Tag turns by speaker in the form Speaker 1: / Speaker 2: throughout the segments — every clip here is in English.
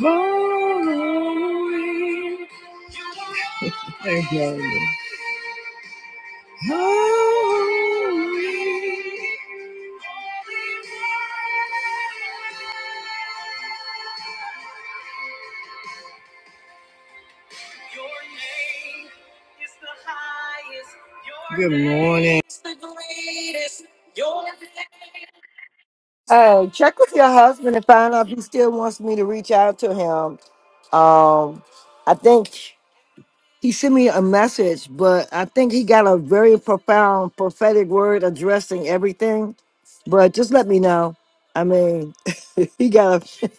Speaker 1: Glory, glory, glory. Good morning. Hey, check with your husband and find out if he still wants me to reach out to him. Um, I think. he sent me a message, but I think he got a very profound prophetic word addressing everything. But just let me know. I mean, he got a.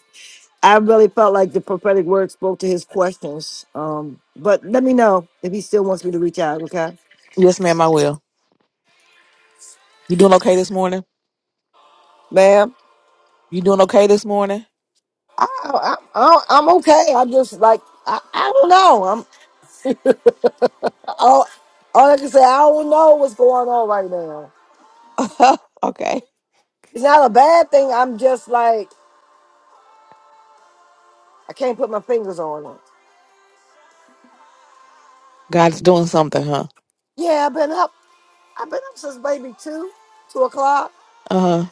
Speaker 1: I really felt like the prophetic word spoke to his questions. Um, but let me know if he still wants me to reach out. Okay,
Speaker 2: Yes, ma'am, I will. You doing okay this morning?
Speaker 1: ma'am.
Speaker 2: You doing okay this morning?
Speaker 1: I, I, I, I'm okay. I just like I, I don't know. I'm all, all I can say. I don't know what's going on right now.
Speaker 2: okay.
Speaker 1: It's not a bad thing. I'm just like I can't put my fingers on it.
Speaker 2: God's doing something, huh?
Speaker 1: Yeah, I've been up. I've been up since maybe two, two o'clock.
Speaker 2: Uh huh.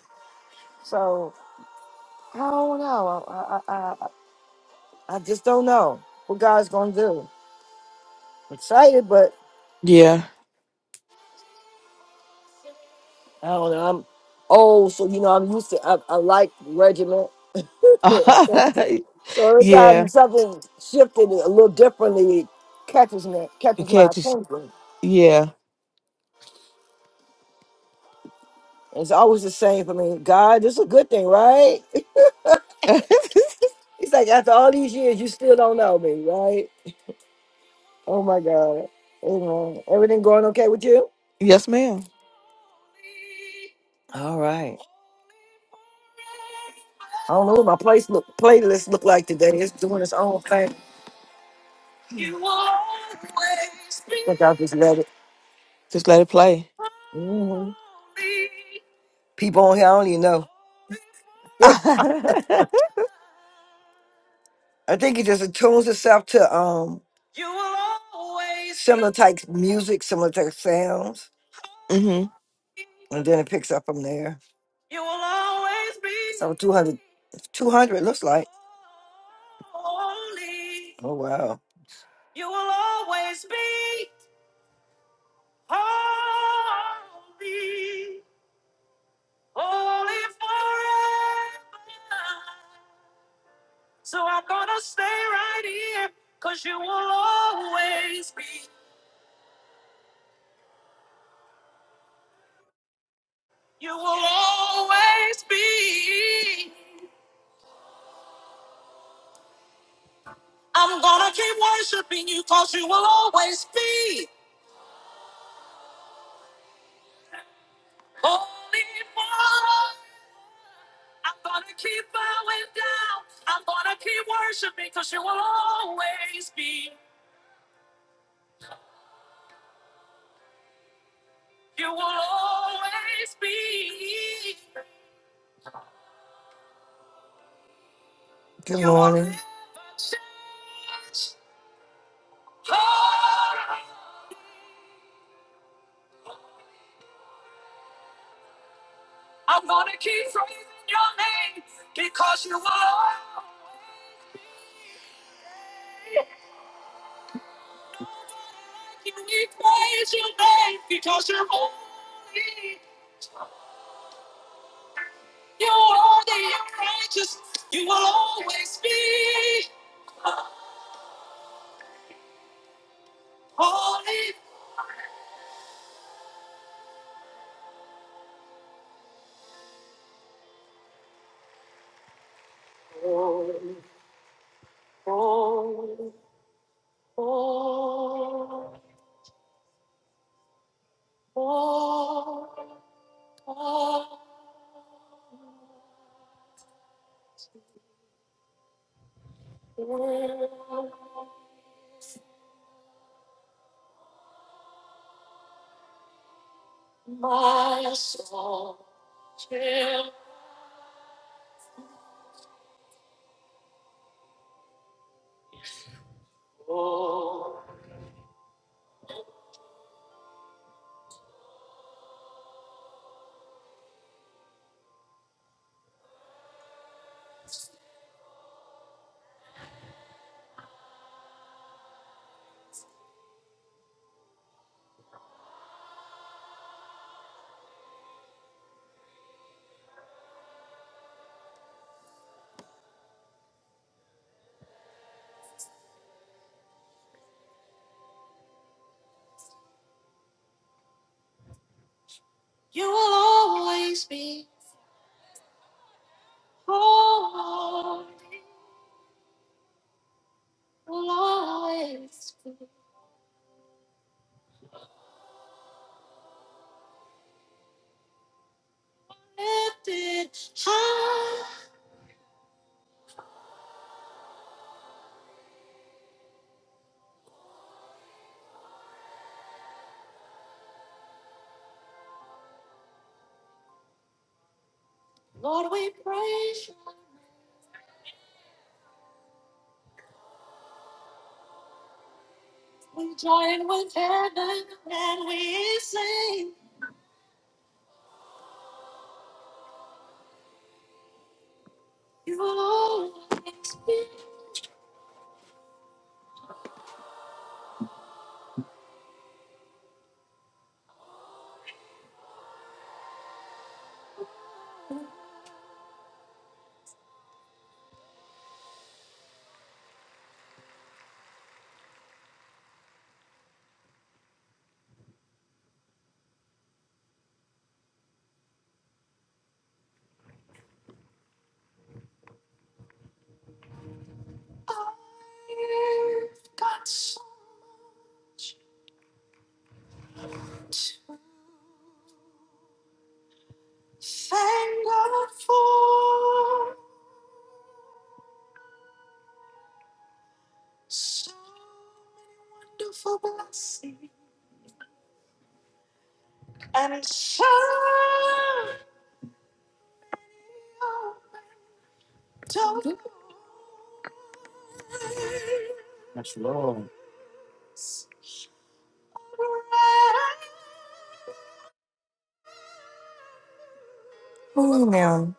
Speaker 1: So I don't know. I I I, I I just don't know what God's gonna do. I'm excited, but
Speaker 2: Yeah.
Speaker 1: I don't know. I'm old, so you know I'm used to. I, I like regiment. so every
Speaker 2: yeah.
Speaker 1: time something shifted a little differently, it catches me,
Speaker 2: You
Speaker 1: catches my
Speaker 2: catch it.
Speaker 1: attention.
Speaker 2: Yeah.
Speaker 1: It's always the same for me. God, this is a good thing, right? It's like after all these years, you still don't know me, right? Oh my God. Amen. Everything going okay with you?
Speaker 2: Yes, ma'am.
Speaker 1: All right. I don't know what my place look, playlist look like today. It's doing its own thing. I think i just let it.
Speaker 2: Just let it play.
Speaker 1: hmm People on here, I don't even know.
Speaker 2: mm-hmm.
Speaker 1: I think it just attunes itself to um similar type music, similar type sounds. and then it picks up from there. So 200, 200 looks like. Oh, wow. Good morning. Oh, now.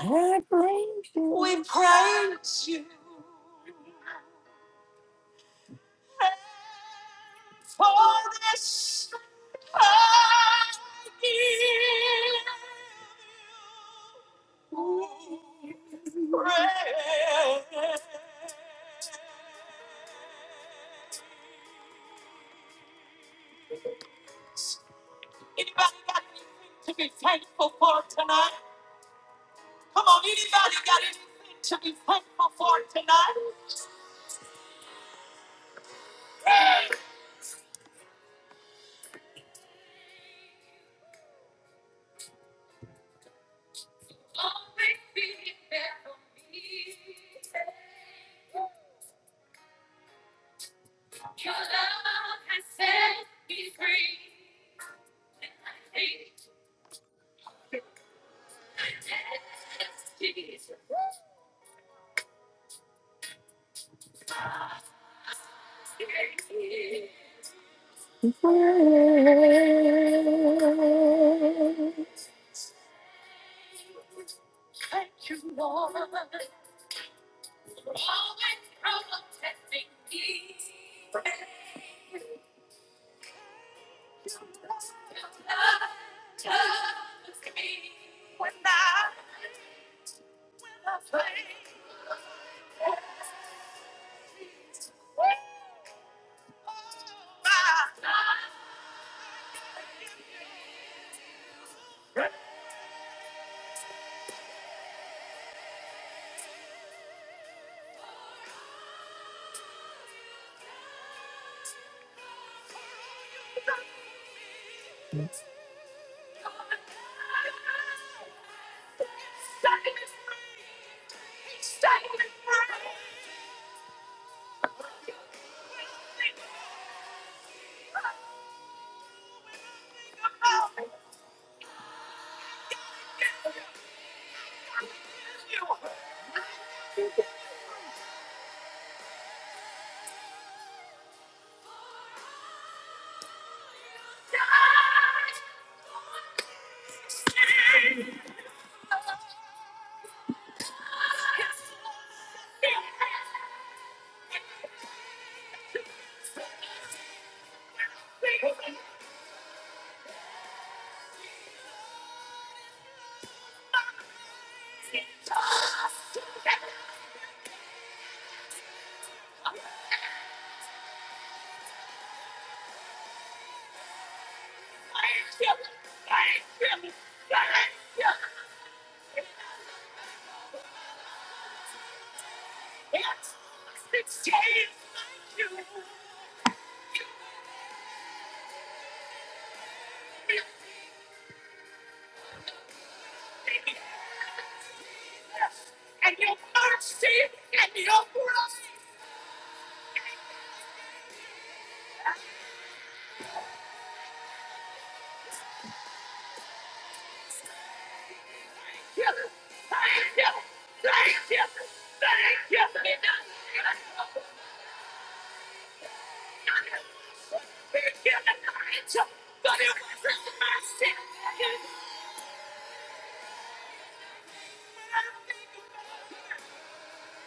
Speaker 1: I praise we you. We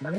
Speaker 1: Good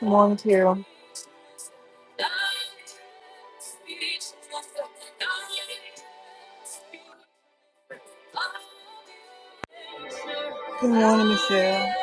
Speaker 1: morning, Carol. Good morning, Michelle.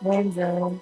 Speaker 1: Morning, Joan.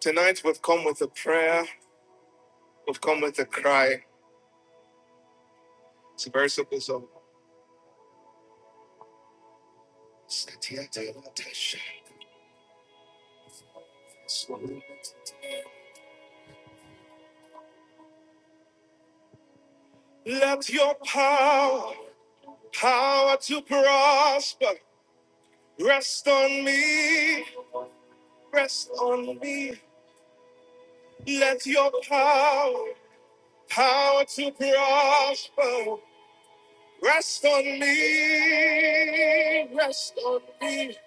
Speaker 1: Tonight we've come with a prayer, we've come with a cry. It's a very simple song. Let your power, power to prosper, rest on me, rest on me. Let your power, power to prosper, rest on me, rest on me.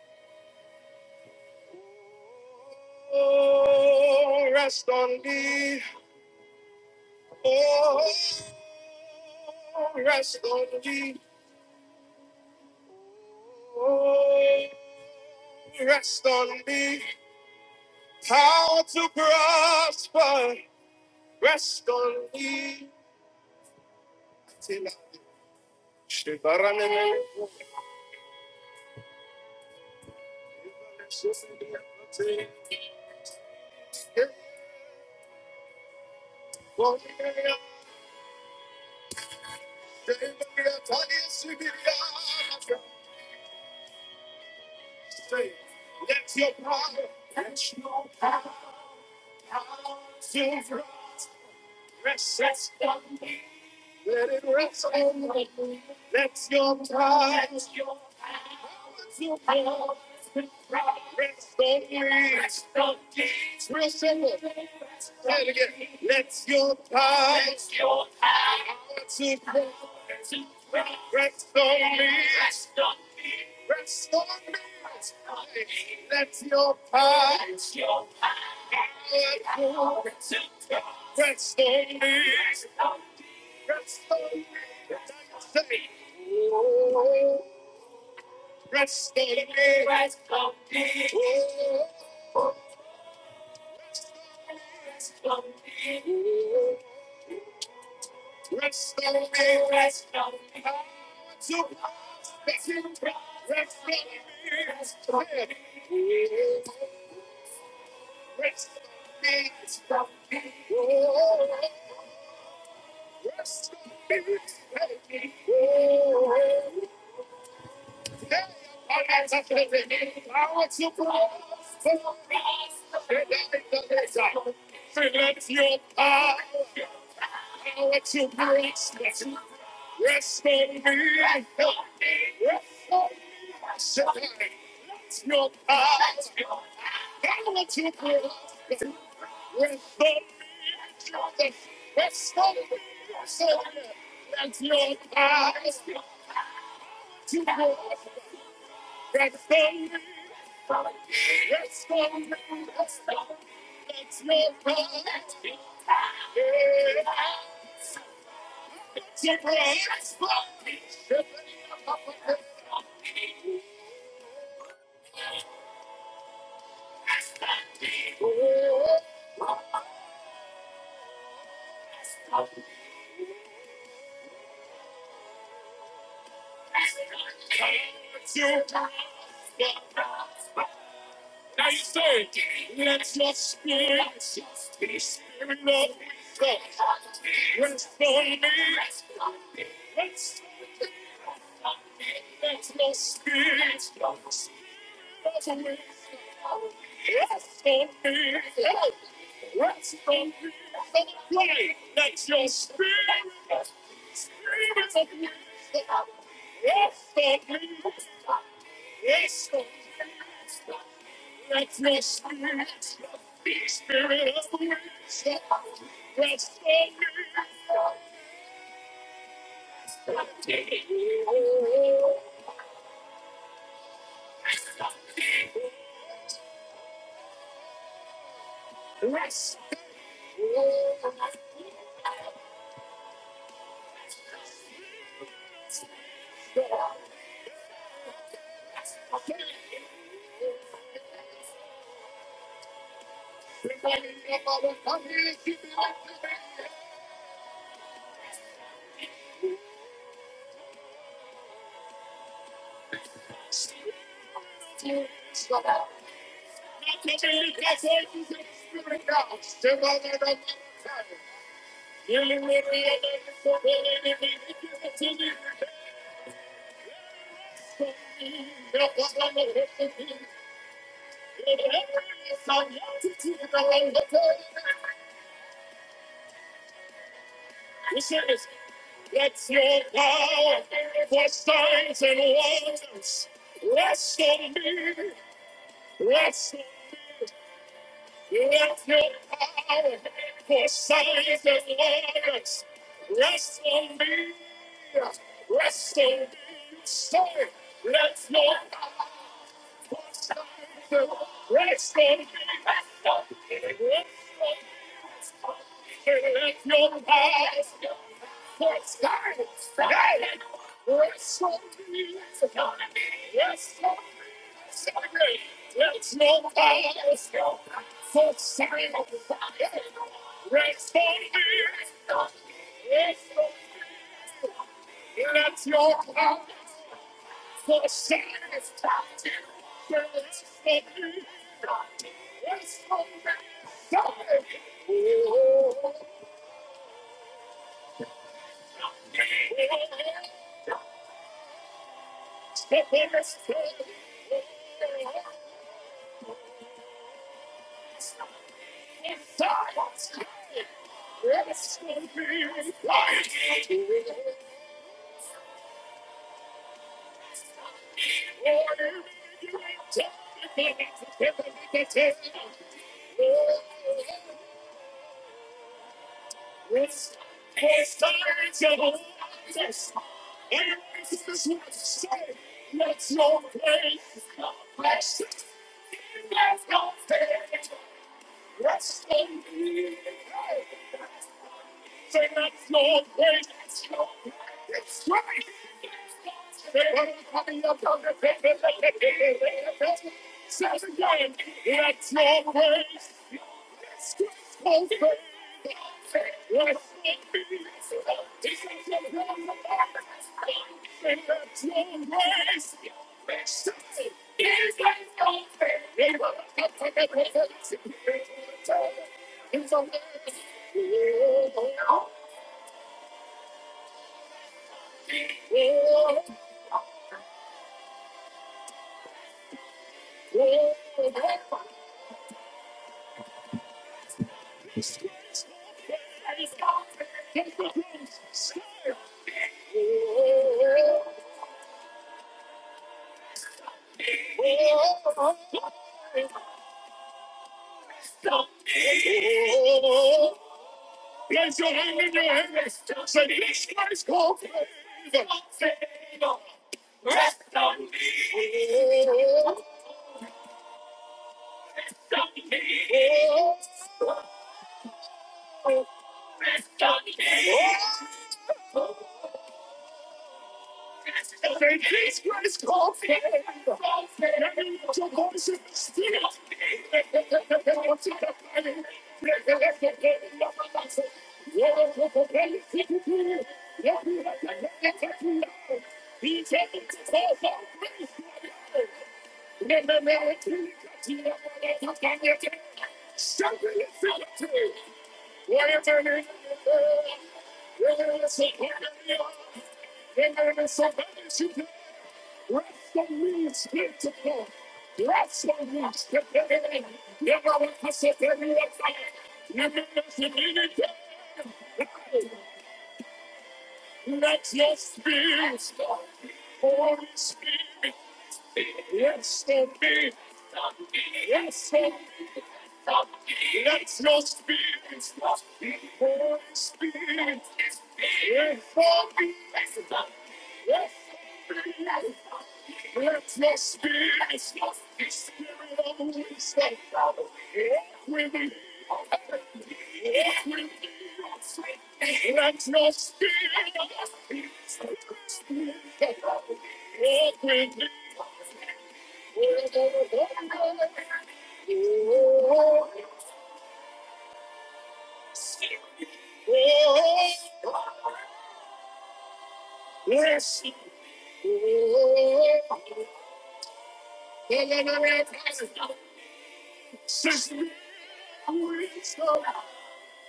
Speaker 1: Oh, rest on me. Oh, rest on me. Oh, Rest on me, power to prosper. Rest on me till I Shivaranene. Say, Let your power, let your power, power fill us. Rest, rest on me. Let it rest on me. Let your power, Let your power to rest on me. Rest on me. Let your power rest on me. Rest on me. Say, Rest on me. To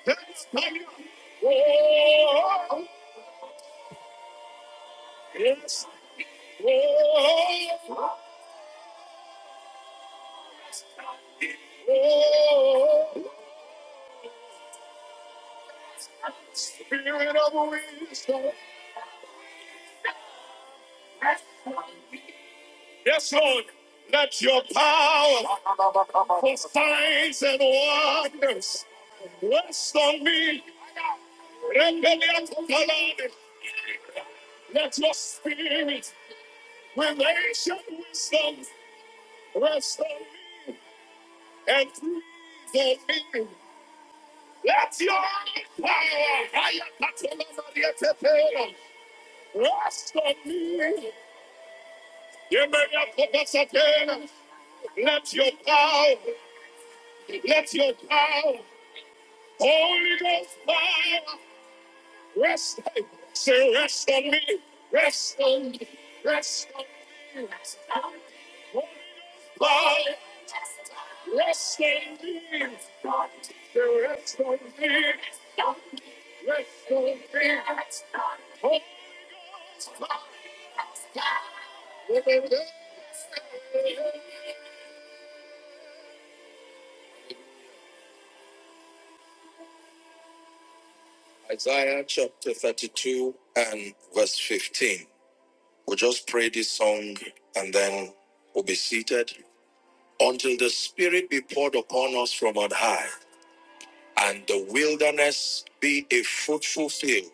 Speaker 1: rest on me. Yes, yes, Lord. Let your power for signs and wonders rest on me. And the Lamb of God, let your spirit, revelation, wisdom rest on me and create today. Let your power. Isaiah chapter 2 and verse 15. Would you this song and then will be seated until the Spirit be poured upon us from on high, and the wilderness be a fruitful field,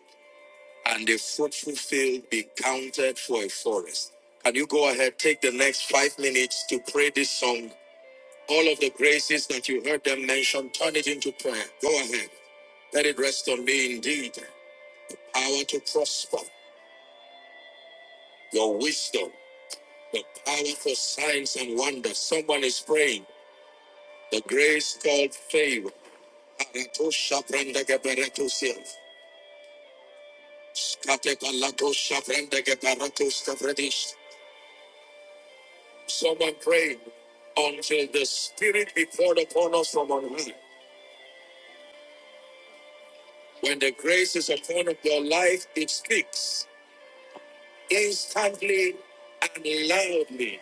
Speaker 1: and a fruitful field be counted for a forest. Can you go ahead, take the next five minutes to pray this song All of the graces that you heard them mention, turn it into prayer. Go ahead. Let it rest on me indeed. Power to prosper, your wisdom, the power for signs and wonders. Someone is praying. The grace called favor. Arato shabranda geberato sil. Skate kalato shabranda geberato stavredish. Someone praying until the Spirit be poured upon us from on high. When the grace is upon your life, it speaks. instantly and loudly.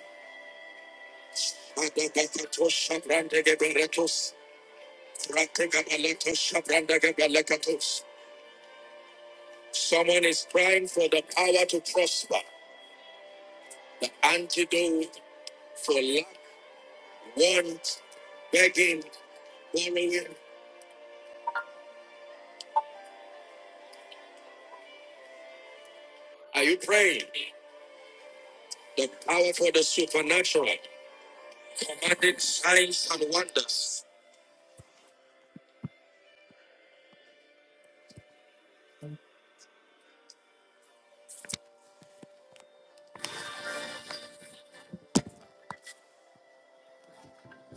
Speaker 1: Adabakatos, Shabrandageberetos, Someone is crying for the power to prosper, the antidote for lack, want, begging, borrowing. Are you praying? The power for the supernatural, commanding signs and wonders.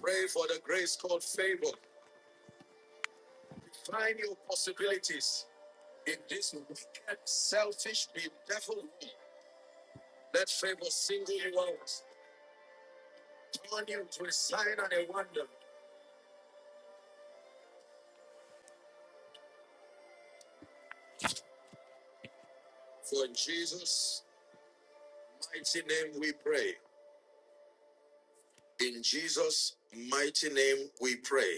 Speaker 1: Pray for the grace called favor. Find your possibilities. In this wicked, selfish, bedeviled world, let favor single you out, turn you to a sign and a wonder. For in Jesus' mighty name we pray. In Jesus' mighty name we pray.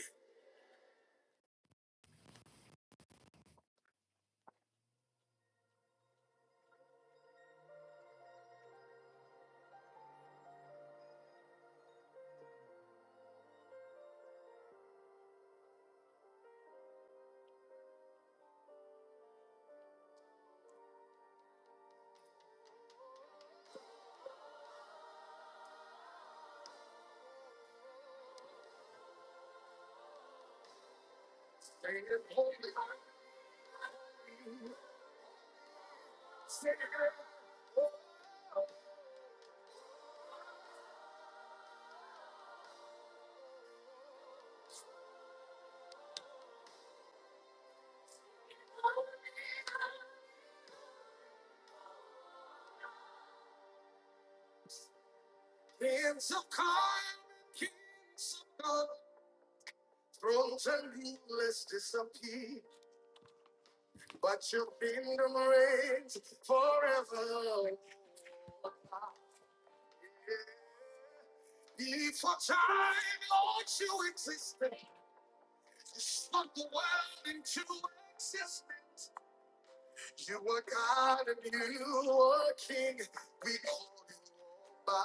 Speaker 1: God, thrones and rulers disappear, but your kingdom reigns forever. Before time, Lord, you existed. Spoke the word into existence. You were God and you were King. We call you by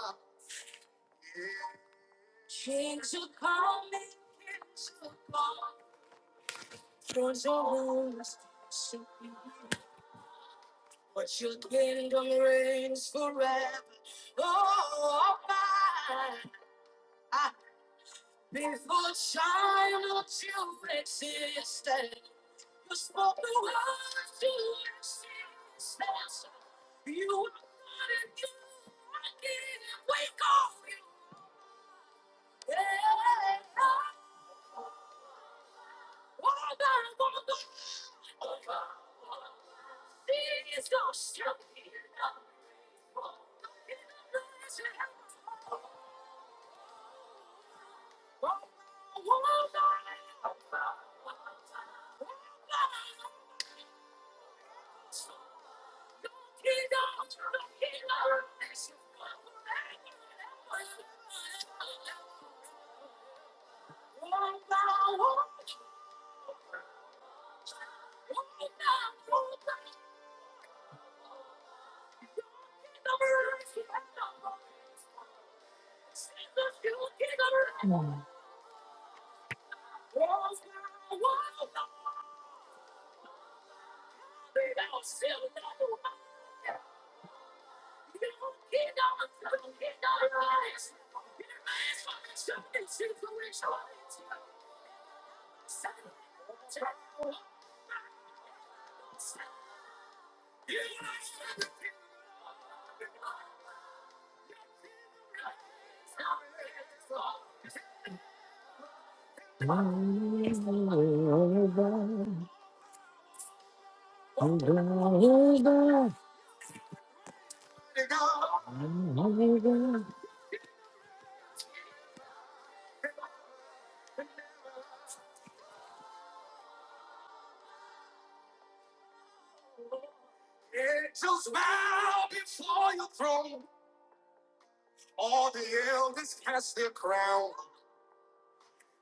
Speaker 1: all this cast their crown,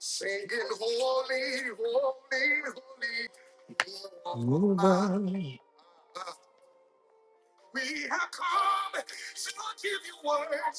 Speaker 1: singing holy, holy, holy. Yes.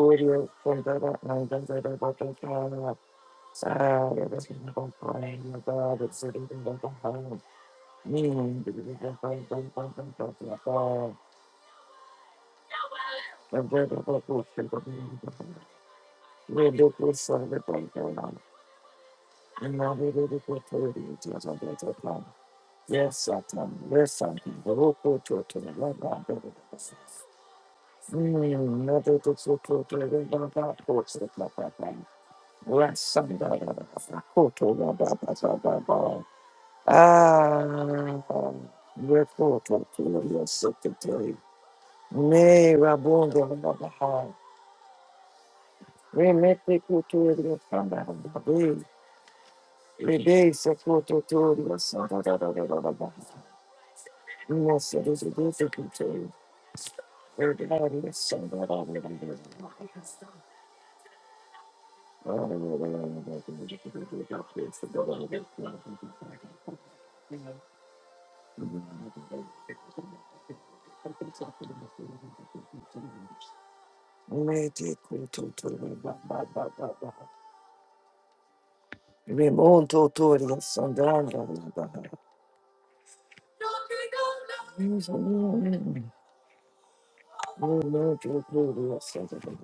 Speaker 1: Audio from the Father, my God, it is in the Father, my God, it's in the Lord. Me and the Lord, the Father, the Father, the Father, the Father, the Father, the Father. We look with some of the Father, and now we look with the Lord, it is in the Father. Yes, Satan. Yes, Satan. Roko to to the Baba. Never to so to to the Baba. Horse the Baba. Yes, on the Baba. Koto the Baba. Baba. Ah, we're Koto to the Lord. Secretary. Nay, Rabongo the Baba. We make the Koto the Baba. We we day Koto to to the Santa. May the Koto to the Baba. Remonto Toria Sandanda Labaha. Remonto Toria Sandanda.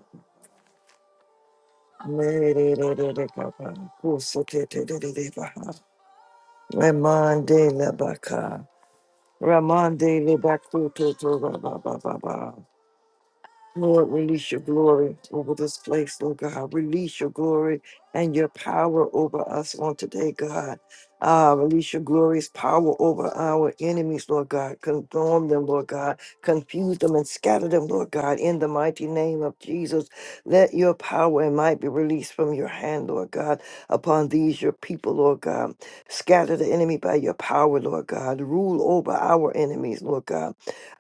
Speaker 1: Mere re re re kapa. Kuso te te re re re baha. Ramande Labaka. Ramande Labaku to to ba ba ba ba ba. Lord, release your glory over this place, Lord God. Release your glory and your power over us on today, God. Ah, release your glorious power over our enemies, Lord God. Condemn them, Lord God. Confuse them and scatter them, Lord God. In the mighty name of Jesus, let your power and might be released from your hand, Lord God, upon these your people, Lord God. Scatter the enemy by your power, Lord God. Rule over our enemies, Lord God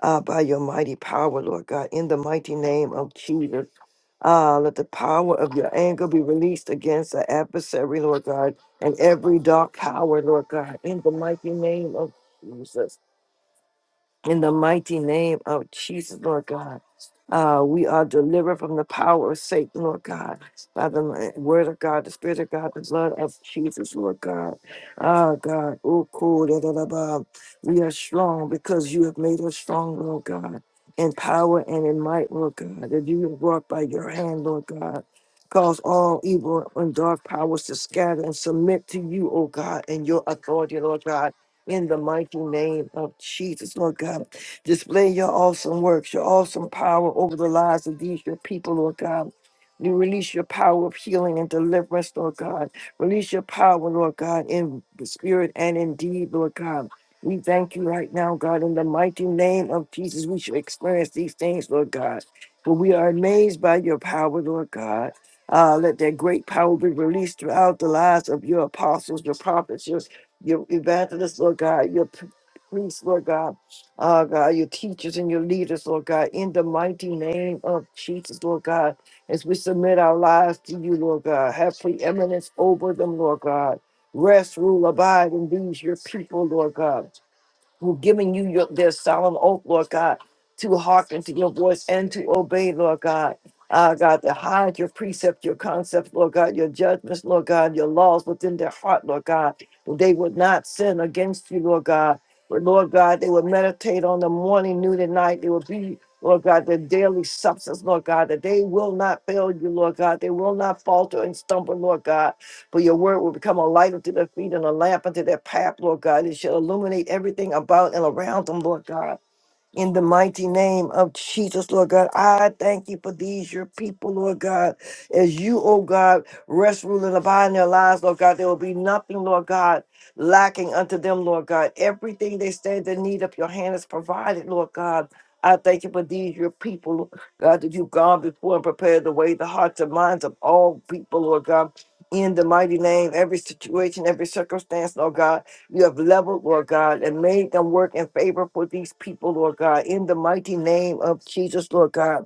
Speaker 1: Ah, by your mighty power, Lord God, in the mighty name of Jesus. Ah, let the power of your anger be released against the adversary, Lord God, and every dark power, Lord God, in the mighty name of Jesus. In the mighty name of Jesus, Lord God. Uh, we are delivered from the power of Satan, Lord God, by the mi- word of God, the spirit of God, the blood of Jesus, Lord God. Ah, God, oh, cool, da, da, da, ba. we are strong because you have made us strong, Lord God, in power and in might, Lord God, that you have brought by your hand, Lord God. Cause all evil and dark powers to scatter and submit to you, oh God, and your authority, Lord God in the mighty name of Jesus. Lord God, display your awesome works, your awesome power over the lives of these, your people, Lord God. You release your power of healing and deliverance, Lord God. Release your power, Lord God, in the spirit and in deed, Lord God. We thank you right now, God, in the mighty name of Jesus. We should experience these things, Lord God. For we are amazed by your power, Lord God. Uh, let that great power be released throughout the lives of your apostles, your prophets, your your evangelists, Lord God, your p- priests, Lord God, uh, God, your teachers and your leaders, Lord God, in the mighty name of Jesus, Lord God, as we submit our lives to you, Lord God, have preeminence over them, Lord God. Rest, rule, abide in these, your people, Lord God who've given you your, their solemn oath, Lord God, to hearken to your voice and to obey, Lord God. Ah, God, to hide your precepts, your concepts, Lord God, your judgments, Lord God, your laws within their heart, Lord God. They would not sin against you, Lord God. But Lord God, they would meditate on the morning, noon, and night. They would be, Lord God, their daily substance, Lord God, that they will not fail you, Lord God. They will not falter and stumble, Lord God. For your word will become a light unto their feet and a lamp unto their path, Lord God. It shall illuminate everything about and around them, Lord God. In the mighty name of Jesus, Lord God, I thank you for these, your people, Lord God. As you, oh God, rest, rule, and abide in their lives, Lord God, there will be nothing, Lord God, lacking unto them, Lord God. Everything they stand in need of, your hand is provided, Lord God. I thank you for these, your people, Lord God, that you've gone before and prepared the way, the hearts and minds of all people, Lord God. In the mighty name, every situation, every circumstance, Lord God you have leveled, Lord God, and made them work in favor for these people, Lord God, in the mighty name of Jesus, Lord God.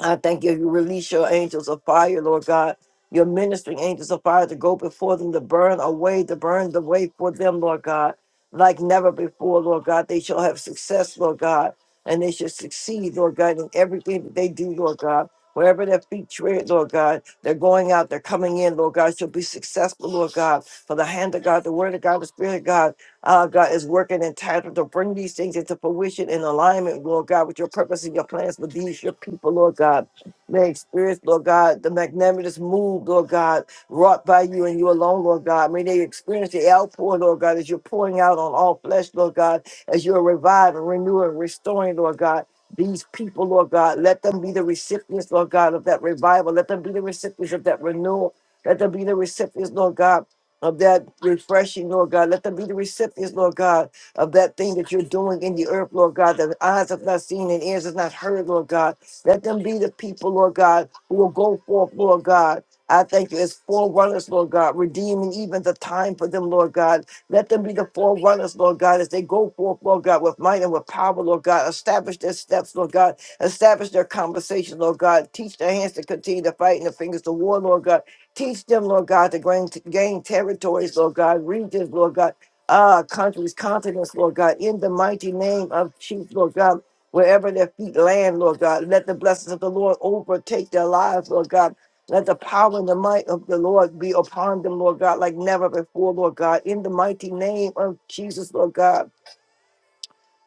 Speaker 1: I thank you. You release your angels of fire, Lord God, your ministering angels of fire to go before them, to burn away, to burn the way for them, Lord God, like never before, Lord God. They shall have success, Lord God, and they shall succeed, Lord God, in everything that they do, Lord God. Wherever their feet tread, Lord God, they're going out, they're coming in, Lord God, shall be successful, Lord God. For the hand of God, the word of God, the spirit of God uh, God is working in time to bring these things into fruition in alignment, Lord God, with your purpose and your plans for these, your people, Lord God. May experience, Lord God, the magnanimous move, Lord God, wrought by you and you alone, Lord God. May they experience the outpour, Lord God, as you're pouring out on all flesh, Lord God, as you're reviving, renewing, restoring, Lord God. These people, Lord God, let them be the recipients, Lord God, of that revival. Let them be the recipients of that renewal. Let them be the recipients, Lord God of that refreshing, Lord God. Let them be the recipients, Lord God, of that thing that you're doing in the earth, Lord God, that eyes have not seen and ears have not heard, Lord God. Let them be the people, Lord God, who will go forth, Lord God. I thank you as forerunners, Lord God, redeeming even the time for them, Lord God. Let them be the forerunners, Lord God, as they go forth, Lord God, with might and with power, Lord God. Establish their steps, Lord God. Establish their conversation, Lord God. Teach their hands to continue to fight and their fingers to war, Lord God Teach them, Lord God, to gain, to gain territories, Lord God, regions, Lord God, uh, countries, continents, Lord God, in the mighty name of Jesus, Lord God, wherever their feet land, Lord God. Let the blessings of the Lord overtake their lives, Lord God. Let the power and the might of the Lord be upon them, Lord God, like never before, Lord God, in the mighty name of Jesus, Lord God.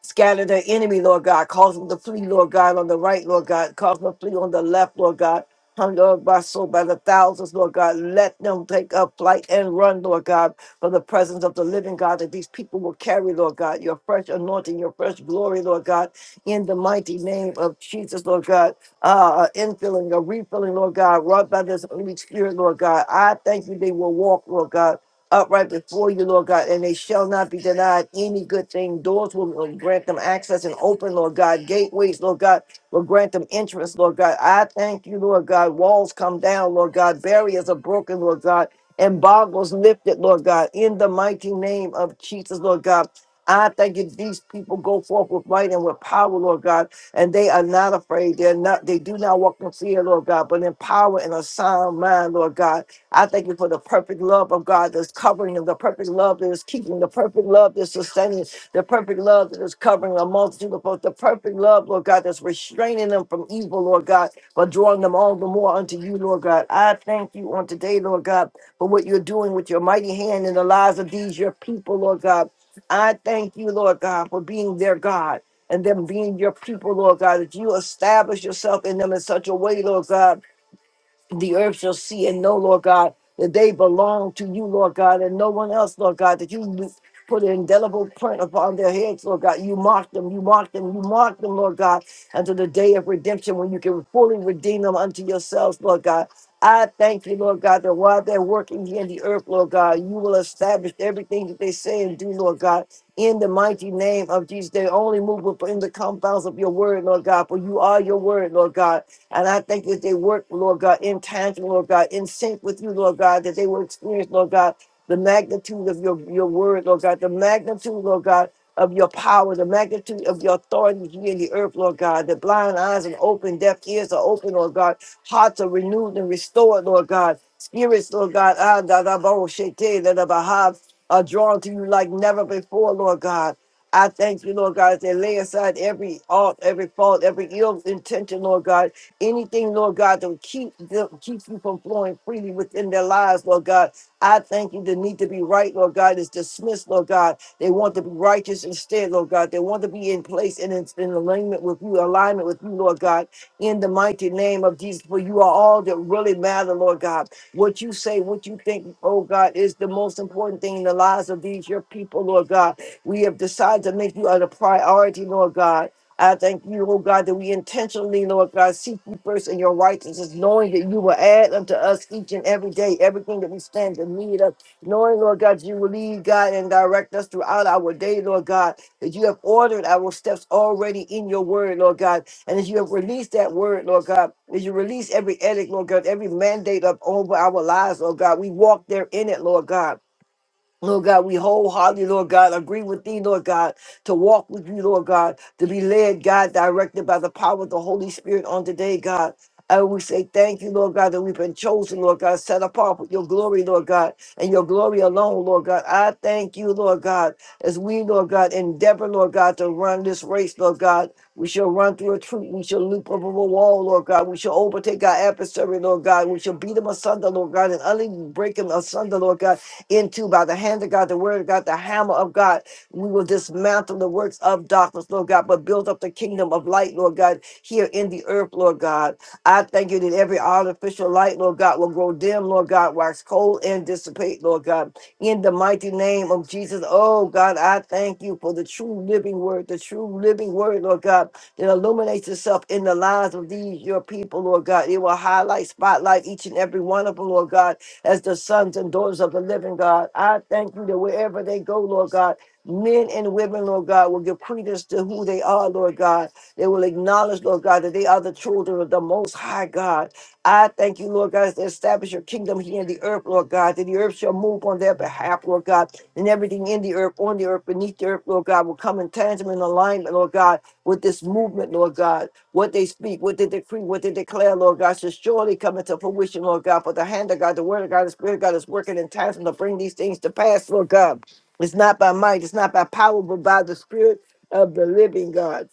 Speaker 1: Scatter the enemy, Lord God. Cause them to flee, Lord God, on the right, Lord God. Cause them to flee on the left, Lord God. Hunger by so by the thousands, Lord God. Let them take up flight and run, Lord God, for the presence of the living God that these people will carry, Lord God. Your fresh anointing, your fresh glory, Lord God, in the mighty name of Jesus, Lord God. Uh, uh, infilling, a refilling, Lord God, wrought by this Holy Spirit, Lord God. I thank you they will walk, Lord God upright before you, Lord God, and they shall not be denied any good thing. Doors will, will grant them access and open, Lord God. Gateways, Lord God, will grant them entrance, Lord God. I thank you, Lord God. Walls come down, Lord God. Barriers are broken, Lord God. Embargoes lifted, Lord God. In the mighty name of Jesus, Lord God. I thank you. These people go forth with might and with power, Lord God, and they are not afraid. They're not. They do not walk in fear, Lord God, but in power and a sound mind, Lord God. I thank you for the perfect love of God that's covering them, the perfect love that is keeping, the perfect love that's sustaining, the perfect love that is covering a multitude of both, the perfect love, Lord God, that's restraining them from evil, Lord God, but drawing them all the more unto you, Lord God. I thank you on today, Lord God, for what you're doing with your mighty hand in the lives of these your people, Lord God. I thank you, Lord God, for being their God and them being your people, Lord God, that you establish yourself in them in such a way, Lord God the earth shall see and know, Lord God, that they belong to you, Lord God, and no one else, Lord God, that you put an indelible print upon their heads, Lord God. You mark them, you mark them, you mark them, Lord God, until the day of redemption when you can fully redeem them unto yourselves, Lord God. I thank you, Lord God, that while they're working here in the earth, Lord God, you will establish everything that they say and do, Lord God, in the mighty name of Jesus. They only move within the compounds of your word, Lord God, for you are your word, Lord God. And I thank you that they work, Lord God, in tandem, Lord God, in sync with you, Lord God, that they will experience, Lord God, the magnitude of your, your word, Lord God, the magnitude, Lord God, of your power, the magnitude of your authority here in the earth, Lord God, that blind eyes are open, deaf ears are open, Lord God, hearts are renewed and restored, Lord God, spirits, Lord God, ah, da, da, bo, she, te, da, da, ba, ha, are drawn to you like never before, Lord God. I thank you, Lord God, that they lay aside every alt, every fault, every ill intention, Lord God, Anything, Lord God, that will keep them, keeps you from flowing freely within their lives, Lord God. I thank you. The need to be right, Lord God, is dismissed, Lord God. They want to be righteous instead, Lord God. They want to be in place and in, in alignment with you, alignment with you, Lord God. In the mighty name of Jesus, for you are all that really matter, Lord God. What you say, what you think, oh God, is the most important thing in the lives of these your people, Lord God. We have decided to make you a priority, Lord God. I thank you, oh God, that we intentionally, Lord God, seek you first in your righteousness, knowing that you will add unto us each and every day everything that we stand in need of. Knowing, Lord God, you will lead, God, and direct us throughout our day, Lord God, that you have ordered our steps already in your word, Lord God, and as you have released that word, Lord God, as you release every edict, Lord God, every mandate up over our lives, Lord God, we walk there in it, Lord God. Lord God, we wholeheartedly, Lord God, agree with thee, Lord God, to walk with you, Lord God, to be led, God, directed by the power of the Holy Spirit on today, God. And we say thank you, Lord God, that we've been chosen, Lord God, set apart with your glory, Lord God, and your glory alone, Lord God. I thank you, Lord God, as we, Lord God, endeavor, Lord God, to run this race, Lord God. We shall run through a troop. We shall leap over a wall, Lord God. We shall overtake our adversary, Lord God. We shall beat him asunder, Lord God, and utterly break him asunder, Lord God into by the hand of God, the word of God, the hammer of God. We will dismantle the works of darkness, Lord God, but build up the kingdom of light, Lord God, here in the earth, Lord God. I thank you that every artificial light, Lord God, will grow dim, Lord God, wax cold and dissipate, Lord God. In the mighty name of Jesus, oh God, I thank you for the true living word, the true living word, Lord God, that illuminates itself in the lives of these, your people, Lord God. It will highlight, spotlight each and every one of them, Lord God as the sons and daughters of the living God. I thank you that wherever they go, Lord God, men and women, Lord God, will give credence to who they are, Lord God. They will acknowledge, Lord God, that they are the children of the Most High God. I thank you, Lord God, to establish your kingdom here in the earth, Lord God, that the earth shall move on their behalf, Lord God, and everything in the earth, on the earth, beneath the earth, Lord God, will come in tandem and alignment, Lord God, with this movement, Lord God. What they speak, what they decree, what they declare, Lord God, should surely come into fruition, Lord God. But the hand of God, the word of God, the spirit of God is working in times to bring these things to pass, Lord God. It's not by might, it's not by power, but by the spirit of the living God.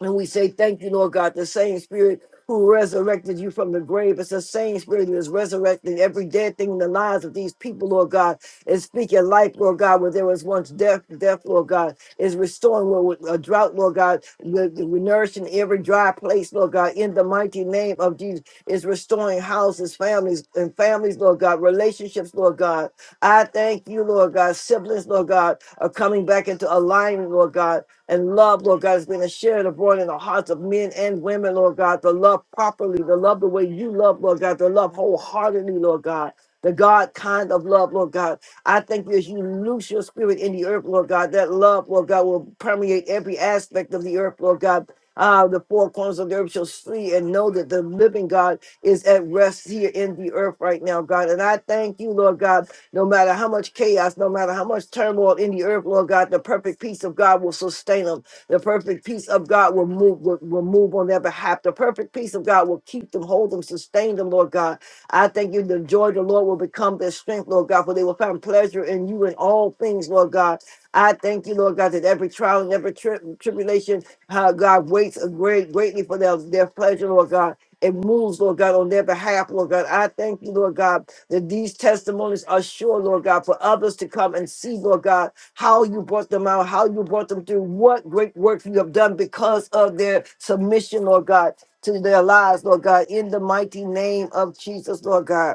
Speaker 1: And we say, Thank you, Lord God, the same spirit who resurrected you from the grave. It's the same spirit that is resurrecting every dead thing in the lives of these people, Lord God, is speaking life, Lord God, where there was once death, death, Lord God, is restoring where with a drought, Lord God, the, the nourishing every dry place, Lord God, in the mighty name of Jesus, is restoring houses, families, and families, Lord God, relationships, Lord God. I thank you, Lord God, siblings, Lord God, are coming back into alignment, Lord God and love, Lord God, is being shared abroad in the hearts of men and women, Lord God, to love properly, to love the way you love, Lord God, to love wholeheartedly, Lord God. The God kind of love, Lord God. I thank you as you loose your spirit in the earth, Lord God. That love, Lord God, will permeate every aspect of the earth, Lord God. Ah, the four corners of the earth shall see and know that the living God is at rest here in the earth right now, God. And I thank you, Lord God, no matter how much chaos, no matter how much turmoil in the earth, Lord God, the perfect peace of God will sustain them. The perfect peace of God will move will, will move on their behalf. The perfect peace of God will keep them, hold them, sustain them, Lord God. I thank you. The joy of the Lord will become their strength, Lord God, for they will find pleasure in you in all things, Lord God. I thank you, Lord God, that every trial and every tri- tribulation, how God waits a great greatly for their, their pleasure, Lord God. It moves, Lord God, on their behalf, Lord God. I thank you, Lord God that these testimonies are sure, Lord God, for others to come and see, Lord God, how you brought them out, how you brought them through, what great work you have done because of their submission, Lord God, to their lives, Lord God, in the mighty name of Jesus, Lord God.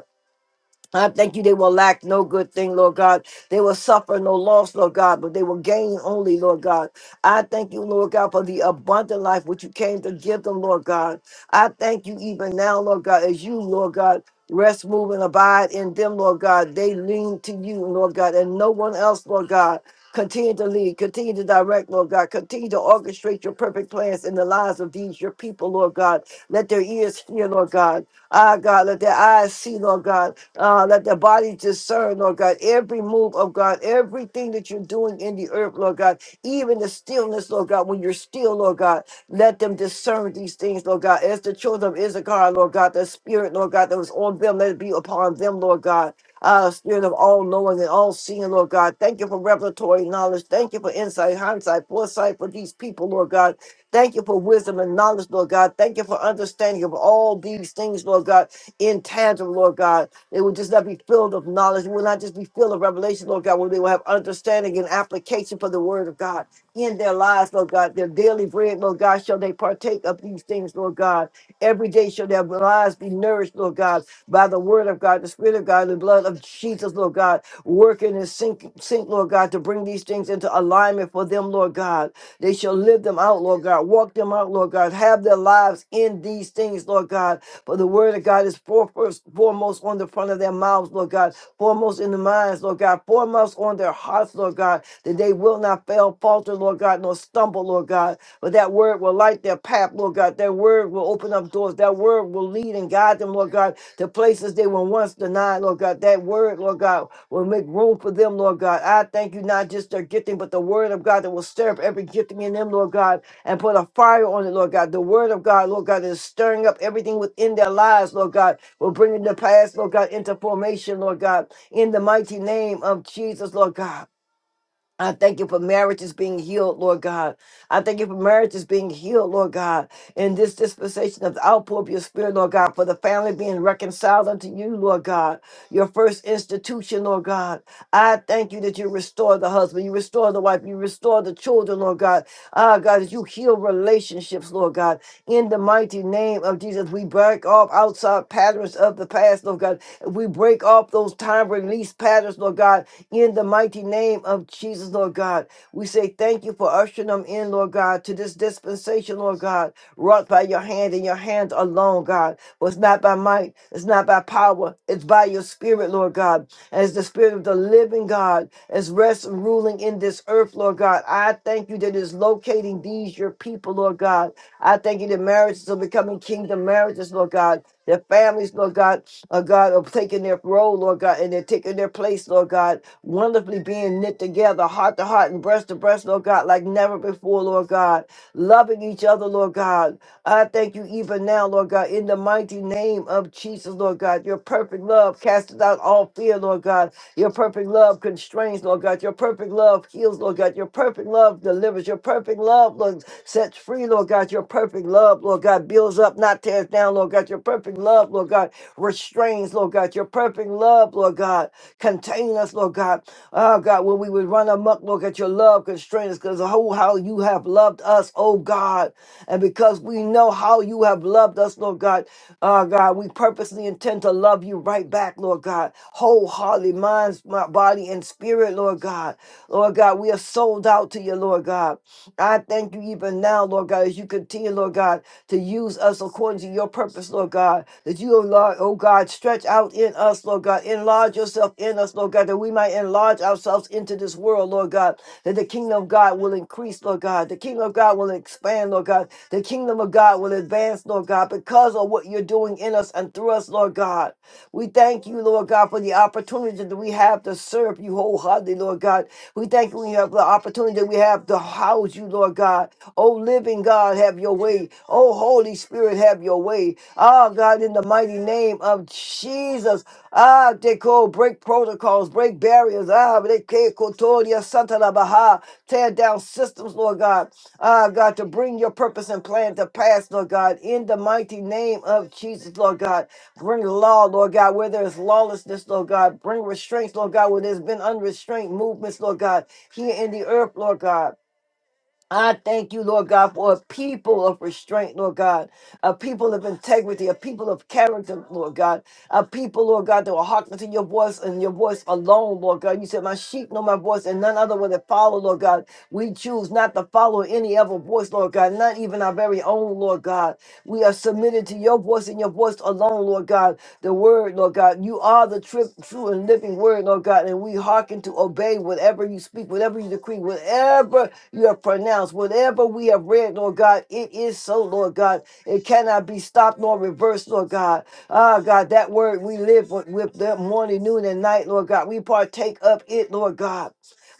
Speaker 1: I thank you. They will lack no good thing, Lord God. They will suffer no loss, Lord God, but they will gain only, Lord God. I thank you, Lord God, for the abundant life which you came to give them, Lord God. I thank you even now, Lord God, as you, Lord God, rest, move, and abide in them, Lord God. They lean to you, Lord God, and no one else, Lord God. Continue to lead, continue to direct, Lord God. Continue to orchestrate your perfect plans in the lives of these, your people, Lord God. Let their ears hear, Lord God. Ah, God, let their eyes see, Lord God. Uh, let the body discern, Lord God, every move of God, everything that you're doing in the earth, Lord God, even the stillness, Lord God, when you're still, Lord God, let them discern these things, Lord God. As the children of Issachar, Lord God, the spirit, Lord God, that was on them, let it be upon them, Lord God. Uh, spirit of all knowing and all seeing, Lord God. Thank you for revelatory knowledge. Thank you for insight, hindsight, foresight for these people, Lord God. Thank you for wisdom and knowledge, Lord God. Thank you for understanding of all these things, Lord God, intangible, Lord God. They will just not be filled of knowledge. They will not just be filled of revelation, Lord God, where they will have understanding and application for the word of God in their lives, Lord God. Their daily bread, Lord God, shall they partake of these things, Lord God. Every day shall their lives be nourished, Lord God, by the word of God, the spirit of God, the blood of Jesus, Lord God, working and sync, sync, Lord God, to bring these things into alignment for them, Lord God. They shall live them out, Lord God. Walk them out, Lord God. Have their lives in these things, Lord God for the word of God is foremost foremost on the front of their mouths, Lord God, foremost in the minds, Lord God, foremost on their hearts, Lord God, that they will not fail, falter, Lord God, nor stumble, Lord God. But that word will light their path, Lord God. That word will open up doors. That word will lead and guide them, Lord God, to places they were once denied, Lord God. That word, Lord God, will make room for them, Lord God. I thank you not just their gifting, but the word of God that will stir up every gifting in them, Lord God and put a fire on it, Lord God. The word of God, Lord God, is stirring up everything within their lives, Lord God. We're bringing the past, Lord God, into formation, Lord God, in the mighty name of Jesus, Lord God. I thank you for marriages being healed, Lord God. I thank you for marriages being healed, Lord God. In this dispensation of the outpour of your spirit, Lord God, for the family being reconciled unto you, Lord God, your first institution, Lord God. I thank you that you restore the husband, you restore the wife, you restore the children, Lord God. Ah, God, that you heal relationships, Lord God. In the mighty name of Jesus, we break off outside patterns of the past, Lord God. We break off those time release patterns, Lord God in the mighty name of Jesus, Lord God, we say thank you for ushering them in, Lord God, to this dispensation, Lord God, wrought by your hand and your hand alone, God. For it's not by might, it's not by power, it's by your spirit, Lord God. As the spirit of the living God is rest and ruling in this earth, Lord God, I thank you that it's locating these, your people, Lord God. I thank you that marriages are becoming kingdom marriages, Lord God. Their families, Lord God, uh, God, are taking their role, Lord God, and they're taking their place, Lord God wonderfully being knit together, heart to heart and breast to breast, Lord God, like never before, Lord God. Loving each other, Lord God. I thank you even now, Lord God, in the mighty name of Jesus, Lord God. Your perfect love casteth out all fear, Lord God. Your perfect love constrains, Lord God. Your perfect love heals, Lord God. Your perfect love delivers. Your perfect love, Lord, sets free, Lord God. Your perfect love, Lord God, builds up, not tears down, Lord God. Your perfect love, Lord God, restrains, Lord God. Your perfect love, Lord God. Contain us, Lord God. Oh God, when we would run amok, Lord, at your love constrain us, because oh how you have loved us, oh God. And because we know how you have loved us, Lord God, oh God, we purposely intend to love you right back, Lord God. Wholeheartedly, minds, my body, and spirit, Lord God. Lord God, we are sold out to you, Lord God. I thank you even now, Lord God, as you continue, Lord God to use us according to your purpose, Lord God. That you, oh Lord, oh God, stretch out in us, Lord God. Enlarge yourself in us, Lord God, that we might enlarge ourselves into this world, Lord God. That the kingdom of God will increase, Lord God. The kingdom of God will expand, Lord God. The kingdom of God will advance, Lord God, because of what you're doing in us and through us, Lord God. We thank you, Lord God, for the opportunity that we have to serve you wholeheartedly, Lord God. We thank you we have the opportunity that we have to house you, Lord God. Oh, living God, have your way. Oh, Holy Spirit, have your way. Ah, God, in the mighty name of Jesus. Ah, they call break protocols, break barriers. Ah, they call Kotoria Santa la Baha. Tear down systems, Lord God. Ah, God, to bring your purpose and plan to pass, Lord God. In the mighty name of Jesus, Lord God. Bring law, Lord God, where there is lawlessness, Lord God. Bring restraints, Lord God, where there's been unrestrained movements, Lord God, here in the earth, Lord God. I thank you, Lord God, for a people of restraint, Lord God, a people of integrity, a people of character, Lord God, a people, Lord God, that will hearken to your voice and your voice alone, Lord God. You said, My sheep know my voice and none other will they follow, Lord God. We choose not to follow any other voice, Lord God, not even our very own, Lord God. We are submitted to your voice and your voice alone, Lord God. The word, Lord God, you are the tri- true and living word, Lord God, and we hearken to obey whatever you speak, whatever you decree, whatever you have pronounced. Whatever we have read, Lord God, it is so, Lord God. It cannot be stopped nor reversed, Lord God. Ah, God, that word we live with, with the morning, noon, and night, Lord God. We partake of it, Lord God.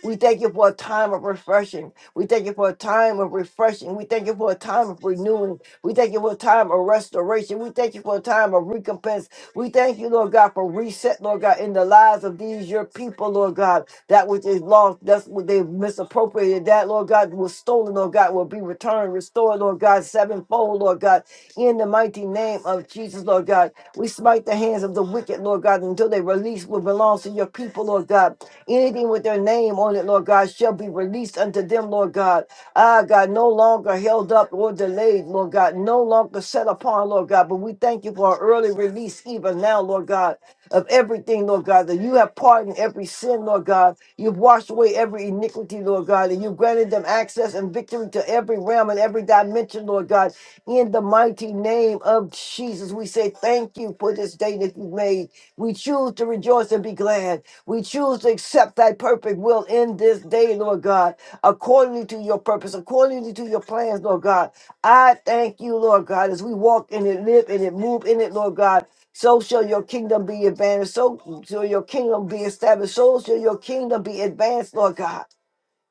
Speaker 1: We thank you for a time of refreshing. We thank you for a time of refreshing. We thank you for a time of renewing. We thank you for a time of restoration. We thank you for a time of recompense. We thank you, Lord God, for reset, Lord God, in the lives of these your people, Lord God. That which is lost, that's what they misappropriated. That, Lord God, was stolen, Lord God, will be returned, restored, Lord God, sevenfold, Lord God, in the mighty name of Jesus, Lord God. We smite the hands of the wicked, Lord God, until they release what belongs to your people, Lord God. Anything with their name on it, Lord God, shall be released unto them, Lord God. Ah, God, no longer held up or delayed, Lord God, no longer set upon, Lord God. But we thank you for our early release, even now, Lord God, of everything, Lord God, that you have pardoned every sin, Lord God. You've washed away every iniquity, Lord God, and you've granted them access and victory to every realm and every dimension, Lord God. In the mighty name of Jesus, we say thank you for this day that you have made. We choose to rejoice and be glad. We choose to accept thy perfect will in this day, Lord God accordingly to your purpose, accordingly to your plans, Lord God. I thank you, Lord God, as we walk in it, live in it, move in it, Lord God. So shall your kingdom be advanced. So shall your kingdom be established. So shall your kingdom be advanced, Lord God.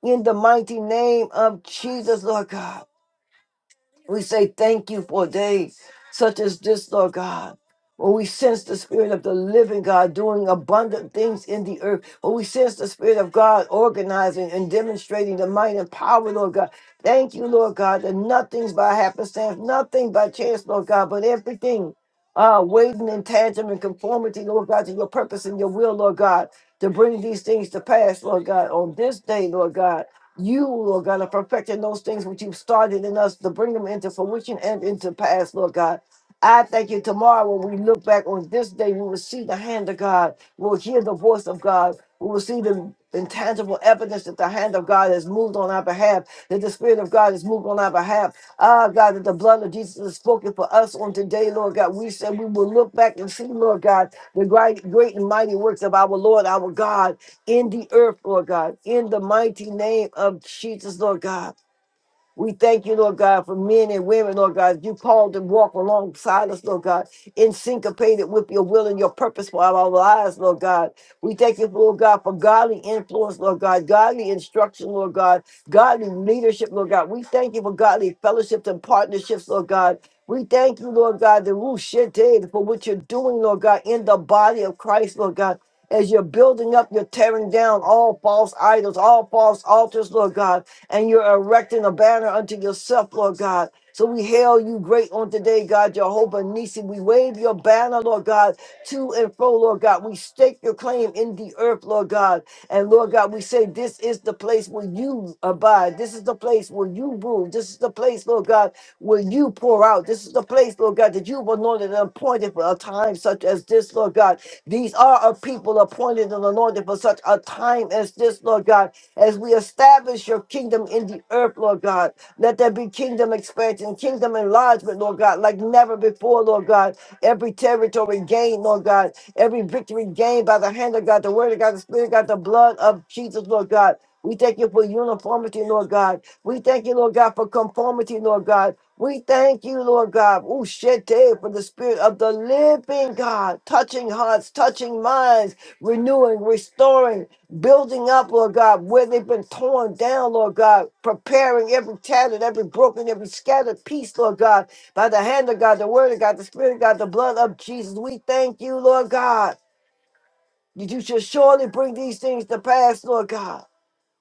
Speaker 1: In the mighty name of Jesus, Lord God. We say thank you for days such as this, Lord God. When we sense the Spirit of the living God doing abundant things in the earth, when we sense the Spirit of God organizing and demonstrating the might and power, Lord God. Thank you, Lord God, that nothing's by happenstance, nothing by chance, Lord God, but everything uh, waiting in tandem and conformity, Lord God, to your purpose and your will, Lord God, to bring these things to pass, Lord God, on this day, Lord God. You, Lord God, are perfecting those things which you've started in us to bring them into fruition and into pass, Lord God. I thank you tomorrow when we look back on this day, we will see the hand of God. We'll hear the voice of God. We will see the intangible evidence that the hand of God has moved on our behalf, that the Spirit of God has moved on our behalf. Ah, God, that the blood of Jesus is spoken for us on today, Lord God. We said we will look back and see, Lord God, the great, great and mighty works of our Lord, our God in the earth, Lord God, in the mighty name of Jesus, Lord God. We thank you, Lord God, for men and women, Lord God. You called and walk alongside us, Lord God, in syncopated with your will and your purpose for our lives, Lord God. We thank you, Lord God, for godly influence, Lord God, godly instruction, Lord God, godly leadership, Lord God. We thank you for godly fellowships and partnerships, Lord God. We thank you, Lord God, the Rushete, for what you're doing, Lord God, in the body of Christ, Lord God. As you're building up, you're tearing down all false idols, all false altars, Lord God and you're erecting a banner unto yourself, Lord God. So we hail you great on today, God, Jehovah Nisi. We wave your banner, Lord God, to and fro, Lord God. We stake your claim in the earth, Lord God. And Lord God, we say this is the place where you abide. This is the place where you rule. This is the place, Lord God, where you pour out. This is the place, Lord God, that you've anointed and appointed for a time such as this, Lord God. These are a people appointed and anointed for such a time as this, Lord God as we establish your kingdom in the earth, Lord God. Let there be kingdom expansion, kingdom enlargement, Lord God, like never before, Lord God. Every territory gained, Lord God. Every victory gained by the hand of God, the word of God, the spirit of God, the blood of Jesus, Lord God. We thank you for uniformity, Lord God. We thank you, Lord God, for conformity, Lord God. We thank you, Lord God, Ushete, for the spirit of the living God, touching hearts, touching minds, renewing, restoring, building up, Lord God, where they've been torn down, Lord God, preparing every tattered, every broken, every scattered piece, Lord God, by the hand of God, the word of God, the spirit of God, the blood of Jesus. We thank you, Lord God. that You should surely bring these things to pass, Lord God.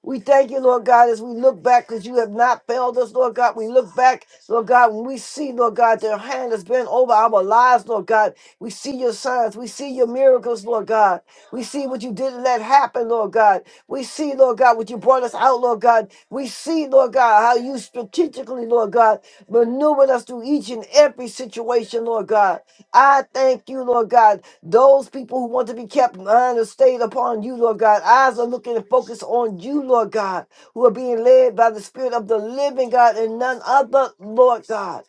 Speaker 1: We thank you, Lord God, as we look back because you have not failed us, Lord God. We look back, Lord God, when we see, Lord God, their hand has been over our lives, Lord God. We see your signs. We see your miracles, Lord God. We see what you didn't let happen, Lord God. We see, Lord God, what you brought us out, Lord God. We see, Lord God, how you strategically, Lord God, maneuvered us through each and every situation, Lord God. I thank you, Lord God. Those people who want to be kept mind are stayed upon you, Lord God. Eyes are looking and focused on you, Lord God, who are being led by the Spirit of the living God and none other, Lord God.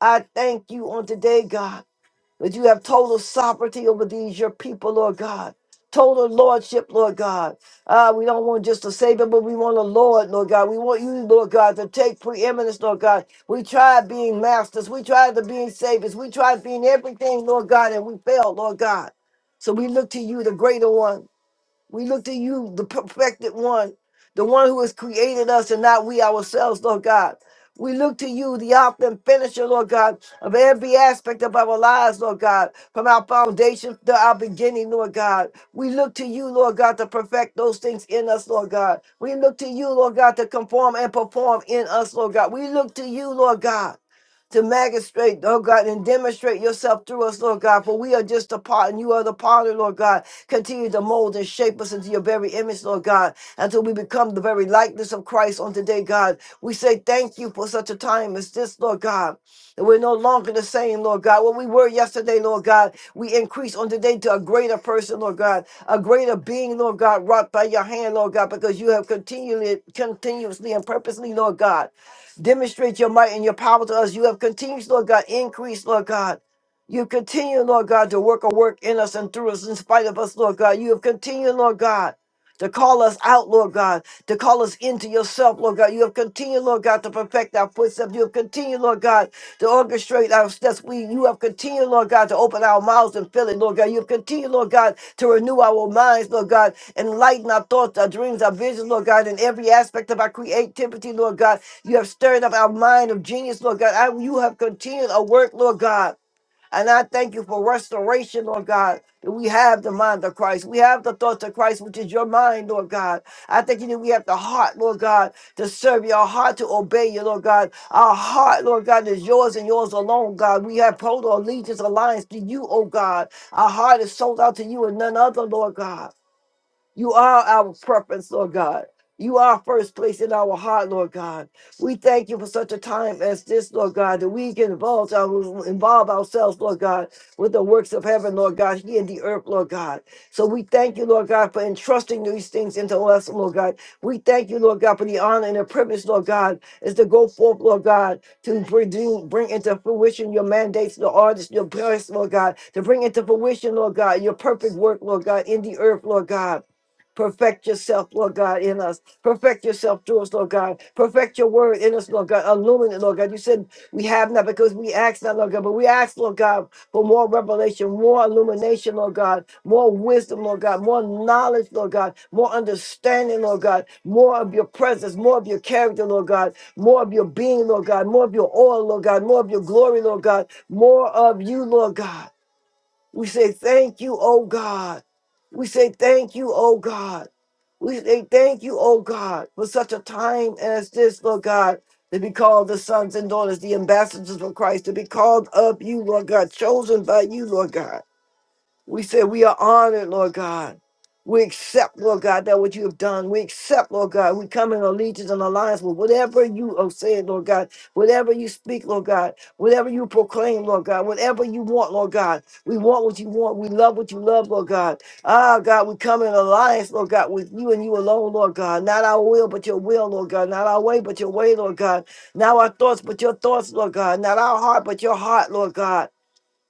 Speaker 1: I thank you on today, God. But you have total sovereignty over these, your people, Lord God. Total lordship, Lord God. Ah, we don't want just a savior, but we want a Lord, Lord God. We want you, Lord God, to take preeminence, Lord God. We tried being masters. We tried to being saviors. We tried being everything, Lord God, and we failed, Lord God. So we look to you, the greater one. We look to you, the perfected one, the one who has created us and not we ourselves, Lord God. We look to you, the author and finisher, Lord God, of every aspect of our lives, Lord God, from our foundation to our beginning, Lord God. We look to you, Lord God, to perfect those things in us, Lord God. We look to you, Lord God, to conform and perform in us, Lord God. We look to you, Lord God, to magistrate, Lord God, and demonstrate yourself through us, Lord God, for we are just a part and you are the potter, Lord God. Continue to mold and shape us into your very image, Lord God, until we become the very likeness of Christ on today, God. We say thank you for such a time as this, Lord God. That we're no longer the same, Lord God. What we were yesterday, Lord God, we increase on today to a greater person, Lord God, a greater being, Lord God, wrought by your hand, Lord God, because you have continually, continuously and purposely, Lord God, demonstrate your might and your power to us. You have continued, Lord God, increased, Lord God. You continue, Lord God, to work a work in us and through us in spite of us, Lord God. You have continued, Lord God, to call us out, Lord God, to call us into yourself, Lord God. You have continued, Lord God, to perfect our footsteps. You have continued, Lord God, to orchestrate our steps. We you have continued, Lord God, to open our mouths and fill it, Lord God. You have continued, Lord God, to renew our minds, Lord God, enlighten our thoughts, our dreams, our visions, Lord God, in every aspect of our creativity, Lord God. You have stirred up our mind of genius, Lord God. I, you have continued a work, Lord God. And I thank you for restoration, Lord God, that we have the mind of Christ. We have the thoughts of Christ, which is your mind, Lord God. I thank you that we have the heart, Lord God, to serve you, our heart to obey you, Lord God. Our heart, Lord God, is yours and yours alone, God. We have total allegiance, alliance to you, oh God. Our heart is sold out to you and none other, Lord God. You are our preference, Lord God. You are first place in our heart, Lord God. We thank you for such a time as this, Lord God, that we can involve, our- involve ourselves, Lord God, with the works of heaven, Lord God, here in the earth, Lord God. So we thank you, Lord God, for entrusting these things into us, Lord God. We thank you, Lord God, for the honor and the privilege, Lord God, is to go forth, Lord God, to bring, to bring into fruition your mandates, the artists, your prayers, Lord God, to bring into fruition, Lord God, your perfect work, Lord God, in the earth, Lord God. Perfect yourself, Lord God, in us. Perfect yourself through us, Lord God. Perfect your word in us, Lord God. Illuminate, Lord God. You said we have not because we ask not, Lord God, but we ask, Lord God, for more revelation, more illumination, Lord God, more wisdom, Lord God, more knowledge, Lord God, more understanding, Lord God, more of your presence, more of your character, Lord God, more of your being, Lord God, more of your oil, Lord God, more of your glory, Lord God, more of you, Lord God. We say thank you, oh God. We say thank you, oh God. We say thank you, oh God, for such a time as this, Lord God, to be called the sons and daughters, the ambassadors of Christ, to be called of you, Lord God, chosen by you, Lord God. We say we are honored, Lord God. We accept, Lord God, that what you have done. We accept, Lord God. We come in allegiance and alliance with whatever you have said, Lord God. Whatever you speak, Lord God. Whatever you proclaim, Lord God. Whatever you want, Lord God. We want what you want. We love what you love, Lord God. Ah, God, we come in alliance, Lord God, with you and you alone, Lord God. Not our will, but your will, Lord God. Not our way, but your way, Lord God. Not our thoughts, but your thoughts, Lord God. Not our heart, but your heart, Lord God.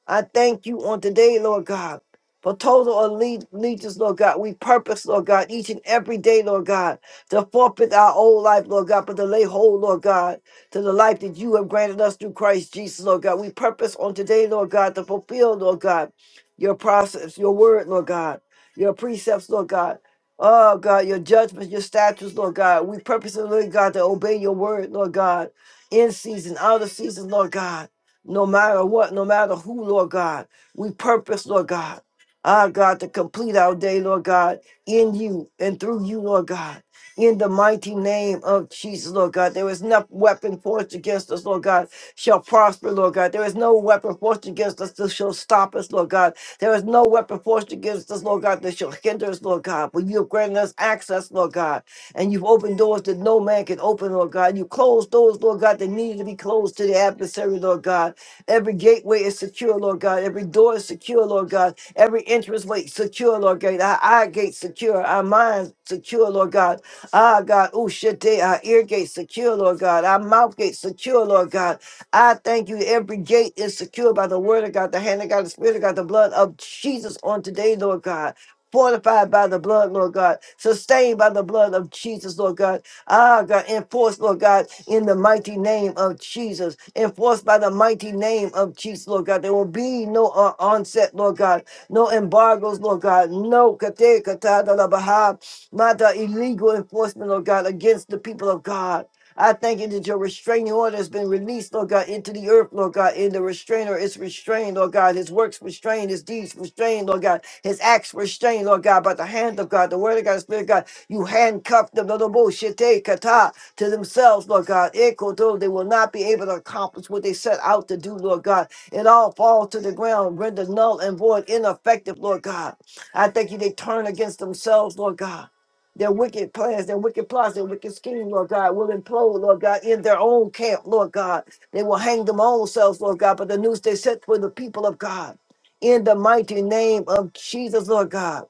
Speaker 1: I thank you on today, Lord God, for total alle- allegiance, Lord God. We purpose, Lord God, each and every day, Lord God, to forfeit our old life, Lord God, but to lay hold, Lord God, to the life that you have granted us through Christ Jesus, Lord God. We purpose on today, Lord God, to fulfill, Lord God, your process, your word, Lord God, your precepts, Lord God. Oh God, your judgments, your statutes, Lord God. We purpose, Lord God, to obey your word, Lord God, in season, out of season, Lord God no matter what, no matter who, Lord God. We purpose, Lord God, ah, God, to complete our day, Lord God, in you and through you, Lord God. In the mighty name of Jesus, Lord God, there is no weapon forged against us, Lord God, shall prosper, Lord God. There is no weapon forged against us that shall stop us, Lord God. There is no weapon forged against us, Lord God, that shall hinder us, Lord God. But you have granted us access, Lord God, and you've opened doors that no man can open, Lord God. You closed doors, Lord God, that needed to be closed to the adversary, Lord God. Every gateway is secure, Lord God. Every door is secure, Lord God. Every entrance way secure, Lord God. Our eye gate secure. Our mind secure, Lord God. Ah, God. Oh, shit. they- Our ear gate secure, Lord God. Our mouth gate secure, Lord God. I thank you. Every gate is secured by the word of God, the hand of God, the spirit of God, the blood of Jesus on today, Lord God. Fortified by the blood, Lord God. Sustained by the blood of Jesus, Lord God Ah, God, enforced, Lord God, in the mighty name of Jesus. Enforced by the mighty name of Jesus, Lord God. There will be no uh, onset, Lord God. No embargoes, Lord God. No kate katada la baha. Mata illegal enforcement, Lord God, against the people of God. I thank you that your restraining order has been released, Lord God, into the earth, Lord God. In the restrainer is restrained, Lord God. His works restrained, his deeds restrained, Lord God. His acts restrained, Lord God, by the hand of God, the word of God, the spirit of God. You handcuffed them, Lord, Boshete Kata, to themselves, Lord God. Ekoto, They will not be able to accomplish what they set out to do, Lord God. It all falls to the ground, render null and void, ineffective, Lord God. I thank you, they turn against themselves, Lord God. Their wicked plans, their wicked plots, their wicked scheme, Lord God, will implode, Lord God, in their own camp, Lord God. They will hang them own selves, Lord God, but the news they set for the people of God. In the mighty name of Jesus, Lord God.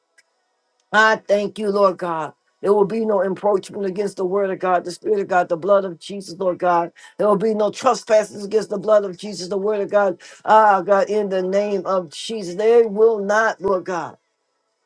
Speaker 1: I thank you, Lord God. There will be no encroachment against the word of God, the spirit of God, the blood of Jesus, Lord God. There will be no trespasses against the blood of Jesus, the word of God. Ah, God, in the name of Jesus. They will not, Lord God.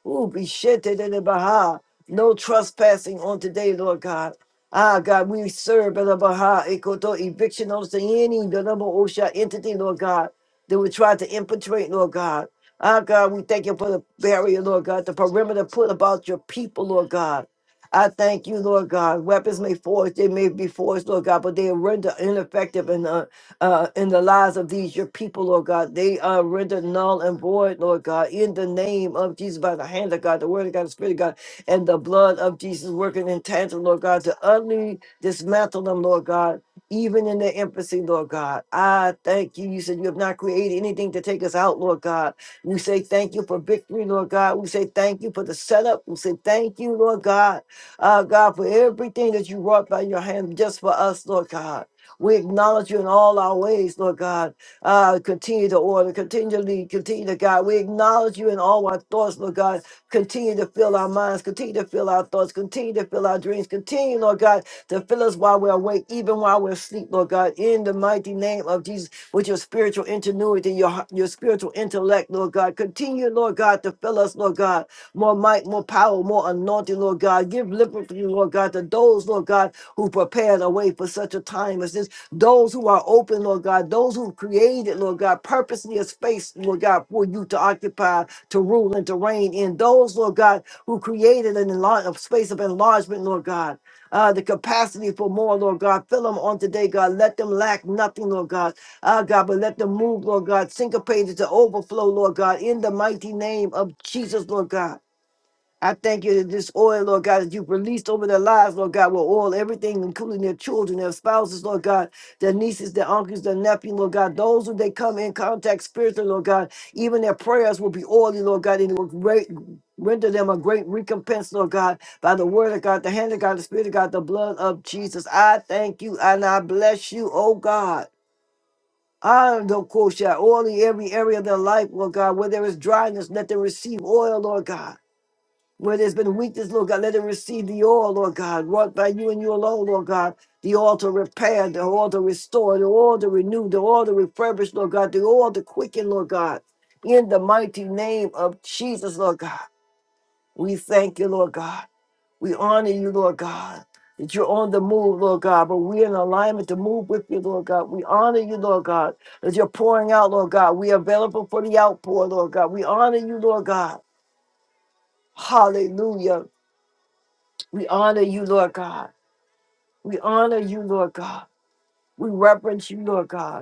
Speaker 1: Ooh, be shit in the Baha. No trespassing on today, Lord God. Ah, God, we serve the Baha, Ekoto, eviction notice to any the number OSHA entity, Lord God, that would try to infiltrate, Lord God. Ah, God, we thank you for the barrier, Lord God, the perimeter put about your people, Lord God. I thank you, Lord God. Weapons may force, they may be forced, Lord God, but they render ineffective and uh, uh, in the lives of these, your people, Lord God. They are rendered null and void, Lord God, in the name of Jesus, by the hand of God, the word of God, the spirit of God, and the blood of Jesus working in tandem, Lord God, to utterly dismantle them, Lord God, even in their infancy, Lord God. I thank you. You said you have not created anything to take us out, Lord God. We say thank you for victory, Lord God. We say thank you for the setup. We say thank you, Lord God, uh, God, for everything that you wrought by your hand just for us, Lord God. We acknowledge you in all our ways, Lord God. Uh, continue to order, continue to lead, continue to guide. We acknowledge you in all our thoughts, Lord God. Continue to fill our minds, continue to fill our thoughts, continue to fill our dreams, continue, Lord God, to fill us while we're awake, even while we're asleep, Lord God, in the mighty name of Jesus, with your spiritual ingenuity, your, heart- your spiritual intellect, Lord God. Continue, Lord God, to fill us, Lord God, more might, more power, more anointing, Lord God. Give liberty, Lord God, to those, Lord God, who prepared a way for such a time as this those who are open, Lord God, those who created, Lord God, purposely a space, Lord God, for you to occupy, to rule, and to reign in. Those, Lord God, who created an enlarge, a space of enlargement, Lord God. Uh, the capacity for more, Lord God. Fill them on today, God. Let them lack nothing, Lord God. Ah, God, but let them move, Lord God, syncopated to overflow, Lord God, in the mighty name of Jesus, Lord God. I thank you that this oil, Lord God, that you've released over their lives, Lord God, will oil everything, including their children, their spouses, Lord God, their nieces, their uncles, their nephew, Lord God, those who they come in contact spiritually, Lord God, even their prayers will be oily, Lord God, and it will great, render them a great recompense, Lord God, by the word of God, the hand of God, the spirit of God, the blood of Jesus. I thank you and I bless you, oh God. I don't quote oily every area of their life, Lord God, where there is dryness, let them receive oil, Lord God. Where there's been weakness, Lord God, let them receive the oil, Lord God, wrought by you and you alone, Lord God. The oil to repair, the oil to restore, the oil to renew, the oil to refurbish, Lord God, the oil to quicken, Lord God. In the mighty name of Jesus, Lord God, we thank you, Lord God. We honor you, Lord God, that you're on the move, Lord God, but we're in alignment to move with you, Lord God. We honor you, Lord God, that you're pouring out, Lord God. We're available for the outpour, Lord God. We honor you, Lord God. Hallelujah. We honor you, Lord God. We honor you, Lord God. We reverence you, Lord God.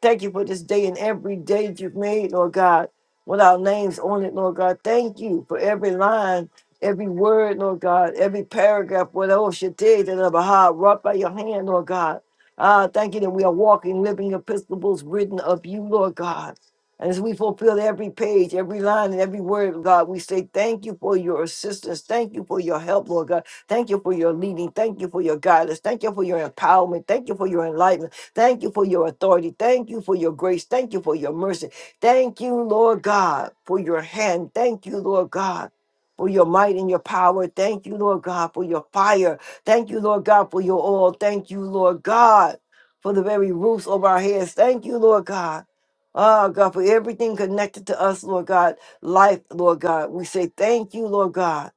Speaker 1: Thank you for this day and every day that you've made, Lord God, with our names on it, Lord God. Thank you for every line, every word, Lord God, every paragraph, whatever you did, that of a high, wrought by your hand, Lord God. Ah, thank you that we are walking, living epistles written of you, Lord God. And as we fulfill every page, every line, and every word, God, we say thank you for your assistance. Thank you for your help, Lord God. Thank you for your leading. Thank you for your guidance. Thank you for your empowerment. Thank you for your enlightenment. Thank you for your authority. Thank you for your grace. Thank you for your mercy. Thank you, Lord God, for your hand. Thank you, Lord God, for your might and your power. Thank you, Lord God, for your fire. Thank you, Lord God, for your oil. Thank you, Lord God, for the very roofs over our heads. Thank you, Lord God. Oh, God, for everything connected to us, Lord God, life, Lord God. We say thank you, Lord God.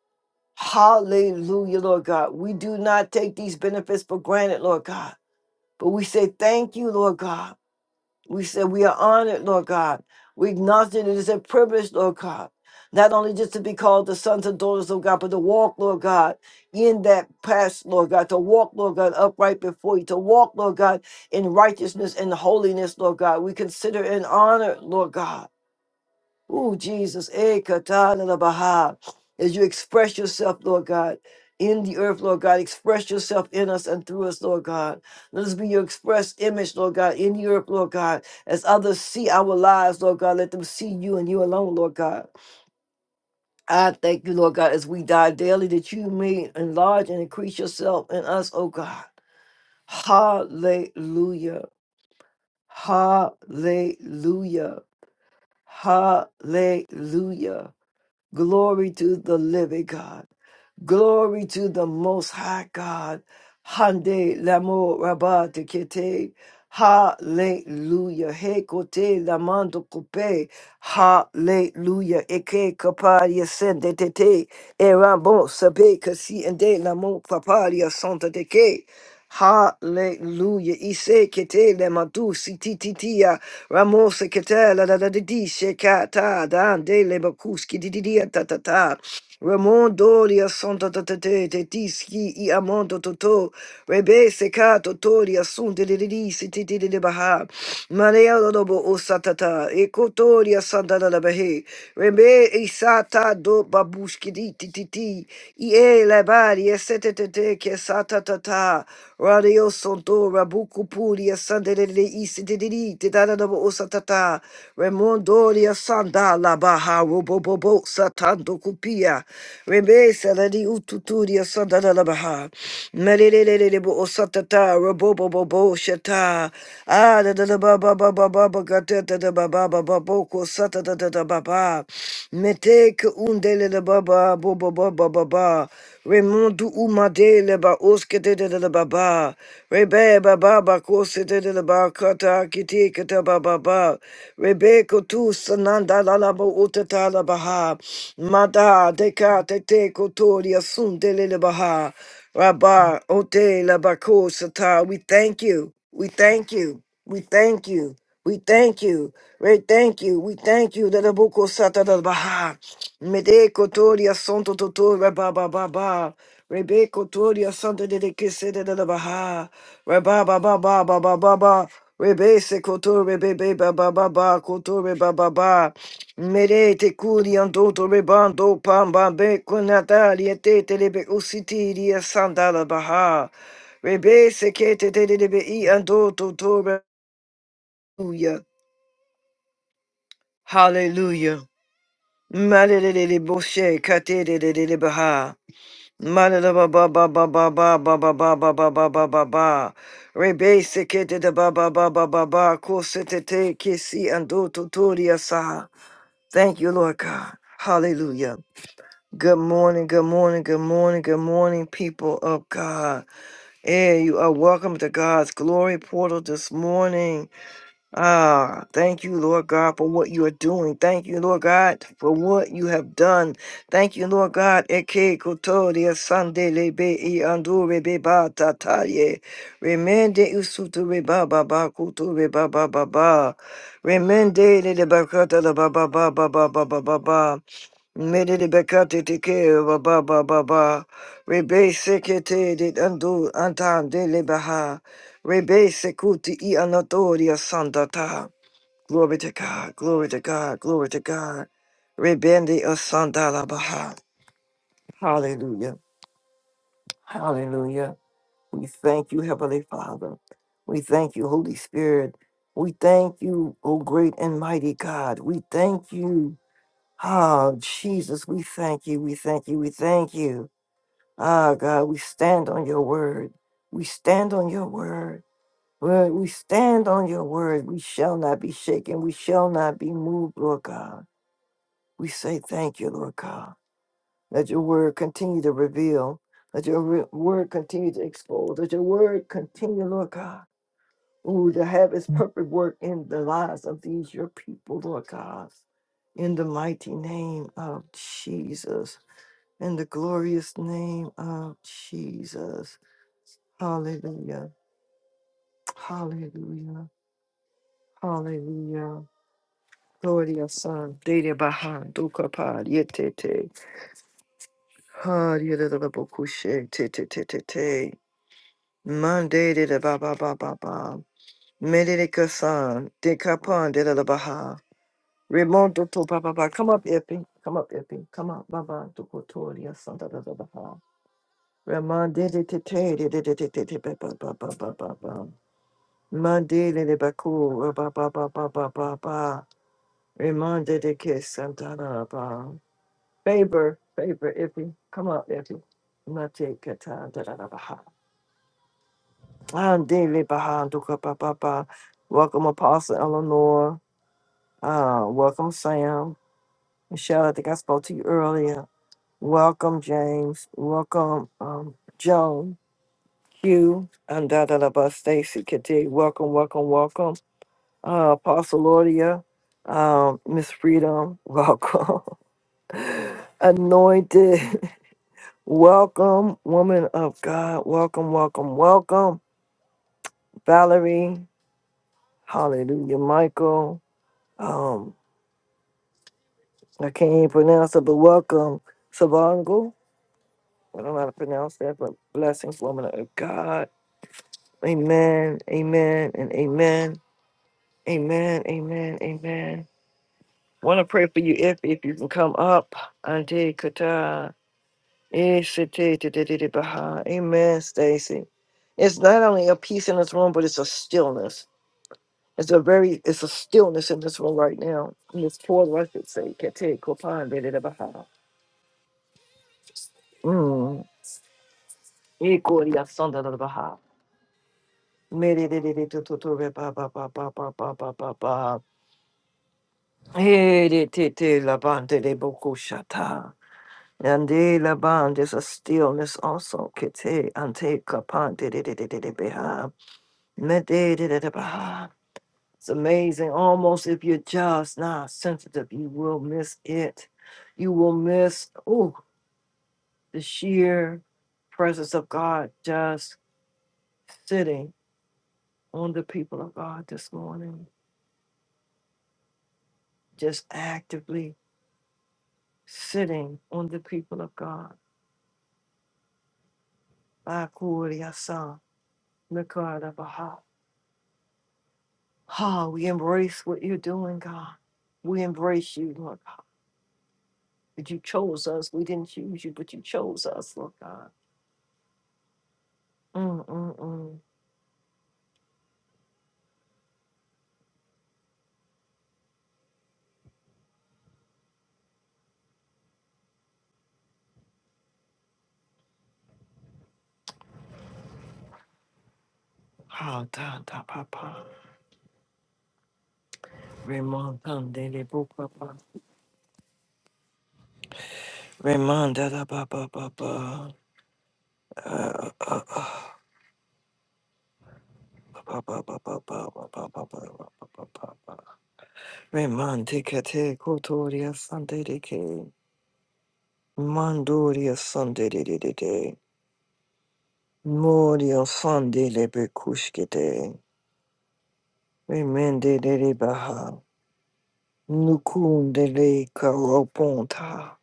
Speaker 1: Hallelujah, Lord God. We do not take these benefits for granted, Lord God. But we say thank you, Lord God. We say we are honored, Lord God. We acknowledge that it is a privilege, Lord God, not only just to be called the sons and daughters of God, but to walk, Lord God, in that past, Lord God, to walk, Lord God, upright before you, to walk, Lord God, in righteousness and holiness, Lord God. We consider and honor, Lord God. Ooh, Jesus, eh, katana la la baha. as you express yourself, Lord God, in the earth, Lord God, express yourself in us and through us, Lord God. Let us be your express image, Lord God, in the earth, Lord God. As others see our lives, Lord God, let them see you and you alone, Lord God. I thank you, Lord God, as we die daily, that you may enlarge and increase yourself in us, oh God. Hallelujah. Hallelujah. Hallelujah. Glory to the living God. Glory to the Most High God. Hande lamo rabate kete. Hallelujah. He kote lamando kupe. Hallelujah. Eke kaparia sende tete. Eramo sabe kasi ende lamo paparia santa teke. Hallelujah. Ise kete le madu si tititia ramose kete la da da di di se kata dan de le bakuski di di di ta ta ta. Ramondo lia sonda tatate te tiski i amondo toto rebe seka toto lia sunde le lili si ti ti baha marea lobo o e koto lia sanda la bahe rebe isata do babushki di ti ti i e la bari e sete te te ke satata ta radio sonto rabuku puri e sande le le si si te da da da bo o remondoria sanda la baha robo bobo satando kupia rebe saladi ututuria sanda la la baha melelelele bo o sa ta ta robobobo shata ah da da da ba ba ba ba ba ba ga ta ta da ba ba ba ba bo ko sa ta ta ta da ba ba mete ke undele la ba ba bo bo bo ba ba ba remondu umadele ba oske de de de de ba ba Rebe baba bako sete de la ba kata kiti kata baba ba. Rebe kotu sananda la la bo utata la baha. Mada deka te te koto li de le baha. Rabba ote la bako sata. We thank you. We thank you. We thank you. We thank you. We thank you. We thank you. That the book of Sata da Baha. Mede Kotoria Santo Totora Baba Baba. Rebe Kotoria Santa de Kisida da Baha. Reba Baba Baba Baba Baba. Rebe se kotore bebe baba baba kotore baba baba. Mede te kuri antoto rebando pamba be kunataria te te lebe usitiria santa da baha. Rebe se kete de te lebe i antoto tore. Hallelujah. Malalele boshe katelele baha. Malala ba ba ba ba ba ba ba ba ba ba ba ba ba ba ba. Rebe sekete da ba ba ba ba ba ba. Kosete te kesi ando tutoria sa. Thank you, Lord God. Hallelujah. Good morning, good morning, good morning, good morning, people of God. Hey, you are welcome to God's glory portal this morning. Ah, thank you, Lord God, for what you are doing. Thank you, Lord God, for what you have done. Thank you, Lord God. Eke kotori asandele be i andure be ba tataye. Remende usutu re ba ba ba kutu re ba ba ba ba. Remende le de bakata la ba ba ba ba ba ba ba ba ba. Mede de bekate te ke ba ba ba ba ba. Rebe sekete de andu antan de le baha. Rebe sekuti i anotoria sandata. Glory to God, glory to God, glory to God. Rebende asandala baha. Hallelujah, hallelujah. We thank you, Heavenly Father. We thank you, Holy Spirit. We thank you, O great and mighty God. We thank you. Ah, Jesus, we thank you, we thank you, we thank you. Ah, God, we stand on your word. We stand on your word. Lord, we stand on your word. We shall not be shaken. We shall not be moved, Lord God. We say thank you, Lord God. Let your word continue to reveal. Let your re- word continue to expose. Let your word continue, Lord God, ooh, to have its perfect work in the lives of these your people, Lord God. In the mighty name of Jesus. In the glorious name of Jesus. Hallelujah. Hallelujah. Hallelujah. Gloria San, Dede Bahan, Dukapad, Yetete, Had Yedadabokushe, Tete Tete Te, Monday de Baba Baba Ba, Medidika San, Dekapan, Dedadabaha, Remonto to Baba baba. come up, Epi, come up, Epi, come up, Baba, Dukotoria San Dadadabaha, Raman de Tete, de Tete Baba Baba Baba Ba, Monday de Baku, Baba Baba Baba Ba, Raman Dede Kiss, Santana Ba. Favor, favor, Iffy. Come on, Iffy. Mate kata da da da baha. I'm daily baha duka ba ba ba. Welcome, Apostle Eleanor. Uh, welcome, Sam. Michelle, I think I spoke to you earlier. Welcome, James. Welcome, um, Joan, Hugh, and da da da ba Stacy Kati. Welcome, welcome, welcome. Uh, Apostle Laudia, um, Miss Freedom, welcome. Anointed. Welcome, woman of God. Welcome, welcome, welcome, Valerie. Hallelujah, Michael. Um, I can't even pronounce it, but welcome, Savango. I don't know how to pronounce that, but blessings, woman of God. Amen, amen, and amen, amen, amen, amen. Want to pray for you if if you can come up. Ante kata esete tete baha. Amen, Stacy. It's not only a peace in this room, but it's a stillness It's a very, it's a stillness in this room right now. In this portal, I should say, Kete Kopan Bede Baha. Mm. Ikoria Sanda de Baha. Mede de de de to to to re ba ba ba ba ba ba ba ba ba. Hey, de te te la bande de boko shata. And de la bande is a stillness also. Kete ante kapan de de de de de de beha. Mede de de de baha. It's amazing. Almost if you're just not sensitive, you will miss it. You will miss oh the sheer presence of God just sitting on the people of God this morning. Just actively sitting on the people of God. Bakuriasa, Mikarabaha. Ah, we embrace what you're doing, God. We embrace you, Lord God. But you chose us. We didn't choose you, but you chose us, Lord God. Mm-mm-mm. Pa da da pa pa. Raymond um daily book pa pa. Raymond da da pa pa pa pa. Uh, uh, pa pa pa pa pa pa pa pa pa pa pa pa pa. Raymond take a take kotoria Sunday de ke. Mandoria Sunday de de de de. Moria Sunday le bekushke de. Raymond de de de baha. Nukun de le karoponta.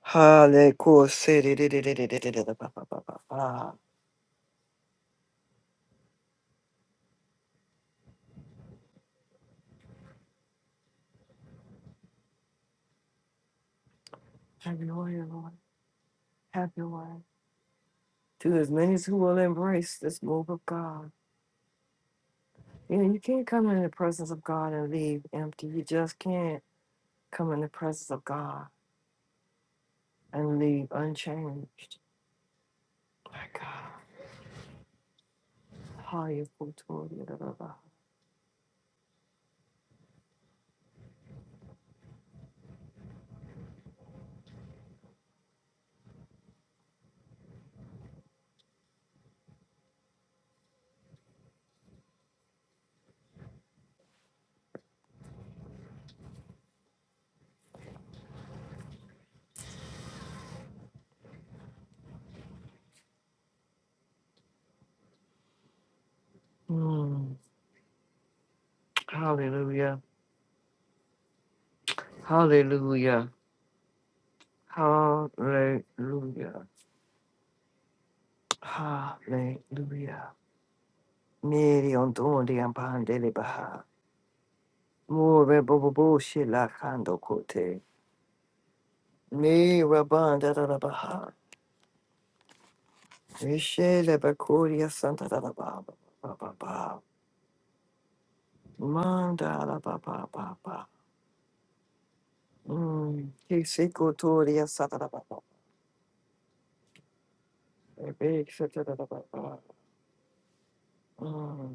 Speaker 1: Hale ko se de de de de de de de de pa pa pa pa pa. Have your way, Lord. Have your way. To as many as who will embrace this move of God. You know, you can't come in the presence of God and leave empty. You just can't come in the presence of God and leave unchanged. My God. Hallelujah. Mm. Hallelujah. Hallelujah. Hallelujah. Hallelujah. Mary on Dondi and Pandeli Baha. More Bobo Shila Kando Kote. Me Rabanda baha. Rishele Bakuria Santa da da ba ba ba ba. Manda da ba ba ba ba. Mm. Kisikotoria Santa da ba ba. Big Santa da da ba ba. Mm.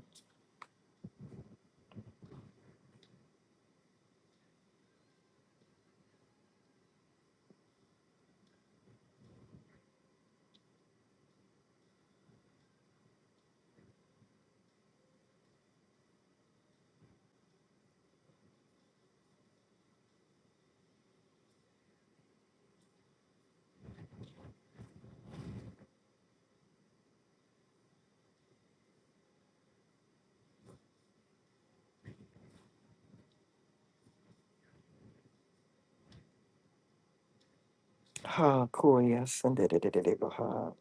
Speaker 1: Ha Korea Santa de de de de ba ha.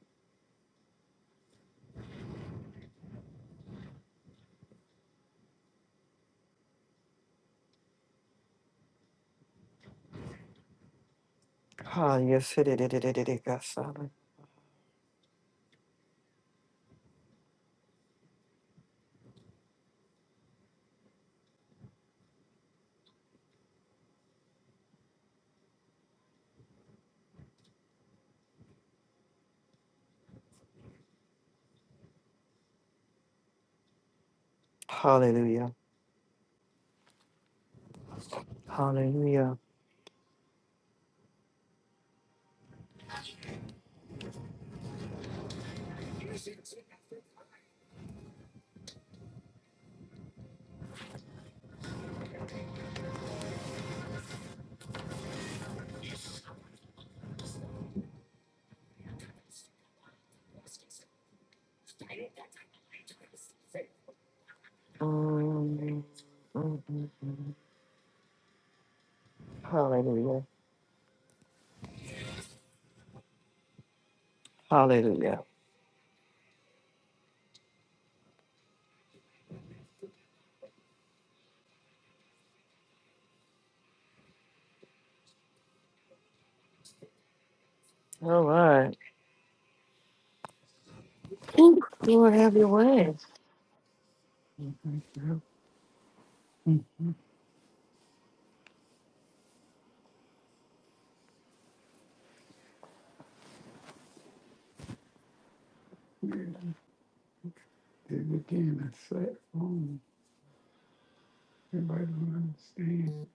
Speaker 1: Ha yes de de de de de, da da Santa. Hallelujah. Hallelujah. Mm. mm, Hallelujah. Hallelujah. All right. Whew. Lord, have your way.
Speaker 3: You think that's weird. Did it again, I sat home. Everybody don't understand.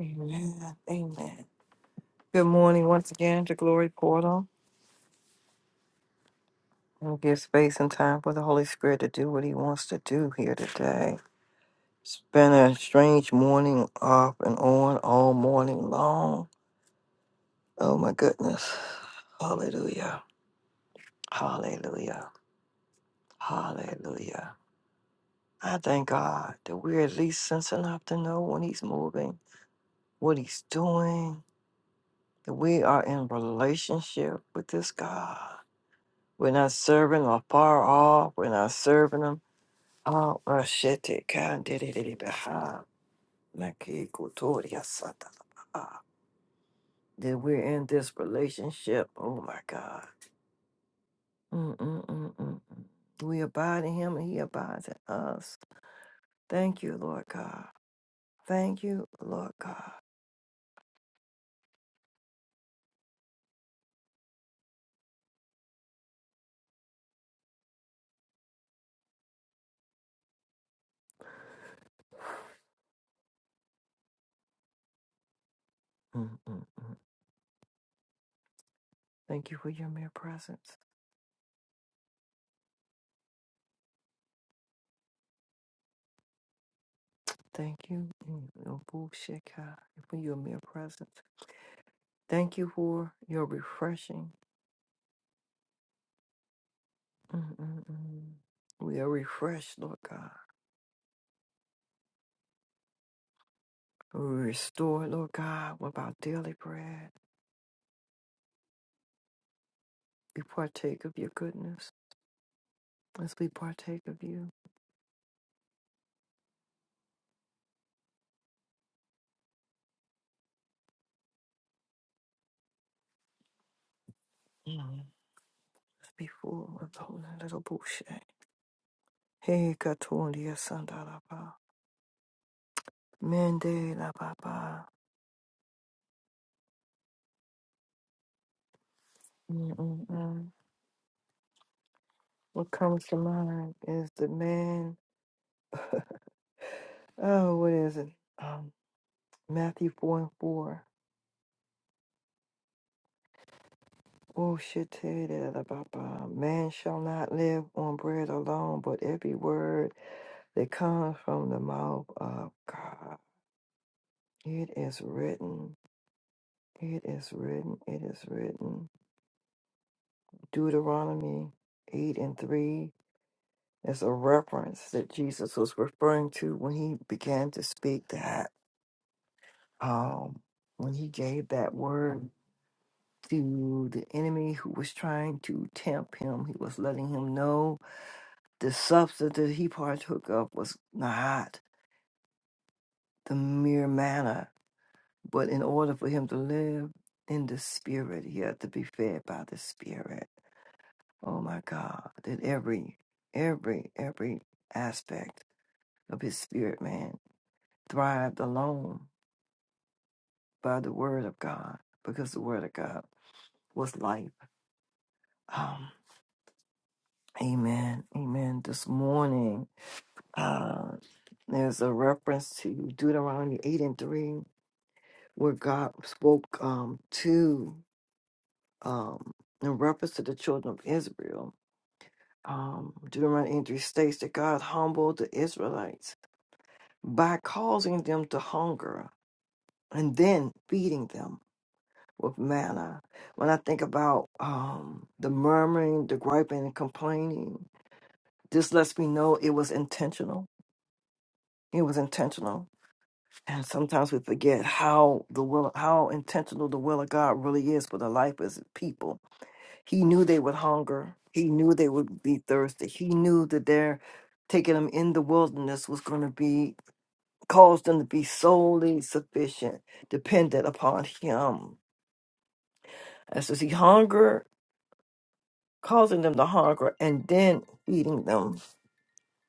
Speaker 1: Amen. Amen. Good morning once again to Glory Portal. And give space and time for the Holy Spirit to do what He wants to do here today. It's been a strange morning off and on all morning long. Oh my goodness. Hallelujah. Hallelujah. Hallelujah. I thank God that we're at least sense enough to know when He's moving, what He's doing, that we are in relationship with this God. We're not serving or far off. We're not serving Him. Oh, shit, Naki Kotoria Santa. That we're in this relationship. Oh my God. Mm-mm-mm-mm. We abide in him and he abides in us. Thank you, Lord God. Thank you, Lord God. Mm-mm-mm. Thank you for your mere presence. Thank you mm, oh, bullshit, for your mere presence. Thank you for your refreshing. Mm-mm-mm. We are refreshed, Lord God. We restore, Lord God, with our daily bread. We partake of your goodness. As we partake of you, as before with holy little bullshit. Hey, Katundia Sandalaba. Mende la Baba. Mm-mm-mm. What comes to mind is the man, oh, what is it? Um, Matthew 4 and 4. Bullshit-titty-da-da-ba-ba. Man shall not live on bread alone, but every word that comes from the mouth of God. It is written. It is written. It is written. Deuteronomy 8 and 3 is a reference that Jesus was referring to when he began to speak that, um, when he gave that word to the enemy who was trying to tempt him. He was letting him know The substance that he partook of was not the mere manna, but in order for him to live in the spirit, he had to be fed by the spirit. Oh my God, that every, every, every aspect of his spirit man thrived alone by the word of God, because the word of God was life. Um, amen. Amen. This morning, uh, there's a reference to Deuteronomy 8 and 3 where God spoke um, to um, in reference to the children of Israel. Um, Deuteronomy 3 states that God humbled the Israelites by causing them to hunger and then feeding them with manna. When I think about um, the murmuring, the griping, and complaining, this lets me know it was intentional. It was intentional, and sometimes we forget how the will, how intentional the will of God really is for the life of His people He knew they would hunger. He knew they would be thirsty. He knew that their taking them in the wilderness was going to be cause them to be solely sufficient, dependent upon Him. And so, see, hunger, causing them to hunger, and then feeding them,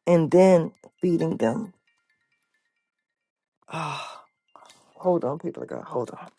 Speaker 1: and then feeding them. Ah, hold on, people of God, hold on.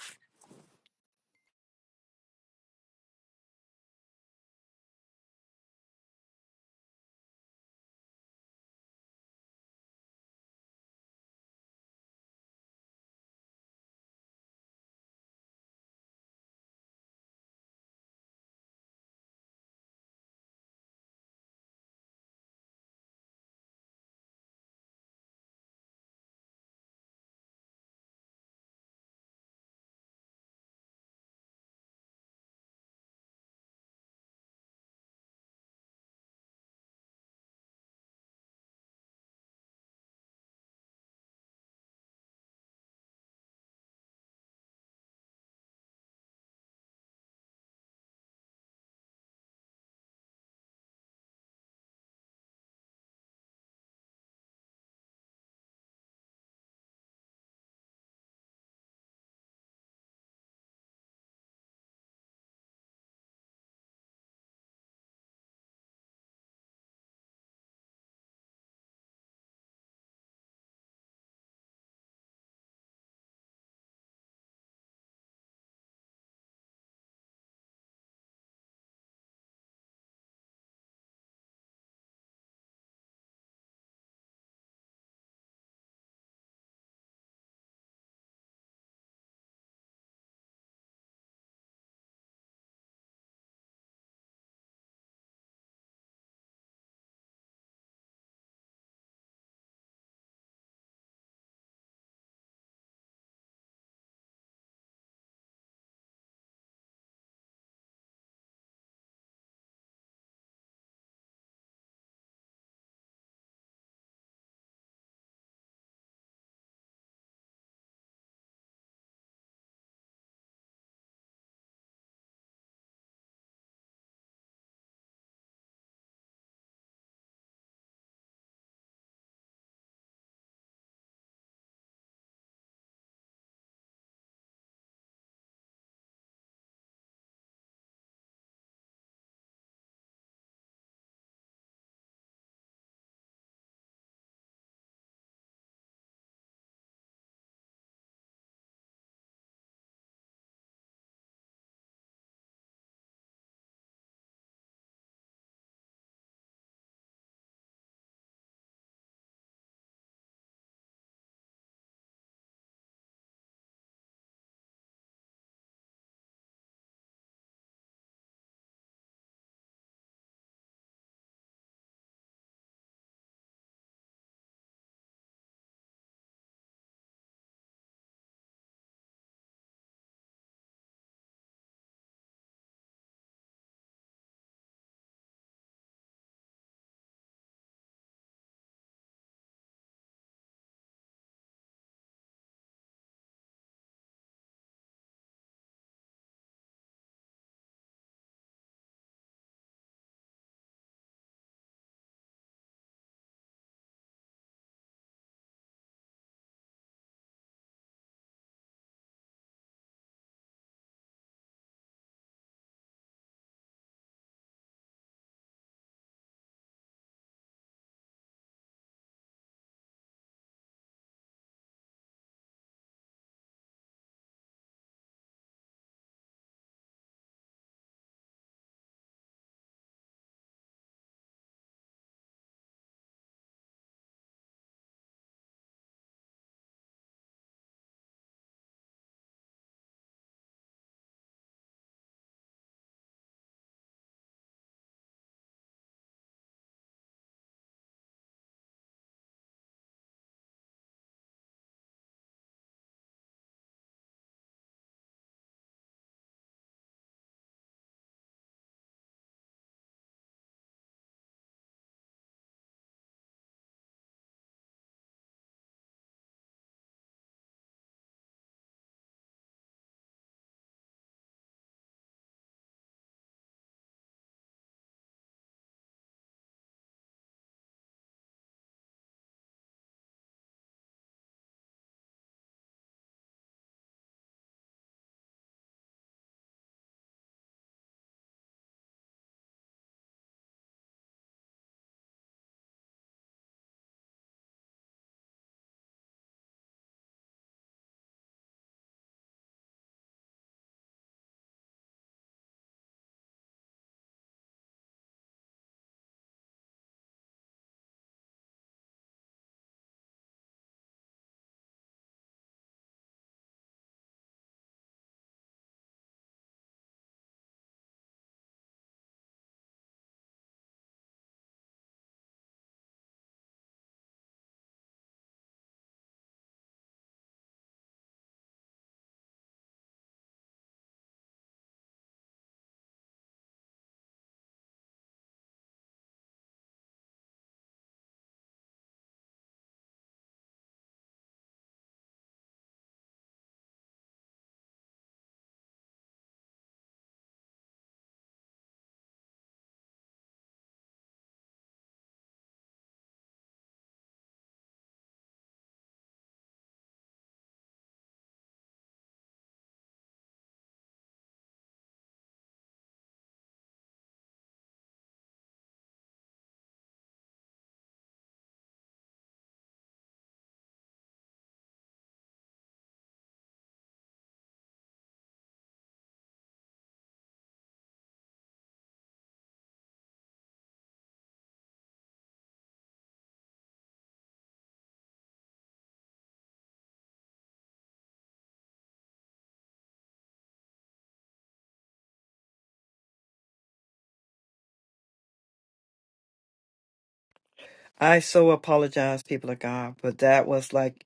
Speaker 1: I so apologize, people of God, but that was like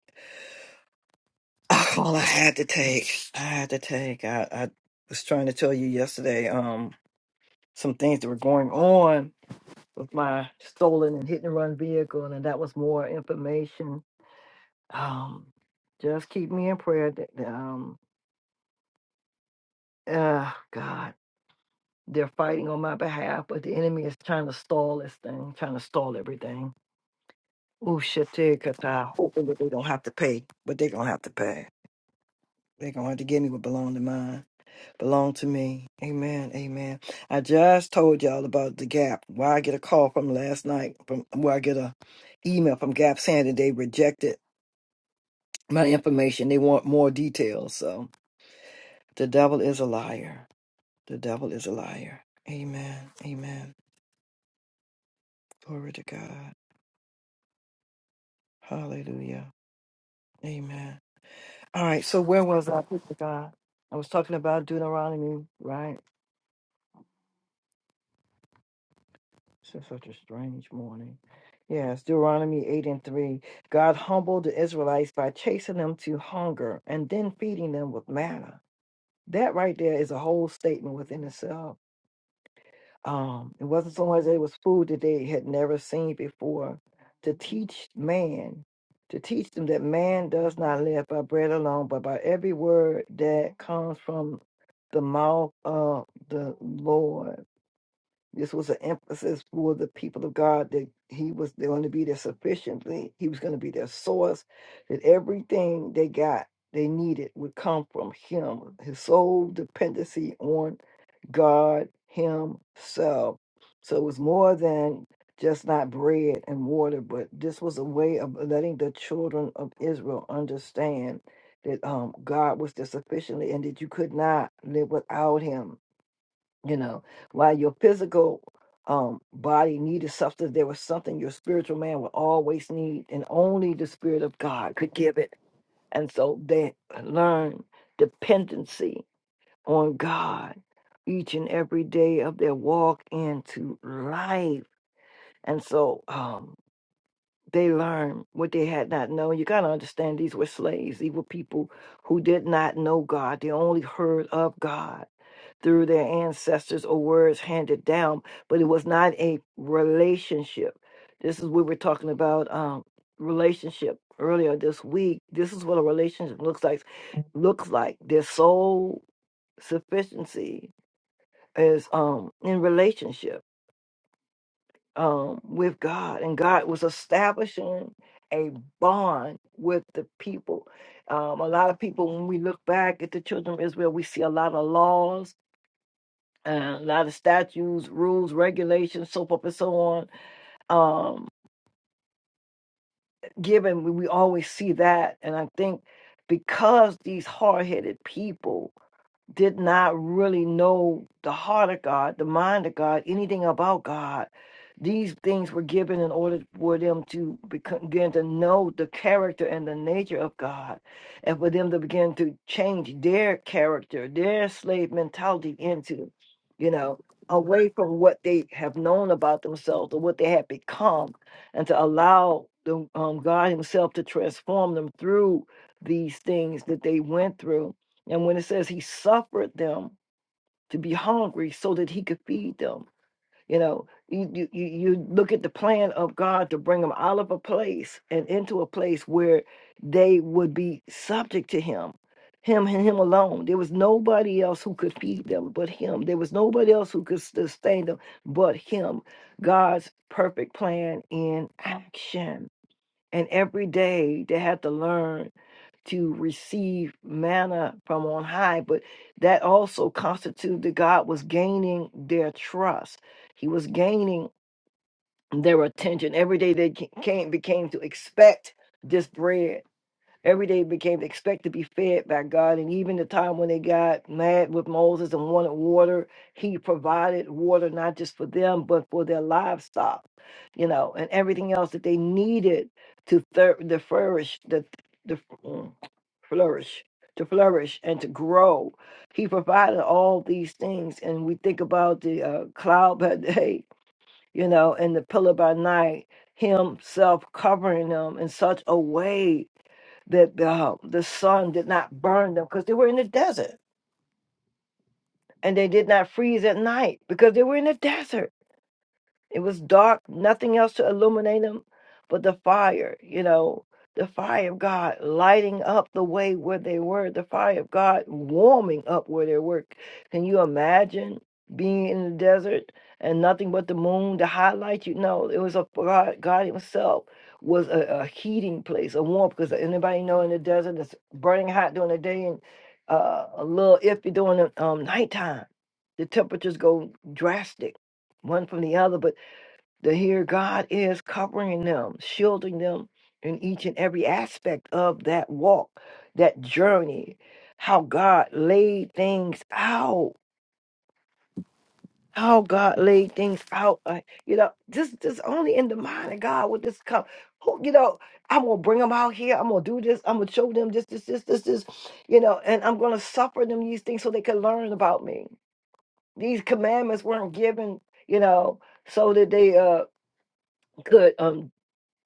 Speaker 1: all I had to take. I had to take. I, I was trying to tell you yesterday um some things that were going on with my stolen and hit and run vehicle, and that was more information Um, just keep me in prayer. that- that, Um, uh, God, they're fighting on my behalf, but the enemy is trying to stall this thing, trying to stall everything. Ooh, shit, because I hoping that they don't have to pay, but they're gonna have to pay. They're gonna have to give me what belong to mine, belong to me. Amen, amen. I just told y'all about the Gap. Why I get a call from last night, from where I get a email from Gap saying that they rejected my information. They want more details. So the devil is a liar. The devil is a liar. Amen. Amen. Glory to God. Hallelujah. Amen. All right. So where was I? Glory to God. I was talking about Deuteronomy, right? It's such a strange morning. Yes, Deuteronomy 8 and 3. God humbled the Israelites by chasing them to hunger and then feeding them with manna. That right there is a whole statement within itself. um, it wasn't so much that it was food that they had never seen before to teach man to teach them that man does not live by bread alone but by every word that comes from the mouth of the lord this was an emphasis for the people of God that He was going to be their sufficiently. He was going to be their source, that everything they got, they needed, would come from Him. His sole dependency on God Himself. So it was more than just not bread and water, but this was a way of letting the children of Israel understand that um, God was there sufficiently and that you could not live without Him you know while your physical um body needed substance there was something your spiritual man would always need and only the spirit of god could give it and so they learned dependency on god each and every day of their walk into life and so um they learned what they had not known. You got to understand these were slaves. These were people who did not know God. They only heard of God through their ancestors or words handed down, but it was not a relationship. This is what we're talking about um, relationship earlier this week. This is what a relationship looks like. Looks like their soul sufficiency is um, in relationship um, with God, and God was establishing a bond with the people. Um, a lot of people, when we look back at the children of Israel, we see a lot of laws uh, a lot of statutes, rules, regulations, so forth and so on. Um, given we, we always see that, and I think because these hard-headed people did not really know the heart of God, the mind of God, anything about God. These things were given in order for them to become, begin to know the character and the nature of God, and for them to begin to change their character, their slave mentality into, you know, away from what they have known about themselves or what they have become, and to allow the, um, God Himself to transform them through these things that they went through and when it says he suffered them to be hungry so that he could feed them, you know, you, you, you you look at the plan of God to bring them out of a place and into a place where they would be subject to him, him and him alone. There was nobody else who could feed them but him. There was nobody else who could sustain them but him. God's perfect plan in action. And every day they had to learn to receive manna from on high, but that also constituted that God was gaining their trust. He was gaining their attention. Every day they ca- came became to expect this bread Every day became to expect to be fed by God. And even the time when they got mad with Moses and wanted water, he provided water not just for them, but for their livestock, you know, and everything else that they needed to thir- to flourish, the, the, mm, flourish, to flourish and to grow. He provided all these things. And we think about the uh, cloud by day you know, and the pillar by night, himself covering them in such a way that the, uh, the sun did not burn them because they were in the desert and they did not freeze at night because they were in the desert it was dark, nothing else to illuminate them but the fire, you know, the fire of God lighting up the way where they were, the fire of God warming up where they were. Can you imagine being in the desert and nothing but the moon to highlight you? No, it was a God, God Himself was a, a heating place, a warm because anybody know in the desert it's burning hot during the day and uh, a little iffy during the um, nighttime. The temperatures go drastic one from the other, but that here God is covering them, shielding them in each and every aspect of that walk, that journey, how God laid things out, how God laid things out. uh, you know, this this only in the mind of God would this come. Who, you know, I'm gonna bring them out here. I'm gonna do this. I'm gonna show them this, this, this, this, this. You know, and I'm gonna suffer them these things so they can learn about me. These commandments weren't given, you know, so that they uh could um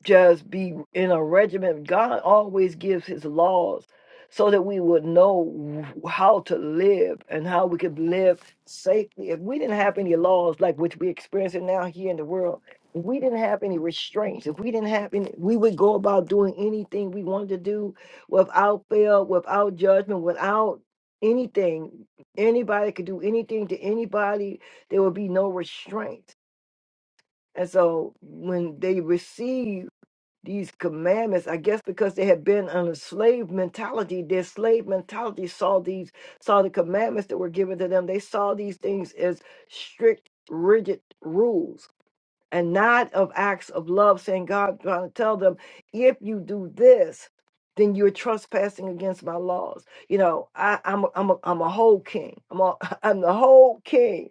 Speaker 1: just be in a regimen. God always gives his laws so that we would know how to live and how we could live safely. If we didn't have any laws like which we're experiencing now here in the world, if we didn't have any restraints, if we didn't have any, we would go about doing anything we wanted to do without fail, without judgment, without anything. Anybody could do anything to anybody. There would be no restraints. And so when they receive these commandments, I guess because they had been on a slave mentality, their slave mentality saw these, saw the commandments that were given to them. They saw these things as strict, rigid rules and not of acts of love, saying God trying to tell them, if you do this, then you're trespassing against my laws. You know, I, I'm a, I'm a, I'm a whole king. I'm a, I'm the whole king.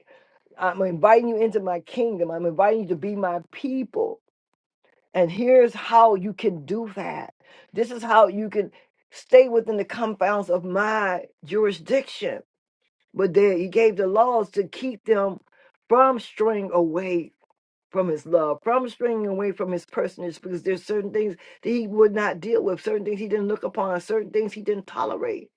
Speaker 1: I'm inviting you into my kingdom. I'm inviting you to be my people and here's how you can do that. This is how you can stay within the confines of my jurisdiction. But there, he gave the laws to keep them from straying away from his love, from straying away from his personage, because there's certain things that he would not deal with, certain things he didn't look upon, certain things he didn't tolerate.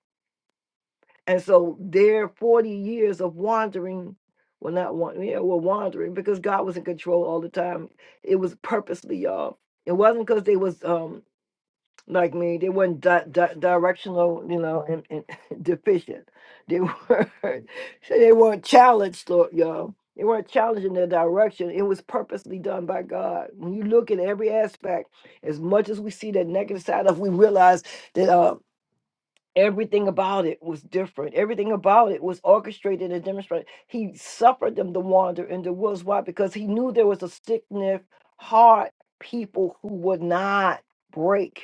Speaker 1: And so their 40 years of wandering, well, not wandering, yeah, well, wandering, because God was in control all the time. It was purposely, y'all. It wasn't because they was um like me. They weren't di- di- directional, you know, and, and deficient. They were so they weren't challenged, Lord, y'all. They weren't challenged in their direction. It was purposely done by God. When you look at every aspect, as much as we see that negative side of, we realize that uh, everything about it was different. Everything about it was orchestrated and demonstrated. He suffered them to wander in the woods. Why? Because he knew there was a sickness, hard people who would not break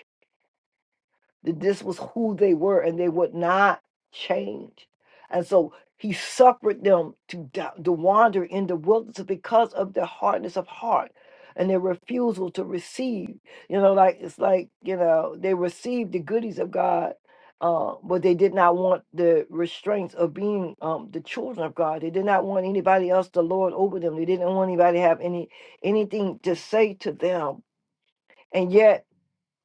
Speaker 1: that this was who they were and they would not change. And so he suffered them to, da- to wander in the wilderness because of their hardness of heart and their refusal to receive. You know, like it's like, you know, they received the goodies of God, uh, but they did not want the restraints of being um, the children of God. They did not want anybody else to lord over them. They didn't want anybody to have any anything to say to them. And yet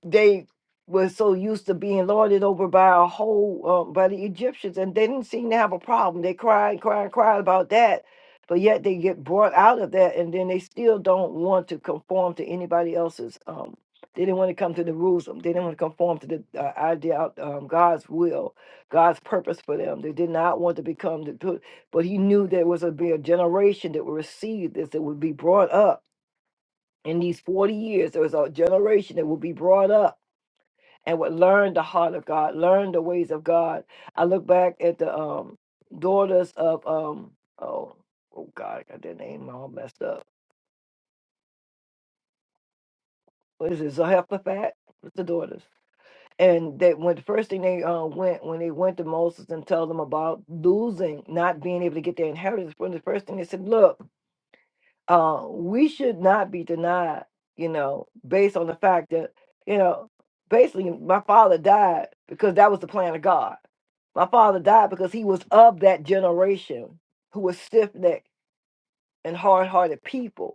Speaker 1: they were so used to being lorded over by a whole uh, by the Egyptians, and they didn't seem to have a problem. They cried, cried, cried about that, but yet they get brought out of that, and then they still don't want to conform to anybody else's. Um, they didn't want to come to the rules. um, They didn't want to conform to the uh, idea of um, God's will, God's purpose for them. They did not want to become the. put- But He knew there was a be a generation that would receive this, that would be brought up in these forty years. There was a generation that would be brought up and would learn the heart of God, learn the ways of God. I look back at the um daughters of um oh oh God, I got their name all messed up. What is it? Zelophehad? What's the daughters? And they when the first thing they uh, went when they went to Moses and tell them about losing, not being able to get their inheritance, when the first thing they said, look. uh, we should not be denied, you know, based on the fact that, you know, basically my father died because that was the plan of God. My father died because he was of that generation who was stiff necked and hard hearted people.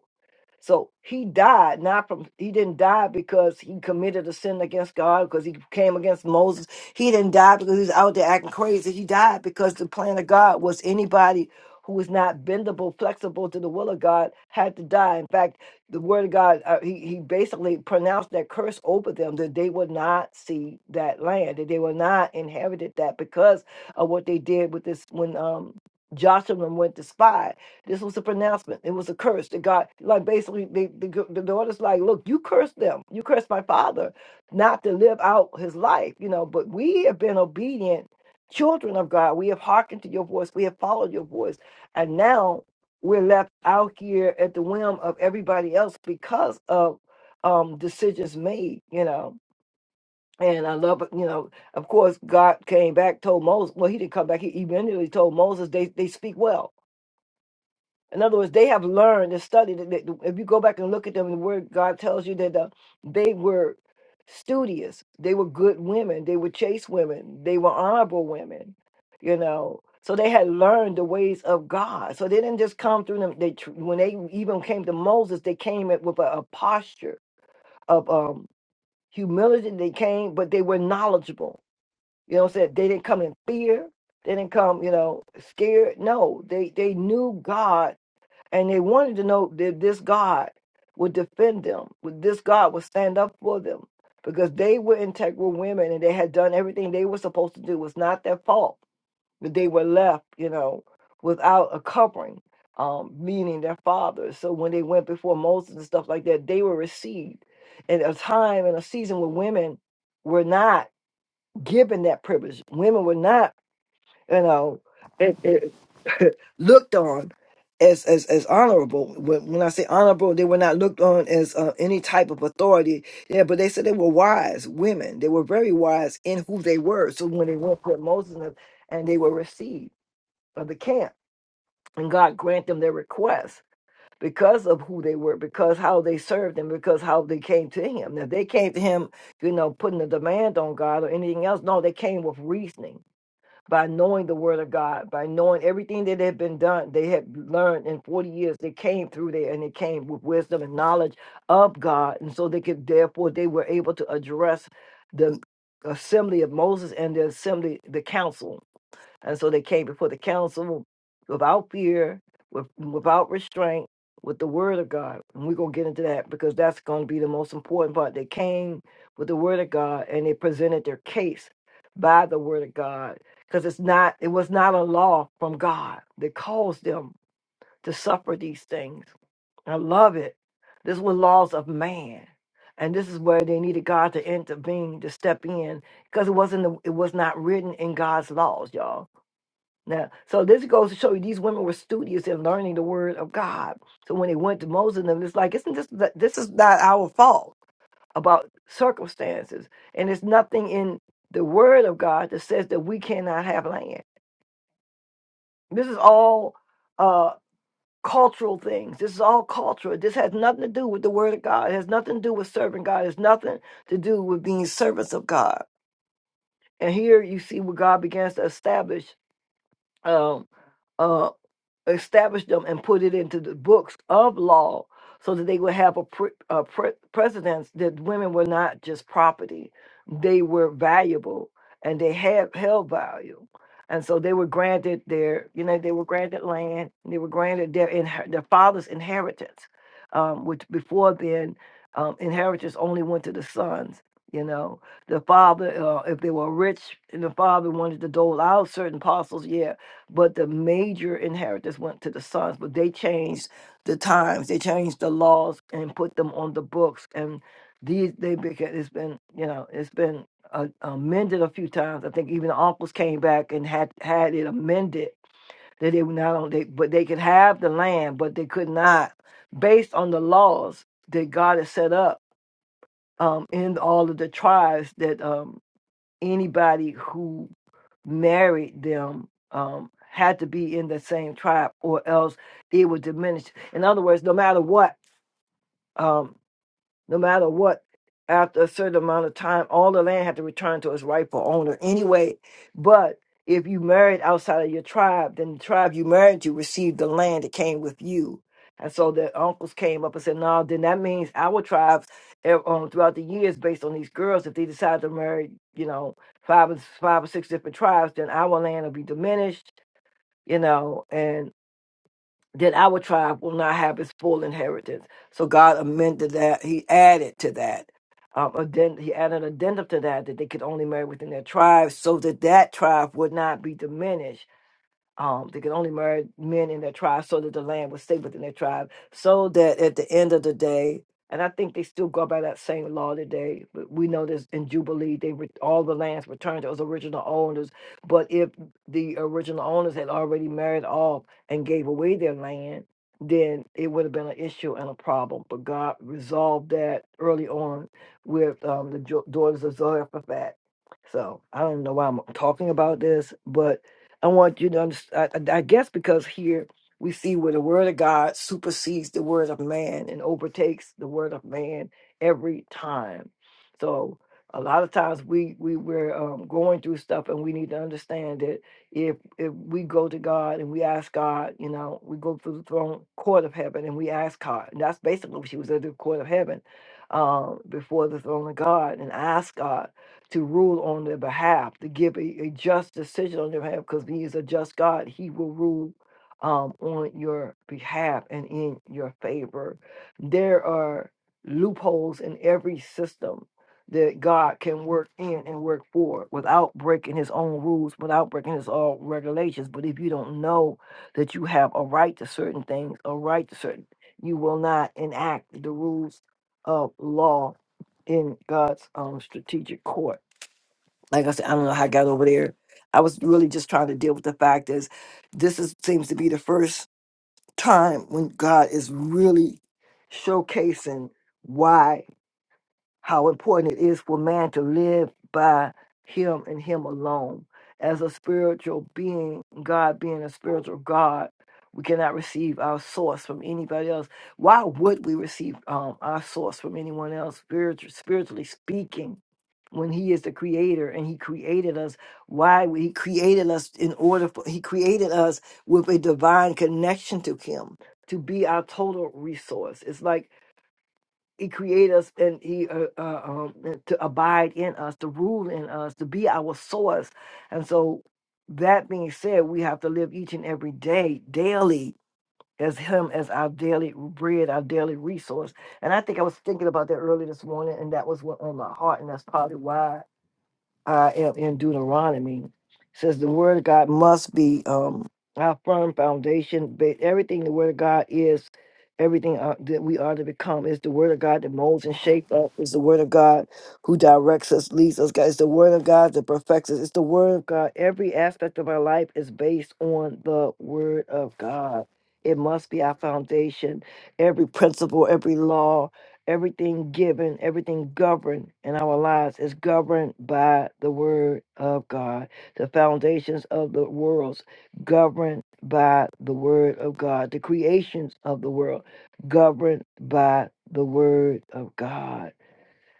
Speaker 1: So he died not from he didn't die because he committed a sin against God because he came against Moses. He didn't die because he was out there acting crazy. He died because the plan of God was anybody who was not bendable, flexible to the will of God had to die. In fact, the word of God uh, he he basically pronounced that curse over them that they would not see that land that they would not inherit that because of what they did with this when um Joshua went to spy. This was a pronouncement. It was a curse that God, like basically, the, the, the daughter's like, look, you cursed them. You cursed my father not to live out his life, you know, but we have been obedient children of God. We have hearkened to your voice. We have followed your voice. And now we're left out here at the whim of everybody else because of um, decisions made, you know. And I love, it, you know, of course, God came back, told Moses, well, he didn't come back. He immediately told Moses, they, they speak well in other words, they have learned and studied. it. That- If you go back and look at them, the word God tells you that uh, they were studious. They were good women. They were chaste women. They were honorable women, you know. So they had learned the ways of God. So they didn't just come through them. They tr- when they even came to Moses, they came at- with a, a posture of um, humility. They came, but they were knowledgeable. You know what I'm saying? They didn't come in fear. They didn't come, you know, scared. No, they they knew God and they wanted to know that this God would defend them, would this God would stand up for them. Because they were integral women and they had done everything they were supposed to do. It was not their fault that they were left, you know, without a covering, um, meaning their fathers. So when they went before Moses and stuff like that, they were received. And a time and a season where women were not given that privilege. Women were not, you know, looked on as as, as honorable. When, when I say honorable, they were not looked on as uh, any type of authority. Yeah, but they said they were wise women. They were very wise in who they were. So when they went to Moses and and they were received of the camp, and God grant them their request because of who they were, because how they served him, because how they came to him. Now they came to him, you know, putting a demand on God or anything else. No, they came with reasoning by knowing the word of God, by knowing everything that had been done, they had learned in 40 years. They came through there and they came with wisdom and knowledge of God. And so they could, therefore, they were able to address the assembly of Moses and the assembly, the council. And so they came before the council without fear, with, without restraint, with the word of God. And we're going to get into that because that's going to be the most important part. They came with the word of God and they presented their case by the word of God because it's not it was not a law from God that caused them to suffer these things. I love it. This was laws of man. And this is where they needed God to intervene, to step in, because it wasn't the, it was not written in God's laws, y'all now, so this goes to show you these women were studious in learning the word of God. So when they went to Moses and them, it's like, isn't this this is not our fault about circumstances, and it's nothing in the word of God that says that we cannot have land. This is all uh, cultural things. This is all cultural. This has nothing to do with the word of God. It has nothing to do with serving God. It has nothing to do with being servants of God. And here you see where God begins to establish. Um, uh, established them and put it into the books of law so that they would have a, pre- a pre- precedence that women were not just property they were valuable and they had held value and so they were granted their you know they were granted land and they were granted their inher- their father's inheritance um, which before then um, inheritance only went to the sons you know the father uh, if they were rich and the father wanted to dole out certain parcels yeah but the major inheritance went to the sons. But they changed the times, they changed the laws, and put them on the books. And these they became. It's been you know it's been uh, amended a few times. I think even the uncles came back and had had it amended that they were not on they but they could have the land, but they could not based on the laws that God has set up um, in all of the tribes that um, anybody who married them um, had to be in the same tribe, or else it would diminish. In other words, no matter what. um, no matter what, after a certain amount of time, all the land had to return to its rightful owner anyway. But if you married outside of your tribe, then the tribe you married to received the land that came with you. And so the uncles came up and said, No, then that means our tribes eh, um, throughout the years, based on these girls, if they decide to marry, you know, five or five or six different tribes, then our land will be diminished, you know, and that our tribe will not have its full inheritance. So God amended that. He added to that. Um, addend- he added an addendum to that that they could only marry within their tribe so that that tribe would not be diminished um, they could only marry men in their tribe so that the land would stay within their tribe, so that at the end of the day, and I think they still go by that same law today. But we know this in Jubilee, they re- all the lands returned to those original owners. But if the original owners had already married off and gave away their land, then it would have been an issue and a problem. But God resolved that early on with um, the jo- daughters of Zarephath. So I don't know why I'm talking about this, but I want you to understand. I, I guess because here we see where the word of God supersedes the word of man and overtakes the word of man every time. So a lot of times we we we're um, going through stuff, and we need to understand that if if we go to God and we ask God, you know, we go through the throne court of heaven and we ask God, and that's basically what she was at the court of heaven, um, before the throne of God, and ask God to rule on their behalf, to give a, a just decision on their behalf, because he is a just God. He will rule um, on your behalf and in your favor. There are loopholes in every system that God can work in and work for without breaking his own rules, without breaking his own regulations. But if you don't know that you have a right to certain things, a right to certain, you will not enact the rules of law in God's um, strategic course like I said, I don't know how I got over there. I was really just trying to deal with the fact is this is seems to be the first time when God is really showcasing why how important it is for man to live by him and him alone. As a spiritual being, God being a spiritual God, we cannot receive our source from anybody else. Why would we receive um, our source from anyone else, spiritual, spiritually speaking? When he is the creator and he created us, why would he created us in order for he created us with a divine connection to him to be our total resource? It's like he created us and He uh, uh, um, to abide in us, to rule in us, to be our source. And so, that being said, we have to live each and every day, daily, as Him as our daily bread, our daily resource. And I think I was thinking about that earlier this morning, and that was what on my heart, and that's probably why. I am in Deuteronomy. It says the word of God must be um, our firm foundation. But everything the word of God is, everything uh, that we are to become is the word of God that molds and shapes us. Is the word of God who directs us, leads us. God, It's the word of God that perfects us. It's the word of God. Every aspect of our life is based on the word of God. It must be our foundation. Every principle, every law, Everything given, everything governed in our lives is governed by the word of God. The foundations of the worlds governed by the word of God. The creations of the world governed by the word of God.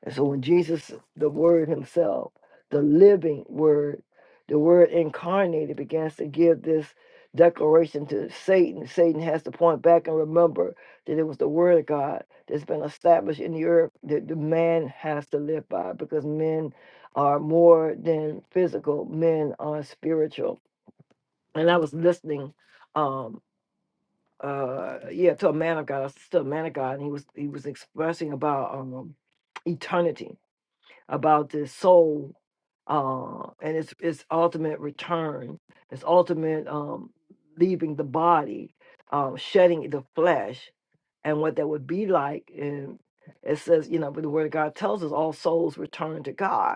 Speaker 1: And so when Jesus, the Word Himself, the living Word, the Word incarnated, begins to give this declaration to Satan, Satan has to point back and remember that it was the Word of God that's been established in the earth that the man has to live by because men are more than physical, men are spiritual. And I was listening. Um, uh yeah to a man of god I was to a man of god and he was he was expressing about um eternity about this soul uh, and its its ultimate return, its ultimate um, leaving the body, um, shedding the flesh, and what that would be like. And it says, you know, but the Word of God tells us all souls return to God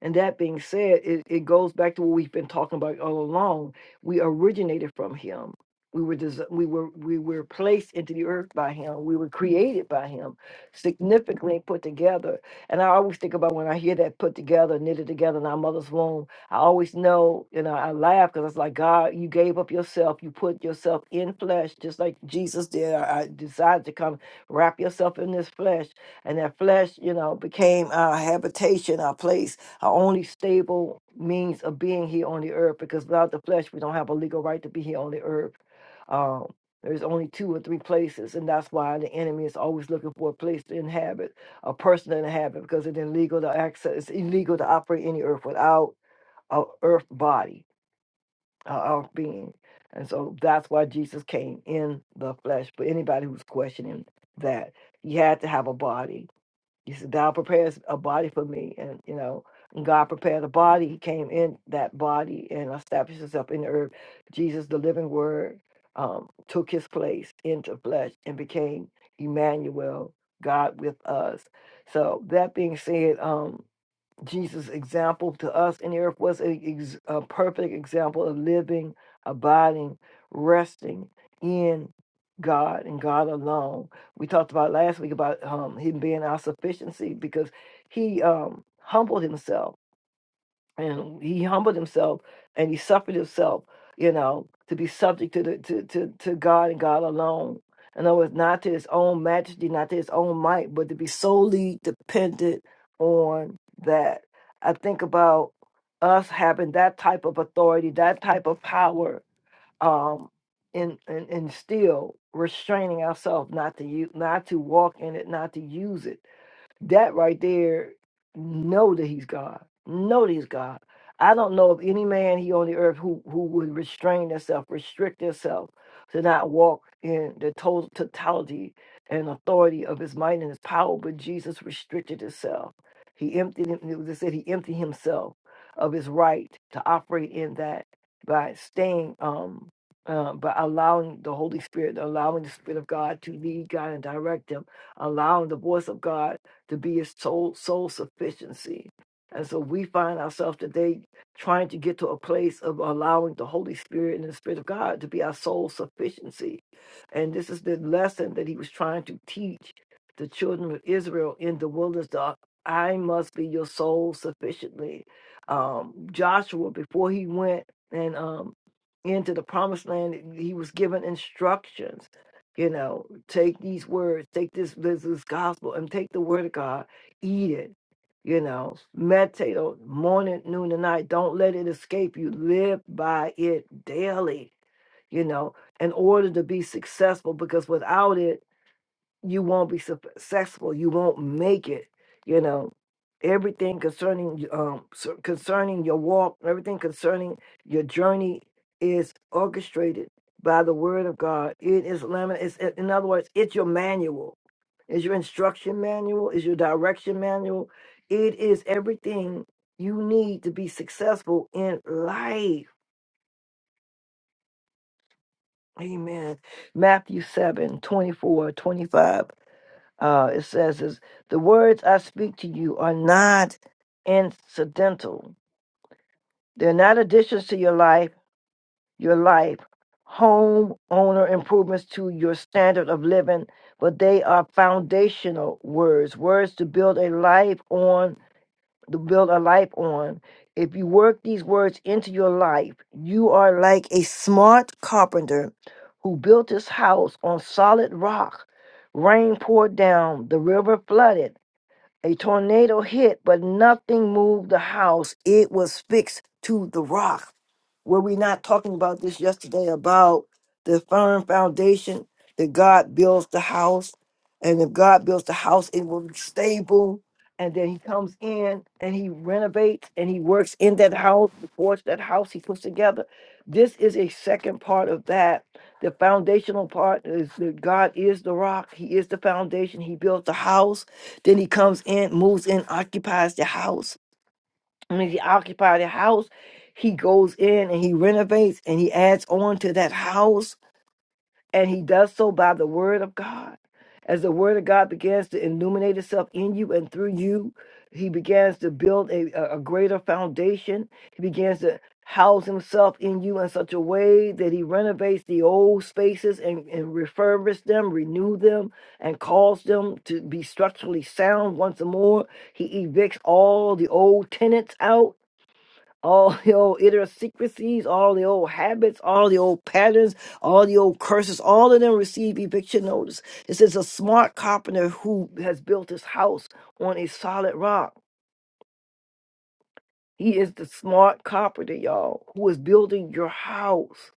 Speaker 1: and that being said, it, it goes back to what we've been talking about all along. We originated from him. We were desi- we were we were placed into the earth by him. We were created by him, significantly put together. And I always think about when I hear that put together, knitted together in our mother's womb. I always know, you know, I laugh because it's like God, you gave up yourself. You put yourself in flesh, just like Jesus did. I, I decided to come wrap yourself in this flesh, and that flesh, you know, became our habitation, our place our only stable means of being here on the earth because without the flesh we don't have a legal right to be here on the earth um, there's only two or three places and that's why the enemy is always looking for a place to inhabit a person to inhabit because it's illegal to access it's illegal to operate any earth without a earth body a earth being and so that's why jesus came in the flesh but anybody who's questioning that he had to have a body he said, "Thou prepares a body for me. And, you know, when God prepared a body. He came in that body and established himself in the earth. Jesus, the living word, um, took his place into flesh and became Emmanuel, God with us. So that being said, um, Jesus' example to us in the earth was a, ex- a perfect example of living, abiding, resting in God and God alone. We talked about last week about um, Him being our sufficiency because He um, humbled Himself and he humbled himself and he suffered himself, you know, to be subject to the to to, to God and God alone. In other words, not to his own majesty, not to his own might, but to be solely dependent on that. I think about us having that type of authority, that type of power, um, and and, and still restraining ourselves not to use, not to walk in it, not to use it that right there, know that he's God. Know that he's God. I don't know of any man here on the earth who, who would restrain themselves, restrict themselves to not walk in the total totality and authority of his might and his power, but Jesus restricted himself. He emptied him, it was said he emptied himself of his right to operate in that by staying um uh, by allowing the Holy Spirit, allowing the Spirit of God to lead God and direct him, allowing the voice of God to be his sole sole sufficiency. And so we find ourselves today trying to get to a place of allowing the Holy Spirit and the Spirit of God to be our sole sufficiency. And this is the lesson that he was trying to teach the children of Israel in the wilderness. the I must be your soul sufficiently. Um, Joshua, before he went and um, into the promised land, he was given instructions you know, take these words, take this business gospel, and take the word of God, eat it. You know, meditate on it morning, noon, and night. Don't let it escape you. Live by it daily, you know, in order to be successful, because without it, you won't be successful. You won't make it. You know, everything concerning y- um so- concerning your walk, everything concerning your journey is orchestrated by the Word of God. It is lemon. It's it- in other words, it's your manual. It's your instruction manual. It's your direction manual. It is everything you need to be successful in life. Amen. Matthew 7 24 25. Uh, it says, is, The words I speak to you are not incidental, they're not additions to your life, your life, home owner improvements to your standard of living, but they are foundational words, words to build a life on, to build a life on. If you work these words into your life, you are like a smart carpenter who built his house on solid rock. Rain poured down, the river flooded, a tornado hit, but nothing moved the house. It was fixed to the rock. Were we not talking about this yesterday about the firm foundation that God builds the house? And if God builds the house, it will be stable. And then he comes in and he renovates and he works in that house, supports that house he puts together. This is a second part of that. The foundational part is that God is the rock. He is the foundation. He built the house. Then he comes in, moves in, occupies the house I mean, he occupied a house. He goes in and he renovates and he adds on to that house. And he does so by the word of God. As the word of God begins to illuminate itself in you and through you, he begins to build a, a a greater foundation. He begins to house himself in you in such a way that he renovates the old spaces and, and refurbishes them, renew them, and cause them to be structurally sound once more. He evicts all the old tenants out all the old idiosyncrasies, all the old habits, all the old patterns, all the old curses, all of them receive eviction notice. It says a smart carpenter who has built his house on a solid rock. He is the smart carpenter, y'all, who is building your house.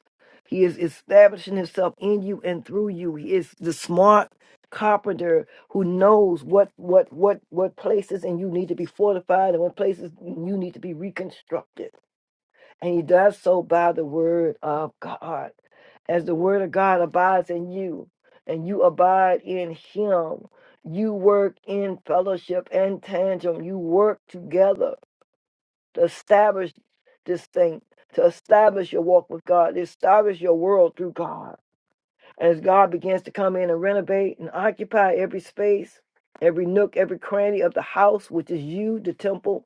Speaker 1: He is establishing himself in you and through you. He is the smart carpenter who knows what what what what places and you need to be fortified and what places you need to be reconstructed. And he does so by the word of God. As the word of God abides in you and you abide in him, you work in fellowship and tandem. You work together to establish this thing, to establish your walk with God, to establish your world through God. As God begins to come in and renovate and occupy every space, every nook, every cranny of the house, which is you, the temple,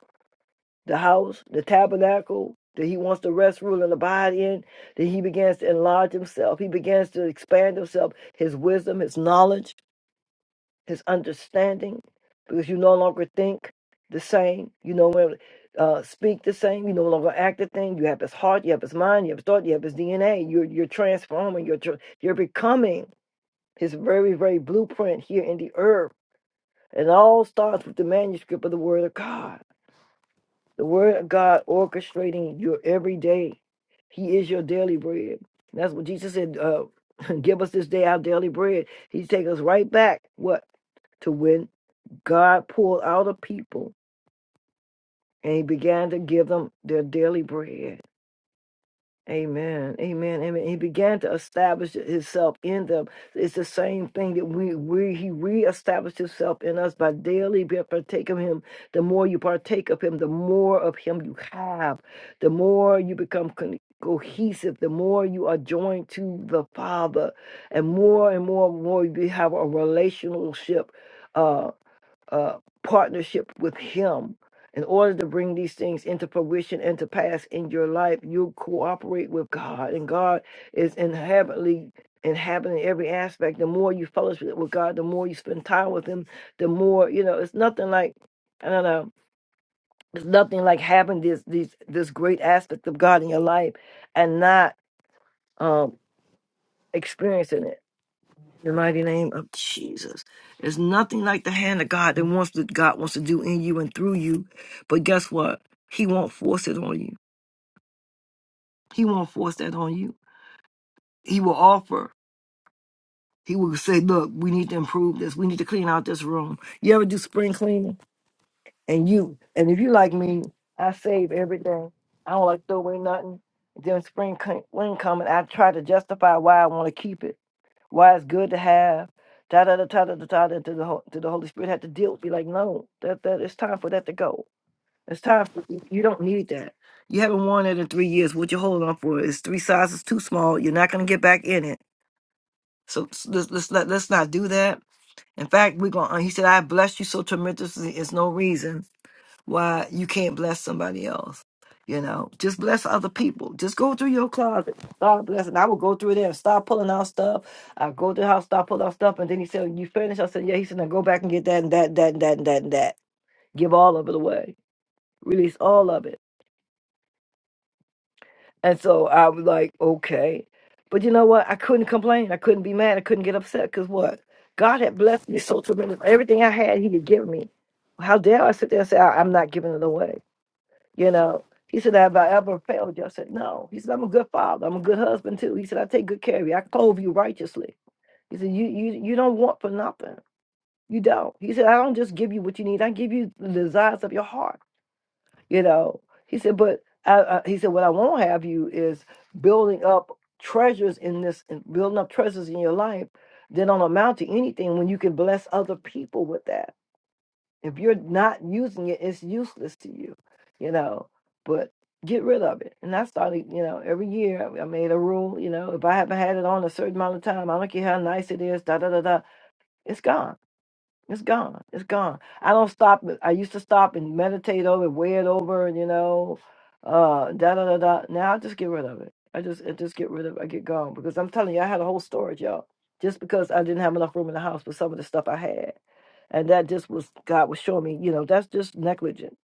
Speaker 1: the house, the tabernacle that he wants to rest, rule, and abide in, that he begins to enlarge himself. He begins to expand himself, his wisdom, his knowledge, his understanding, because you no longer think the same. You no longer uh, speak the same. You no longer act the same. You have his heart, you have his mind, you have his thought, you have his DNA. You're, you're transforming, you're, tr- you're becoming his very, very blueprint here in the earth. And It all starts with the manuscript of the Word of God. The word of God orchestrating your every day. He is your daily bread. And that's what Jesus said. Uh, Give us this day our daily bread. He take us right back. What to when God pulled out a people and He began to give them their daily bread. Amen. Amen. And he began to establish himself in them. It's the same thing that we we he reestablished himself in us by daily being partake of him. The more you partake of him, the more of him you have, the more you become con- cohesive, the more you are joined to the Father, and more and more and more you have a relationship. uh, uh, partnership with Him. In order to bring these things into fruition and to pass in your life, you cooperate with God, and God is inherently inhabiting every aspect. The more you fellowship with God, the more you spend time with Him, the more you know. It's nothing like I don't know. It's nothing like having this these this great aspect of God in your life and not um, experiencing it. In the mighty name of Jesus. There's nothing like the hand of God that wants that God wants to do in you and through you. But guess what? He won't force it on you. He won't force that on you. He will offer. He will say, "Look, we need to improve this. We need to clean out this room." You ever do spring cleaning? And you, and if you like me, I save everything. I don't like throw away nothing. Then spring clean, when coming, I try to justify why I want to keep it. why it's good to have da da da da da da da da. to the Hol- to the Holy Spirit had to deal with me like no that that it's time for that to go. It's time for you you don't need that. You haven't worn it in three years. What you holding on for it's three sizes too small. You're not gonna get back in it. So s- let's let's not let's not do that. In fact, we're gonna. uh, He said, "I bless you so tremendously. It's no reason." why you can't bless somebody else. You know, just bless other people. Just go through your closet. Start blessing. I would go through there and start pulling out stuff. I go to the house, start pulling out stuff, and then he said, "You finished?" I said, "Yeah." He said, "Now go back and get that and that and that and that and that and that. Give all of it away. Release all of it." And so I was like, "Okay," but you know what? I couldn't complain. I couldn't be mad. I couldn't get upset because what? God had blessed me so tremendous. Everything I had, He had given me. How dare I sit there and say I- I'm not giving it away? You know, he said, Have I ever failed you? I said, No. He said, I'm a good father. I'm a good husband too. He said, I take good care of you. I clothe you righteously. He said, You you you don't want for nothing. You don't. He said, I don't just give you what you need. I give you the desires of your heart. You know. He said, but I, I, he said, what I won't have you is building up treasures in this, and building up treasures in your life that don't amount to anything when you can bless other people with that if you're not using it, it's useless to you, you know. But get rid of it. And I started, you know, every year I I made a rule, you know, if I haven't had it on a certain amount of time, I don't care how nice it is, da da da da, it's gone it's gone. It's gone. I don't stop. I used to stop and meditate over, it, weigh it over, and you know, uh, da da da da. Now I just get rid of it. I just, I just get rid of. I get gone because I'm telling you, I had a whole storage, y'all. Just because I didn't have enough room in the house for some of the stuff I had, and that just was God was showing me. You know, that's just negligent.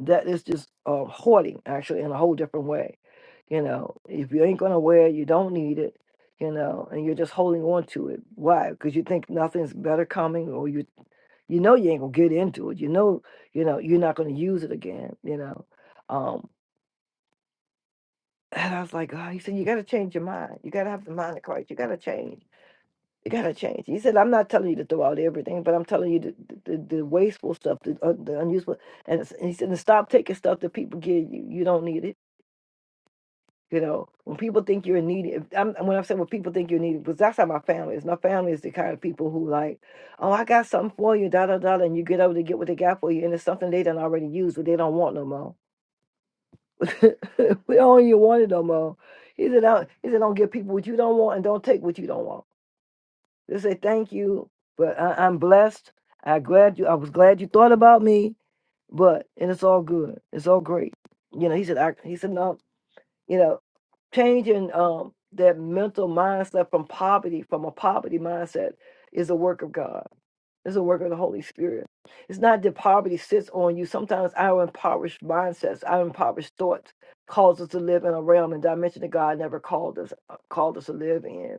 Speaker 1: That is just uh, hoarding, actually, in a whole different way. You know, if you ain't gonna wear, it, you don't need it you know, and you're just holding on to it. Why? Because you think nothing's better coming, or you you know you ain't gonna get into it. You know, you know, you're not gonna use it again, you know. Um, and I was like, oh, he said, you gotta change your mind. You gotta have the mind of Christ. You gotta change. You gotta change. He said, I'm not telling you to throw out everything, but I'm telling you the the, the the wasteful stuff, the, un the unuseful. And, it's- and he said, and stop taking stuff that people give you. You don't need it You know, when people think you're needy, if, I'm, when I say when people think you're needy, because that's how my family is. My family is the kind of people who like, oh, I got something for you, da da da, and you get over to get what they got for you, and it's something they done already used, but they don't want no more. we don't even want it no more. He said, don't, he said, don't give people what you don't want, and don't take what you don't want. Just say thank you, but I, I'm blessed. I glad you. I was glad you thought about me, but and it's all good. It's all great. You know, he said. I, he said no you know, changing um, that mental mindset from poverty, from a poverty mindset, is a work of God. It's a work of the Holy Spirit. It's not that poverty sits on you. Sometimes our impoverished mindsets, our impoverished thoughts, cause us to live in a realm and dimension that God never called us uh, called us to live in.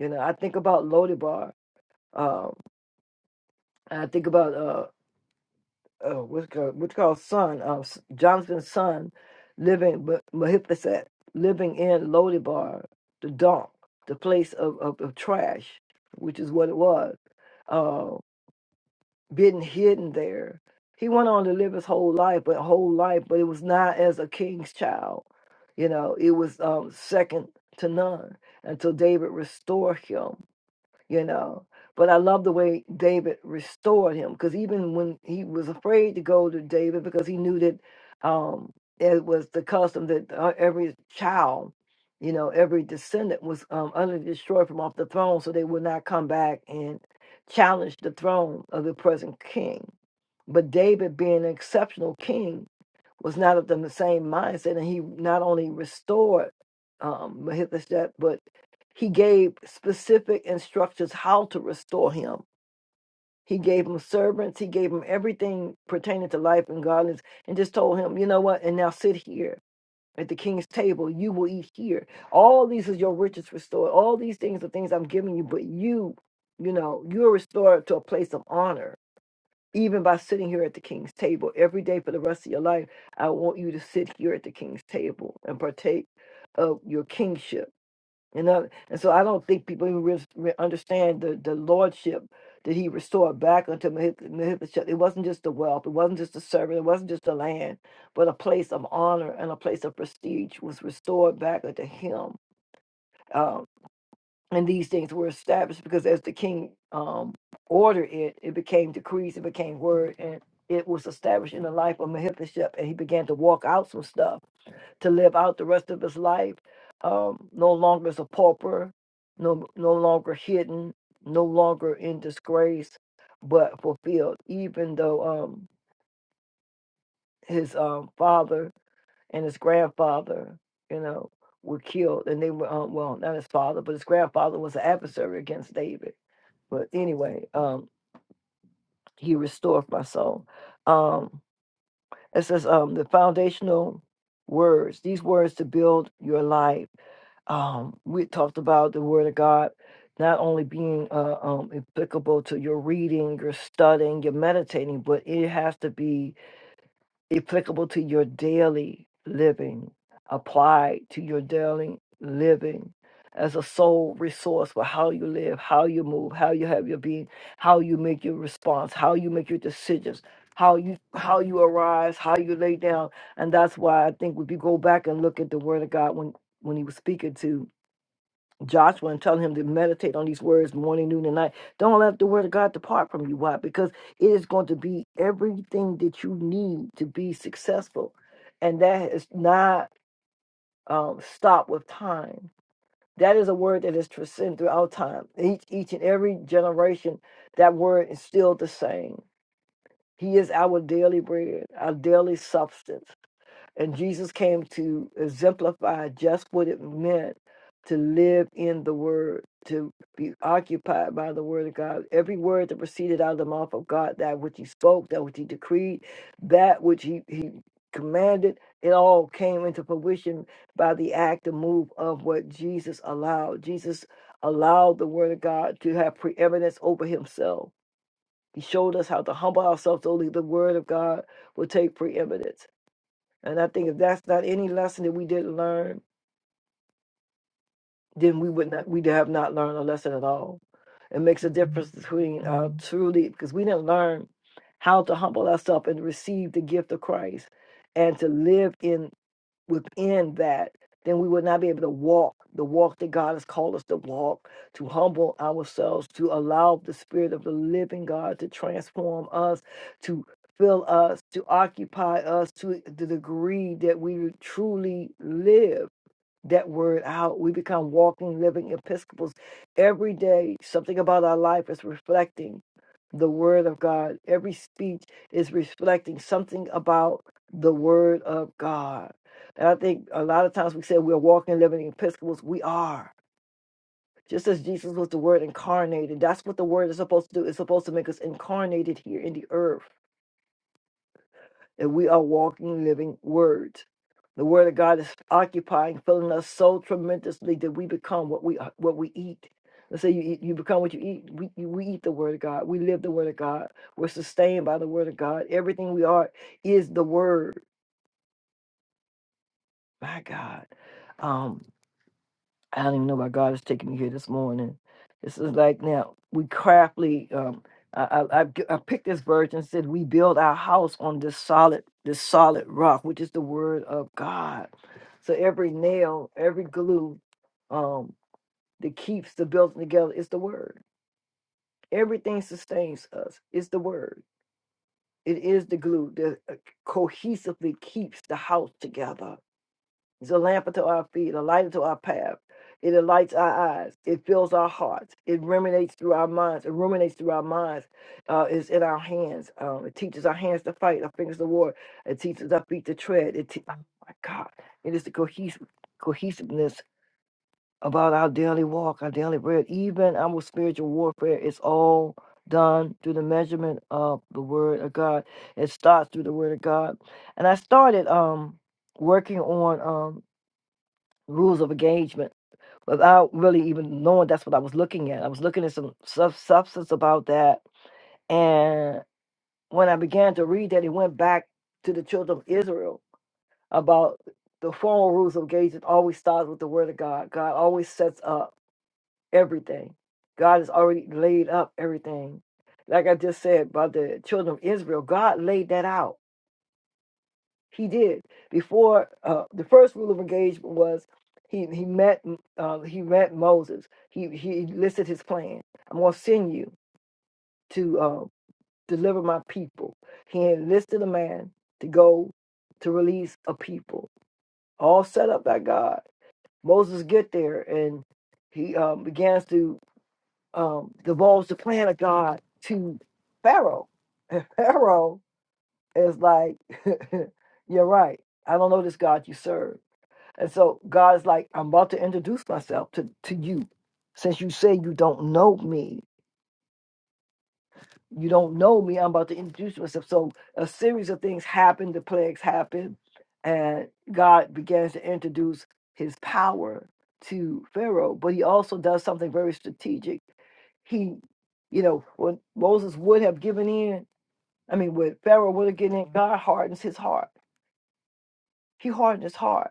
Speaker 1: You know, I think about Lodibar. Um, and I think about uh, uh, what's called, what's called son, uh, S- Jonathan's son, living, Ma- Mahiphaset, living in Lodibar, the dump, the place of, of, of trash, which is what it was, uh, being hidden there. He went on to live his whole life, but whole life, but it was not as a king's child. You know, it was um, second to none until David restored him you know. But I love the way David restored him because even when he was afraid to go to David because he knew that um, it was the custom that uh, every child, you know, every descendant was um, utterly destroyed from off the throne, so they would not come back and challenge the throne of the present king. But David, being an exceptional king, was not of them the same mindset, and he not only restored um, Mephibosheth, but he gave specific instructions how to restore him. He gave him servants. He gave him everything pertaining to life and godliness, and just told him, you know what? And now sit here at the king's table. You will eat here. All these is your riches restored. All these things are things I'm giving you, but you, you know, you're restored to a place of honor even by sitting here at the king's table every day for the rest of your life i want you to sit here at the king's table and partake of your kingship you know and so i don't think people even re- re- understand the, the lordship that he restored back unto Mehi- Mephibosheth. It wasn't just the wealth, it wasn't just the servant, it wasn't just the land, but a place of honor and a place of prestige was restored back unto him. Um, and these things were established because as the king um, ordered it, it became decrees, it became word, and it was established in the life of Mephibosheth, and he began to walk out some stuff to live out the rest of his life. Um, no longer as a pauper, no no longer hidden, no longer in disgrace, but fulfilled. Even though um, his um, father and his grandfather, you know, were killed, and they were um, well, not his father, but his grandfather was an adversary against David but anyway, um, he restored my soul. Um, it says um, the foundational words, these words to build your life. Um, we talked about the Word of God not only being uh, um, applicable to your reading, your studying, your meditating, but it has to be applicable to your daily living, applied to your daily living as a sole resource for how you live, how you move, how you have your being, how you make your response, how you make your decisions, how you how you arise, how you lay down. And that's why I think if you go back and look at the word of God when when he was speaking to Joshua and telling him to meditate on these words morning, noon, and night. Don't let the word of God depart from you. Why? Because it is going to be everything that you need to be successful. And that is not um, stopped with time. That is a word that is transcend throughout time. Each, each and every generation, that word is still the same. He is our daily bread, our daily substance. And Jesus came to exemplify just what it meant to live in the Word, to be occupied by the Word of God. Every word that proceeded out of the mouth of God, that which He spoke, that which He decreed, that which He, he commanded, it all came into fruition by the act and move of what Jesus allowed. Jesus allowed the Word of God to have preeminence over Himself. He showed us how to humble ourselves so that the Word of God will take preeminence and I think if that's not any lesson that we didn't learn, then we would not we have not learned a lesson at all. It makes a difference between uh, truly because we didn't learn how to humble ourselves and receive the gift of Christ and to live in within that, then we would not be able to walk the walk that God has called us to walk, to humble ourselves, to allow the Spirit of the living God to transform us, to fill us, to occupy us to the degree that we truly live that word out. We become walking, living episcopals. Every day, something about our life is reflecting the word of God. Every speech is reflecting something about the word of God. And I think a lot of times we say we're walking, living Episcopals. We are. Just as Jesus was the word incarnated, that's what the word is supposed to do. It's supposed to make us incarnated here in the earth that we are walking, living words. The word of God is occupying, filling us so tremendously that we become what we are, what we eat. Let's say you eat, you become what you eat. We you- we eat the word of God. We live the word of God. We're sustained by the word of God. Everything we are is the word. My God. Um. I don't even know why God is taking me here this morning. This is like now we craftily. Um, I, I I g- I picked this verse and said we build our house on this solid this solid rock, which is the word of God. So every nail, every glue, um, that keeps the building together is the word. Everything sustains us is the word. It is the glue that uh, cohesively keeps the house together it's a lamp unto our feet, a light unto our path. It enlightens our eyes. It fills our hearts. It ruminates through our minds. It ruminates through our minds. Uh, it's in our hands. Um, it teaches our hands to fight, our fingers to war. It teaches our feet to tread. It te- oh my God. It is the cohes- cohesiveness about our daily walk, our daily bread. Even our spiritual warfare is all done through the measurement of the word of God. It starts through the word of God. And I started um working on um, rules of engagement without really even knowing that's what I was looking at. I was looking at some sub- substance about that. And when I began to read that, it went back to the children of Israel about the formal rules of engagement always starts with the word of God. God always sets up everything. God has already laid up everything. Like I just said about the children of Israel, God laid that out. He did. Before uh, the first rule of engagement was he he met uh, he met Moses. He he listed his plan. I'm going to send you to uh, deliver my people. He enlisted a man to go to release a people, all set up by God. Moses get there and he um, begins to um, divulge the plan of God to Pharaoh. And Pharaoh is like, "You're right. I don't know this God you serve." And so God is like, I'm about to introduce myself to, to you. Since you say you don't know me, you don't know me, I'm about to introduce myself. So a series of things happened, the plagues happened, and God begins to introduce his power to Pharaoh. But he also does something very strategic. He, you know, when Moses would have given in, I mean, when Pharaoh would have given in, God hardens his heart. He hardened his heart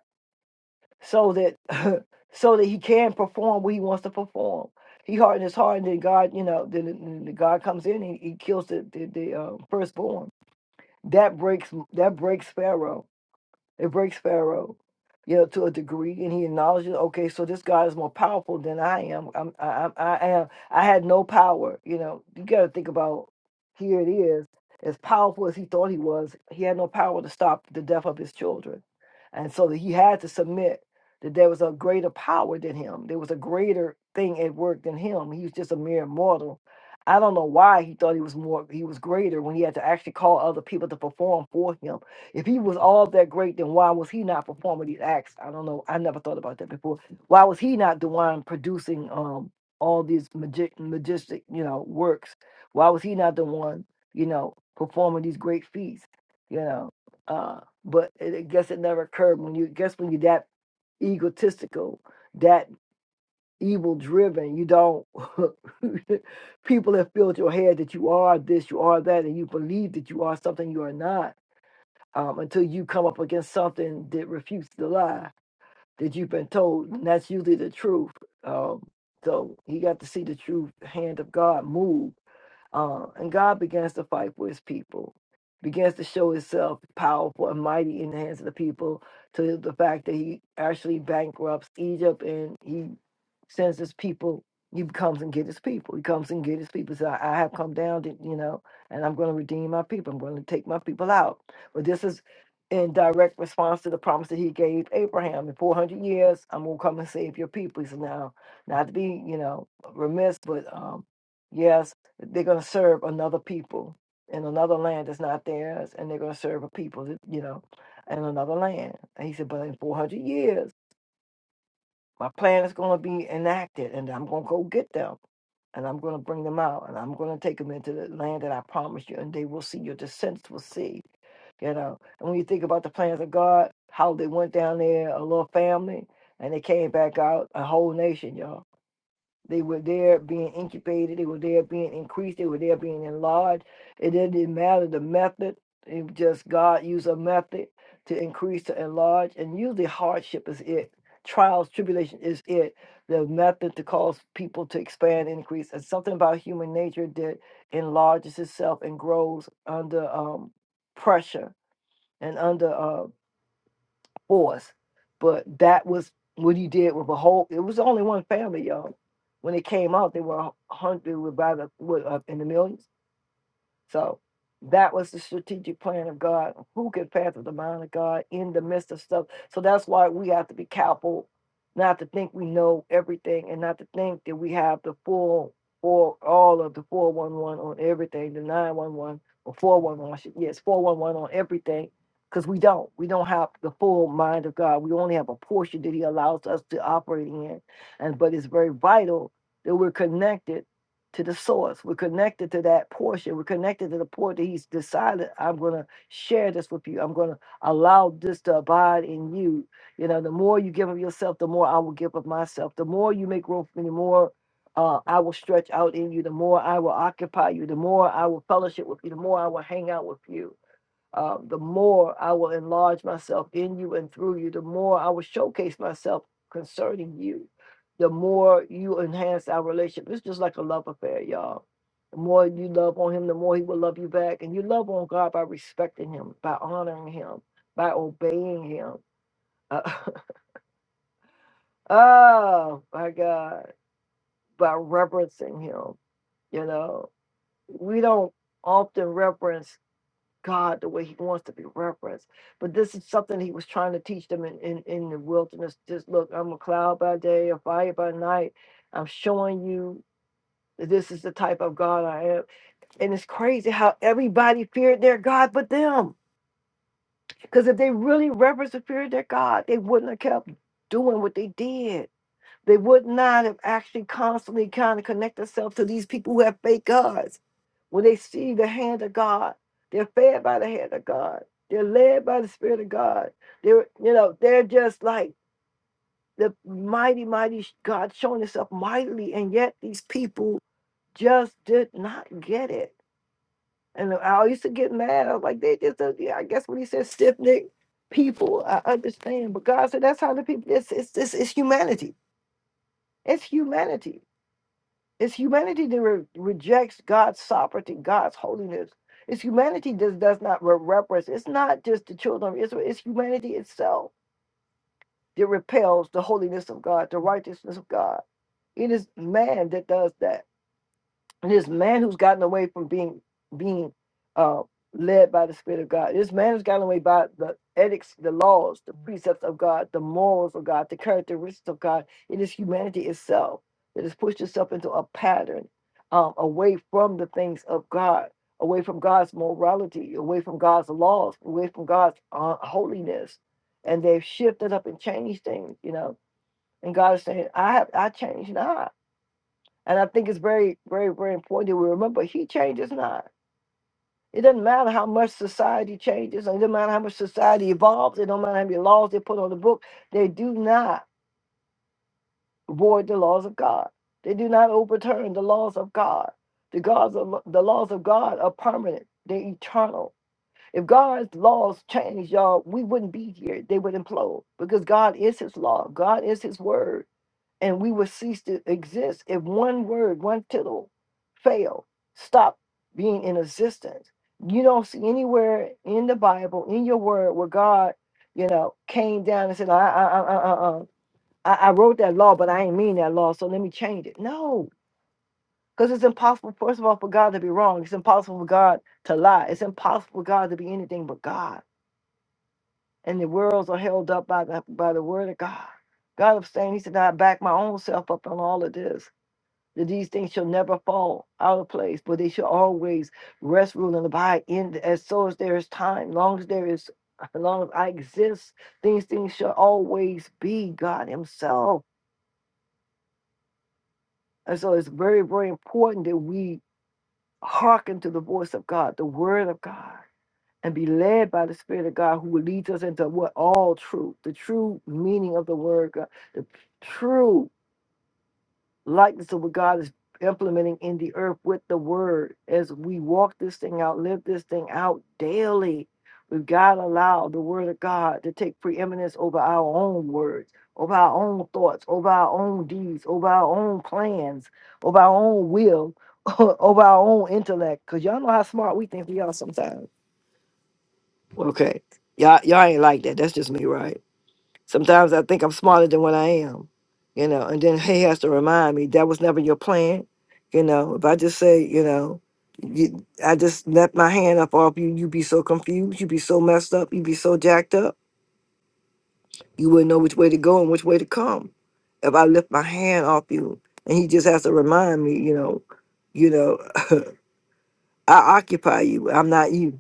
Speaker 1: so that so that he can perform what he wants to perform. He hardened his heart, and then God, you know, then, then then God comes in, and he kills the the, the uh, firstborn. That breaks that breaks Pharaoh it breaks Pharaoh, you know, to a degree, and he acknowledges, okay, so this God is more powerful than I am. I'm, I, I, I am. I had no power. You know, you got to think about here it is. As powerful as he thought he was, he had no power to stop the death of his children, and so that he had to submit that there was a greater power than him. There was a greater thing at work than him. He was just a mere mortal. I don't know why he thought he was more he was greater when he had to actually call other people to perform for him if he was all that great, then why was he not performing these acts? I don't know. I never thought about that before. Why was he not the one producing um all these magi- majestic, you know, works? Why was he not the one, you know, performing these great feats? You know, uh, but it, I guess it never occurred when you I guess when you're that egotistical, that evil driven. You don't people have filled your head that you are this, you are that, and you believe that you are something you are not um, until you come up against something that refutes the lie that you've been told, and that's usually the truth. Um, so he got to see the true hand of God move uh, and God begins to fight for his people, begins to show himself powerful and mighty in the hands of the people to the fact that he actually bankrupts Egypt and he sends his people. He comes and get his people. He comes and get his people. So I, I have come down to, you know, and I'm going to redeem my people. I'm going to take my people out. But this is in direct response to the promise that he gave Abraham. In 400 years, I'm going to come and save your people. He said, now, not to be, you know, remiss, but um, yes they're going to serve another people in another land that's not theirs, and they're going to serve a people, that, you know, in another land. And he said, but in 400 years, my plan is going to be enacted, and I'm going to go get them, and I'm going to bring them out, and I'm going to take them into the land that I promised you, and they will see, your descendants will see, you know. And when you think about the plans of God, how they went down there, a little family, and they came back out, a whole nation, y'all they were there being incubated. They were there being increased. They were there being enlarged. It didn't matter the method. It just God used a method to increase, to enlarge. And usually hardship is it. Trials, tribulation is it. The method to cause people to expand, increase. And something about human nature that enlarges itself and grows under um, pressure and under uh, force. But that was what he did with a whole. It was only one family, y'all. When it came out, they were a hundred, about a, what, up in the millions so that was the strategic plan of God. Who can fathom the mind of God in the midst of stuff? So that's why we have to be careful not to think we know everything and not to think that we have the full for all of the 411 on everything, the 911 or 411, I should, yes, 411 on everything. Because we don't. We don't have the full mind of God. We only have a portion that He allows us to operate in. And but it's very vital that we're connected to the source. We're connected to that portion. We're connected to the point that he's decided, I'm going to share this with you. I'm going to allow this to abide in you. You know, the more you give of yourself, the more I will give of myself. The more you make room for me, the more uh, I will stretch out in you. The more I will occupy you. The more I will fellowship with you. The more I will hang out with you uh, the more I will enlarge myself in you and through you, the more I will showcase myself concerning you, the more you enhance our relationship. It's just like a love affair, y'all. The more you love on him, the more he will love you back. And you love on God by respecting him, by honoring him, by obeying him. Uh, oh, my God, by reverencing him. You know, we don't often reverence God the way he wants to be referenced. But this is something he was trying to teach them in, in, in the wilderness. Just look, I'm a cloud by day, a fire by night. I'm showing you that this is the type of God I am. And it's crazy how everybody feared their God but them. Because if they really reverenced and feared their God, they wouldn't have kept doing what they did they would not have actually constantly kind of connect themselves to these people who have fake gods. When they see the hand of God, they're fed by the hand of God. They're led by the Spirit of God. They're, you know, they're just like the mighty, mighty God showing himself mightily. And yet these people just did not get it. And I used to get mad. I was like, they just, do yeah, I guess when he said stiff necked people, I understand. But God said, that's how the people, it's, it's, it's, it's humanity. It's humanity It's humanity that re- rejects God's sovereignty, God's holiness. It's humanity that does not re- reverence. It's not just the children of Israel, it's humanity itself that repels the holiness of God, the righteousness of God. It is man that does that. And this man who's gotten away from being being uh, led by the Spirit of God. This man who's gotten away by the ethics, the laws, the precepts of God, the morals of God, the characteristics of God. It is humanity itself that has pushed itself into a pattern um, away from the things of God, away from God's morality, away from God's laws, away from God's uh, holiness, and they've shifted up and changed things. You know, and God is saying, "I have I changed not." And I think it's very, very, very important that we remember he changes not. It doesn't matter how much society changes, and it doesn't matter how much society evolves, it don't matter how many laws they put on the book, they do not void the laws of God. They do not overturn the laws of God. The gods of the laws of God are permanent, they're eternal. If God's laws change, y'all, we wouldn't be here. They would implode because God is his law, God is his word and we would cease to exist if one word, one tittle failed, stopped being in existence. You don't see anywhere in the Bible, in your word, where God, you know, came down and said, I, I, I, I, I, I I wrote that law, but I ain't mean that law, so let me change it. No, because it's impossible, first of all, for God to be wrong. It's impossible for God to lie. It's impossible for God to be anything but God. And the worlds are held up by the, by the word of God. God abstained. He said, I back my own self up on all of this that these things shall never fall out of place, but they shall always rest, rule, and abide in as so as there is time, long as there is, as long as I exist, these things shall always be God Himself. And so it's very, very important that we hearken to the voice of God, the word of God, and be led by the Spirit of God who leads us into what all truth, the true meaning of the word God, the true likeness of what God is implementing in the earth with the word as we walk this thing out, live this thing out daily. We've got to allow the word of God to take preeminence over our own words, over our own thoughts, over our own deeds, over our own plans, over our own will, over our own intellect. Because y'all know how smart we think we are sometimes. Okay. Y'all, y'all ain't like that. That's just me, right? Sometimes I think I'm smarter than what I am, you know, and then he has to remind me that was never your plan. You know, if I just say, you know, you, I just let my hand up off you, you'd be so confused, you'd be so messed up, you'd be so jacked up, you wouldn't know which way to go and which way to come. If I lift my hand off you and he just has to remind me, you know, you know, I occupy you, I'm not you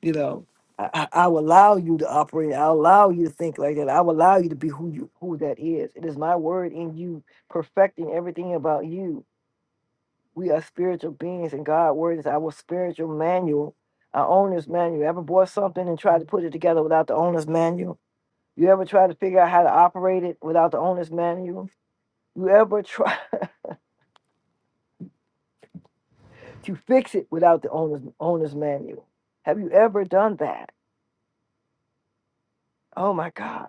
Speaker 1: you know, I, I, I will allow you to operate. I'll allow you to think like that. I will allow you to be who you who that is. It is my word in you, perfecting everything about you. We are spiritual beings, and God's word is our spiritual manual, our owner's manual. Ever bought something and tried to put it together without the owner's manual? You ever try to figure out how to operate it without the owner's manual? You ever try to fix it without the owner's owner's manual? Have you ever done that? Oh my God.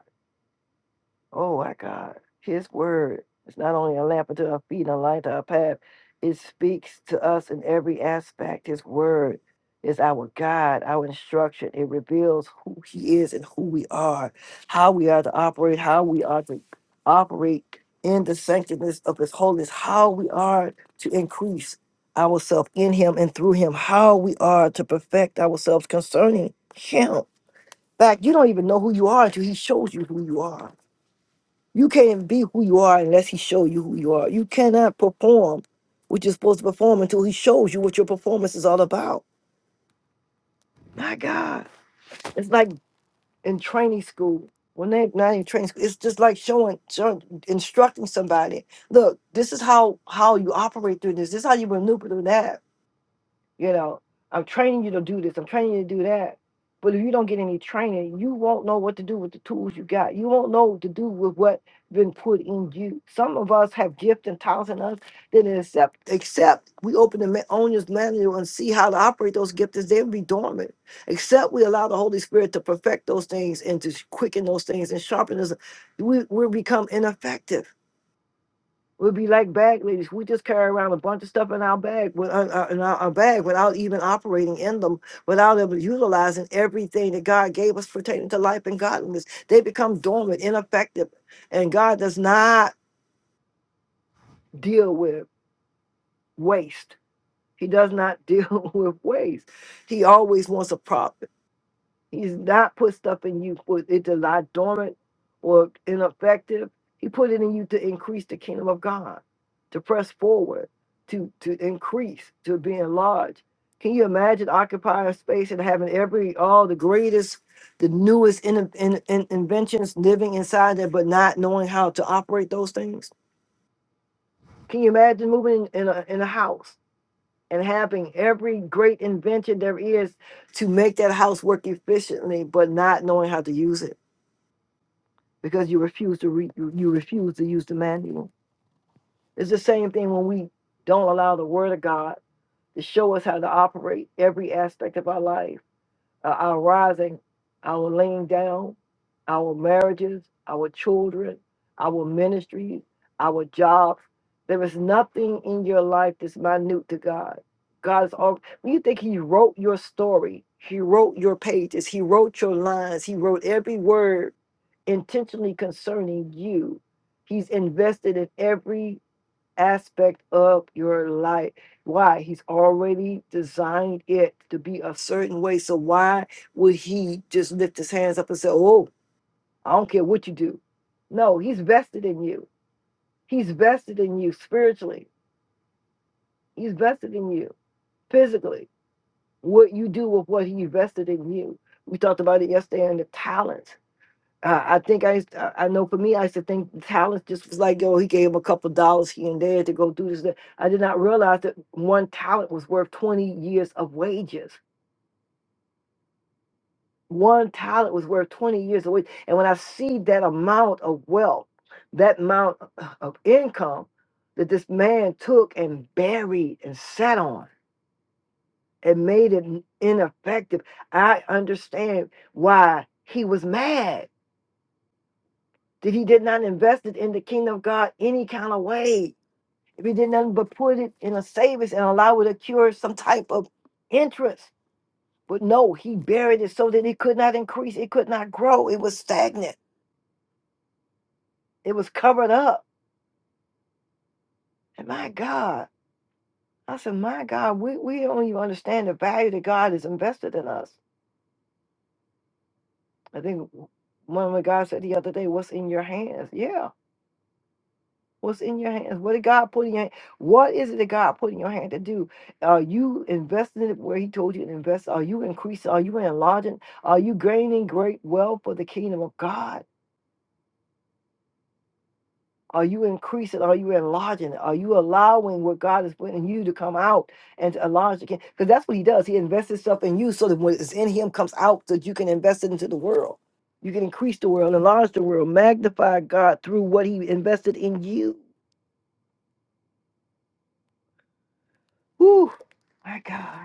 Speaker 1: Oh my God. His word is not only a lamp unto our feet and a light to our path, it speaks to us in every aspect. His word is our guide, our instruction. It reveals who he is and who we are, how we are to operate, how we are to operate in the sanctness of his holiness, how we are to increase ourselves in him and through him, how we are to perfect ourselves concerning him. In fact, you don't even know who you are until he shows you who you are you can't be who you are unless he show you who you are. You cannot perform what you're supposed to perform until he shows you what your performance is all about. My God. It's like in training school. When they not in training school, it's just like showing, showing instructing somebody, look, this is how how you operate through this. This is how you maneuver through that You know, I'm training you to do this, I'm training you to do that. But if you don't get any training, you won't know what to do with the tools you got. You won't know what to do with what been put in you. Some of us have gift and talents in us that accept except we open the ma- owner's manual and see how to operate those gifts, they'll be dormant. Except we allow the Holy Spirit to perfect those things and to quicken those things and sharpen us, we, we'll become ineffective We'll be like bag ladies. We just carry around a bunch of stuff in our bag, with, uh, uh, in our, our bag, without even operating in them, without ever utilizing everything that God gave us pertaining to life and godliness. They become dormant, ineffective, and God does not deal with waste. He does not deal with waste. He always wants a profit. He's not put stuff in you for it to lie dormant or ineffective. He put it in you to increase the kingdom of God, to press forward, to to increase, to be enlarged. Can you imagine occupying space and having every all the greatest, the newest in, in, in- inventions living inside there, but not knowing how to operate those things? Can you imagine moving in a in a house? and having every great invention there is to make that house work efficiently, but not knowing how to use it because you refuse to read, you you refuse to use the manual. It's the same thing when we don't allow the Word of God to show us how to operate every aspect of our life uh, our rising, our laying down, our marriages, our children, our ministries, our jobs. There is nothing in your life that's minute to God. God is all when you think He wrote your story, He wrote your pages, He wrote your lines, He wrote every word intentionally concerning you. He's invested in every aspect of your life. Why? He's already designed it to be a certain way. So why would he just lift his hands up and say, Oh, I don't care what you do? No, he's vested in you. He's vested in you spiritually. He's vested in you physically. What you do with what he vested in you. We talked about it yesterday in the talents. I, I think I used I I know for me, I used to think talent just was like, yo, he gave him a couple dollars here and there to go do this. that. I did not realize that one talent was worth 20 years of wages. One talent was worth 20 years of wages. And when I see that amount of wealth, that amount of income that this man took and buried and sat on and made it ineffective, I understand why he was mad that he did not invest it in the kingdom of God any kind of way. If he did nothing but put it in a savings and allow it to cure some type of interest. But no, he buried it so that it could not increase, it could not grow. It was stagnant. It was covered up. And my God, I said, my God, we, we don't even understand the value that God has invested in us. I think one of the guys said the other day, what's in your hands? Yeah What's in your hands? What did God put in your hand? What is it that God put in your hand to do? Are you investing it where He told you to invest? Are you increasing? Are you enlarging? Are you gaining great wealth for the kingdom of God? Are you increasing? Are you enlarging? Are you allowing what God is putting in you to come out and to enlarge again? Because that's what He does. He invests Himself in you so that what is in Him comes out so that you can invest it into the world. You can increase the world, enlarge the world, magnify God through what He invested in you. Whew, my God.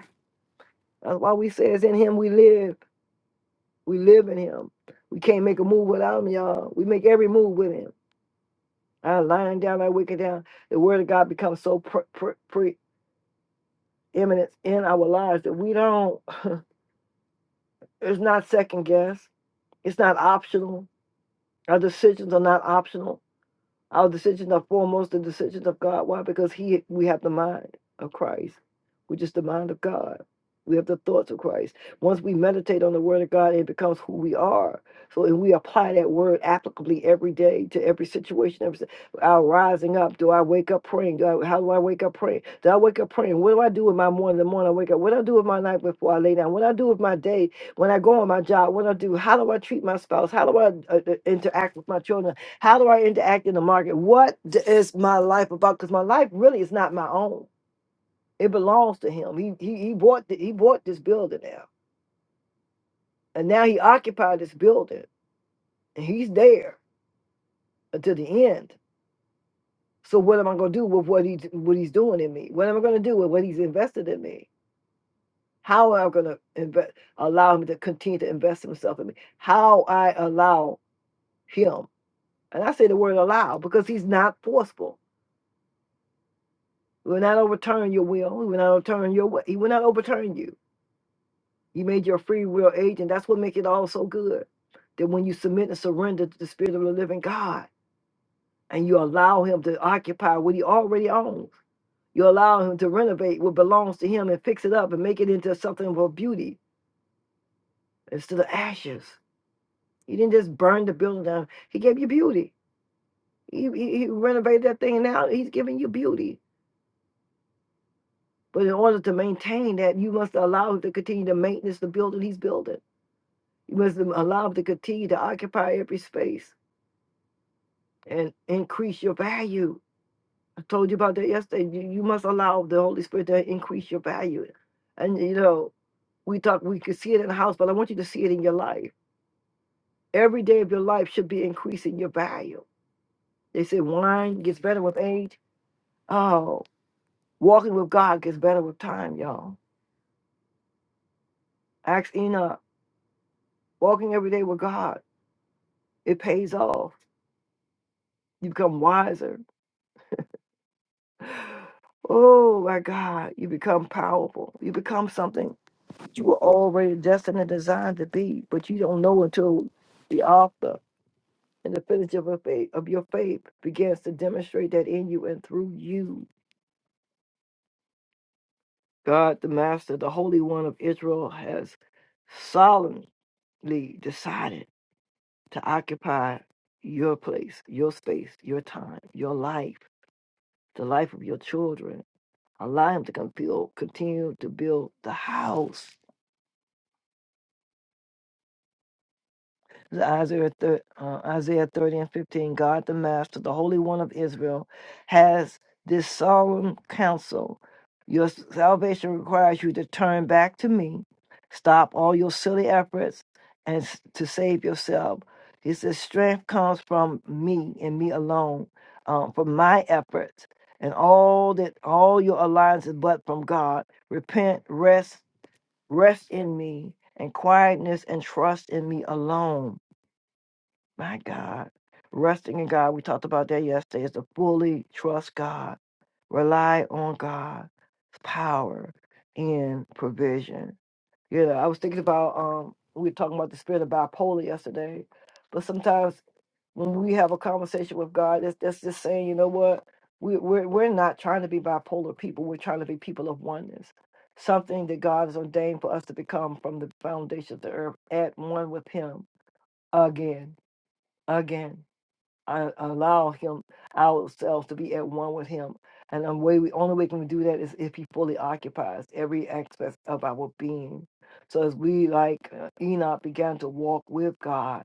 Speaker 1: That's why we say it's in him we live. We live in him. We can't make a move without him, y'all. We make every move with him. Our lying down, our wicked down. The word of God becomes so pre- pre- preeminent in our lives that we don't, it's not second guess. It's not optional. Our decisions are not optional. Our decisions are foremost the decisions of God. Why? Because He we have the mind of Christ. We're just the mind of God. We have the thoughts of Christ. Once we meditate on the word of God, it becomes who we are. So if we apply that word applicably every day to every situation, every si- our rising up. Do I wake up praying? Do I, how do I wake up praying? Do I wake up praying? What do I do with my morning? The morning I wake up. What do I do with my night before I lay down? What do I do with my day when I go on my job? What do I do? How do I treat my spouse? How do I uh, uh, interact with my children? How do I interact in the market? What d- is my life about? Because my life really is not my own. It belongs to him. He he he bought the, he bought this building now, and now he occupied this building, and he's there until the end. So what am I going to do with what he what he's doing in me? What am I going to do with what he's invested in me? How am I going to invest? Allow him to continue to invest himself in me. How I allow him, and I say the word allow because he's not forceful He will not overturn your will. He will not overturn your way. He will not overturn you. He made you a free will agent. That's what makes it all so good. That when you submit and surrender to the Spirit of the living God and you allow Him to occupy what He already owns, you allow Him to renovate what belongs to Him and fix it up and make it into something of beauty instead of ashes. He didn't just burn the building down, He gave you beauty. He, he, he renovated that thing. Now He's giving you beauty. But in order to maintain that, you must allow Him to continue to maintenance the building He's building. You must allow them to continue to occupy every space and increase your value. I told you about that yesterday. You, you must allow the Holy Spirit to increase your value. And you know, we talk, we can see it in the house, but I want you to see it in your life. Every day of your life should be increasing your value. They say wine gets better with age. Oh, walking with God gets better with time, y'all. Ask Enoch, walking every day with God, it pays off. You become wiser Oh my God, you become powerful. You become something you were already destined and designed to be, but you don't know until the author and the finisher of, your faith, of your faith begins to demonstrate that in you and through you. God, the Master, the Holy One of Israel, has solemnly decided to occupy your place, your space, your time, your life, the life of your children. Allow Him to con- build- continue to build the house Isaiah, thir- uh, Isaiah 30 and 15, God the Master, the Holy One of Israel, has this solemn counsel. Your salvation requires you to turn back to me, stop all your silly efforts, and s- to save yourself. He says, Strength comes from me and me alone, um, from my efforts, and all that all your alliances but from God. Repent, rest, rest in me, and quietness, and trust in me alone. My God. Resting in God, we talked about that yesterday, is to fully trust God, rely on God's power and provision. You know, I was thinking about, um, we were talking about the spirit of bipolar yesterday, but sometimes when we have a conversation with God, that's, that's just saying, you know what? We, we're, we're not trying to be bipolar people, we're trying to be people of oneness. Something that God has ordained for us to become from the foundation of the earth at one with Him again, again I allow him ourselves to be at one with him. And the way we only way can we do that is if he fully occupies every aspect of our being. So as we like uh, Enoch began to walk with God,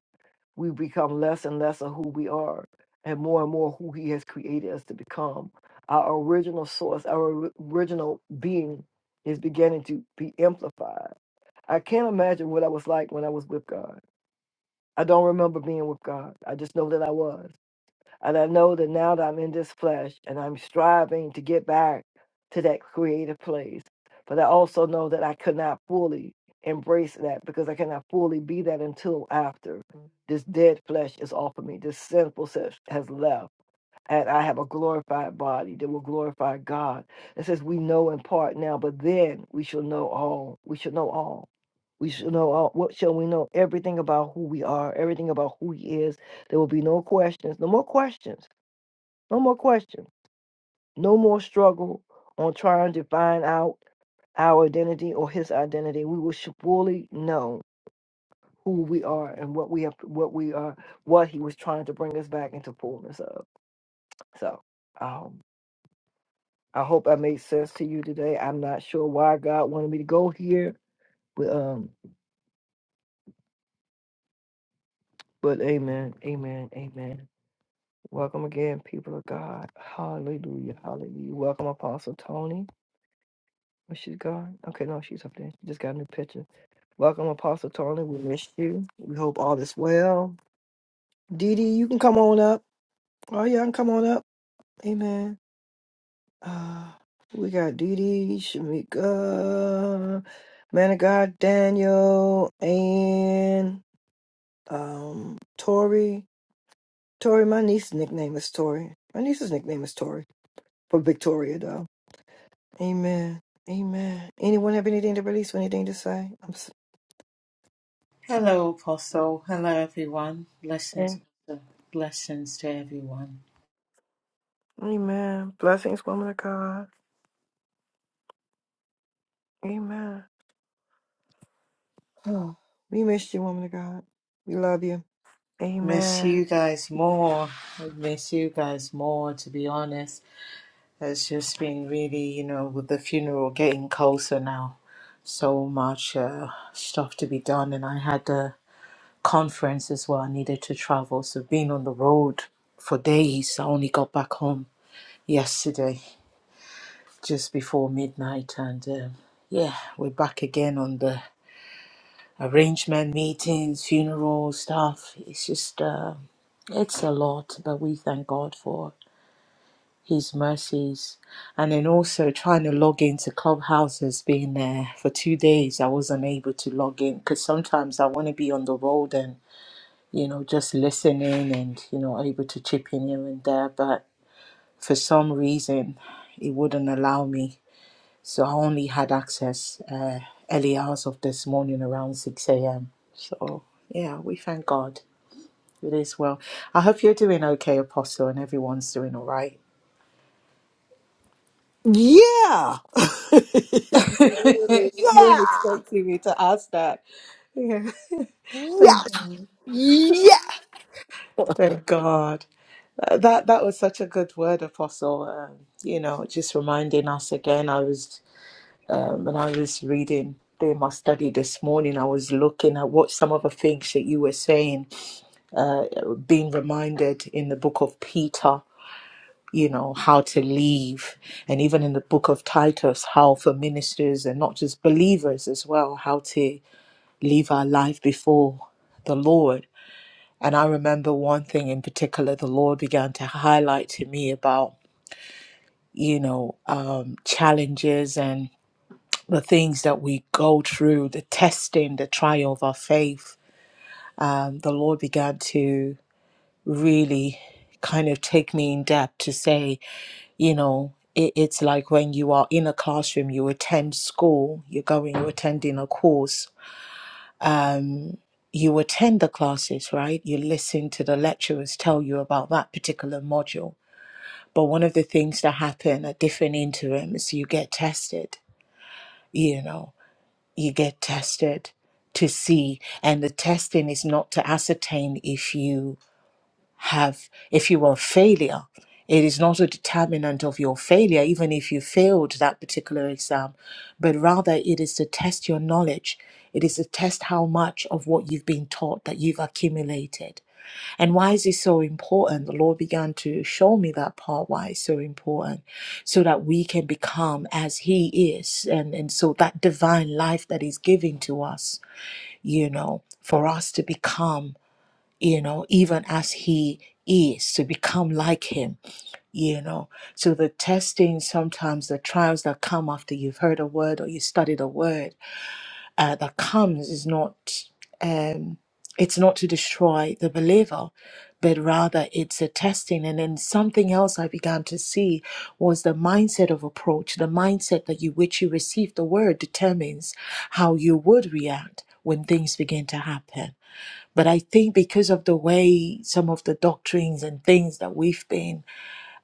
Speaker 1: we become less and less of who we are and more and more who he has created us to become. Our original source, our ori- original being is beginning to be amplified. I can't imagine what I was like when I was with God. I don't remember being with God. I just know that I was. And I know that now that I'm in this flesh and I'm striving to get back to that creative place. But I also know that I could not fully embrace that because I cannot fully be that until after this dead flesh is off of me, this sinful flesh has left. And I have a glorified body that will glorify God. It says we know in part now, but then we shall know all. We shall know all. We shall know all. What shall we know? Everything about who we are, everything about who He is. There will be no questions, no more questions no more question. No more struggle on trying to find out our identity or his identity. We will surely know who we are and what we have, what we are, what he was trying to bring us back into fullness of. So, um, I hope I made sense to you today. I'm not sure why God wanted me to go here, but um, but Amen, Amen, Amen. Welcome again, people of God. Hallelujah, Hallelujah. Welcome, Apostle Tony. Where she's gone? Okay, no, she's up there. She just got a new picture. Welcome, Apostle Tony. We missed you. We hope all is well. Dee Dee, you can come on up. Oh, yeah, I can come on up. Amen. Uh, we got Dee Dee, Shamika, Man of God, Daniel, and um, Tori. Tori, my niece's nickname is Tori. My niece's nickname is Tori for Victoria, though. Amen. Amen. Anyone have anything to release? or Anything to say? I'm s-
Speaker 4: Hello, Apostle. Hello, everyone.
Speaker 1: yeah.
Speaker 4: Blessings, blessings to everyone.
Speaker 1: Amen. Blessings, woman of God. Amen. Oh, we missed you, woman of God. We love you.
Speaker 4: Miss
Speaker 1: Amen.
Speaker 4: you guys more. I miss you guys more, to be honest. It's just been really, you know, with the funeral getting closer now, so much uh, stuff to be done. And I had a conference as well. I needed to travel. So being on the road for days, I only got back home yesterday, just before midnight. And um yeah, we're back again on the arrangement meetings, funeral stuff. It's just uh, it's a lot, but we thank God for His mercies. And then also trying to log into Clubhouse has been there for two days. I wasn't able to log in because sometimes I want to be on the road and you know just listening and you know able to chip in here and there, but for some reason it wouldn't allow me so I only had access uh, early hours of this morning around 6 a.m. So, yeah, we thank God. It is well. I hope you're doing okay, Apostle, and everyone's doing all right.
Speaker 1: Yeah.
Speaker 4: you weren't
Speaker 1: Yeah.
Speaker 4: expecting me to ask that. Yeah,
Speaker 1: Yeah.
Speaker 4: thank God.
Speaker 1: Yeah.
Speaker 4: Thank God. Uh, That that was such a good word, Apostle. Um, you know, just reminding us again. I was um, when I was reading doing my study this morning. I was looking at what some of the things that you were saying uh, being reminded in the book of Peter, you know, how to leave, and even in the book of Titus, how for ministers and not just believers as well, how to leave our life before the Lord. And I remember one thing in particular, the Lord began to highlight to me about, you know, um, challenges and the things that we go through, the testing, the trial of our faith. Um, the Lord began to really kind of take me in depth to say, you know, it, it's like when you are in a classroom, you attend school, you're going, you're attending a course, um, you attend the classes, right? You listen to the lecturers tell you about that particular module. But one of the things that happen at different interims, you get tested, you know, you get tested to see. And the testing is not to ascertain if you have, if you are, a failure. It is not a determinant of your failure, even if you failed that particular exam, but rather it is to test your knowledge. It is to test how much of what you've been taught that you've accumulated. And why is it so important? The Lord began to show me that part, why it's so important, so that we can become as He is. And, and so that divine life that is given to us, you know, for us to become you know, even as he is, to become like him, you know. So the testing, sometimes the trials that come after you've heard a word or you studied a word uh, that comes is not, um, it's not to destroy the believer, but rather it's a testing. And then something else I began to see was the mindset of approach, the mindset that you which you receive the word determines how you would react when things begin to happen but I think because of the way some of the doctrines and things that we've been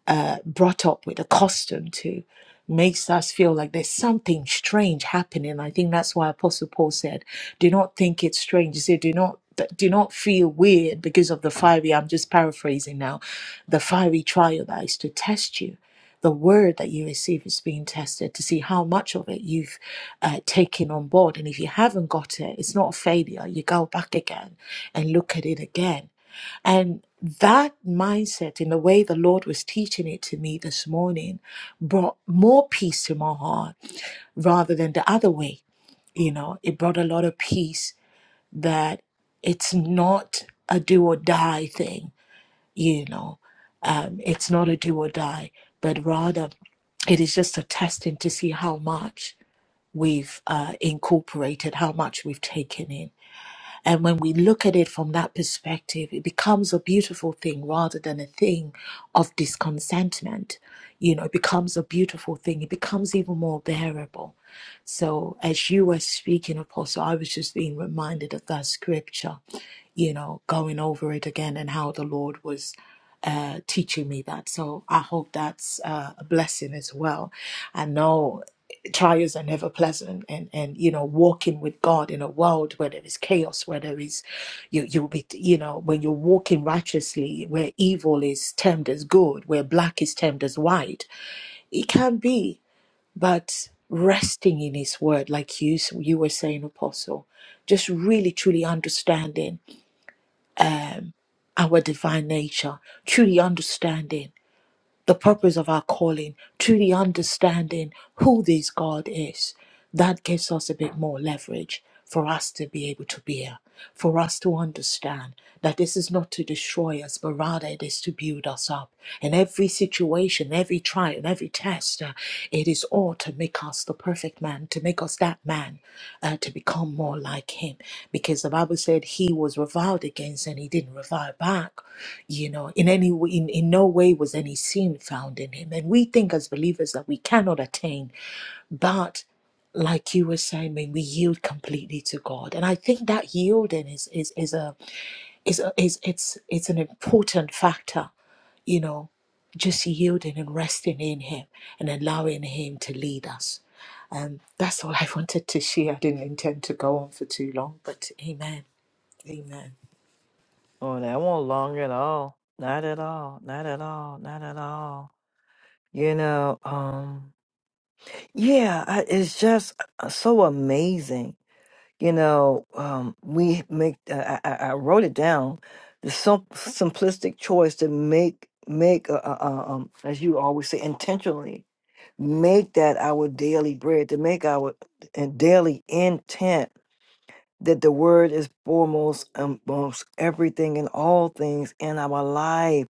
Speaker 4: uh, brought up with, a custom to, makes us feel like there's something strange happening. I think that's why Apostle Paul said, "Do not think it's strange." He said, "Do not." th- Do not feel weird because of the fiery, I'm just paraphrasing now, the fiery trial that is to test you. The word that you receive is being tested to see how much of it you've uh, taken on board. And if you haven't got it, it's not a failure. You go back again and look at it again and that mindset, in the way the Lord was teaching it to me this morning, brought more peace to my heart rather than the other way. You know, it brought a lot of peace that it's not a do or die thing, you know, um, it's not a do or die, but rather it is just a testing to see how much we've uh, incorporated, how much we've taken in and when we look at it from that perspective, it becomes a beautiful thing rather than a thing of discontentment. You know, it becomes a beautiful thing. It becomes even more bearable. So as you were speaking, Apostle, I was just being reminded of that scripture, you know, going over it again and how the Lord was uh, teaching me that. So I hope that's uh, a blessing as well. I know trials are never pleasant and and you know walking with god in a world where there is chaos where there is you you'll be you know when you're walking righteously where evil is termed as good where black is termed as white it can be but resting in his word like you you were saying apostle just really truly understanding our divine nature truly understanding the purpose of our calling, truly understanding who this God is, that gives us a bit more leverage for us to be able to bear, for us to understand that this is not to destroy us, but rather it is to build us up. And every situation, every trial, every test. Uh, It is all to make us the perfect man, to make us that man, uh, to become more like him. Because the Bible said he was reviled against and he didn't revile back. You know, in any w- in, in no way was any sin found in him. And we think as believers that we cannot attain, but like you were saying, when we yield completely to God, and I think that yielding is is is a is a, is it's it's an important factor you know, just yielding and resting in Him and allowing Him to lead us. Um, that's all I wanted to share. I didn't intend to go on for too long, but Amen. Amen.
Speaker 1: Oh, that won't long at all. Not at all. Not at all. Not at all. You know, um, yeah, I, it's just uh, so amazing. You know, um, we make. Uh, I, I, I wrote it down. The sim- simplistic choice to make make uh, uh, uh, um, as you always say intentionally Make that our daily bread, to make our uh, daily intent that the word is foremost amongst everything and all things in our life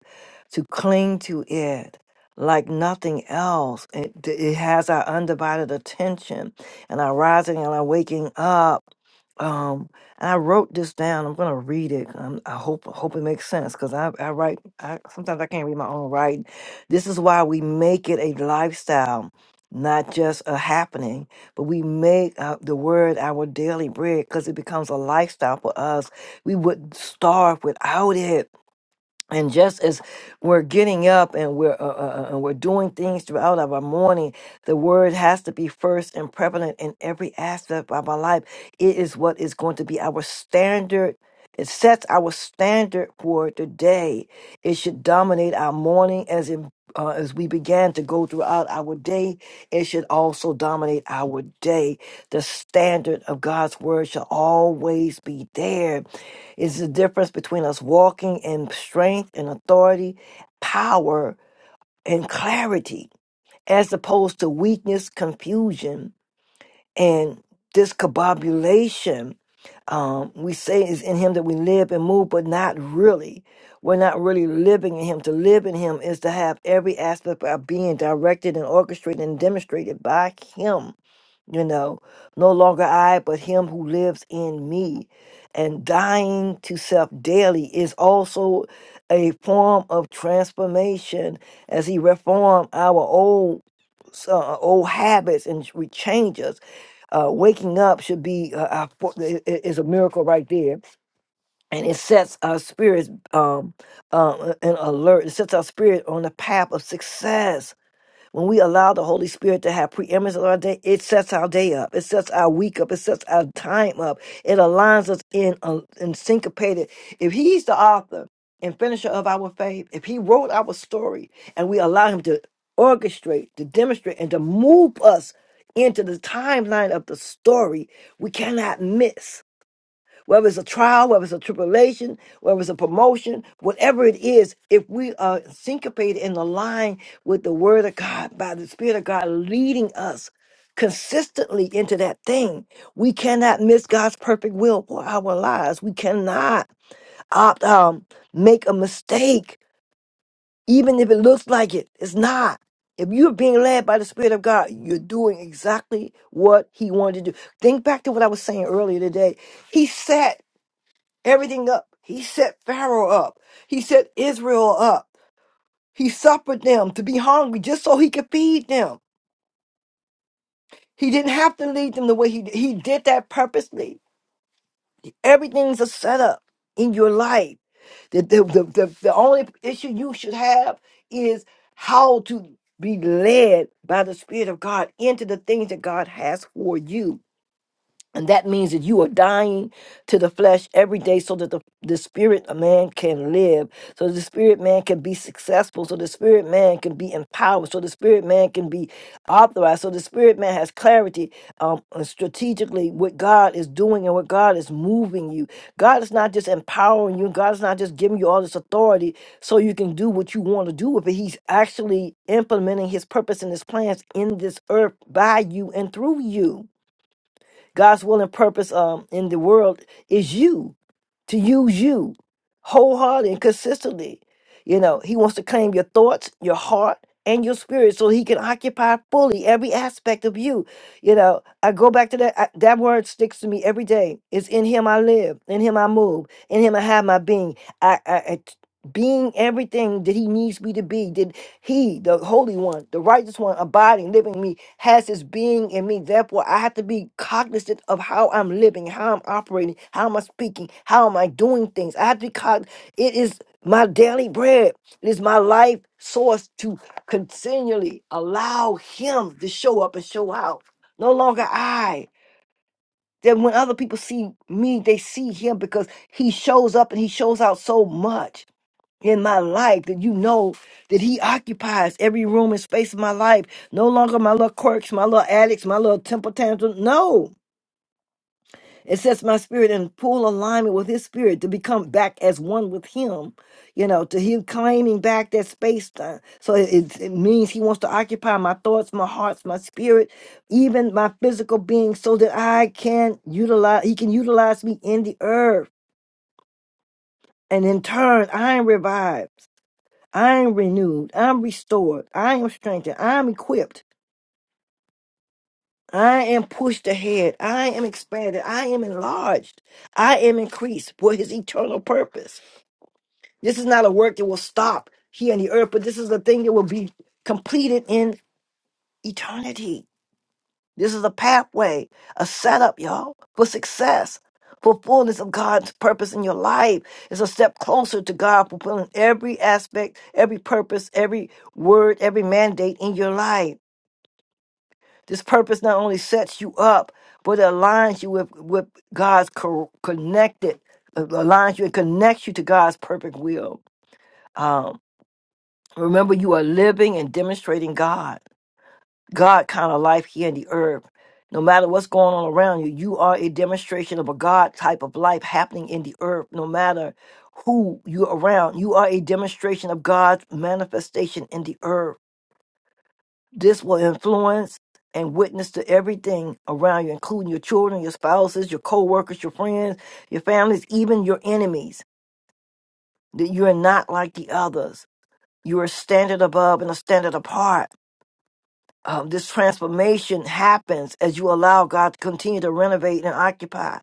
Speaker 1: to cling to it like nothing else it, it has our undivided attention and our rising and our waking up um and i wrote this down i'm gonna read it um, i hope I hope it makes sense because I, I write I, sometimes i can't read my own writing this is why we make it a lifestyle not just a happening but we make uh, the word our daily bread because it becomes a lifestyle for us. We wouldn't starve without it and just as we're getting up and we're uh, uh, uh, and we're doing things throughout our morning, the word has to be first and prevalent in every aspect of our life. It is what is going to be our standard. It sets our standard for today. It should dominate our morning as in, uh, as we began to go throughout our day. It should also dominate our day. The standard of God's word shall always be there it's the difference between us walking in strength and authority, power and clarity, as opposed to weakness, confusion, and discombobulation. Um, we say it's in Him that we live and move, but not really. We're not really living in Him. To live in Him is to have every aspect of our being directed and orchestrated and demonstrated by Him you know, no longer I, but him who lives in me. And dying to self daily is also a form of transformation as he reform our old uh, old habits and ch- we change us. Uh, waking up should be uh, our fo- i- i- is a miracle right there, and it sets our spirits um, um, uh, an alert. It sets our spirit on the path of success when we allow the Holy Spirit to have preeminence on our day, it sets our day up. It sets our week up. It sets our time up. It aligns us in a, in syncopated. If He's the author and finisher of our faith, if He wrote our story, and we allow Him to orchestrate, to demonstrate, and to move us into the timeline of the story, we cannot miss whether it's a trial, whether it's a tribulation, whether it's a promotion, whatever it is, if we are syncopated and aligned with the word of God, by the Spirit of God leading us consistently into that thing, we cannot miss God's perfect will for our lives. We cannot opt um make a mistake, even if it looks like it. It's not. If you're being led by the Spirit of God, you're doing exactly what He wanted to do. Think back to what I was saying earlier today. He sat everything up. He set Pharaoh up. He set Israel up. He suffered them to be hungry just so he could feed them. He didn't have to lead them the way he he did that purposely. Everything's a setup in your life. The, the, the, the, the only issue you should have is how to be led by the Spirit of God into the things that God has for you. And that means that you are dying to the flesh every day so that the, the spirit of man can live, so the spirit man can be successful, so the spirit man can be empowered, so the spirit man can be authorized, so the spirit man has clarity um, uh, strategically what God is doing and what God is moving you. God is not just empowering you, God is not just giving you all this authority so you can do what you want to do with it. He's actually implementing his purpose and his plans in this earth by you and through you. God's will and purpose um, in the world is you to use you wholeheartedly and consistently. You know, He wants to claim your thoughts, your heart, and your spirit so He can occupy fully every aspect of you. You know, I go back to that. I, that word sticks to me every day. It's in Him I live, in Him I move, in Him I have my being. I, I, I t- being everything that He needs me to be. that he, the Holy One, the Righteous One, abiding, living in me, has his being in me. Therefore, I have to be cognizant of how I'm living, how I'm operating, how am I speaking, how am I doing things. I have to be cognizant. It is my daily bread. It is my life source to continually allow him to show up and show out. No longer I. Then when other people see me, they see him because he shows up and he shows out so much in my life that you know that he occupies every room and space of my life. No longer my little quirks, my little addicts, my little temper tantrum. No. It sets my spirit in full alignment with his spirit to become back as one with him, you know, to him claiming back that space. uh, So it, it it means he wants to occupy my thoughts, my hearts, my spirit, even my physical being, so that I can utilize, he can utilize me in the earth. And in turn, I am revived. I am renewed. I'm restored. I am strengthened. I'm equipped. I am pushed ahead. I am expanded. I am enlarged. I am increased for his eternal purpose. This is not a work that will stop here on the earth, but this is a thing that will be completed in eternity. This is a pathway, a setup, y'all, for success, for fullness of God's purpose in your life. It's a step closer to God fulfilling every aspect, every purpose, every word, every mandate in your life. This purpose not only sets you up, but it aligns you with, with God's co- connected, uh, aligns you and connects you to God's perfect will. Um, remember, you are living and demonstrating God, God kind of life here in the earth. No matter what's going on around you, you are a demonstration of a God type of life happening in the earth. No matter who you're around, you are a demonstration of God's manifestation in the earth. This will influence and witness to everything around you, including your children, your spouses, your co workers, your friends, your families, even your enemies, that you are not like the others. You are standard above and a standard apart um, this transformation happens as you allow God to continue to renovate and occupy,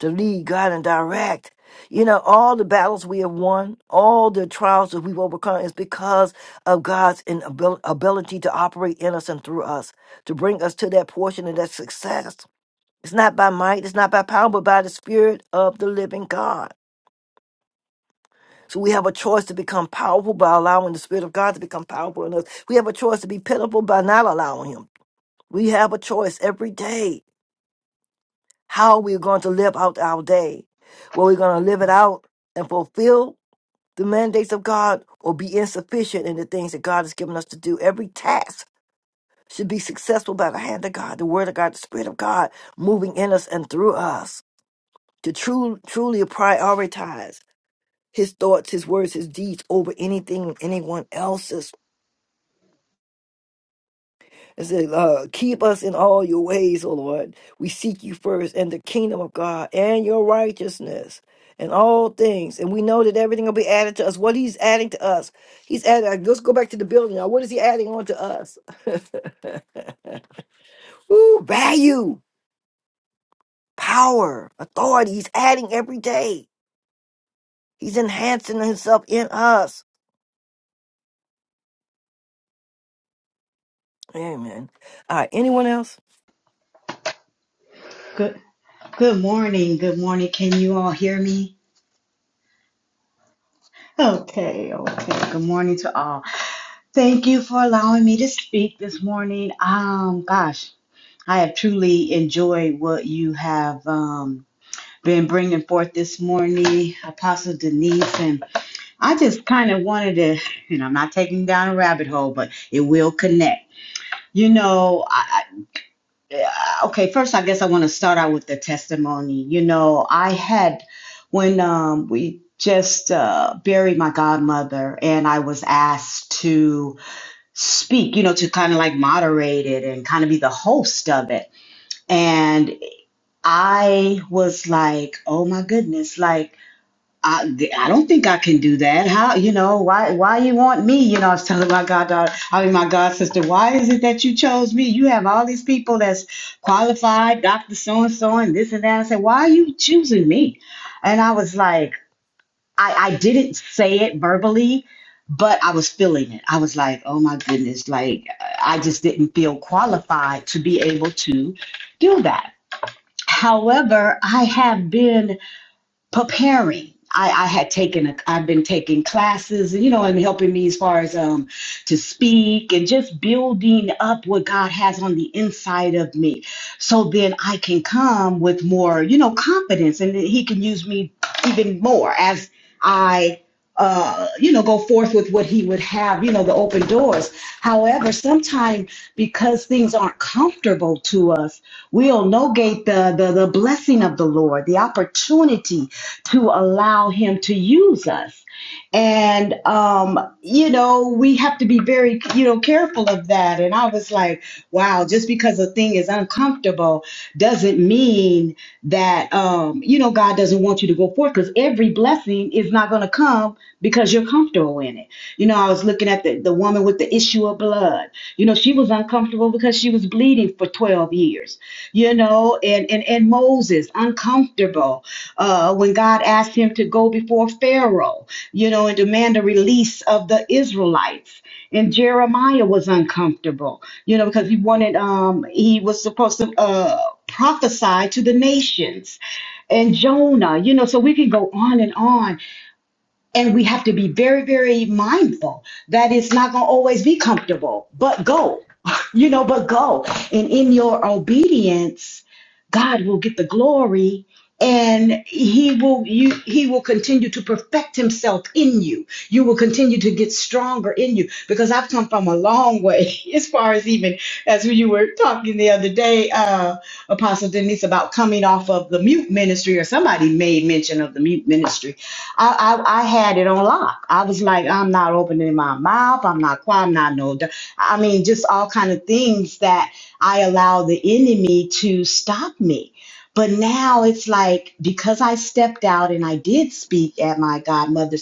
Speaker 1: to lead guide, and direct. You know, all the battles we have won, all the trials that we've overcome is because of God's inabil- ability to operate in us and through us, to bring us to that portion of that success. It's not by might, it's not by power, but by the Spirit of the living God. So we have a choice to become powerful by allowing the Spirit of God to become powerful in us. We have a choice to be pitiful by not allowing Him. We have a choice every day how we're going to live out our day. Whether we're going to live it out and fulfill the mandates of God or be insufficient in the things that God has given us to do. Every task should be successful by the hand of God, the word of God, the spirit of God moving in us and through us to true, truly prioritize his thoughts, his words, his deeds over anything, anyone else's It said, uh, keep us in all your ways, O Lord. We seek you first and the kingdom of God and your righteousness and all things. And we know that everything will be added to us. What he's adding to us, he's adding. uh, Let's go back to the building now. What is he adding on to us? Ooh, value, power, authority. He's adding every day. He's enhancing himself in us. Amen. All right. Anyone else?
Speaker 5: Good good morning. Good morning. Can you all hear me? Okay, okay. Good morning to all. Thank you for allowing me to speak this morning. Um gosh, I have truly enjoyed what you have um been bringing forth this morning, Apostle Denise, and I just kind of wanted to, you know, I'm not taking down a rabbit hole, but it will connect. You know, Yeah, okay, first, I guess I want to start out with the testimony. You know, I had, when um, we just uh, buried my godmother, and I was asked to speak, you know, to kind of like moderate it and kind of be the host of it. And I was like, oh my goodness, like, I, I don't think I can do that. How you know why why you want me? You know, I was telling my goddaughter, I mean my god sister, why is it that you chose me? You have all these people that's qualified, doctor so and so, and this and that. I said, why are you choosing me? And I was like, I I didn't say it verbally, but I was feeling it. I was like, oh my goodness, like I just didn't feel qualified to be able to do that. However, I have been preparing. I, I had taken a, I've been taking classes, you know, and helping me as far as um to speak and just building up what God has on the inside of me, so then I can come with more, you know, confidence, and then He can use me even more as I uh, you know, go forth with what he would have, you know, the open doors. However, sometimes because things aren't comfortable to us, we'll negate the, the, the blessing of the Lord, the opportunity to allow him to use us. And, um, you know, we have to be very, you know, careful of that. And I was like, wow, just because a thing is uncomfortable doesn't mean that, um, you know, God doesn't want you to go forth because every blessing is not going to come because you're comfortable in it. You know, I was looking at the, the woman with the issue of blood. You know, she was uncomfortable because she was bleeding for 12 years. You know, and and, and Moses uncomfortable uh, when God asked him to go before Pharaoh. You know, and demand a release of the Israelites. And Jeremiah was uncomfortable. You know, because he wanted um he was supposed to uh prophesy to the nations and Jonah, you know, so we can go on and on and we have to be very, very mindful that it's not going to always be comfortable, but go, you know, but go. And in your obedience, God will get the glory and he will you he will continue to perfect himself in you you will continue to get stronger in you because i've come from a long way as far as even as when you were talking the other day uh apostle denise about coming off of the mute ministry or somebody made mention of the mute ministry I, I I had it on lock. I was like, I'm not opening my mouth. I'm not quiet. I'm not no. d- I mean, just all kind of things that I allow the enemy to stop me. But now it's like because I stepped out and I did speak at my godmother's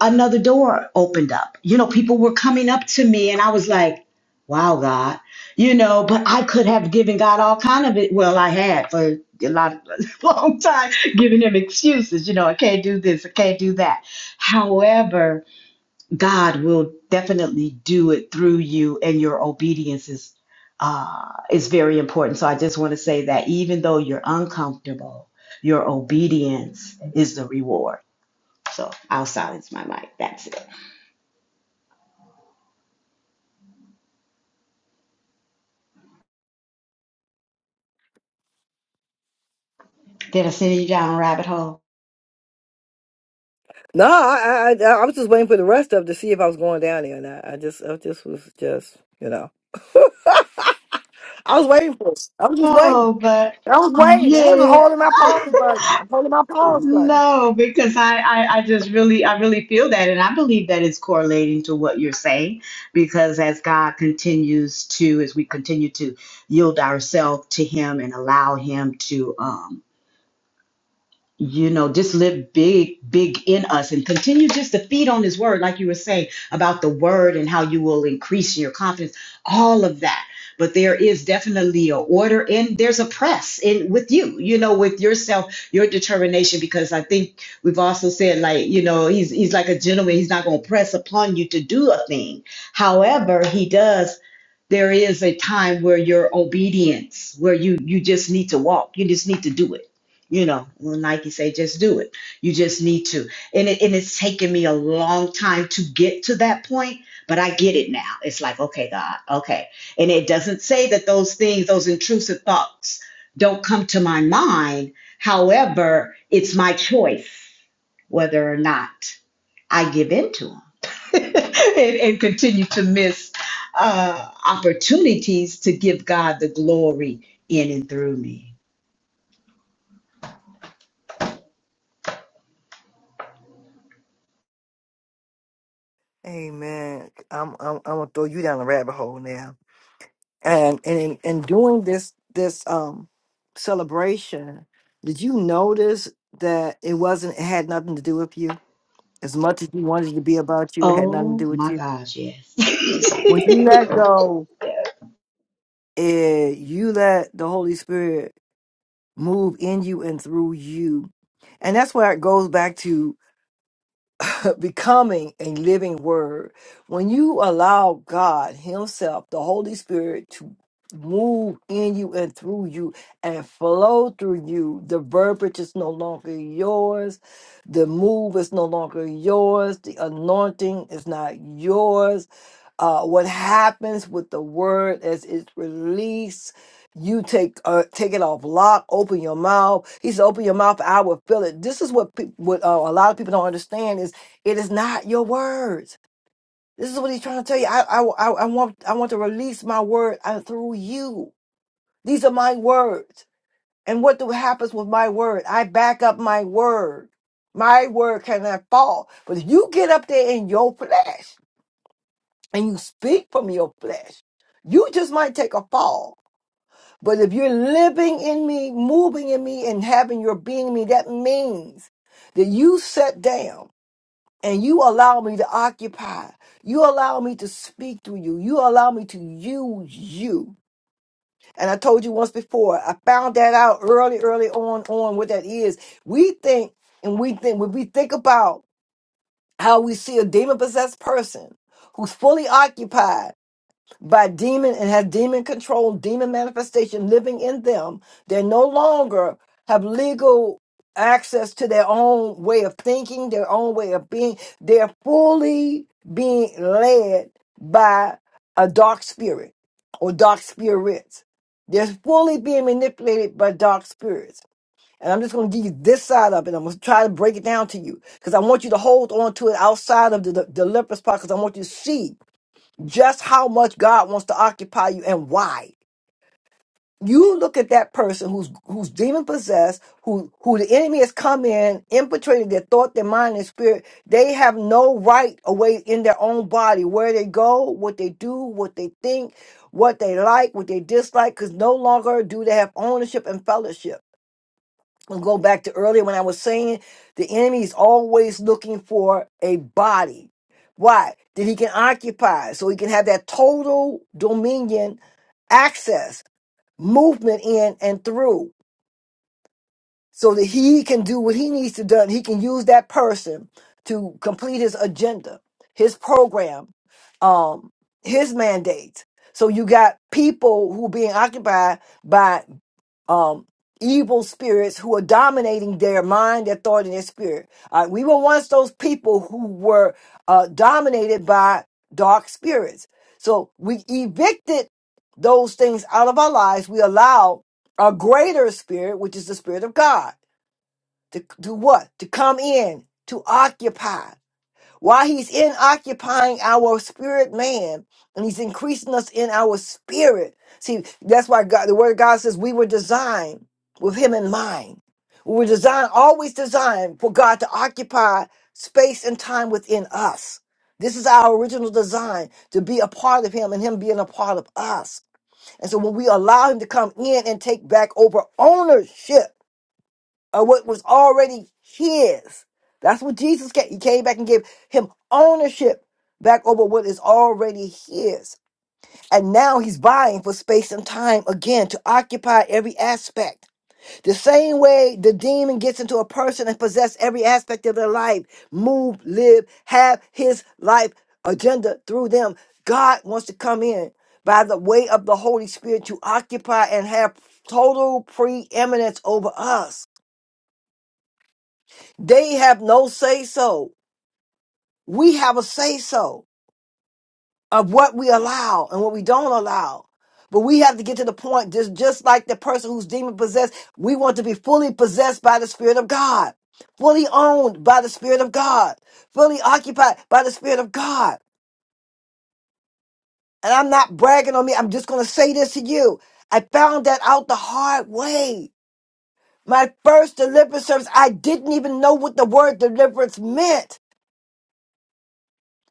Speaker 5: another door opened up. You know, people were coming up to me and I was like, wow, God, you know, but I could have given God all kind of it. Well, I had for a lot of long time giving him excuses, you know, I can't do this, I can't do that. However, God will definitely do it through you and your obedience is uh is very important. So I just want to say that even though you're uncomfortable, your obedience is the reward. So I'll silence my mic. That's it. That'll send you down a rabbit hole.
Speaker 1: No, I, I I was just waiting for the rest of to see if I was going down there, and I, I just I just was just you know I was waiting for it. I was just waiting.
Speaker 5: Oh, but
Speaker 1: I was waiting. I was
Speaker 5: yeah,
Speaker 1: holding my pause button. I'm holding my pause button.
Speaker 5: no, because I, I, I just really, I really feel that. And I believe that it's correlating to what you're saying, because as God continues to, as we continue to yield ourselves to Him and allow Him to, um. you know, just live big, big in us and continue just to feed on his word, like you were saying about the word and how you will increase your confidence, all of that. But there is definitely a order and there's a press in with you, you know, with yourself, your determination, because I think we've also said like, you know, he's he's like a gentleman, he's not gonna press upon you to do a thing. However, he does there is a time where your obedience, where you you just need to walk, you just need to do it you know, when Nike say, just do it. You just need to. And it, and it's taken me a long time to get to that point, but I get it now. It's like, okay, God, okay. And it doesn't say that those things, those intrusive thoughts don't come to my mind. However, it's my choice whether or not I give in to them and, and continue to miss uh, opportunities to give God the glory in and through me.
Speaker 1: Amen. I'm I'm I'm gonna throw you down the rabbit hole now. and and in, in doing this this um celebration did you notice that it wasn't it had nothing to do with you as much as you wanted it to be about you it had nothing
Speaker 5: Oh
Speaker 1: to do with
Speaker 5: my
Speaker 1: you
Speaker 5: gosh, yes.
Speaker 1: when you let go eh, you let the holy spirit move in you and through you and that's where it goes back to becoming a living word. When you allow God Himself, the Holy Spirit, to move in you and through you and flow through you, the verbiage is no longer yours, the move is no longer yours, the anointing is not yours uh, what happens with the word as it's released. You take uh, take it off lock. Open your mouth. He said, "Open your mouth. I will fill it." This is what peop what uh, a lot of people don't understand is it is not your words. This is what he's trying to tell you. I I, I I want I want to release my word uh, through you. These are my words. And what do happens with my word? I back up my word. My word cannot fall. But if you get up there in your flesh and you speak from your flesh, you just might take a fall. But if you're living in me, moving in me, and having your being in me, that means that you set down and you allow me to occupy. You allow me to speak through you. You allow me to use you. And I told you once before, I found that out early, early on, on what that is. We think, and we think, when we think about how we see a demon possessed person who's fully occupied by demon and have demon control, demon manifestation living in them. They no longer have legal access to their own way of thinking, their own way of being. They're fully being led by a dark spirit or dark spirits. They're fully being manipulated by dark spirits. And I'm just going to give you this side of it. I'm going to try to break it down to you because I want you to hold on to it outside of the, the, the deliverance part because I want you to see just how much God wants to occupy you and why. You look at that person who's who's demon possessed, who who the enemy has come in, infiltrated their thought, their mind, and spirit. They have no right away in their own body where they go, what they do, what they think, what they like, what they dislike, because no longer do they have ownership and fellowship we will go back to earlier when I was saying the enemy is always looking for a body. Why? That he can occupy so he can have that total dominion, access, movement in and through so that he can do what he needs to do. He can use that person to complete his agenda, his program, um, his mandate. So you got people who being occupied by um, evil spirits who are dominating their mind, their thought, and their spirit. Uh, we were once those people who were uh, dominated by dark spirits. So we evicted those things out of our lives. We allow a greater spirit, which is the spirit of God, to do what? To come in, to occupy. While he's in occupying our spirit man and he's increasing us in our spirit. See, that's why God, the word of God says we were designed with him in mind. We were designed, always designed for God to occupy space and time within us. This is our original design to be a part of him and him being a part of us. And so when we allow him to come in and take back over ownership, of what was already his. That's what Jesus came. He came back and gave him ownership back over what is already his. And now he's vying for space and time again to occupy every aspect. The same way the demon gets into a person and possess every aspect of their life, move, live, have his life agenda through them. God wants to come in by the way of the Holy Spirit to occupy and have total preeminence over us. They have no say so. We have a say so of what we allow and what we don't allow. But we have to get to the point, just, just like the person who's demon possessed, we want to be fully possessed by the Spirit of God, fully owned by the Spirit of God, fully occupied by the Spirit of God. And I'm not bragging on me, I'm just going to say this to you. I found that out the hard way. My first deliverance service, I didn't even know what the word deliverance meant.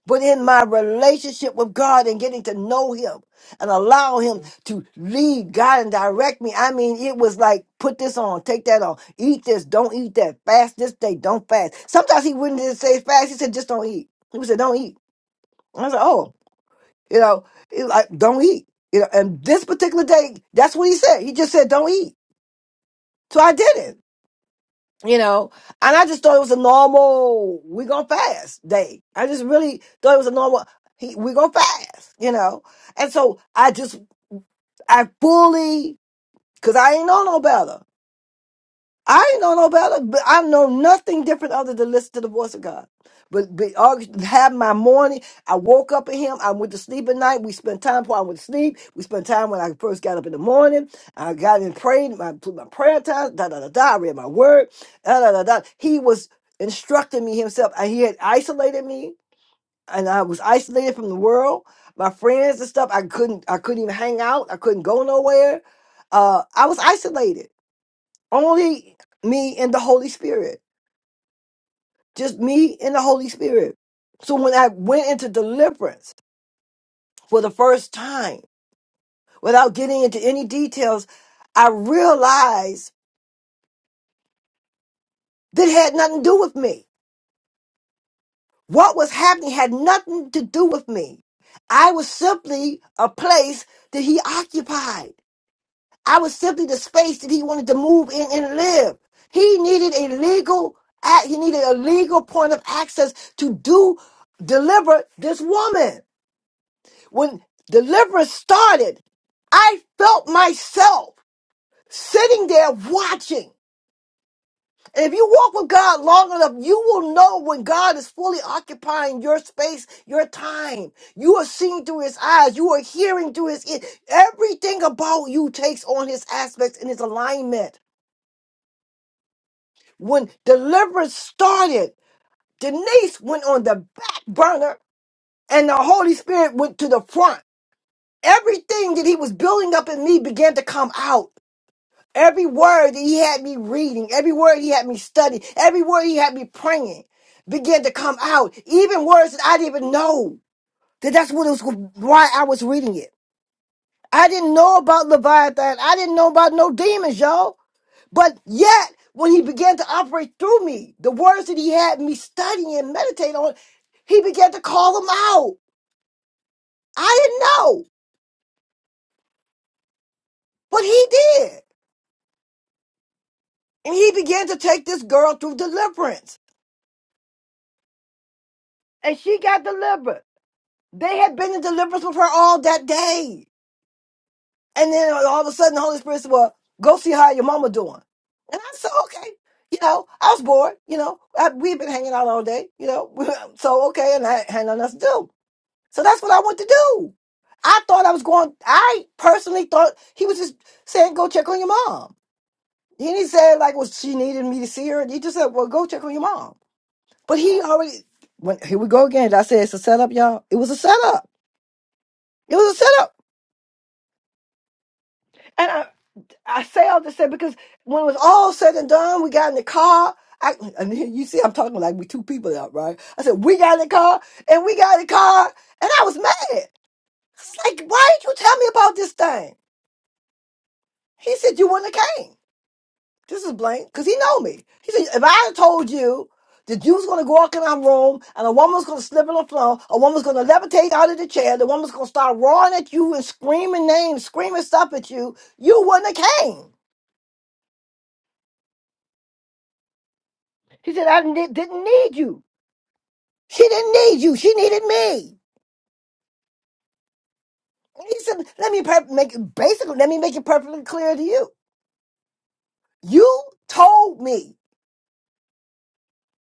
Speaker 1: but in my relationship with God and getting to know Him and allow Him to lead, guide, and direct me. I mean, it was like, put this on, take that on, eat this, don't eat that, fast this day, don't fast. Sometimes He wouldn't just say fast, He said, just don't eat. He would say don't eat. And I said, oh, you know, it, like, don't eat. You know, and this particular day, that's what He said. He just said, don't eat. So I didn't you know, and I just thought it was a normal we gonna fast day. I just really thought it was a normal he we gonna fast, you know. And so I just I fully because I ain't know no better. I ain't know no better. But I know nothing different other than listen to the voice of God. But, but August- have my morning. I woke up in Him. I went to sleep at night. We spent time before I went to sleep. We spent time when I first got up in the morning. I got in prayed my my prayer time. Da da da da. I read my word. Da da da da. He was instructing me Himself. And He had isolated me, and I was isolated from the world, my friends and stuff. I couldn't. I couldn't even hang out. I couldn't go nowhere. Uh, I was isolated only me and the Holy Spirit, just me and the Holy Spirit. So when I went into deliverance for the first time, without getting into any details, I realized that it had nothing to do with me. What was happening had nothing to do with me. I was simply a place that he occupied. I was simply the space that he wanted to move in and live. He needed a legal act, he needed a legal point of access to do deliver this woman. When deliverance started, I felt myself sitting there watching. And if you walk with God long enough, you will know when God is fully occupying your space, your time. You are seeing through his eyes. You are hearing through his ear. Everything about you takes on his aspects and his alignment. When deliverance started, Denise went on the back burner and the Holy Spirit went to the front. Everything that he was building up in me began to come out. Every word that he had me reading, every word he had me studying, every word he had me praying began to come out. Even words that I didn't even know that that's what it was, why I was reading it. I didn't know about Leviathan. I didn't know about no demons, y'all. But yet, when he began to operate through me, the words that he had me study and meditate on, he began to call them out. I didn't know, but he did. And he began to take this girl through deliverance. And she got delivered. They had been in deliverance with her all that day. And then all of a sudden, the Holy Spirit said, Well, go see how your mama doing. And I said, Okay. You know, I was bored. You know, I, we'd been hanging out all day, you know. so, okay. And I had nothing else to do. So that's what I want to do. I thought I was going. I personally thought he was just saying, "Go check on your mom." He didn't say like, "Well, she needed me to see her." He just said, "Well, go check on your mom." But he already. When, here we go again. I said it's a setup, y'all? It was a setup. It was a setup. And I, I say all this say because when it was all said and done, we got in the car. I, and here you see, I'm talking like we two people out, right? I said we got in the car and we got in the car, and I was mad. It's like, why did you tell me about this thing? He said, You wouldn't have came. This is blank, because he know me. He said, if I had told you the Jew's gonna go walk in our room and a woman's gonna slip on the floor, a woman's gonna levitate out of the chair, the woman's gonna start roaring at you and screaming names, screaming stuff at you, you wouldn't have came. He said, I ne- didn't need you. She didn't need you, she needed me. And He said, Let me per- make it basically, let me make it perfectly clear to you. You told me,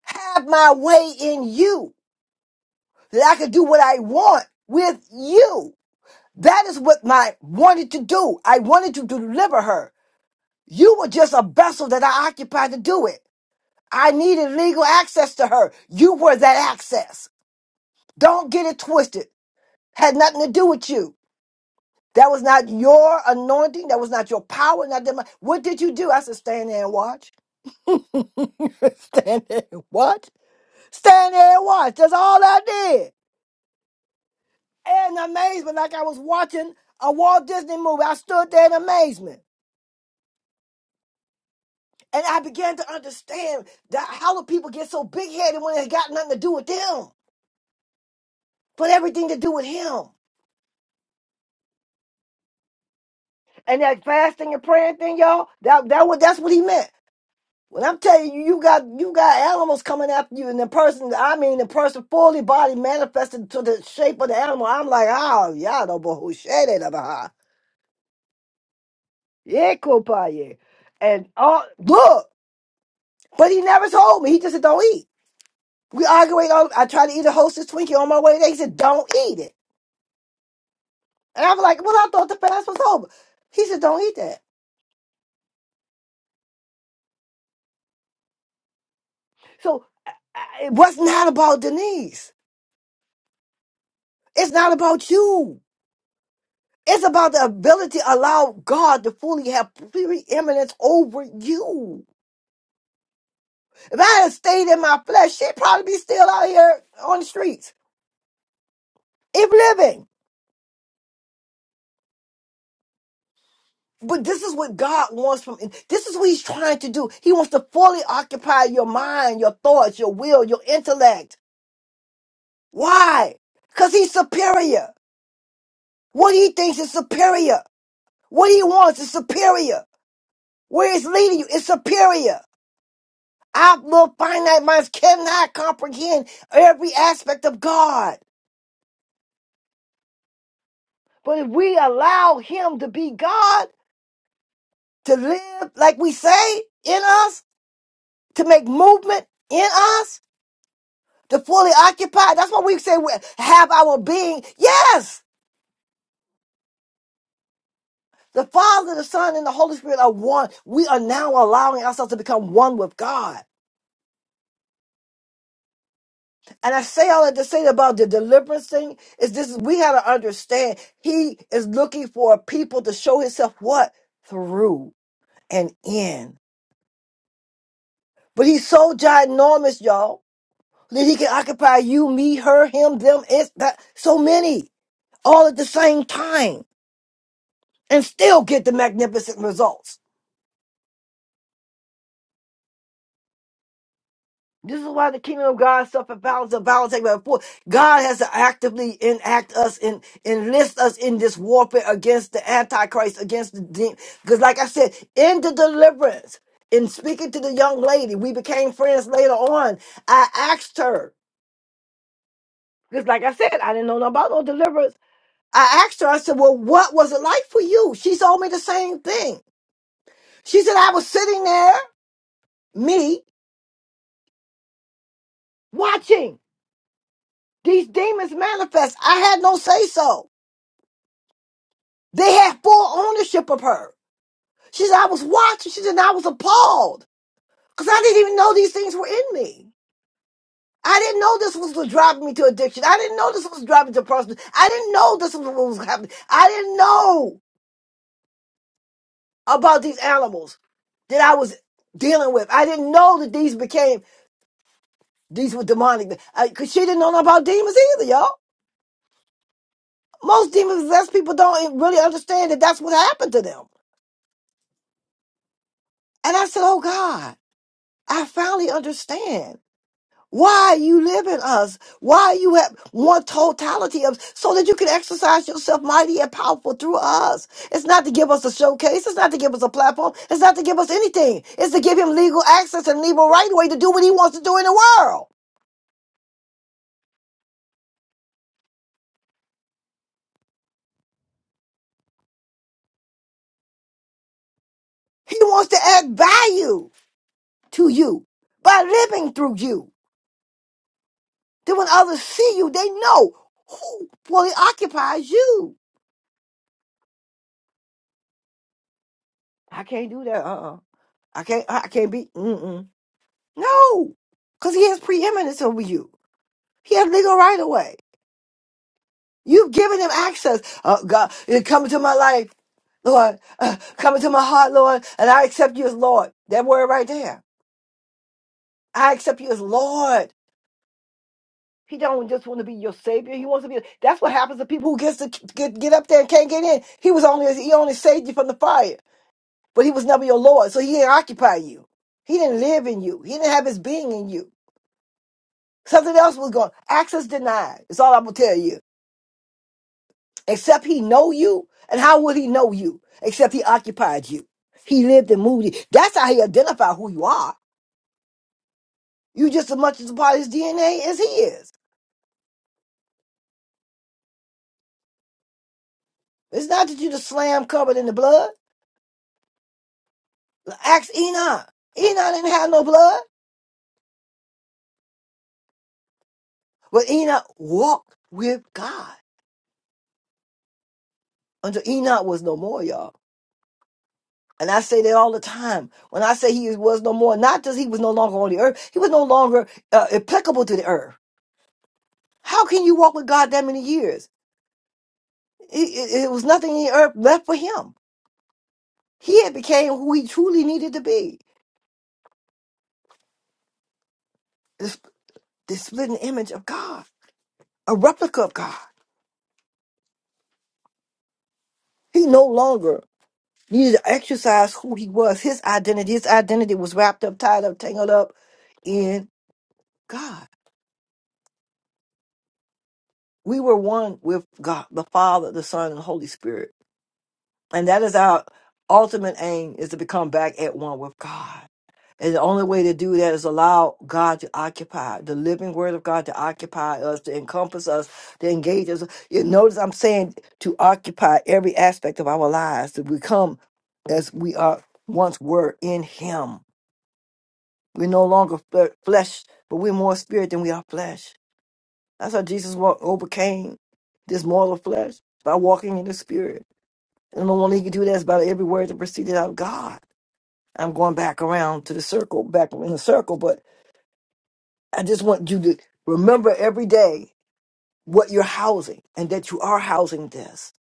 Speaker 1: have my way in you, that I could do what I want with you. That is what I wanted to do. I wanted to deliver her. You were just a vessel that I occupied to do it. I needed legal access to her. You were that access. Don't get it twisted. Had nothing to do with you. That was not your anointing. That was not your power. Not that much. what did you do? I said, stand there and watch. stand there and watch. Stand there and watch. That's all I did. And amazement, like I was watching a Walt Disney movie. I stood there in amazement. And I began to understand that how do people get so big headed when it got nothing to do with them, but everything to do with him. And that fasting and praying thing, y'all, that that what that's what he meant. When I'm telling you, you got you got animals coming after you, and the person, I mean, the person fully body manifested to the shape of the animal. I'm like, oh, y'all know but who said it about yeah, kupaye. And all look, but he never told me. He just said, don't eat. We argued. On, I tried to eat a Hostess Twinkie on my way there. He said, don't eat it. And I'm like, well, I thought the fast was over. He said, don't eat that. So I- I- what's not about Denise? It's not about you. It's about the ability to allow God to fully have preeminence over you. If I had stayed in my flesh, she'd probably be still out here on the streets, if living. But this is what God wants from this is what he's trying to do. He wants to fully occupy your mind, your thoughts, your will, your intellect. Why? Because he's superior. What he thinks is superior. What he wants is superior. Where it's leading you is superior. Our little finite minds cannot comprehend every aspect of God. But if we allow him to be God, to live like we say in us, to make movement in us, to fully occupy, that's why we say we have our being. Yes! The Father, the Son, and the Holy Spirit are one. We are now allowing ourselves to become one with God. And I say all that to say about the deliverance thing is this we gotta understand he is looking for a people to show himself what? Through and in. But he's so ginormous, y'all, that he can occupy you, me, her, him, them, it's that so many all at the same time and still get the magnificent results. This is why the kingdom of God suffer violence, and violence take by force. God has to actively enact us and enlist us in this warfare against the Antichrist, against the demon. Because, like I said, in the deliverance, in speaking to the young lady, we became friends later on. I asked her, because, like I said, I didn't know nothing about no deliverance. I asked her, I said, Well, what was it like for you? She told me the same thing. She said, I was sitting there, me, watching these demons manifest. I had no say so. They had full ownership of her. She said, I was watching. She said, and I was appalled because I didn't even know these things were in me. I didn't know this was what driving me to addiction. I didn't know this was driving to prostitution. I didn't know this was what was happening. I didn't know about these animals that I was dealing with. I didn't know that these became, these were demonic. Because she didn't know nothing about demons either, y'all. Most demon possessed people don't e-, really understand that that's what happened to them. And I said, oh God, I finally understand. Why you live in us? Why you have one totality of so that you can exercise yourself mighty and powerful through us? It's not to give us a showcase. It's not to give us a platform. It's not to give us anything. It's to give him legal access and legal right way to do what he wants to do in the world. He wants to add value to you by living through you. Then when others see you, they know who fully occupies you. I can't do that. Uh-uh. I can't. I can't be. Mm-mm. No, because he has preeminence over you. He has legal right of way. You've given him access. Oh, God, you come into my life, Lord. Uh, come into my heart, Lord, and I accept you as Lord. That word right there. I accept you as Lord. He don't just want to be your savior. He wants to be. That's what happens to people who gets to get, get up there and can't get in. He was only he only saved you from the fire, but he was never your Lord, so he didn't occupy you. He didn't live in you. He didn't have his being in you. Something else was going. Access denied. That's all I'm gonna tell you. except he know you and how would he know you except he occupied you he lived and moved you that's how he identify who you are you just as much as a part of his dna as he is it's not that you just slam covered in the blood ask enoch enoch didn't have no blood but enoch walked with god until enoch was no more y'all and I say that all the time. When I say he was no more, not just he was no longer on the earth, he was no longer uh, applicable to the earth. How can you walk with God that many years? It, it, it was nothing in earth left for him. He had became who he truly needed to be, the, the splitting image of God, a replica of God. He no longer needed to exercise who he was, his identity. His identity was wrapped up, tied up, tangled up in God. We were one with God, the Father, the Son, and the Holy Spirit. And that is our ultimate aim is to become back at one with God. And the only way to do that is allow God to occupy the living word of God to occupy us, to encompass us, to engage us. You notice I'm saying to occupy every aspect of our lives, to become as we are once were in Him. We're no longer f- flesh, but we're more spirit than we are flesh. That's how Jesus wa- overcame this mortal flesh by walking in the spirit. And the only he can do that is by every word that proceeded out of God. I'm going back around to the circle, back in the circle, but I just want you to remember every day what you're housing and that you are housing this.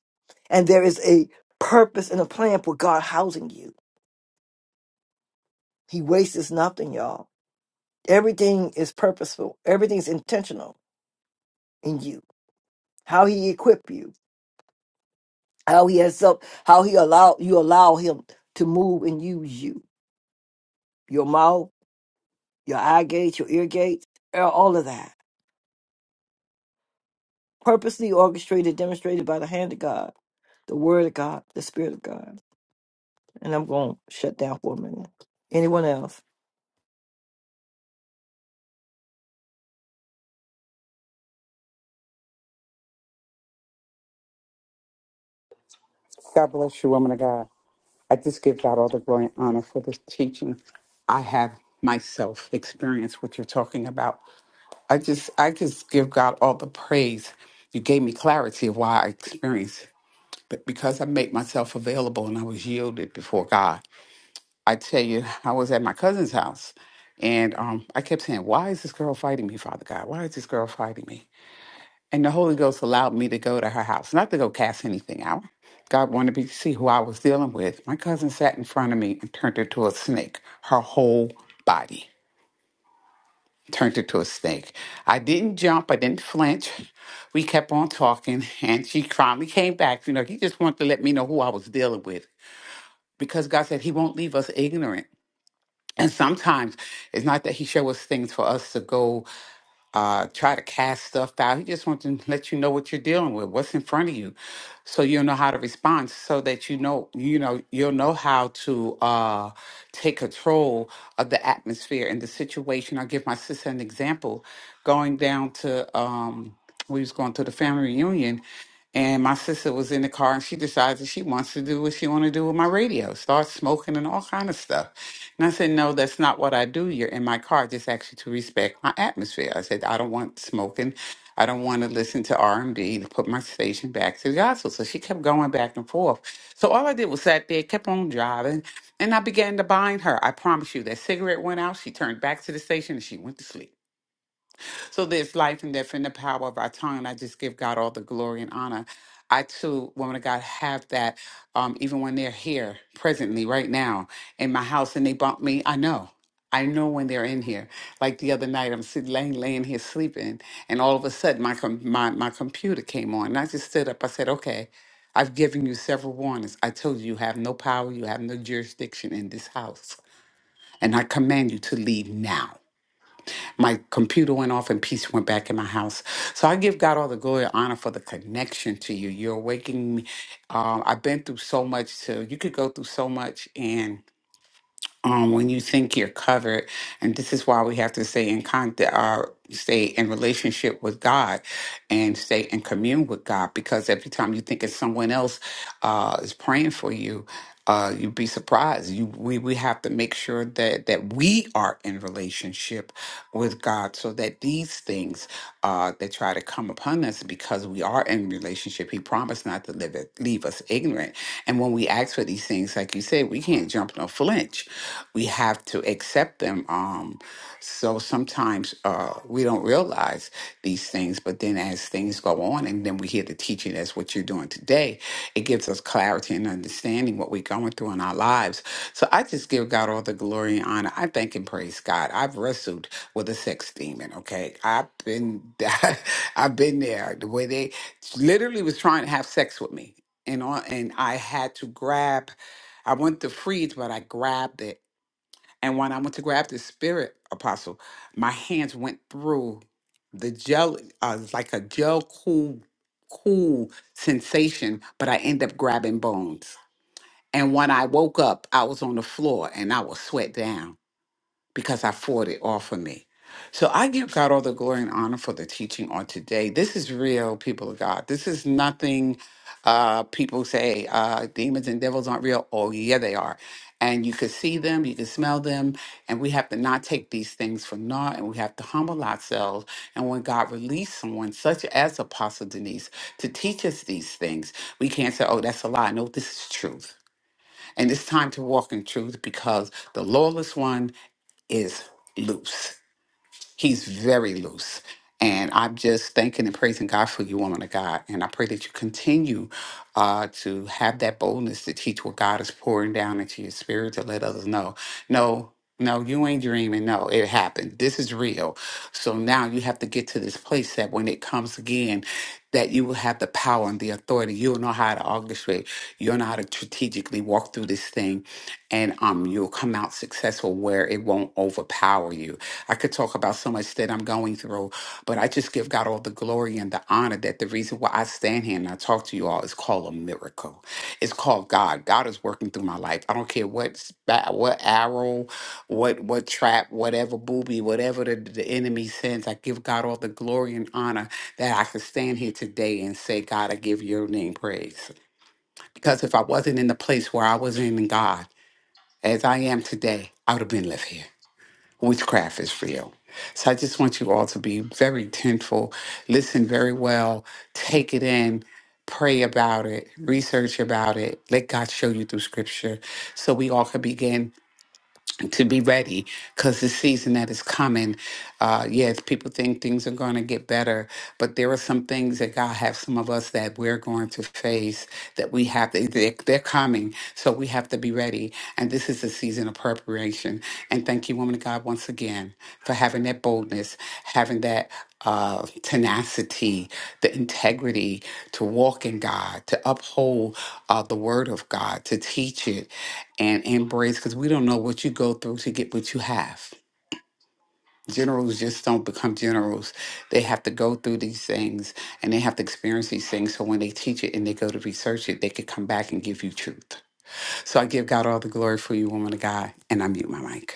Speaker 1: And there is a purpose and a plan for God housing you. He wastes nothing, y'all. Everything is purposeful. Everything's intentional in you. How he equip you, how he has up, how he allow you allow him to move and use you. Your mouth, your eye gates, your ear gates, all of that. Purposely orchestrated, demonstrated by the hand of God, the word of God, the spirit of God. And I'm going to shut down for a minute. Anyone else?
Speaker 3: God bless you, woman of God. I just give God all the glory and honor for this teaching. I have myself experienced what you're talking about. I just I just give God all the praise. You gave me clarity of why I experienced it. But because I made myself available and I was yielded before God, I tell you, I was at my cousin's house and um, I kept saying, Why is this girl fighting me, Father God? Why is this girl fighting me? And the Holy Ghost allowed me to go to her house, not to go cast anything out. God wanted me to see who I was dealing with. My cousin sat in front of me and turned into a snake. Her whole body turned into a snake. I didn't jump, I didn't flinch. We kept on talking, and she finally came back. You know, he just wanted to let me know who I was dealing with because God said He won't leave us ignorant. And sometimes it's not that He shows us things for us to go uh, try to cast stuff out. He just wants to let you know what you're dealing with, what's in front of you, so you'll know how to respond, so that you know, you know, you'll know how to uh, take control of the atmosphere and the situation. I'll give my sister an example. Going down to, um, we was going to the family reunion, and my sister was in the car and she decides that she wants to do what she want to do with my radio, start smoking and all kind of stuff. And I said, no, that's not what I do. You're in my car. Just actually to respect my atmosphere. I said, I don't want smoking. I don't want to listen to R&B to put my station back to the gospel. So she kept going back and forth. So all I did was sat there, kept on driving, and I began to bind her. I promise you that cigarette went out. She turned back to the station and she went to sleep. So there's life and death in the power of our tongue, and I just give God all the glory and honor. I too, woman of God, have that um, even when they're here presently, right now, in my house, and they bump me. I know. I know when they're in here. Like the other night, I'm sitting laying, laying here sleeping, and all of a sudden, my, com- my my computer came on, and I just stood up. I said, "Okay, I've given you several warnings. I told you you have no power, you have no jurisdiction in this house, and I command you to leave now." My computer went off and peace went back in my house. So I give God all the glory and honor for the connection to you. You're waking me. Um, I've been through so much, too. You could go through so much, and um, when you think you're covered. And this is why we have to stay in contact, uh, stay in relationship with God, and stay in commune with God. Because every time you think it's someone else uh, is praying for you, uh, you'd be surprised. You we we have to make sure that that we are in relationship with God, so that these things things uh, that try to come upon us because we are in relationship. He promised not to live it, leave us ignorant. And when we ask for these things, like you said, we can't jump no flinch. We have to accept them. Um, so sometimes uh, we don't realize these things, but then as things go on and then we hear the teaching, that's what you're doing today, it gives us clarity and understanding what we're going through in our lives. So I just give God all the glory and honor. I thank and praise God. I've wrestled with a sex demon. Okay, I've been I've been there. The way they literally was trying to have sex with me, and on and I had to grab. I went to freeze, but I grabbed it. And when I went to grab the spirit apostle, my hands went through the gel, uh, it's like a gel cool, cool sensation. But I end up grabbing bones. And when I woke up, I was on the floor and I was sweat down because I fought it off of me. So I give God all the glory and honor for the teaching on today. This is real, people of God. This is nothing uh people say uh demons and devils aren't real. Oh yeah, they are. And you can see them, you can smell them, and we have to not take these things for naught, and we have to humble ourselves. And when God released someone, such as Apostle Denise, to teach us these things, we can't say, "Oh, that's a lie." No, this is truth, and it's time to walk in truth because the lawless one is loose. He's very loose. And I'm just thanking and praising God for you, woman of God. And I pray that you continue uh, to have that boldness to teach what God is pouring down into your spirit to let others know. No, no, you ain't dreaming. No, it happened. This is real. So now you have to get to this place that when it comes again, that you will have the power and the authority. You'll know how to orchestrate. You'll know how to strategically walk through this thing, and um, you'll come out successful where it won't overpower you I could talk about so much that I'm going through, but I just give God all the glory and the honor that the reason why I stand here and I talk to you all is called a miracle. It's called God. God is working through my life. I don't care what spa- what arrow, what what trap, whatever booby, whatever the, the enemy sends. I give God all the glory and honor that I can stand here today and say, God, I give your name praise. Because if I wasn't in the place where I was in God, as I am today, I would have been left here witchcraft is real. So I just want you all to be very tentful, listen very well, take it in, pray about it, research about it, let God show you through scripture so we all can begin to be ready because the season that is coming uh yes people think things are going to get better but there are some things that god have some of us that we're going to face that we have to they're, they're coming so we have to be ready and this is a season of preparation and thank you woman of god once again for having that boldness having that uh, tenacity, the integrity to walk in God, to uphold uh, the word of God, to teach it, and embrace because we don't know what you go through to get what you have. Generals just don't become generals. They have to go through these things and they have to experience these things. So when they teach it and they go to research it, they could come back and give you truth. So I give God all the glory for you, woman of God, and I mute my mic.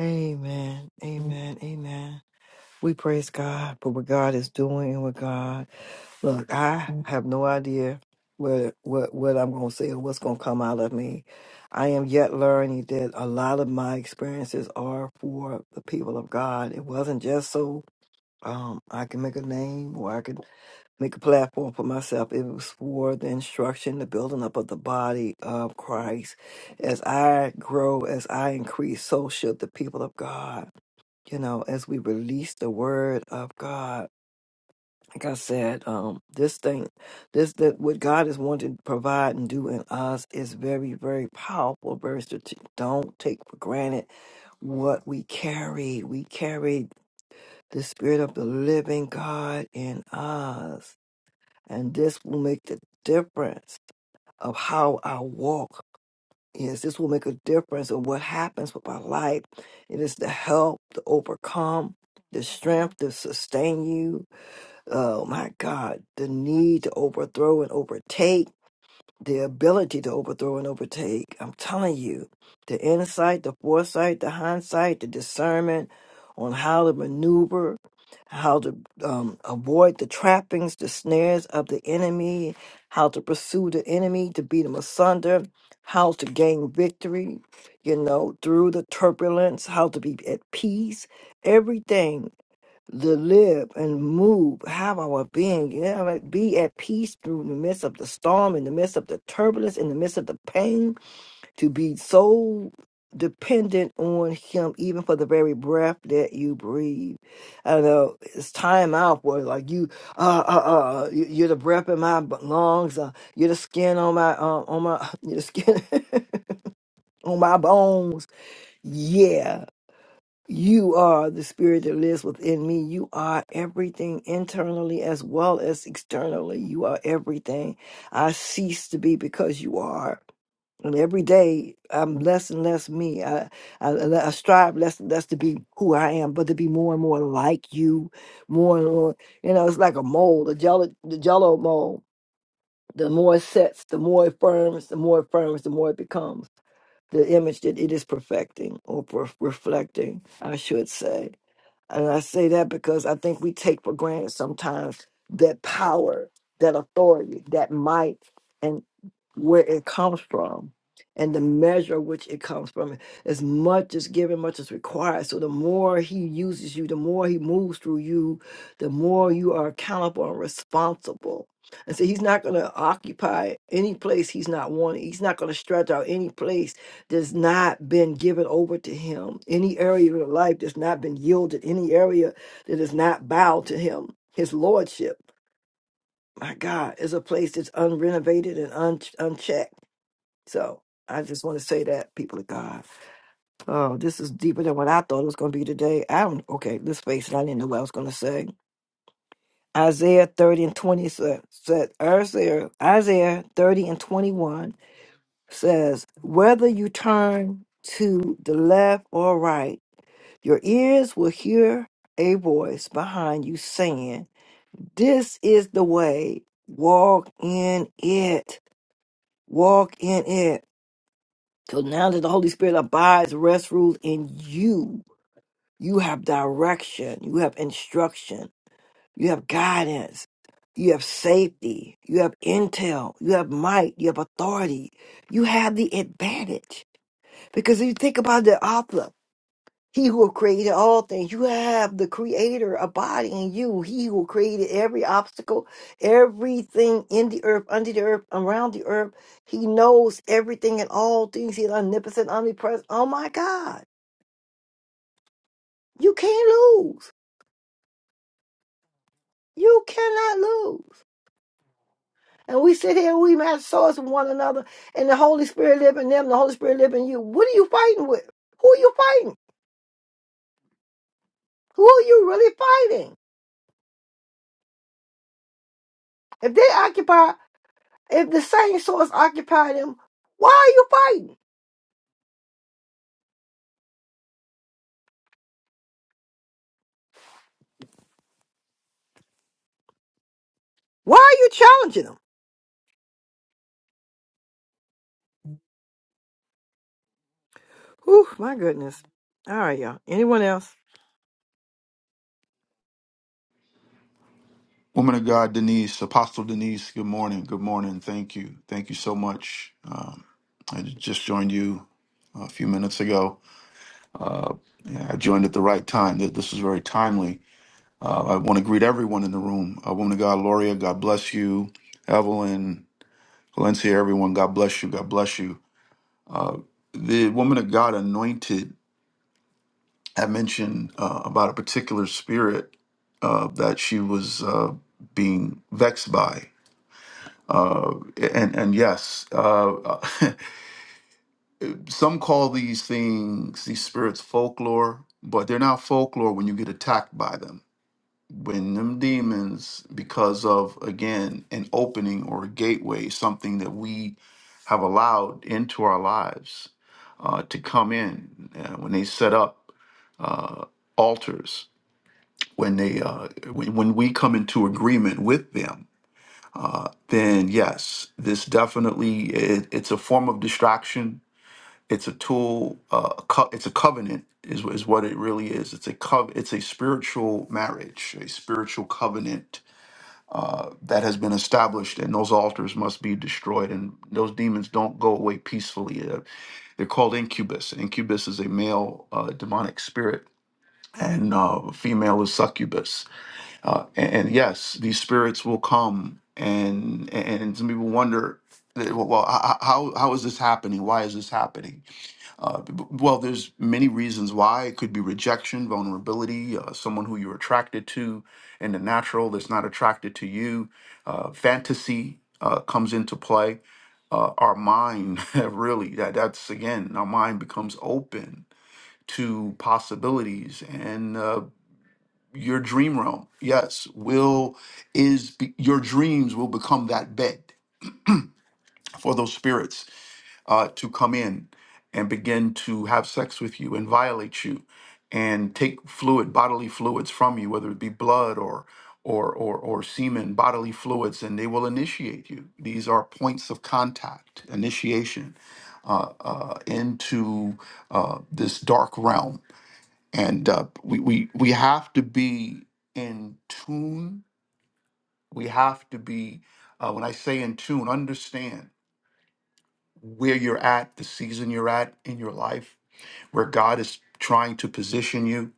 Speaker 1: Amen. Amen. Amen. We praise God for what God is doing and what God. Look, I have no idea what what what I'm going to say or what's going to come out of me. I am yet learning that a lot of my experiences are for the people of God. It wasn't just so um I can make a name or I can make a platform for myself. It was for the instruction, the building up of the body of Christ. As I grow, as I increase, so should the people of God. You know, as we release the word of God. Like I said, um, this thing, this that what God is wanting to provide and do in us is very, very powerful. Very strate- Don't take for granted what we carry. We carry the spirit of the living God in us and this will make the difference of how our walk is. This will make a difference of what happens with our life. It is the help to overcome, the strength to sustain you. Oh my God, the need to overthrow and overtake the ability to overthrow and overtake. I'm telling you, the insight, the foresight, the hindsight, the discernment on how to maneuver, how to um, avoid the trappings, the snares of the enemy, how to pursue the enemy, to beat him asunder, how to gain victory, you know, through the turbulence, how to be at peace, everything to live and move, have our being, you know, like be at peace through the midst of the storm, in the midst of the turbulence, in the midst of the pain, to be so dependent on Him, even for the very breath that you breathe. I know it's time out for like you, uh, uh, uh, uh, you- you're the breath in my b- lungs, uh, you're the skin on my, uh, on my, you're the skin on my bones. Yeah you are the spirit that lives within me. You are everything internally as well as externally. You are everything. I cease to be because you are. And every day I'm less and less me. I, I, I strive less and less to be who I am, but to be more and more like you, more and more. You know, it's like a mold, a jello, the jello mold. The more it sets, the more it firms, the more it firms, the more it becomes the image that it is perfecting or per- reflecting, I should say. And I say that because I think we take for granted sometimes that power, that authority, that might where it comes from and the measure which it comes from. As much is given, much is required. So the more he uses you, the more he moves through you, the more you are accountable and responsible. And so he's not going to occupy any place he's not wanting. He's not going to stretch out any place that's not been given over to him, any area of your life that's not been yielded, any area that is not bowed to him. His lordship, my God, is a place that's unrenovated and un- unchecked. So I just want to say that, people of God. Oh, this is deeper than what I thought it was going to be today. I don't, okay, let's face it, I didn't know what I was going to say. Isaiah 30 and 20 said, said Isaiah, Isaiah 30 and 21 says, Whether you turn to the left or right, your ears will hear a voice behind you saying, This is the way, walk in it, walk in it. So now that the Holy Spirit abides, rests, rules in you, you have direction, you have instruction, you have guidance, you have safety, you have intel, you have might, you have authority, you have the advantage. Because if you think about the author, he who created all things. You have the creator abiding in you. He who created every obstacle, everything in the earth, under the earth, around the earth. He knows everything and all things. He's omnipotent, omnipresent. Oh my God. You can't lose. You cannot lose. And we sit here, we match swords with one another, and the Holy Spirit live in them, the Holy Spirit live in you. What are you fighting with? Who are you fighting? Who are you really fighting? If they occupy If the same source occupied him, why are you fighting? Why are you challenging him? Whew, my goodness. All right, y'all. Anyone else?
Speaker 6: Woman of God, Denise, Apostle Denise, good morning. Good morning. Thank you. Thank you so much. Um, I just joined you a few minutes ago. Yeah, I joined at the right time. Th- This is very timely. Uh, I want to greet everyone in the room. Uh, Woman of God, Loria, God bless you. Evelyn, Valencia, everyone, God bless you. God bless you. Uh, the Woman of God anointed, I mentioned uh, about a particular spirit uh, that she was uh, being vexed by Uh, and and yes, uh, some call these things these spirits folklore, but they're not folklore when you get attacked by them. When them demons, because of again an opening or a gateway, something that we have allowed into our lives uh, to come in, uh, when they set up uh, altars, when they uh, when, when we come into agreement with them then yes, this definitely it, it's a form of distraction. It's a tool. Uh, a co- it's a covenant, is wh- is what it really is. It's a cov- It's a spiritual marriage, a spiritual covenant uh, that has been established, and those altars must be destroyed. And those demons don't go away peacefully. Uh, they're called incubus. Incubus is a male uh, demonic spirit, and uh, female is succubus uh, and, and yes, these spirits will come, and and, some people wonder, that, well, well, h- how how is this happening? Why is this happening? Uh, b- b- well, there's many reasons why. It could be rejection, vulnerability, uh, someone who you're attracted to in the natural that's not attracted to you. Uh, fantasy uh, comes into play. Uh, our mind, really, that that's again, our mind becomes open to possibilities and. uh, your dream realm yes will is be, your dreams will become that bed for those spirits uh, to come in and begin to have sex with you and violate you and take fluid bodily fluids from you whether it be blood or or or, or semen bodily fluids and they will initiate you these are points of contact initiation uh, uh, into uh, this dark realm and uh, we, we we have to be in tune we have to be, uh, when I say in tune, understand where you're at, the season you're at in your life, where God is trying to position you,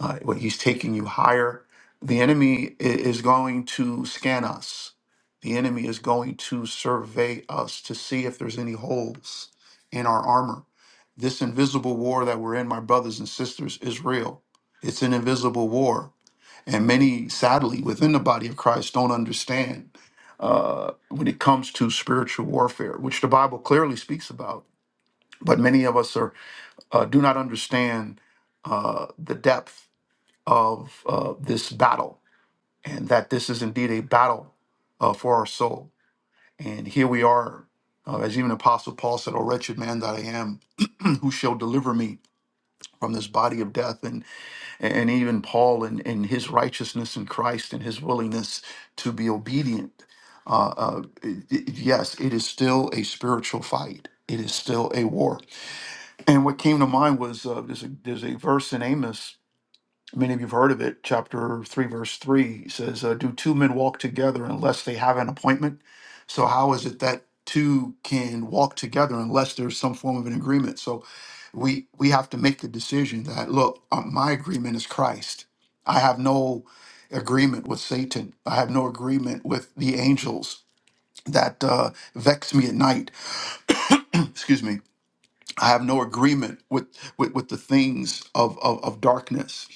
Speaker 6: uh, where He's taking you higher. The enemy i- is going to scan us. The enemy is going to survey us to see if there's any holes in our armor. This invisible war that we're in, my brothers and sisters, is real. It's an invisible war and many, sadly, within the body of Christ don't understand uh, when it comes to spiritual warfare, which the Bible clearly speaks about. But many of us are uh, do not understand uh, the depth of uh, this battle, and that this is indeed a battle uh, for our soul. And here we are, uh, as even Apostle Paul said, "O wretched man that I am, who shall deliver me from this body of death?" And and even Paul in, in his righteousness in Christ and his willingness to be obedient. Uh, uh, it- it- yes, it is still a spiritual fight. It is still a war. And what came to mind was uh, there's, a, there's a verse in Amos Many of you have heard of it. Chapter 3, verse 3 says, uh, Do two men walk together unless they have an appointment? So, how is it that two can walk together unless there's some form of an agreement? So, we, we have to make the decision that, look, uh, my agreement is Christ. I have no agreement with Satan, I have no agreement with the angels that uh, vex me at night. Excuse me. I have no agreement with, with, with the things of, of, of darkness.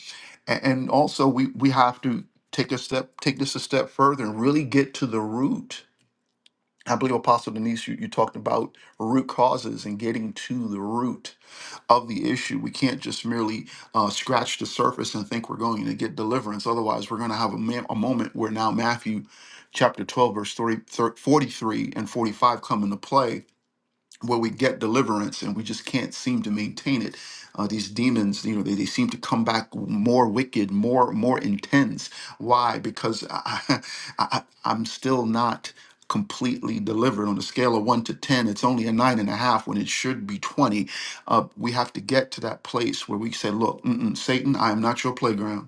Speaker 6: A- And also, we, we have to take a step, take this a step further and really get to the root. I believe Apostle Denise, you, you talked about root causes and getting to the root of the issue. We can't just merely uh, scratch the surface and think we're going to get deliverance. Otherwise, we're going to have a, ma- a moment where now Matthew chapter 12, verse 30, thir- 43 and 45 come into play where we get deliverance and we just can't seem to maintain it. Uh, these demons, you know, they, they seem to come back more wicked, more more intense. Why? Because I, I, I'm still not completely delivered on a scale of one to ten. It's only a nine and a half when it should be twenty. Uh, we have to get to that place where we say, "Look, mm-mm, Satan, I am not your playground.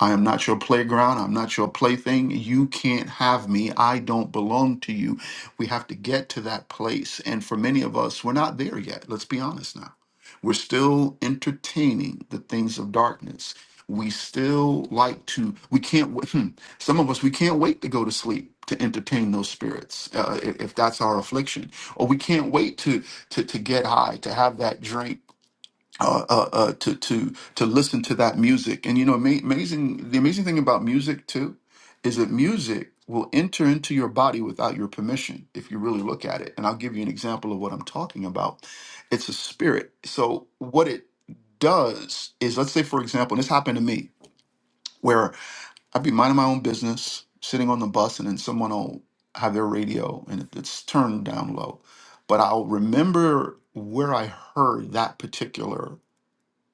Speaker 6: I am not your playground. I'm not your plaything. You can't have me. I don't belong to you. We have to get to that place. And for many of us, we're not there yet. Let's be honest now. We're still entertaining the things of darkness. We still like to, we can't, w- some of us, we can't wait to go to sleep to entertain those spirits uh, i- if that's our affliction. Or we can't wait to, to, to get high, to have that drink uh, uh, uh, to to to listen to that music. And you know, ama- amazing the amazing thing about music too is that music will enter into your body without your permission if you really look at it. And I'll give you an example of what I'm talking about. It's a spirit. So what it does is, let's say for example, and this happened to me, where I'd be minding my own business, sitting on the bus, and then someone will have their radio and it- it's turned down low. But I'll remember where I heard that particular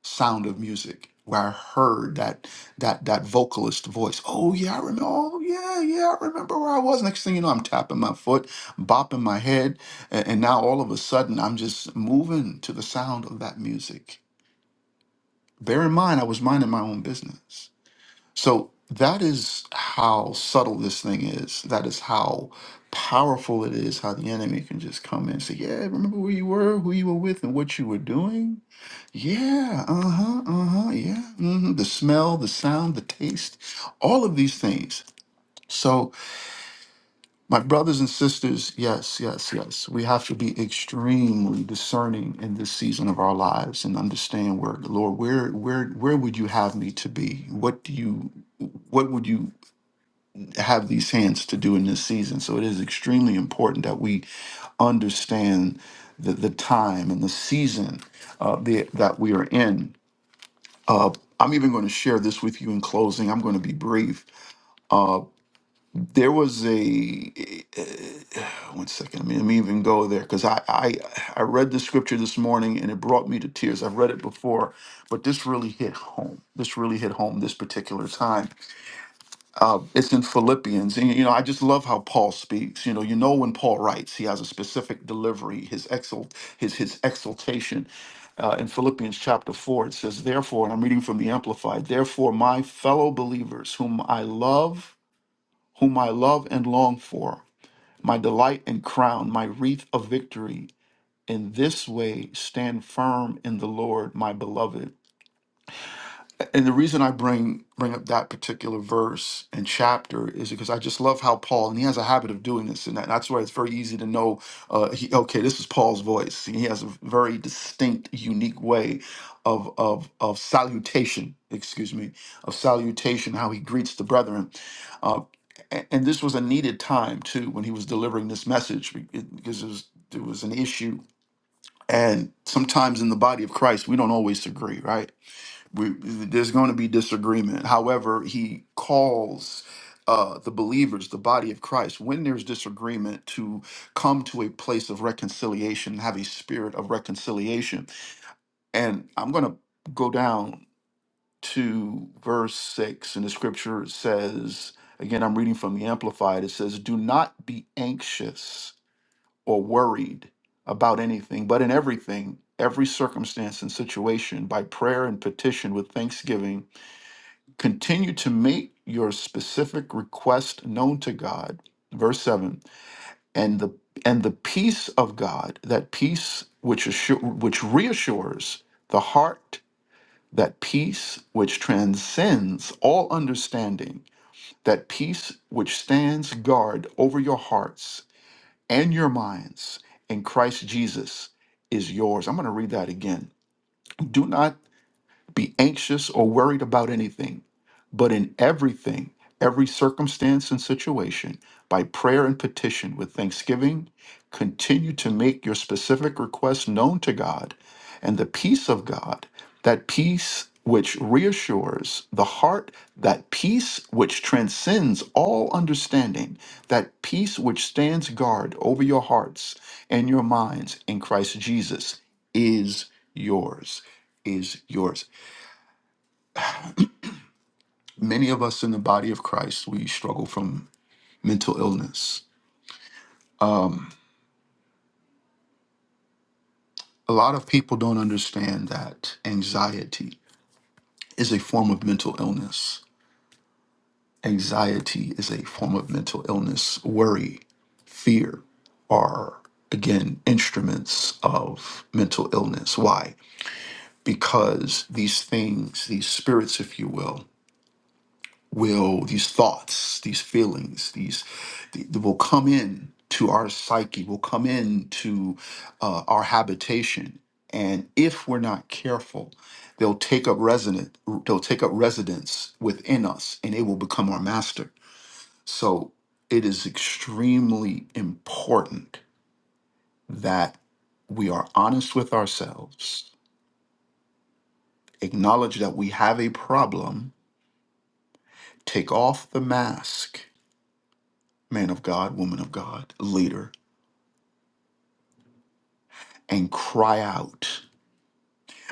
Speaker 6: Sound of Music, where I heard that that that vocalist voice. Oh yeah, I remember. Oh yeah, yeah, I remember where I was. Next thing you know, I'm tapping my foot, bopping my head, and, and now all of a sudden I'm just moving to the sound of that music. Bear in mind, I was minding my own business. So that is how subtle this thing is. That is how powerful it is. How the enemy can just come in and say, "Yeah, remember where you were, who you were with, and what you were doing." Yeah, uh-huh, uh-huh, yeah. hmm The smell, the sound, the taste, all of these things. So, my brothers and sisters, yes, yes, yes. We have to be extremely discerning in this season of our lives and understand where, Lord, where where where would you have me to be? What do you what would you have these hands to do in this season? So it is extremely important that we understand the, the time and the season uh, the, that we are in I'm even going to share this with you in closing. I'm going to be brief. There was a eh, eh, one second. Let me, let me even go there because I, I I read the scripture this morning and it brought me to tears. I've read it before, but this really hit home. This really hit home this particular time It's in Philippians. And, you know, I just love how Paul speaks. You know, you know when Paul writes, he has a specific delivery, his exult, his his exultation. Uh, in Philippians chapter 4, it says, Therefore, and I'm reading from the Amplified, therefore, my fellow believers, whom I love, whom I love and long for, my delight and crown, my wreath of victory, in this way stand firm in the Lord, my beloved. And the reason I bring bring up that particular verse and chapter is because I just love how Paul, and he has a habit of doing this, and that, that's why it's very easy to know. Uh, he, okay, this is Paul's voice. He has a very distinct, unique way of of of salutation. Excuse me, of salutation, how he greets the brethren. Uh, a- and this was a needed time too when he was delivering this message be- it- because it was it was an issue. And sometimes in the body of Christ, we don't always agree, right? we, there's going to be disagreement. However, he calls uh, the believers, the body of Christ, when there's disagreement, to come to a place of reconciliation, have a spirit of reconciliation. And I'm going to go down to verse six, and the scripture says, again, I'm reading from the Amplified, it says, Do not be anxious or worried about anything, but in everything, every circumstance and situation, by prayer and petition with thanksgiving Continue to make your specific request known to God. Verse 7. And the and the peace of God, that peace which assure, which reassures the heart, that peace which transcends all understanding, that peace which stands guard over your hearts and your minds in Christ Jesus is yours. I'm going to read that again. Do not be anxious or worried about anything But in everything, every circumstance and situation, by prayer and petition with thanksgiving, continue to make your specific requests known to God, and the peace of God, that peace which reassures the heart, that peace which transcends all understanding, that peace which stands guard over your hearts and your minds in Christ Jesus is yours, is yours many of us in the body of Christ, we struggle from mental illness. A lot of people don't understand that anxiety is a form of mental illness. Anxiety is a form of mental illness. Worry, fear are, again, instruments of mental illness. Why? Because these things, these spirits, if you will, will these thoughts these feelings these th- will come in to our psyche will come in to uh, our habitation and if we're not careful they'll take up resident they'll take up residence within us and it will become our master so it is extremely important that we are honest with ourselves acknowledge that we have a problem take off the mask man of God, woman of God, leader, and cry out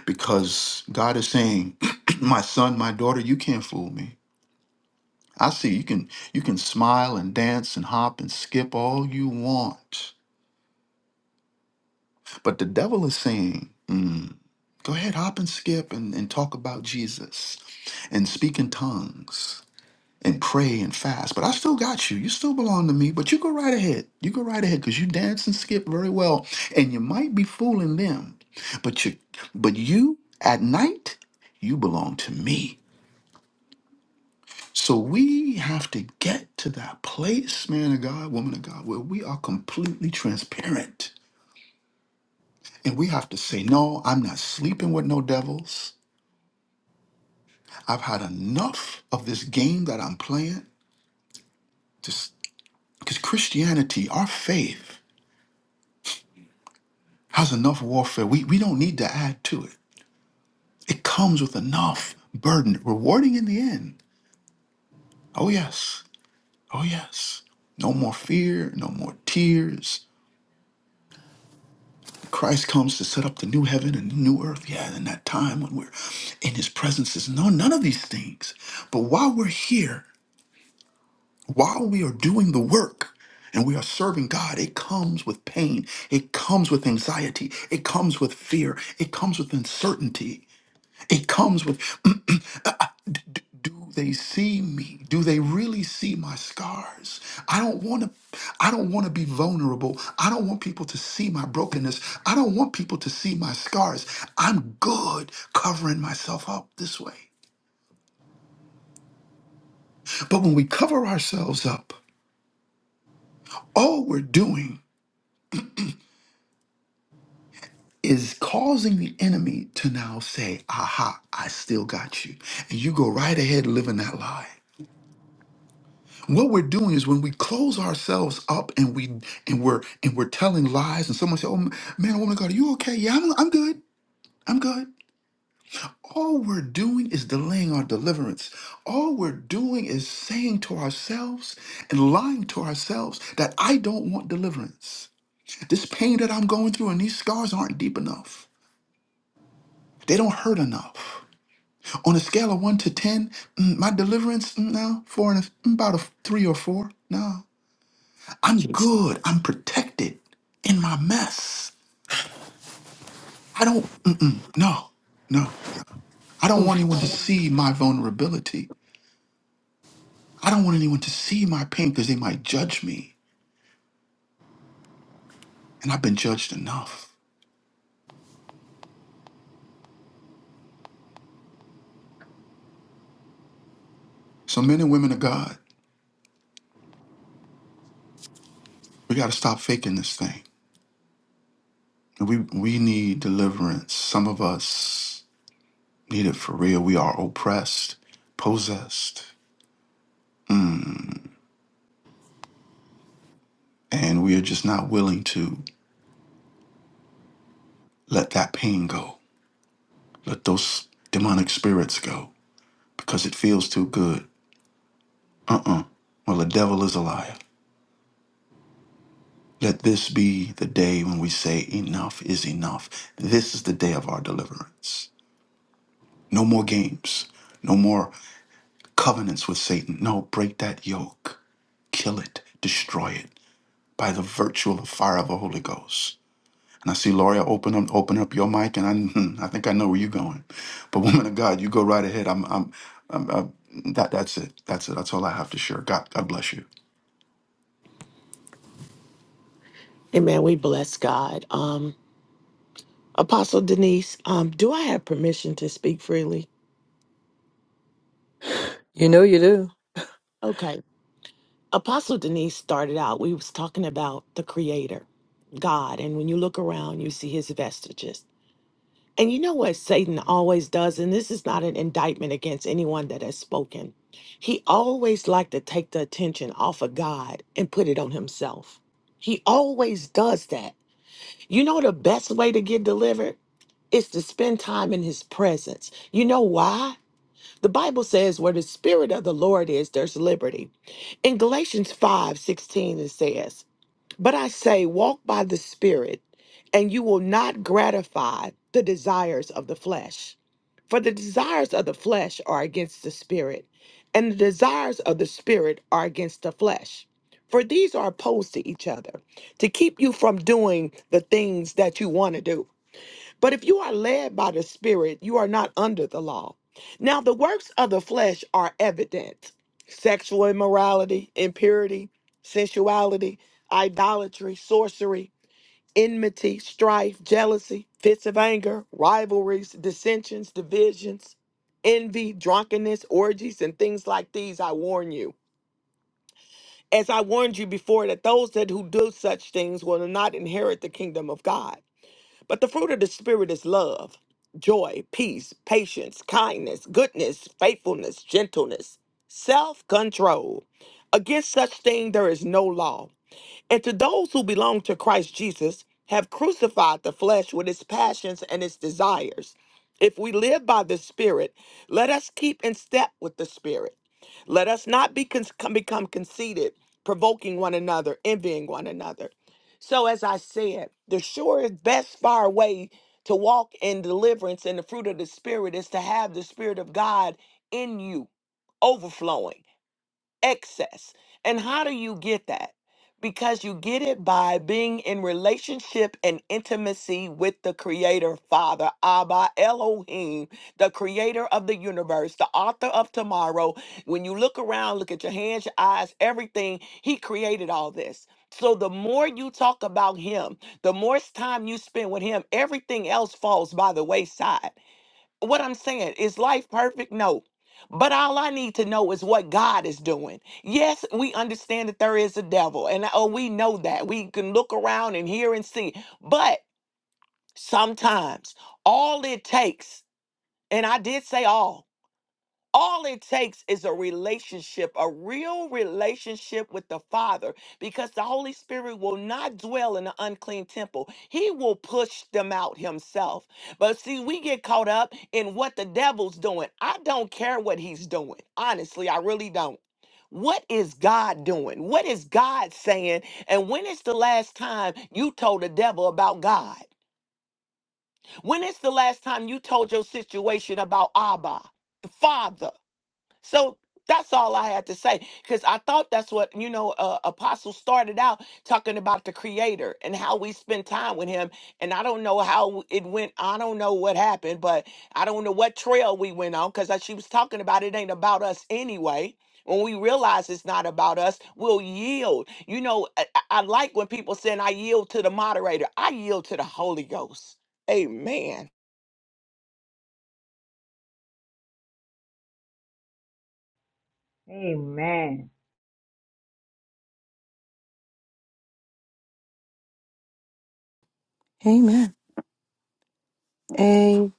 Speaker 6: because God is saying, my son, my daughter, you can't fool me. I see you can you can smile and dance and hop and skip all you want. But the devil is saying, "Mm, go ahead, hop and skip and, and talk about Jesus and speak in tongues. and pray and fast. But I still got you. You still belong to me. But you go right ahead. You go right ahead because you dance and skip very well. And you might be fooling them, but you, but you at night, you belong to me. So we have to get to that place, man of God, woman of God, where we are completely transparent. And we have to say, no, I'm not sleeping with no devils. I've had enough of this game that I'm playing. Just because Christianity, our faith, How's enough warfare? We, we don't need to add to it. It comes with enough burden, rewarding in the end. Oh, yes. Oh, yes. No more fear, no more tears. When Christ comes to set up the new heaven and the new earth. Yeah, in that time when we're in his presence, is no none of these things. But while we're here, while we are doing the work, and we are serving God, it comes with pain. It comes with anxiety. It comes with fear. It comes with uncertainty. It comes with uh, d- d- do they see me? Do they really see my scars? I don't want to I don't want to be vulnerable. I don't want people to see my brokenness. I don't want people to see my scars. I'm good covering myself up this way. But when we cover ourselves up, all we're doing is causing the enemy to now say, "Aha, I still got you." And you go right ahead living that lie. what we're doing is when we close ourselves up and we and we're and we're telling lies and someone says oh man woman of god are you okay yeah I'm, I'm good i'm good all we're doing is delaying our deliverance all we're doing is saying to ourselves and lying to ourselves that i don't want deliverance this pain that i'm going through and these scars aren't deep enough they don't hurt enough on a scale of 1 to 10 mm, my deliverance mm, no four and a, mm, about a 3 or 4 no I'm
Speaker 7: Jesus.
Speaker 6: good. I'm protected in my mess. I don't, mm-mm, no, no. I don't want anyone to see my vulnerability. I don't want anyone to see my pain because they might judge me. And I've been judged enough. So, men and women of God, we got to stop faking this thing. And We, we need deliverance. Some of us need it for real. We are oppressed, possessed, and we are just not willing to let that pain go, let those demonic spirits go. because it feels too good. Uh, well, the devil is a liar. Let this be the day when we say, Enough is enough. This is the day of our deliverance. No more games, no more covenants with Satan. No, break that yoke, kill it, destroy it by the virtue of the fire of the Holy Ghost. And I see Loria open up, open up your mic, and I, I think I know where you're going. But woman of God, you go right ahead. I'm, I'm, I'm, i that, that's it. That's it. That's all I have to share. God, God bless you.
Speaker 7: Amen. We bless God. Um, Apostle Denise, um, do I have permission to speak freely? Okay. Apostle Denise started out, we was talking about the creator, God. And when you look around, you see his vestiges. And you know what Satan always does, and this is not an indictment against anyone that has spoken. He always liked to take the attention off of God and put it on himself. He always does that. You know the best way to get delivered? is to spend time in his presence. You know why? The Bible says where the spirit of the Lord is, there's liberty. In Galatians 5 16, it says, But I say, walk by the spirit, and you will not gratify the desires of the flesh. For the desires of the flesh are against the spirit, and the desires of the spirit are against the flesh. For these are opposed to each other to keep you from doing the things that you want to do. But if you are led by the Spirit, you are not under the law. Now, the works of the flesh are evident sexual immorality, impurity, sensuality, idolatry, sorcery, enmity, strife, jealousy, fits of anger, rivalries, dissensions, divisions, envy, drunkenness, orgies, and things like these. I warn you. As I warned you before, that those that who do such things will not inherit the kingdom of God. But the fruit of the Spirit is love, joy, peace, patience, kindness, goodness, faithfulness, gentleness, self control. Against such thing there is no law. And to those who belong to Christ Jesus, have crucified the flesh with its passions and its desires. If we live by the Spirit, let us keep in step with the Spirit. Let us not be con- become conceited, provoking one another, envying one another. So, as I said, the surest, best, far way to walk in deliverance and the fruit of the Spirit is to have the Spirit of God in you, overflowing excess. And how do you get that? Because you get it by being in relationship and intimacy with the Creator, Father, Abba, Elohim, the Creator of the universe, the author of tomorrow. When you look around, look at your hands, your eyes, everything, He created all this. So the more you talk about Him, the more s- time you spend with Him, everything else falls by the wayside what I'm saying is life perfect? No. But all I need to know is what God is doing. Yes, we understand that there is a devil, and oh, we know that. We can look around and hear and see. But sometimes all it takes, and I did say all, all it takes is a relationship, a real relationship with the Father, because the Holy Spirit will not dwell in an unclean temple. He will push them out himself. But see, we get caught up in what the devil's doing. I don't care what he's doing. Honestly, I really don't. What is God doing? What is God saying? And when is the last time you told the devil about God? When is the last time you told your situation about Abba, Father? So that's all I had to say because I thought that's what you know. Uh, Apostle started out talking about the Creator and how we spend time with Him, and I don't know how it went. I don't know what happened, but I don't know what trail we went on because she was talking about it ain't about us anyway. When we realize it's not about us, we'll yield. You know, I, I I like when people saying I yield to the moderator. I yield to the Holy Ghost. Amen.
Speaker 8: Amen.
Speaker 1: Amen. Amen.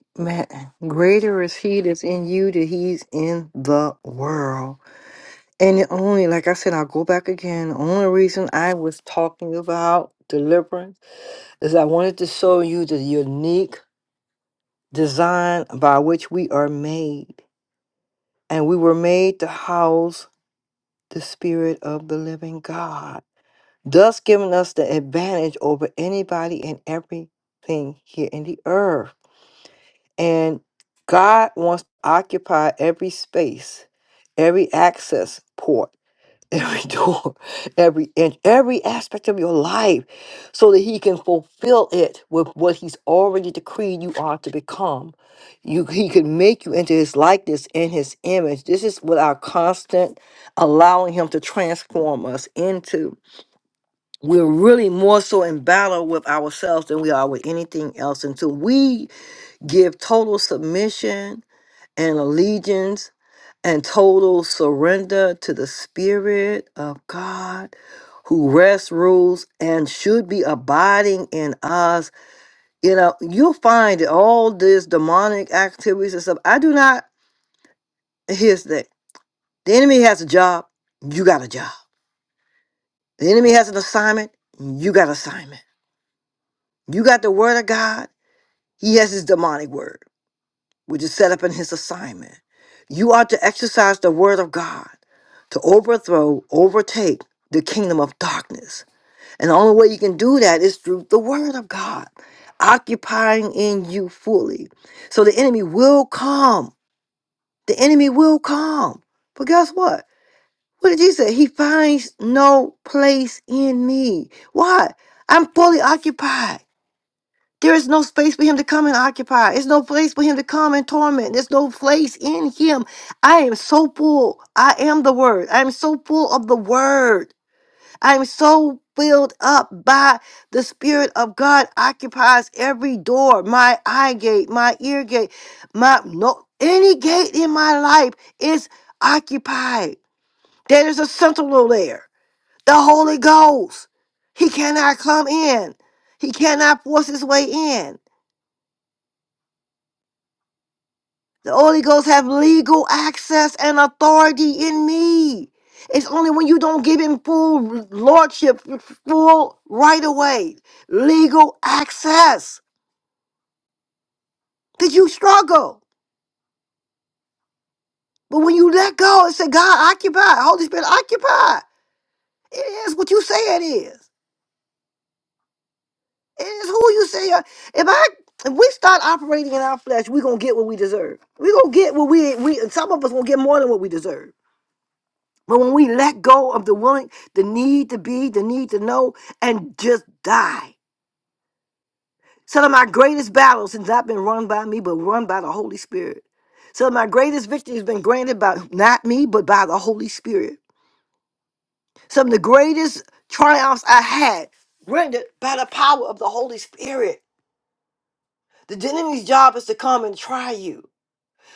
Speaker 1: Greater is he that's in you than he's in the world. And the only, like I said, I'll go back again. The only reason I was talking about deliverance is I wanted to show you the unique design by which we are made. And we were made to house the Spirit of the living God. thus giving us the advantage over anybody and everything here in the earth. And God wants to occupy every space, every access port, every door, every inch, every aspect of your life so that He can fulfill it with what He's already decreed you are to become. You, he can make you into His likeness and His image. This is what our constant allowing Him to transform us into we're really more so in battle with ourselves than we are with anything else until we give total submission and allegiance and total surrender to the spirit of god who rests rules and should be abiding in us you know you'll find that all this demonic activities and stuff i do not here's the thing the enemy has a job you got a job the enemy has an assignment you got assignment you got the word of god He has his demonic word, which is set up in his assignment. You are to exercise the word of God to overthrow, overtake the kingdom of darkness. And the only way you can do that is through the word of God, occupying in you fully. So the enemy will come. The enemy will come. But guess what? What did Jesus say? He finds no place in me. Why? I'm fully occupied. There is no space for him to come and occupy. There's no place for him to come and torment. There's no place in him. I am so full. I am the word. I am so full of the word. I am so filled up by the Spirit of God occupies every door, my eye gate, my ear gate, my no any gate in my life is occupied. There is a sentinel there. The Holy Ghost. He cannot come in. He cannot force his way in. The Holy Ghost have legal access and authority in me. It's only when you don't give him full lordship, full right away, legal access, that you struggle. But when you let go and say, God, occupy, Holy Spirit, occupy, it is what you say it is. It is who you say. I- If I if we start operating in our flesh, we're gonna get what we deserve. We're gonna get what we we some of us gonna get more than what we deserve. But when we let go of the willing, the need to be, the need to know, and just die. Some of my greatest battles has not been run by me, but run by the Holy Spirit. Some of my greatest victory has been granted by not me, but by the Holy Spirit. Some of the greatest triumphs I had granted by the power of the Holy Spirit. The enemy's job is to come and try you.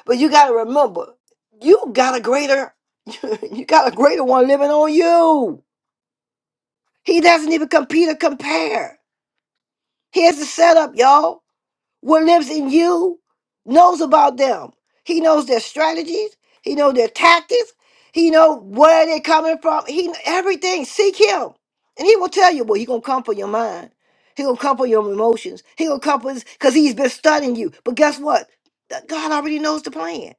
Speaker 1: But you gotta remember, you got a greater, you got a greater one living on you. He doesn't even compete or compare. Here's the setup, y'all. What lives in you knows about them. He knows their strategies. He knows their tactics. He knows where they're coming from. He kn- everything. Seek him, and he will tell you. Well, he gonna come for your mind. He gonna come for your emotions. He gonna come for because he's been studying you. But guess what? Th- God already knows the plan.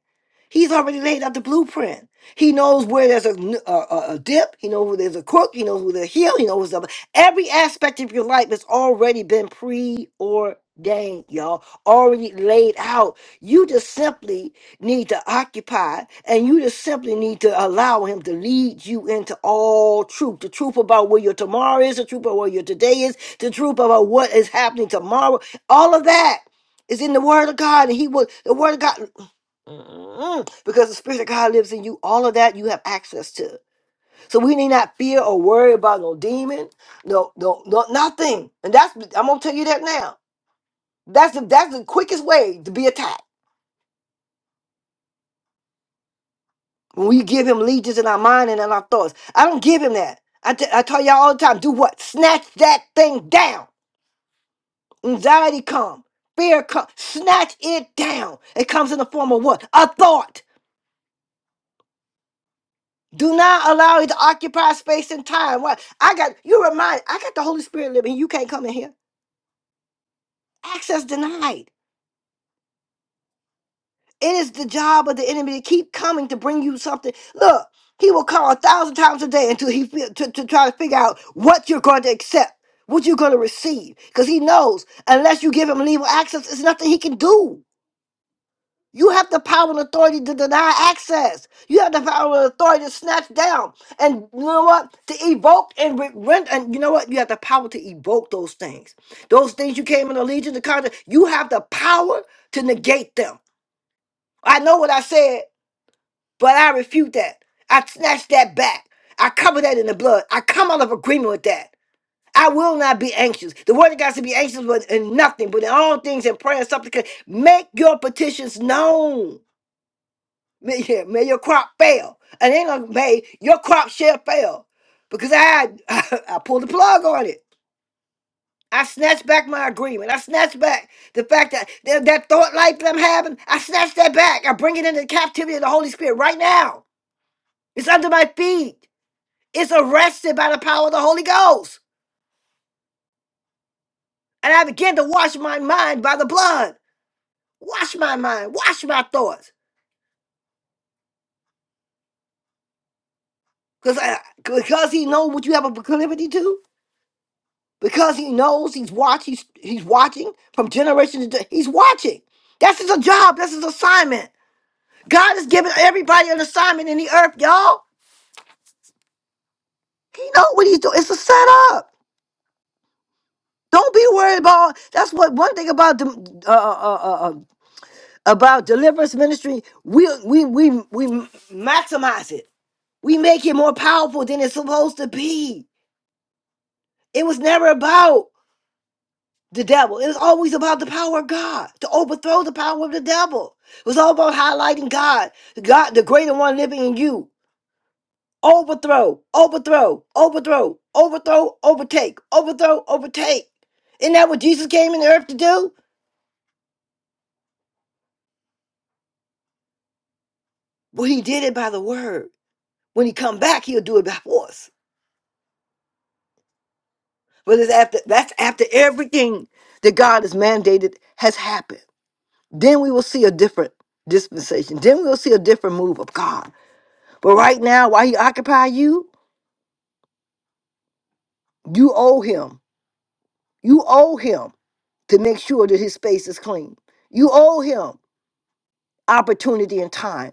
Speaker 1: He's already laid out the blueprint. He knows where there's a, n- a- a- a dip. He knows where there's a crook. He knows where there's a heel. He knows what's up. Every aspect of your life has already been preordained, y'all, already laid out. You just simply need to occupy and you just simply need to allow Him to lead you into all truth. The truth about where your tomorrow is, the truth about where your today is, the truth about what is happening tomorrow. All of that is in the Word of God, and He will, the Word of God, Mm, because the Spirit of God lives in you. All of that you have access to. So we need not fear or worry about no demon, no, no, no, nothing. And that's I'm gonna tell you that now. That's the that's the quickest way to be attacked. When we give him legions in our mind and in our thoughts. I don't give him that. I t- I tell y'all all the time, do what? Snatch that thing down. Anxiety come, fear come, snatch it down. It comes in the form of what? A thought. Do not allow it to occupy space and time. What I got, you remind I got the Holy Spirit living. You can't come in here. Access denied. It is the job of the enemy to keep coming to bring you something. Look, he will call a thousand times a day until he fi- to, to try to figure out what you're going to accept, what you're going to receive, because he knows unless you give him legal access, there's nothing he can do. You have the power and authority to deny access. You have the power and authority to snatch down, and you know what? To evoke and re- rent, and you know what? You have the power to evoke those things. Those things you came in allegiance to conjure. You have the power to negate them. I know what I said but I refute that. I snatch that back. I cover that in the blood. I come out of agreement with that. I will not be anxious. The word of God said, be anxious with in nothing, but in all things in prayer and supplication. Make your petitions known. May, yeah, may your crop fail. And ain't gonna may your crop shall fail. Because I I, pulled the plug on it. I snatched back my agreement. I snatched back the fact that that, that thought life that I'm having, I snatch that back. I bring it into the captivity of the Holy Spirit right now. It's under my feet. is arrested by the power of the Holy Ghost. And I begin to wash my mind by the blood. Wash my mind. Wash my thoughts. Because because he knows what you have a proclivity to. Because he knows he's watching. He's, he's watching from generation to gen- he's watching. That's his job. That's his assignment. God has given everybody an assignment in the earth, y'all. He know what he's doing. It's a setup. Don't be worried about. That's what one thing about the uh uh uh. uh, about deliverance ministry, we we we we maximize it. We make it more powerful than it's supposed to be. It was never about the devil. It was always about the power of God to overthrow the power of the devil. It was all about highlighting God, God, the greater one living in you. Overthrow, overthrow, overthrow, overthrow, overtake, overthrow, overtake. Isn't that what Jesus came in the earth to do? Well, he did it by the word. When he come back, he'll do it by force. But it's after that's after everything that God has mandated has happened. Then we will see a different dispensation. Then we'll see a different move of God. But right now, while He occupy you, you owe Him. You owe Him to make sure that His space is clean. You owe Him opportunity and time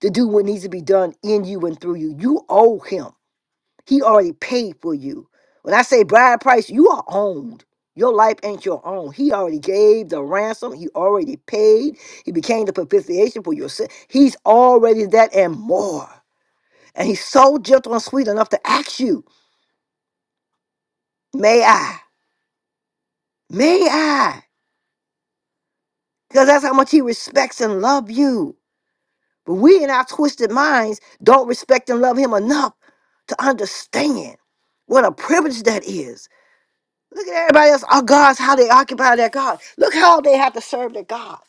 Speaker 1: to do what needs to be done in you and through you. You owe Him. He already paid for you. When I say bride price, you are owned. Your life ain't your own. He already gave the ransom. He already paid. He became the propitiation for your sin. He's already that and more. And he's so gentle and sweet enough to ask you, may I? May I? Because that's how much he respects and loves you. But we in our twisted minds don't respect and love him enough to understand what a privilege that is. Look at everybody else, our gods, how they occupy their God. Look how they have to serve their God.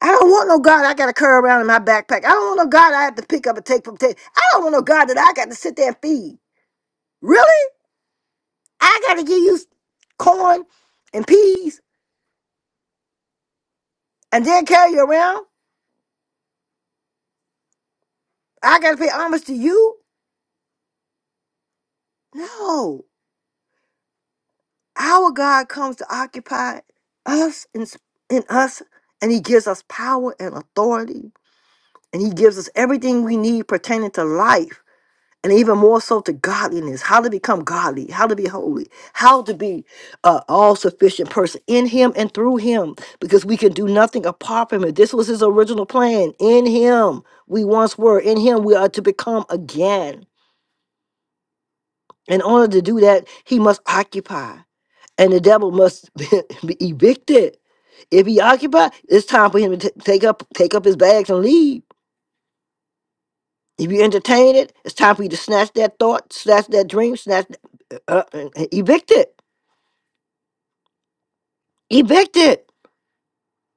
Speaker 1: I don't want no God I got to carry around in my backpack. I don't want no God I have to pick up and take from table. I don't want no God that I got to sit there and feed. Really? I got to give you corn and peas and then carry you around? I got to pay homage to you? No. Our God comes to occupy us in, in us, and He gives us power and authority, and He gives us everything we need pertaining to life and even more so to godliness how to become godly how to be holy how to be an all-sufficient person in him and through him because we can do nothing apart from him this was his original plan in him we once were in him we are to become again in order to do that he must occupy and the devil must be evicted if he occupied it's time for him to t- take up take up his bags and leave If you entertain it, it's time for you to snatch that thought, snatch that dream, snatch, uh, uh, evict it. Evict it.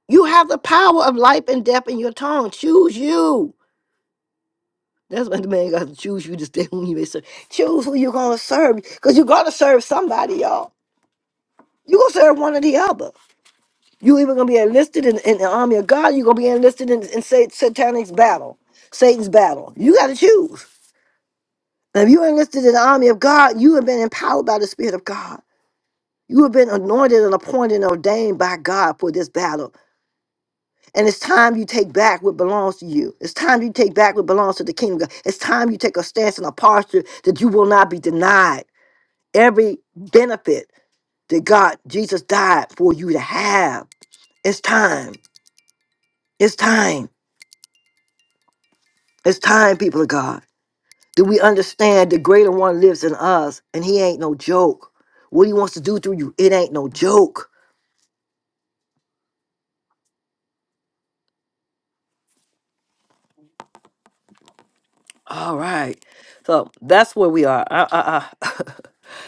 Speaker 1: You have the power of life and death in your tongue. Choose you. That's what the man got to choose you to stay who you may serve. Choose who you're going to serve because you're going to serve somebody, y'all. You're going to serve one or the other. you either going to be enlisted in, in the army of God, you're going to be enlisted in, in Sat- Satanic's battle, Satan's battle. You got to choose. Now, if you're enlisted in the army of God, you have been empowered by the Spirit of God. You have been anointed and appointed and ordained by God for this battle. And it's time you take back what belongs to you. It's time you take back what belongs to the kingdom of God. It's time you take a stance and a posture that you will not be denied every benefit that God, Jesus died for you to have. It's time. It's time. It's time, people of God, that we understand the greater one lives in us and he ain't no joke. What he wants to do through you, it ain't no joke. All right. So that's where we are. I, I, I,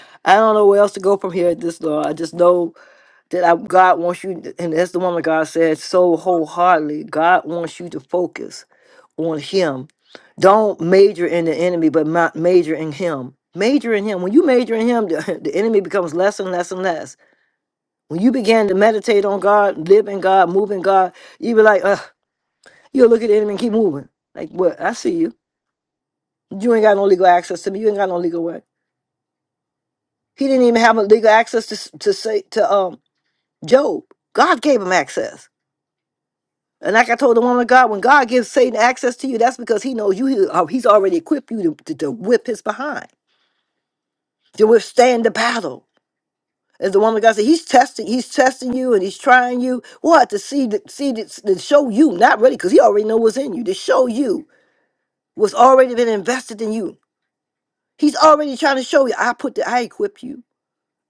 Speaker 1: I don't know where else to go from here at this Lord. I just know that I, God wants you, to- and that's the woman God said so wholeheartedly. God wants you to focus on Him. Don't major in the enemy, but ma- major in Him. Major in Him. When you major in Him, the, the enemy becomes less and less and less. When you begin to meditate on God, live in God, move in God, you be like, Ugh, you'll look at the enemy and keep moving. Like, what? I see you. You ain't got no legal access to me. You ain't got no legal way. He didn't even have a legal access to to say to um Job. God gave him access. And like I told the woman of God, when God gives Satan access to you, that's because he knows you. he- uh, he's already equipped you to, to, to whip his behind, to withstand the battle. As the woman of God said, he's testing, he's testing you, and he's trying you. What to see, the, see, the, to show you, not really, because he already know what's in you. To show you what's already been invested in you. He's already trying to show you. I put, the, I equip you.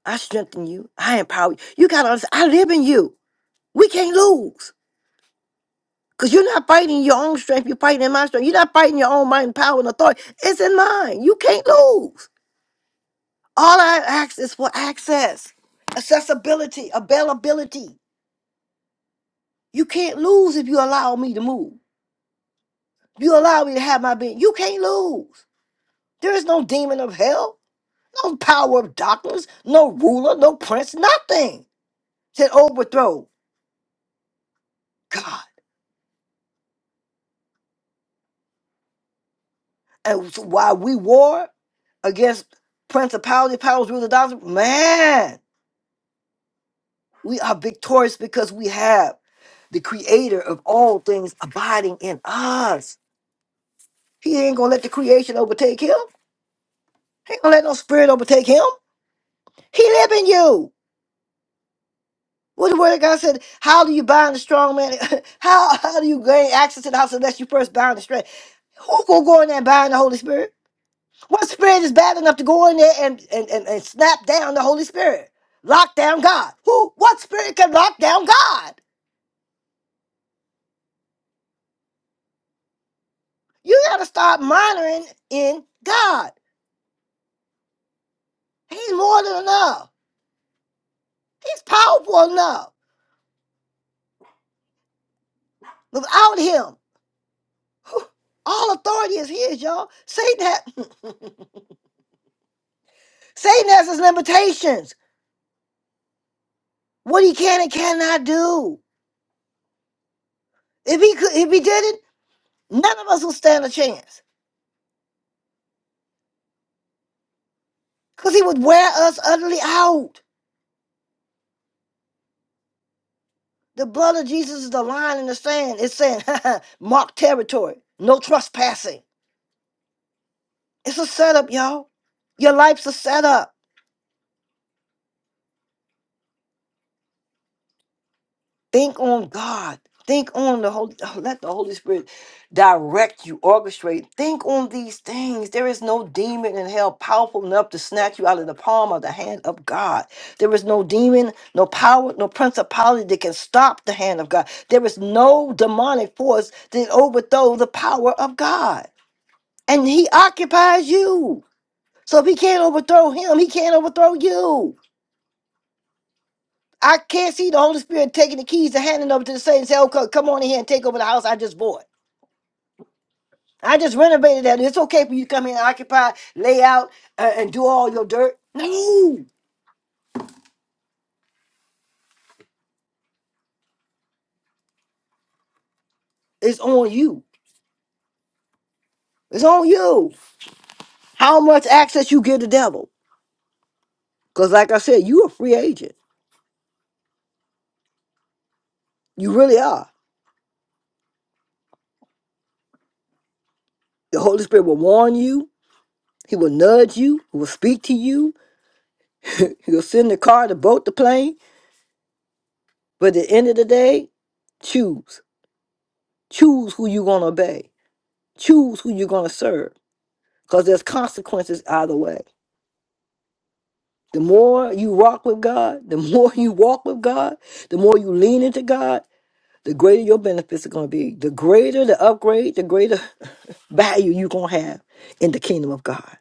Speaker 1: I strengthen you. I empower you. You gotta understand. I live in you. We can't lose. Because you're not fighting in your own strength, you're fighting in my strength. You're not fighting your own might and power and authority. It's in mine. You can't lose. All I ask is for access, accessibility, availability. You can't lose if you allow me to move. If you allow me to have my being, you can't lose. There is no demon of hell, no power of darkness, no ruler, no prince, nothing can overthrow God. And so while we war against principality, powers, rulers, doctrines, man. We are victorious because we have the creator of all things abiding in us. He ain't gonna let the creation overtake him. He ain't gonna let no spirit overtake him. He live in you. What the word of God said, how do you bind the strong man? How how do you gain access to the house unless you first bind the strength? Who gonna go in there and bind the Holy Spirit? What spirit is bad enough to go in there and, and, and, and snap down the Holy Spirit? Lock down God. Who what spirit can lock down God? You gotta start monitoring in God. He's more than enough. He's powerful enough. Without him, all authority is his, y'all. Satan has Satan has his limitations. What he can and cannot do. If he could, if he did it, none of us would stand a chance. Because he would wear us utterly out. The blood of Jesus is the line in the sand. It's saying, mark territory. No trespassing. It's a setup, y'all. Your life's a setup. Think on God. Think on the Holy. Let the Holy Spirit direct you, orchestrate. Think on these things. There is no demon in hell powerful enough to snatch you out of the palm of the hand of God. There is no demon, no power, no principality that can stop the hand of God. There is no demonic force that overthrow the power of God. And He occupies you. So if He can't overthrow Him, He can't overthrow you. I can't see the Holy Spirit taking the keys and handing over to the saints and say, "Oh, co- come on in here and take over the house I just bought. I just renovated that. It's okay for you to come in and occupy, lay out, uh, and do all your dirt." No, it's on you. It's on you. How much access you give the devil? Because, like I said, you a free agent. You really are. The Holy Spirit will warn you. He will nudge you. He will speak to you. He'll send the car, the boat, the plane. But at the end of the day, choose. Choose who you're gonna obey choose who you're going to serve because there's consequences either way. The more you rock with God, the more you walk with God, the more you lean into God, the greater your benefits are going to be. The greater the upgrade, the greater value you're going to have in the kingdom of God.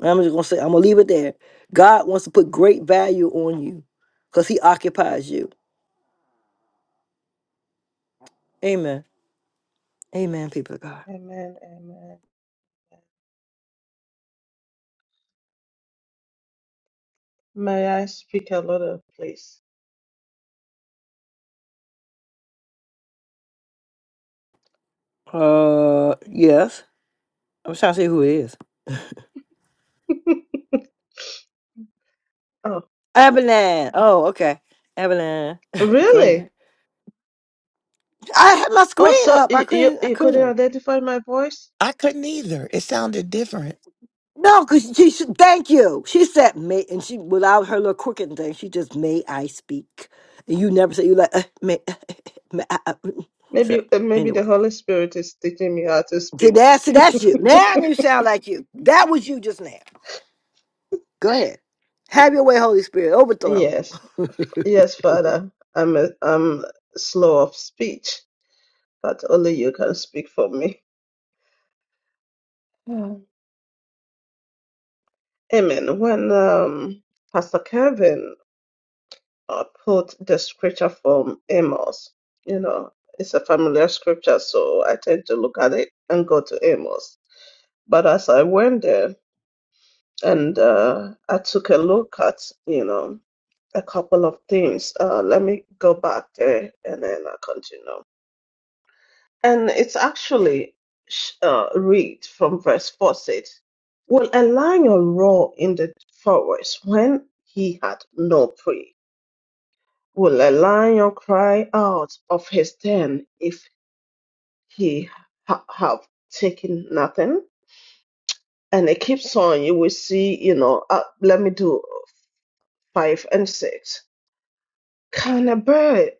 Speaker 1: And I'm just going to say, I'm going to leave it there. God wants to put great value on you because he occupies you. Amen. Amen, people of God.
Speaker 9: Amen. Amen. May I speak a lot of please?
Speaker 1: Uh, yes. I'm trying to see who it is.
Speaker 9: Oh,
Speaker 1: Abilene. Oh, okay. Abilene. go ahead.
Speaker 9: really?
Speaker 1: I had my
Speaker 9: Oh,
Speaker 1: screen
Speaker 9: so
Speaker 1: up. I
Speaker 9: you, you
Speaker 1: couldn't. I
Speaker 9: you couldn't
Speaker 1: couldn't.
Speaker 9: identify my voice?
Speaker 7: I couldn't either. It sounded different.
Speaker 1: No, because she. she- Thank you. She said, "May," and she without her little crooked thing. She just, "May I speak?" And you never say you like, uh, "May." uh, uh, uh, may I, I- mm." so
Speaker 9: Maybe uh, maybe the
Speaker 1: anyway,
Speaker 9: Holy Spirit is teaching me how to
Speaker 1: see
Speaker 9: speak.
Speaker 1: that? see, that's you. Now you sound like you. That was you just now. Go ahead. Have your way, Holy Spirit. Overthrow.
Speaker 9: Yes, yes, Father. I'm a, I'm slow of speech. that only you can speak for me. Mm. Amen. When um, Pastor Kevin uh, put the scripture from Amos, you know, it's a familiar scripture, so I tend to look at it and go to Amos. But as I went there and uh, I took a look at, you know, a couple of things, uh, let me go back there and then I continue. And it's actually sh- uh, read from verse 4 says, Will a lion roar in the forest when he had no prey? Will a lion cry out of his den if he ha- have taken nothing? And it keeps on. You will see, you know, uh, let me do five and six. Can a bird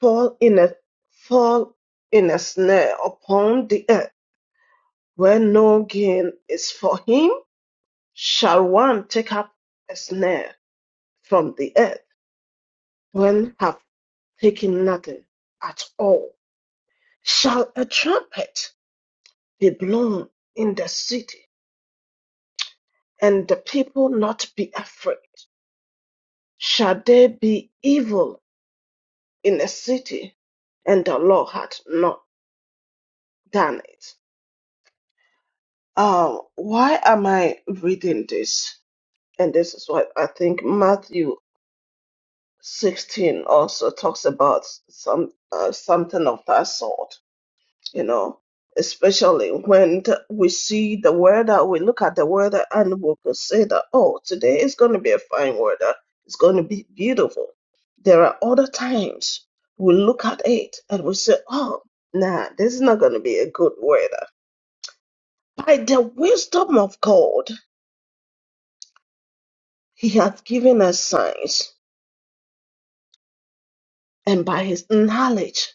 Speaker 9: fall in a fall in a snare upon the earth where no gain is for him? Shall one take up a snare from the earth when have taken nothing at all? Shall a trumpet be blown in the city, and the people not be afraid? Shall there be evil in the city, and the Lord hath not done it? Um, why am I reading this? And this is what I think Matthew 16 also talks about some uh, something of that sort you know, especially when t- we see the weather, we look at the weather and we could say that, oh, today is going to be a fine weather. It's going to be beautiful. There are other times we look at it and we say, oh, nah, this is not going to be a good weather. By the wisdom of God, He hath given us signs, and by His knowledge,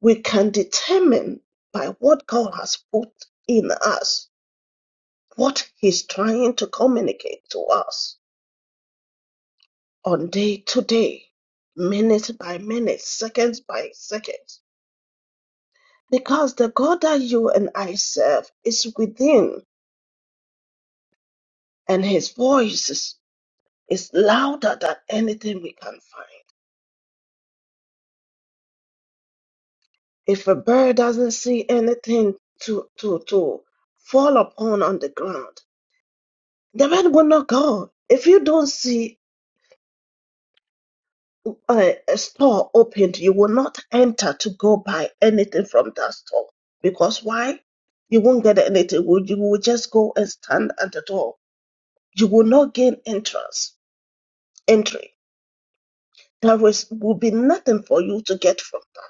Speaker 9: we can determine by what God has put in us what he's trying to communicate to us on day to day, minute by minute, seconds by seconds. Because the God that you and I serve is within, and his voice is, is louder than anything we can find. If a bird doesn't see anything to, to, to fall upon on the ground, the bird will not go. If you don't see uh, a store opened, you will not enter to go buy anything from that store. Because why? You won't get anything. You you will just go and stand at the door. You will not gain entrance, entry. There is, will be nothing for you to get from that.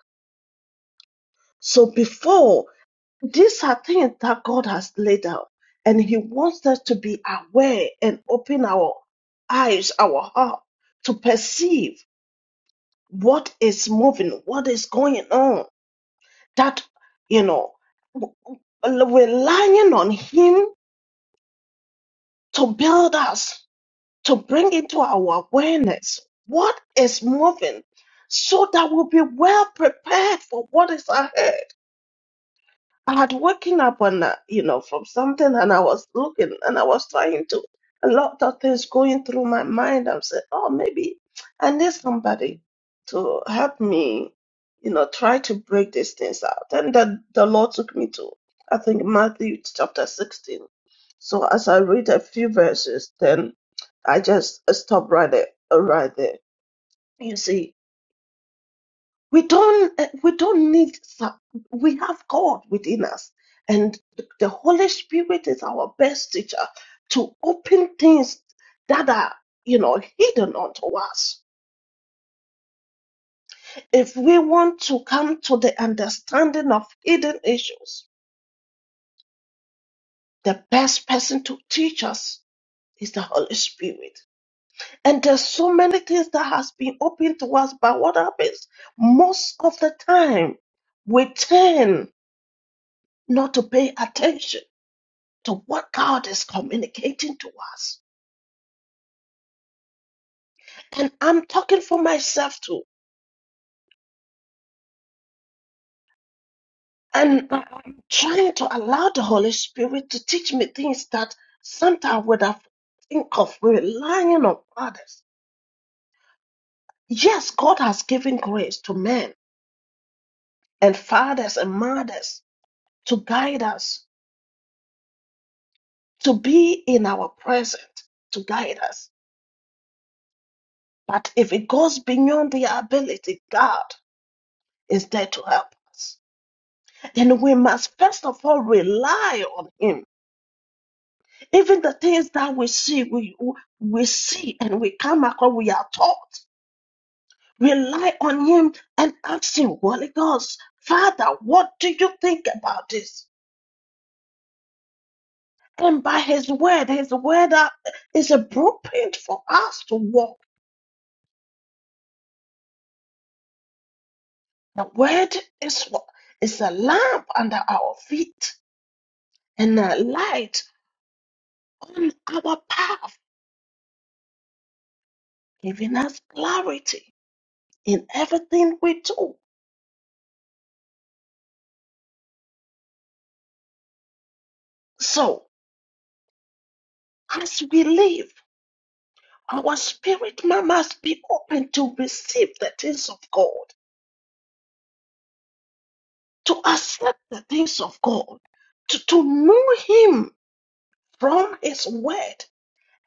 Speaker 9: So before, these are things that God has laid out. And He wants us to be aware and open our eyes, our heart to perceive what is moving, what is going on that you know w- w- relying on him to build us to bring into our awareness what is moving so that we'll be well prepared for what is ahead I had woken up on a, you know from something, and I was looking, and I was trying to a lot of things going through my mind. I'm saying, oh, maybe I need somebody to help me, you know, try to break these things out. And the the Lord took me to I think Matthew chapter 16. So as I read a few verses, then I just stopped right there, right there. You see, we don't uh, we don't need some- we have god within us and th- the holy spirit is our best teacher to open things that are you know hidden unto us if we want to come to the understanding of hidden issues the best person to teach us is the holy spirit and there's so many things that has been opened to us but what happens most of the time we tend not to pay attention to what God is communicating to us. And I'm talking for myself too. And I- I'm trying to allow the Holy Spirit to teach me things that sometimes I would have think of relying on others. Yes, God has given grace to men and fathers and mothers to guide us, to be in our present, to guide us. But if it goes beyond their ability, God is there to help us. And we must first of all rely on Him Even the things that we see, we, we see and we come across, we are taught. Rely on Him and ask Him, Holy Ghost, Father, what do you think about this? And by His word, His word are- is a blueprint for us to walk. The word is what is a lamp under our feet and a light on our path, giving us clarity in everything we do. So, as we live. Our spirit man must be open to receive the things of God, to accept the things of God, to, to know Him from His word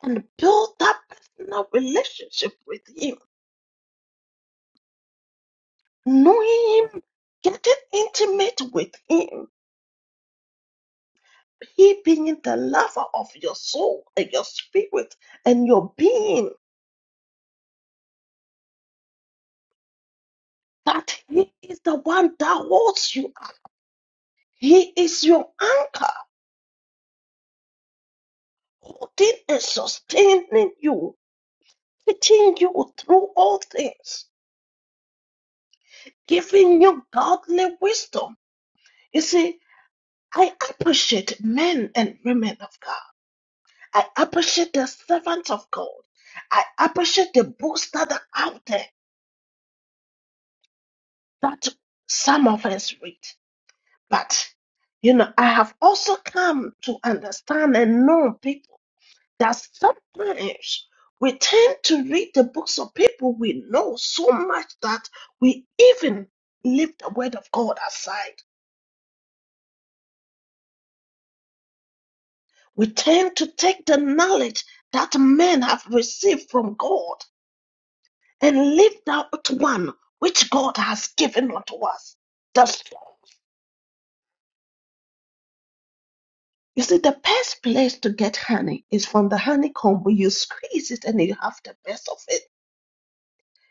Speaker 9: and build that personal relationship with Him. Knowing Him, getting intimate with Him, He being the lover of your soul and your spirit and your being, that He is the one that holds you up. He is your anchor, holding and sustaining you teaching you through all things, giving you godly wisdom. You see, I appreciate men and women of God. I appreciate the servants of God. I appreciate the books that are out there that some of us read. But, you know, I have also come to understand and know people that sometimes we tend to read the books of people we know so much that we even leave the word of God aside We tend to take the knowledge that men have received from God and leave out one which God has given unto us. That's you see, the best place to get honey is from the honeycomb where you squeeze it and you have the best of it.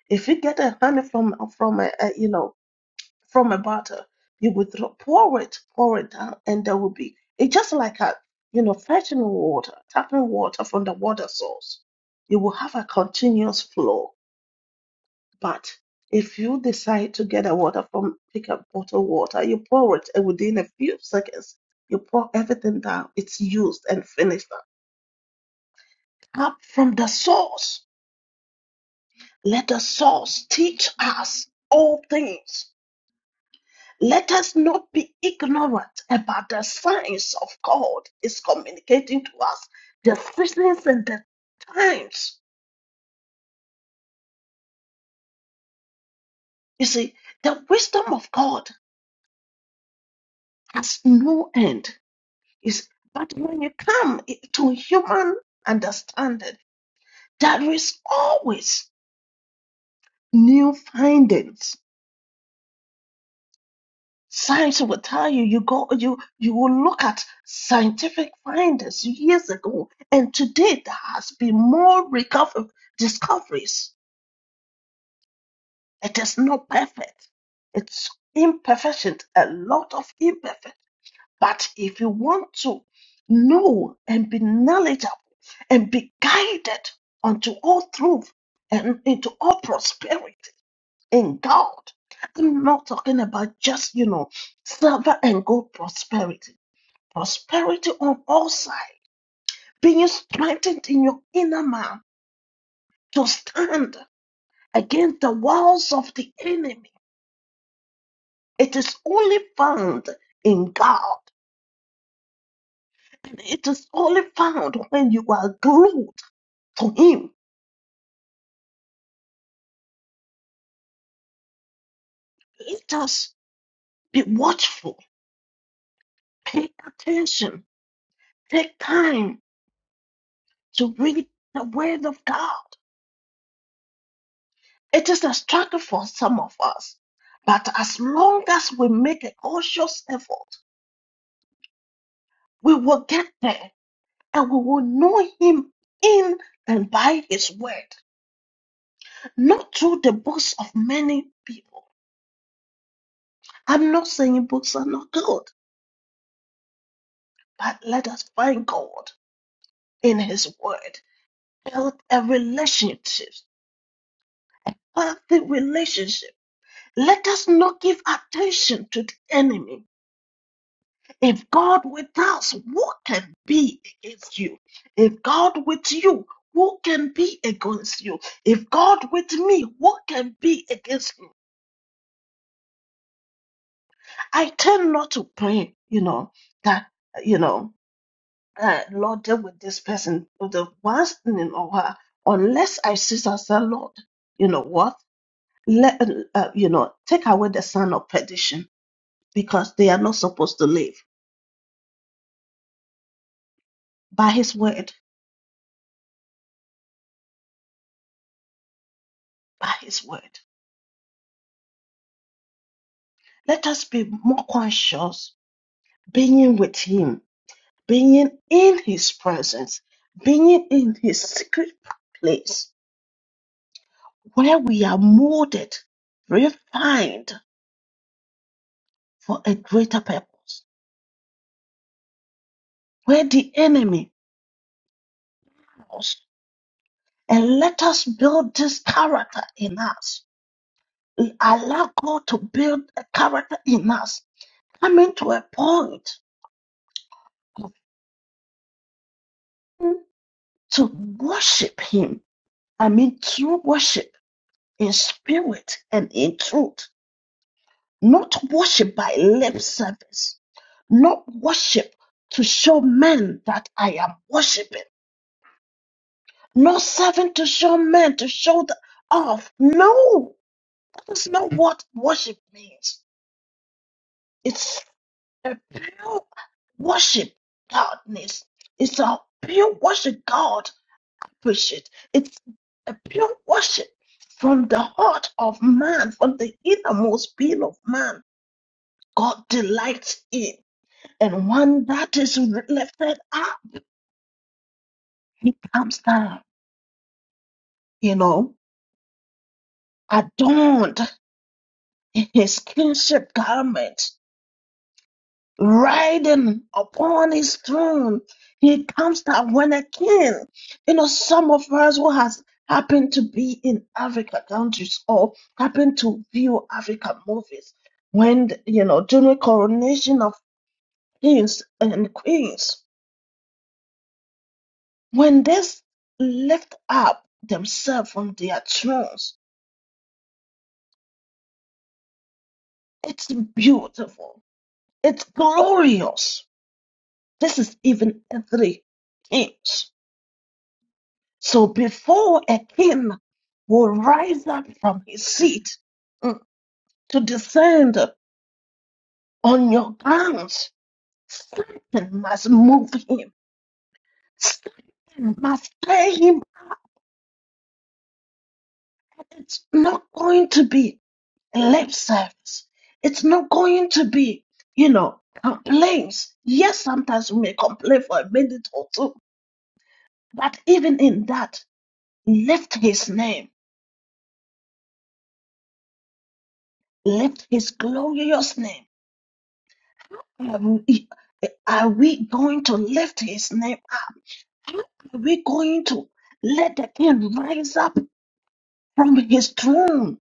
Speaker 9: If you get a honey from from a, a you know from a bottle, you would throw, pour it pour it down, and there will be it's just like a you know fetching water, tapping water from the water source. You will have a continuous flow But if you decide to get a water from, pick up bottled water, you pour it, and within a few seconds, you pour everything down. It's used and finished up. Up from the source. Let the source teach us all things. Let us not be ignorant about the signs of God is communicating to us the seasons and the times. You see, the wisdom of God has no end. Is but when you come i- to human understanding, there is always new findings. Science will tell you you go you you will look at scientific findings years ago, and today there has been more recover discoveries. It is not perfect. It's imperfection, a lot of imperfection But if you want to know and be knowledgeable and be guided unto all truth and into all prosperity in God, I'm not talking about just, you know, silver and gold prosperity, prosperity on all sides, being strengthened in your inner man to stand against the walls of the enemy. It is only found in God. It is only found when you are glued to Him Let us be watchful, pay attention, take time to read the Word of God. It is a struggle for some of us, but as long as we make a conscious effort, we will get there and we will know Him in and by His Word, not through the books of many people. I'm not saying books are not good, but let us find God in His Word, build a relationship healthy relationship. Let us not give attention to the enemy. If God with us, who can be against you? If God with you, who can be against you? If God with me, who can be against me? I tend not to pray, you know, that, you know, uh, Lord, deal with this person, with the ones in or her, unless I sit and say, Lord, you know what? Let, uh, uh, you know, take away the son of perdition because they are not supposed to live by his word. by His word. Let us be more conscious being with Him, being in His presence, being in His secret place where we are molded, refined for a greater purpose, where the enemy falls. And let us build this character in us. Allow God to build a character in us, coming to a point to worship Him. I mean, true worship in spirit and in truth, not worship by lip service, not worship to show men that I am worshiping, not serving to show men to show the off. No, that's not what worship means. It's a pure worship God needs. It's a pure worship God appreciates. It's a pure worship from the heart of man, from the innermost being of man God delights in. And when that is lifted up, he comes down, you know, adorned in his kingship garment, riding upon his throne. He comes down when a king, you know, some of us who has happened to be in Africa countries or happen to view African movies, when, you know, during coronation of kings and queens, When they lift up themselves from their thrones, it's beautiful. It's glorious. This is even a three kings. So before a king will rise up from his seat mm, to descend on your grounds, something must move him. Something must tell him that it's not going to be. lip service. It's not going to be, you know, complaints. Yes, sometimes we may complain for a minute or two, but even in that, lift his name, lift his glorious name. Are we, are we going to lift his name? Are we going to let the king rise up from his throne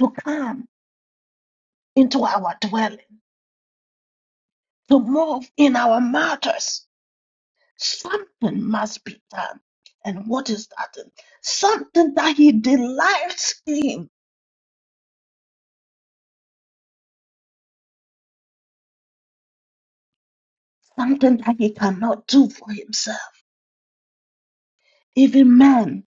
Speaker 9: to come into our dwelling, to move in our matters? Something must be done. And what is that? Something that he delights in, something that he cannot do for himself. Even man,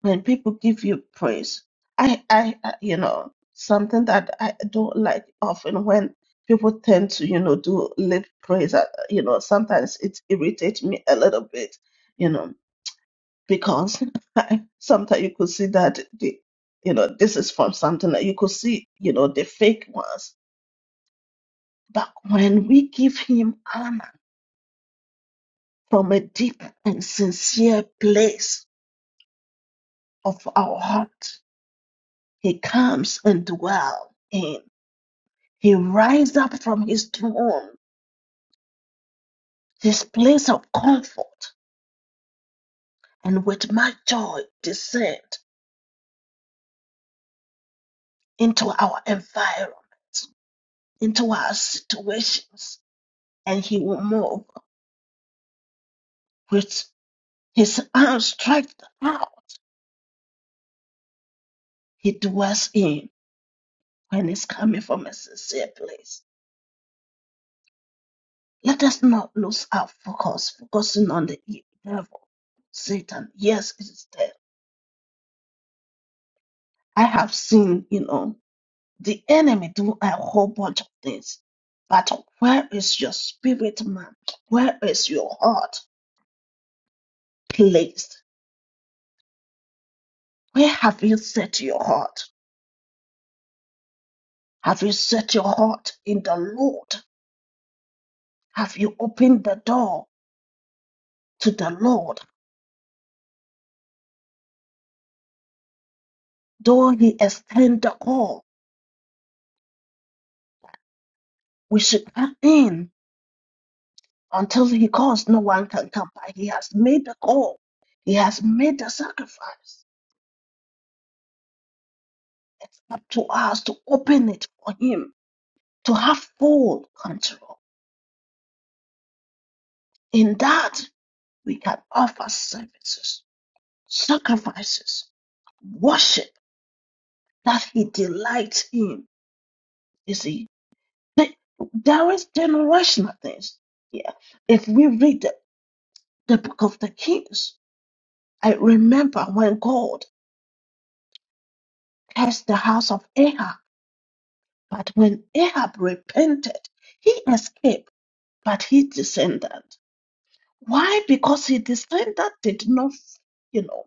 Speaker 9: when people give you praise, I, I, I you know, something that I don't like often when people tend to, you know, do lip praise. uh, You know, sometimes it irritates me a little bit, you know because sometimes you could see that the you know this is from something that you could see you know the fake ones but when we give him honor from a deep and sincere place of our heart he comes and dwells in he rises up from his throne his place of comfort and with much joy descend into our environment into our situations and he will move with. His arm strikes the heart he dwells in when it's coming from a sincere place. Let us not lose our focus, focusing on the e- devil, Satan. Yes, it's there. I have seen, you know, the enemy do a whole bunch of things. But where is your spirit, man? Where is your heart placed? Where have you set your heart? Have you set your heart in the Lord? Have you opened the door to the Lord? Though he extend the call, we should cut in until he calls. No one can come by. He has made the call. He has made the sacrifice. It's up to us to open it for him, to have full control. In that, we can offer services, sacrifices, worship that he delights in. You see, Th- there is generational things. Yeah. If we read the, the book of the Kings, I remember when God cursed the house of Ahab, but when Ahab repented, he escaped, but his descendant. Why? Because his descendant did not, you know,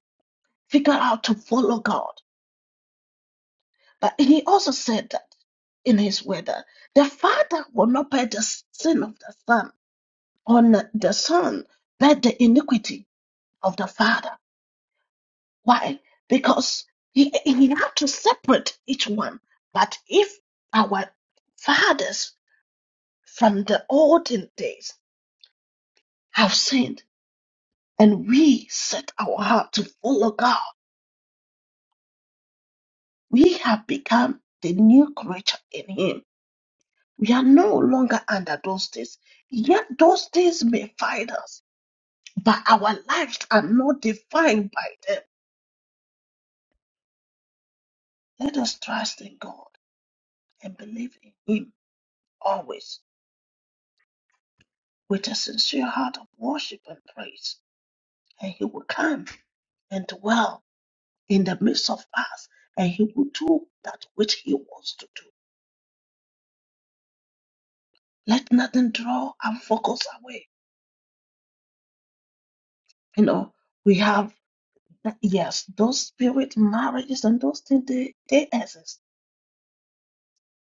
Speaker 9: figure out to follow God. But he also said that in his word that the father will not bear the sin of the son, or n- the son bear the iniquity of the father. Why? Because he, he had to separate each one. But if our fathers from the olden days have sinned and we set our heart to follow God, we have become the new creature in Him. We are no longer under those days. Yet those days may find us, but our lives are not defined by them. Let us trust in God and believe in Him always. with a sincere heart of worship and praise, and he will come and dwell in the midst of us, and he will do that which he wants to do. Let nothing draw our focus away. You know, we have yes, those spirit marriages and those things they, they exist.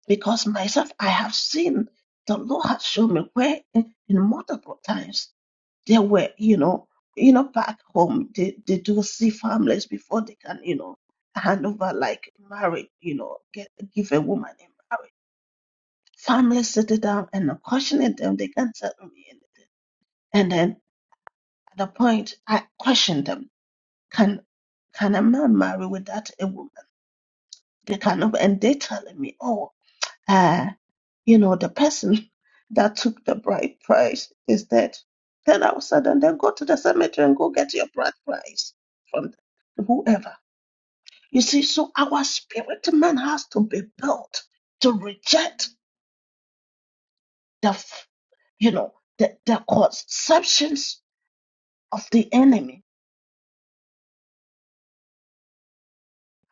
Speaker 9: Because myself I have seen the Lord has shown me where in, in multiple times They were, you know, you know, back home, they, they do see families before they can, you know, hand over like marriage, you know, get give a woman in marriage. Families sit it down and I'm questioning them. They can't tell me anything. And then at the point, I question them. Can can a man marry without a woman? They cannot. And they telling me, oh, uh, you know, the person that took the bride price is dead. Then all of a sudden, then go to the cemetery and go get your bride price from whoever. You see, so our spirit man has to be built to reject the, f- you know, the, the conceptions of the enemy.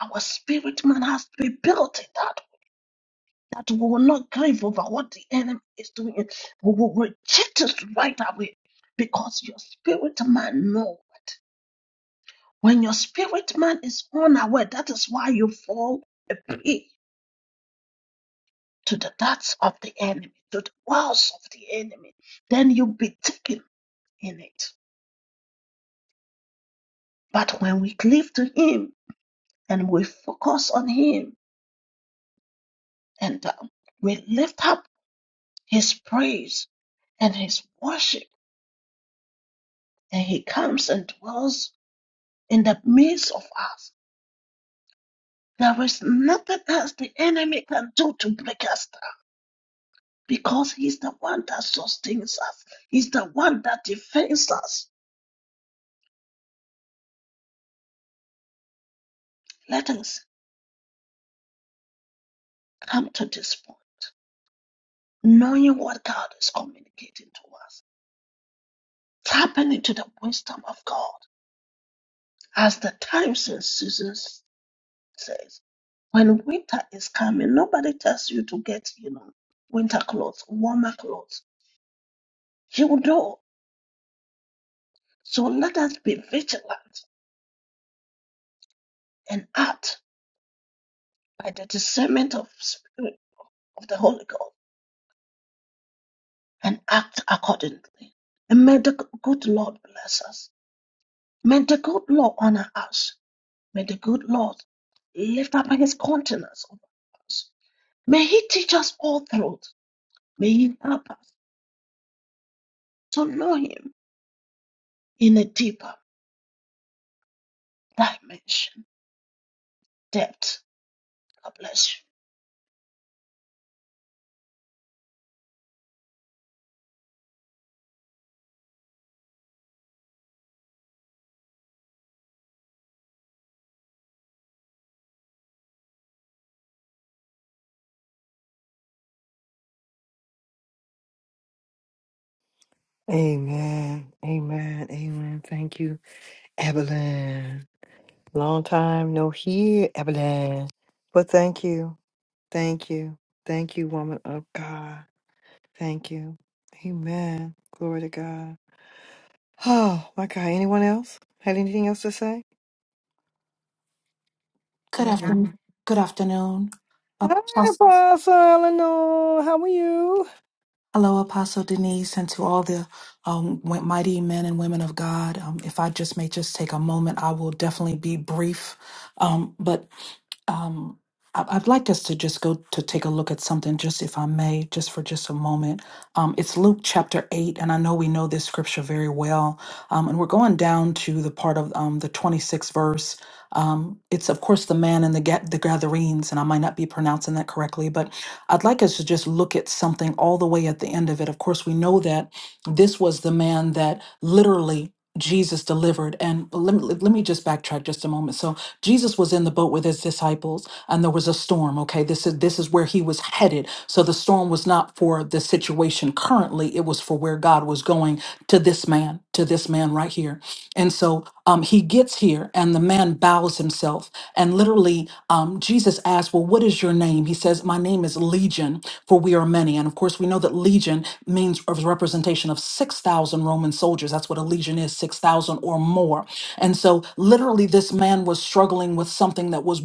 Speaker 9: Our spirit man has to be built in that that we will not grieve over what the enemy is doing. We will reject it right away because your spirit man knows. When your spirit man is unaware, that is why you fall a prey to the darts of the enemy, to the wiles of the enemy. Then you be taken in it. But when we cleave to Him and we focus on Him and uh, we lift up His praise and His worship, and He comes and dwells in the midst of us, there is nothing else the enemy can do to break us because he's the one that sustains us. He's the one that defends us. Let us come to this point, knowing what God is communicating to us, tapping into the wisdom of God. As the times and seasons says, when winter is coming, nobody tells you to get, you know, winter clothes, warmer clothes. You know. So let us be vigilant and act by the discernment of spirit of the Holy Ghost and act accordingly. And may the good Lord bless us. May the good Lord honor us. May the good Lord lift up his countenance over us. May he teach us all truth. May he help us to know him in a deeper dimension, depth. God bless
Speaker 1: Amen. Amen. Amen. Thank you, Evelyn. Long time no hear, Evelyn. But thank you. Thank you. Thank you, woman of God. Thank you. Amen. Glory to God. Oh, my God. Anyone else? Had anything else to say?
Speaker 10: Good
Speaker 1: Mhm.
Speaker 10: afternoon. Good afternoon,
Speaker 1: Hi,
Speaker 10: Apos-
Speaker 1: Apostle Eleanor. How are you?
Speaker 10: Hello, Apostle Denise, and to all the um, wi- mighty men and women of God. Um, if I just may just take a moment, I will definitely be brief. Um, but um, I- I'd like us to just go to take a look at something, just if I may, just for just a moment. Um, it's Luke chapter 8, and I know we know this scripture very well. Um, and we're going down to the part of um, the 26th verse. Um, it's, of course, the man and the, ga- the Gadarenes, and I might not be pronouncing that correctly, but I'd like us to just look at something all the way at the end of it. Of course, we know that this was the man that literally Jesus delivered. And let me, let me just backtrack just a moment. So Jesus was in the boat with his disciples and there was a storm okay this is this is where he was headed so the storm was not for the situation currently it was for where god was going to this man to this man right here and so um, he gets here and the man bows himself and literally um, jesus asks well what is your name he says my name is legion for we are many and of course we know that legion means a representation of 6000 roman soldiers that's what a legion is 6000 or more and so, literally, this man was struggling with something that was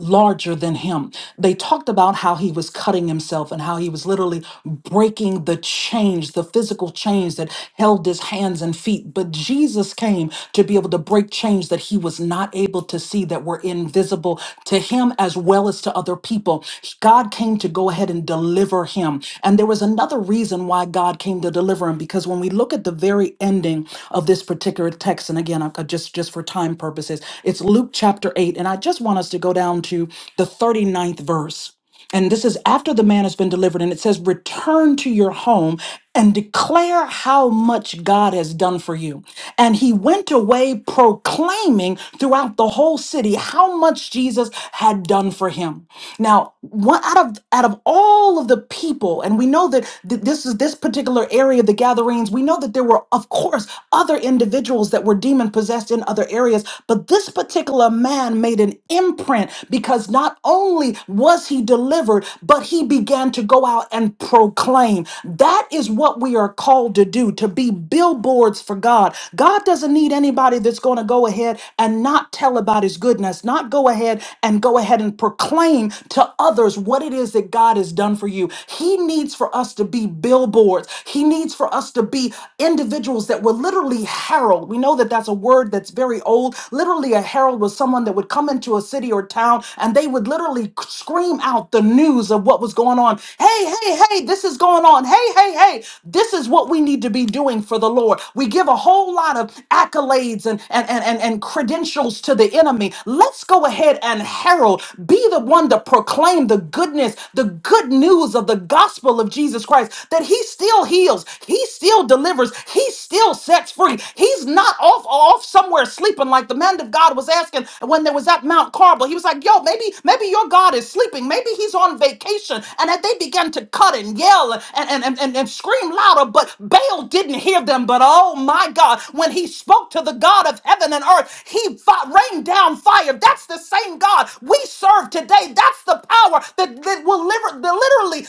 Speaker 10: larger than him. They talked about how he was cutting himself and how he was literally breaking the chains, the physical chains that held his hands and feet. But Jesus came to be able to break chains that he was not able to see that were invisible to him as well as to other people. God came to go ahead and deliver him. And there was another reason why God came to deliver him because when we look at the very ending of this particular text, and again, I, I just just for time purposes, it's Luke chapter eight, and I just want us to go down to the thirty ninth verse. And this is after the man has been delivered, and it says, Return to your home and declare how much God has done for you. And he went away proclaiming throughout the whole city how much Jesus had done for him. Now, one out of out of all all of the people and we know that th- this is this particular area of the gatherings we know that there were of course other individuals that were demon possessed in other areas but this particular man made an imprint because not only was he delivered but he began to go out and proclaim that is what we are called to do to be billboards for god god doesn't need anybody that's going to go ahead and not tell about his goodness not go go ahead and go ahead and proclaim to others what it is that God has done for you. He needs for us to be billboards. He needs for us to be individuals that will literally herald. We know that that's a word that's very old. Literally, a herald was someone that would come into a city or town and they would literally scream out the news of what was going on. Hey, hey, hey, this is going on. Hey, hey, hey, this is what we need to be doing for the Lord. We give a whole lot of accolades and, and, and, and, and credentials to the enemy. Let's go ahead and herald, be the one to proclaim the goodness, the good news of the gospel of Jesus Christ that he still heals, he still delivers, he still sets free. He's not off off somewhere sleeping like the man of God was asking when there was at Mount Carmel. He was like, "Yo, maybe maybe your God is sleeping. Maybe he's on vacation." And that they began to cut and yell and and and, and, scream louder, but Baal didn't hear them. But oh my God, when he spoke to the God of heaven and earth, he fi- rained down fire. That's the same God we serve today. That's the power that, that will liver- that literally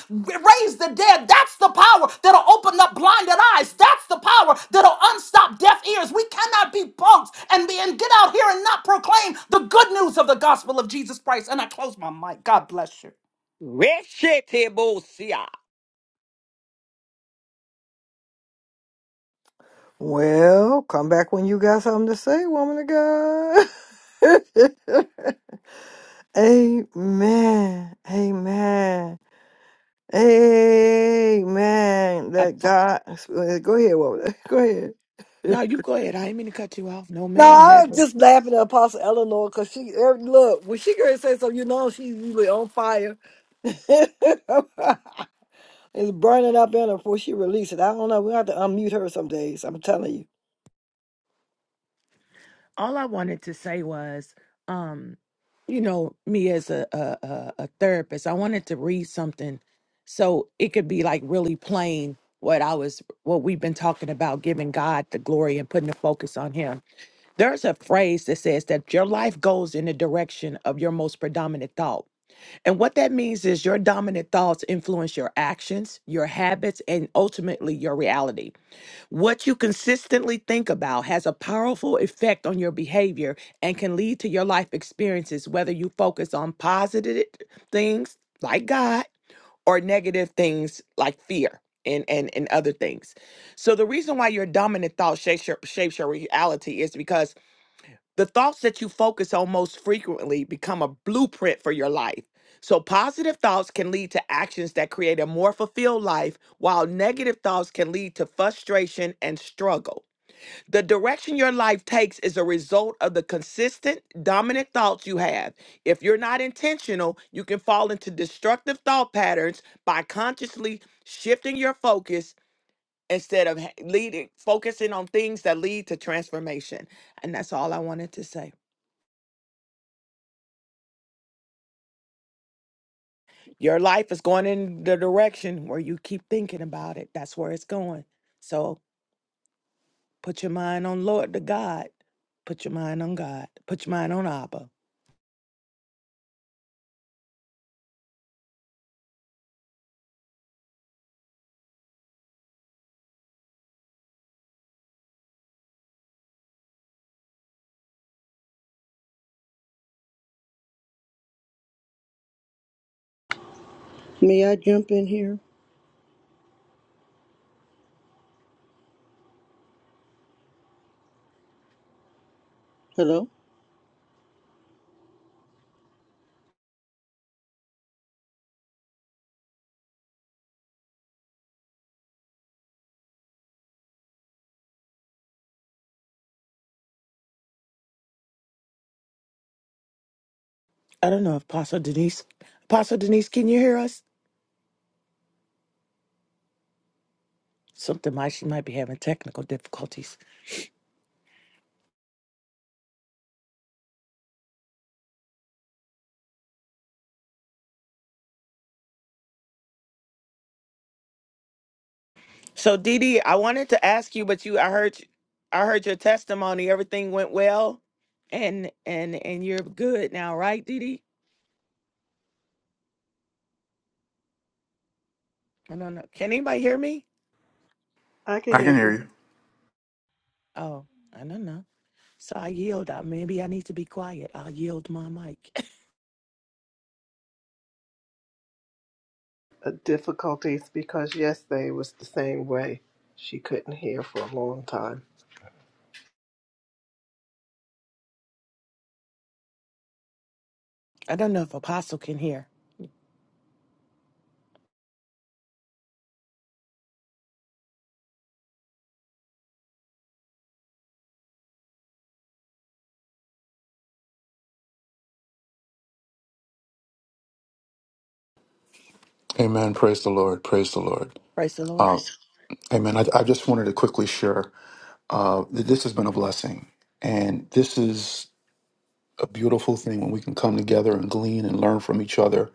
Speaker 10: raise the dead. That's the power that'll open up blinded eyes. That's the power that'll unstop deaf ears. We cannot be punks and, be, and get out here and not proclaim the good news of the gospel of Jesus Christ. And I close my mic. God bless you.
Speaker 7: Reshete
Speaker 1: Well, come back when you got something to say, woman of God. Amen. Amen. Amen. That
Speaker 7: Apo-
Speaker 1: God. Go ahead, woman. Go ahead.
Speaker 7: No, you go ahead. I ain't mean to cut you off. No, ma'am,
Speaker 1: No, I'm
Speaker 7: never.
Speaker 1: just laughing at Apostle Eleanor because she er, look when she gonna say something, you know she's usually on fire. it's burning up in her before she releases it. I don't know. We have to unmute her some days. I'm telling you.
Speaker 7: All I wanted to say was, um, you know, me as a a, a a therapist, I wanted to read something so it could be like really plain what I was, what we've been talking about, giving God the glory and putting the focus on Him. There's a phrase that says that your life goes in the direction of your most predominant thought. And what that means is your dominant thoughts influence your actions, your habits, and ultimately your reality. What you consistently think about has a powerful effect on your behavior and can lead to your life experiences, whether you focus on positive things like God or negative things like fear and, and, and other things. So, the reason why your dominant thought shapes your, shapes your reality is because the thoughts that you focus on most frequently become a blueprint for your life. So, positive thoughts can lead to actions that create a more fulfilled life, while negative thoughts can lead to frustration and struggle. The direction your life takes is a result of the consistent, dominant thoughts you have. If you're not intentional, you can fall into destructive thought patterns by consciously shifting your focus instead of ha- leading focusing on things that lead to transformation. And that's all I wanted to say. Your life is going in the direction where you keep thinking about it. That's where it's going. So put your mind on Lord, the God. Put your mind on God. Put your mind on Abba.
Speaker 11: May I jump in here? Hello?
Speaker 7: I don't know if Apostle Denise, Apostle Denise, can you hear us? Something might she might be having technical difficulties. So Dee Dee, I wanted to ask you, but you, I heard, you- I heard your testimony. Everything went well, and and and you're good now, right, Dee Dee? I don't know. Can anybody hear me?
Speaker 12: I can
Speaker 6: I can
Speaker 12: hear
Speaker 6: hear
Speaker 12: you.
Speaker 6: you.
Speaker 7: Oh, I don't know. So I yield. Uh, Maybe I need to be quiet. I'll yield my mic.
Speaker 12: Uh, difficulties because yesterday was the same way. She couldn't hear for a long time.
Speaker 7: I don't know if Apostle can hear.
Speaker 6: Amen. Praise the Lord. Praise the Lord.
Speaker 7: Praise the Lord.
Speaker 6: Uh, amen. I, I just wanted to quickly share uh, that this has been a blessing. And this is a beautiful thing when we can come together and glean and learn from each other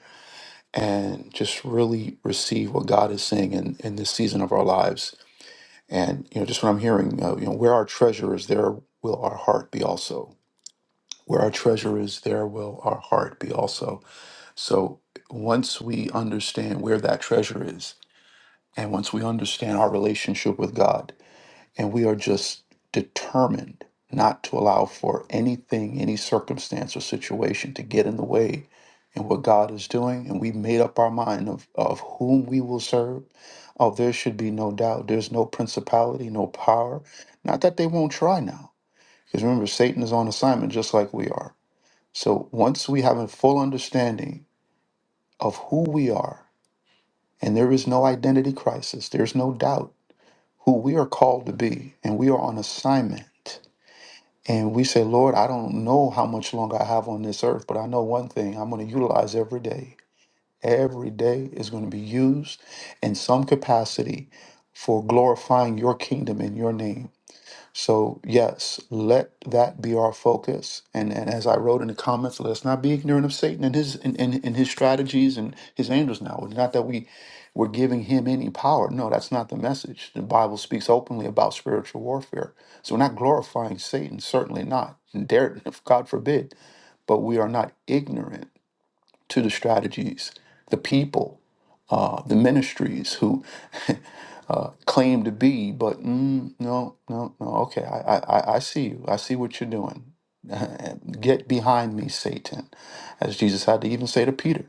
Speaker 6: and just really receive what God is saying in, in this season of our lives. And, you know, just what I'm hearing, uh, you know, where our treasure is, there will our heart be also. Where our treasure is, there will our heart be also. So once we understand where that treasure is, And once we understand our relationship with God, and we are just determined not to allow for anything, any circumstance or situation to get in the way in what God is doing, and we made up our mind of, of whom we will serve. Oh, there should be no doubt. There's no principality, no power. Not that they won't try now. Because remember, Satan is on assignment just like we are. So once we have a full understanding of who we are, and there is no identity crisis, there's no doubt who we are called to be, and we are on assignment. And we say, Lord, I don't know how much longer I have on this earth, but I know one thing I'm going to utilize every day. Every day is going to be used in some capacity for glorifying your kingdom in your name. So, yes, let that be our focus. And, and as I wrote in the comments, let's not be ignorant of Satan and his and, and, and his strategies and his angels now. It's not that we we're giving him any power. No, that's not the message. The Bible speaks openly about spiritual warfare. So we're not glorifying Satan, certainly not. And Dare God forbid, but we are not ignorant to the strategies, the people, uh, the ministries who uh, claim to be, but mm, no, no, no. Okay, I, I, I I see you. I see what you're doing. Get behind me, Satan, as Jesus had to even say to Peter.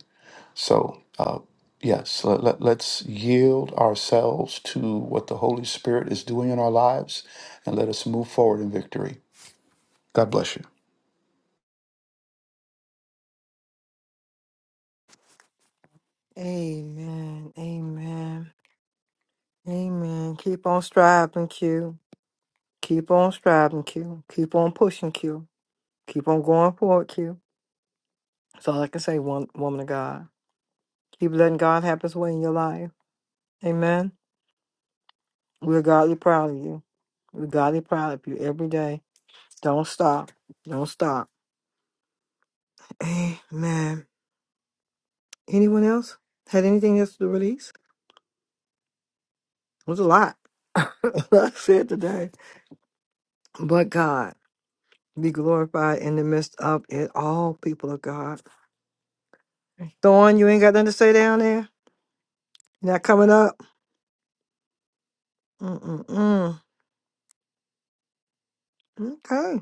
Speaker 6: So, uh, yes, let, let, let's yield ourselves to what the Holy Spirit is doing in our lives and let us move forward in victory. God bless you.
Speaker 1: Amen. Amen. Amen. Keep on striving, Q. Keep on striving, Q. Keep on pushing, Q. Keep on going forward, Q. That's all I can say, one, woman of God. Keep letting God have his way in your life. Amen. We're godly proud of you. We're godly proud of you every day. Don't stop. Don't stop. Amen. Anyone else had anything else to release? It was a lot I said today. But God be glorified in the midst of it all, people of God. Thorn, you ain't got nothing to say down there? You're not coming up? Mm-mm-mm. Okay.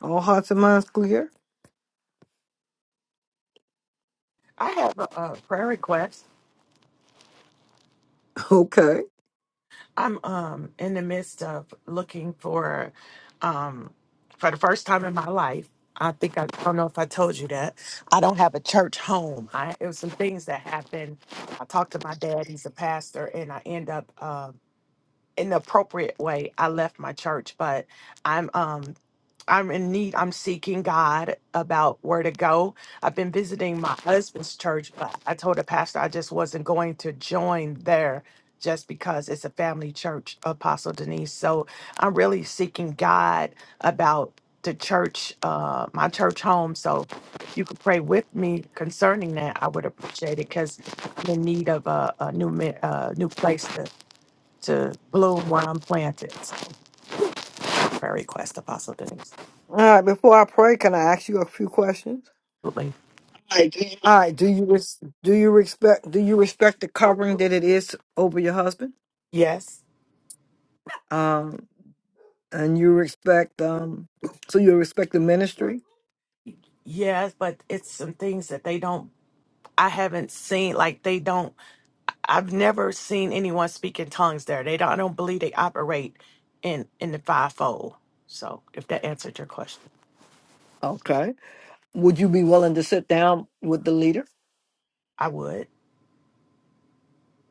Speaker 1: All hearts and minds clear?
Speaker 7: I have a, uh prayer request.
Speaker 1: Okay.
Speaker 7: I'm um in the midst of looking for um for the first time in my life. I think I, I don't know if I told you that. I don't have a church home. I it was some things that happened. I talked to my dad, he's a pastor, and I end up um in the appropriate way, I left my church, but I'm um I'm in need. I'm seeking God about where to go. I've been visiting my husband's church, but I told the pastor I just wasn't going to join there just because it's a family church, Apostle Denise. So I'm really seeking God about the church, uh, my church home. So if you could pray with me concerning that, I would appreciate it because I'm in need of a, a new mi- uh, new place to, to bloom where I'm planted. So prayer request, Apostle Denise.
Speaker 1: All right, before I pray, can I ask you a few questions?
Speaker 7: Absolutely.
Speaker 1: All right, do you res- do you respect do you respect the covering that it is over your husband?
Speaker 7: Yes,
Speaker 1: Um. And you respect um so you respect the ministry?
Speaker 7: yes, but it's some things that they don't, I haven't seen, like they don't, I've never seen anyone speak in tongues there. They don't, I don't believe they operate in in the fivefold. So if that answered your question,
Speaker 1: Okay. Would you be willing to sit down with the leader?
Speaker 7: I would.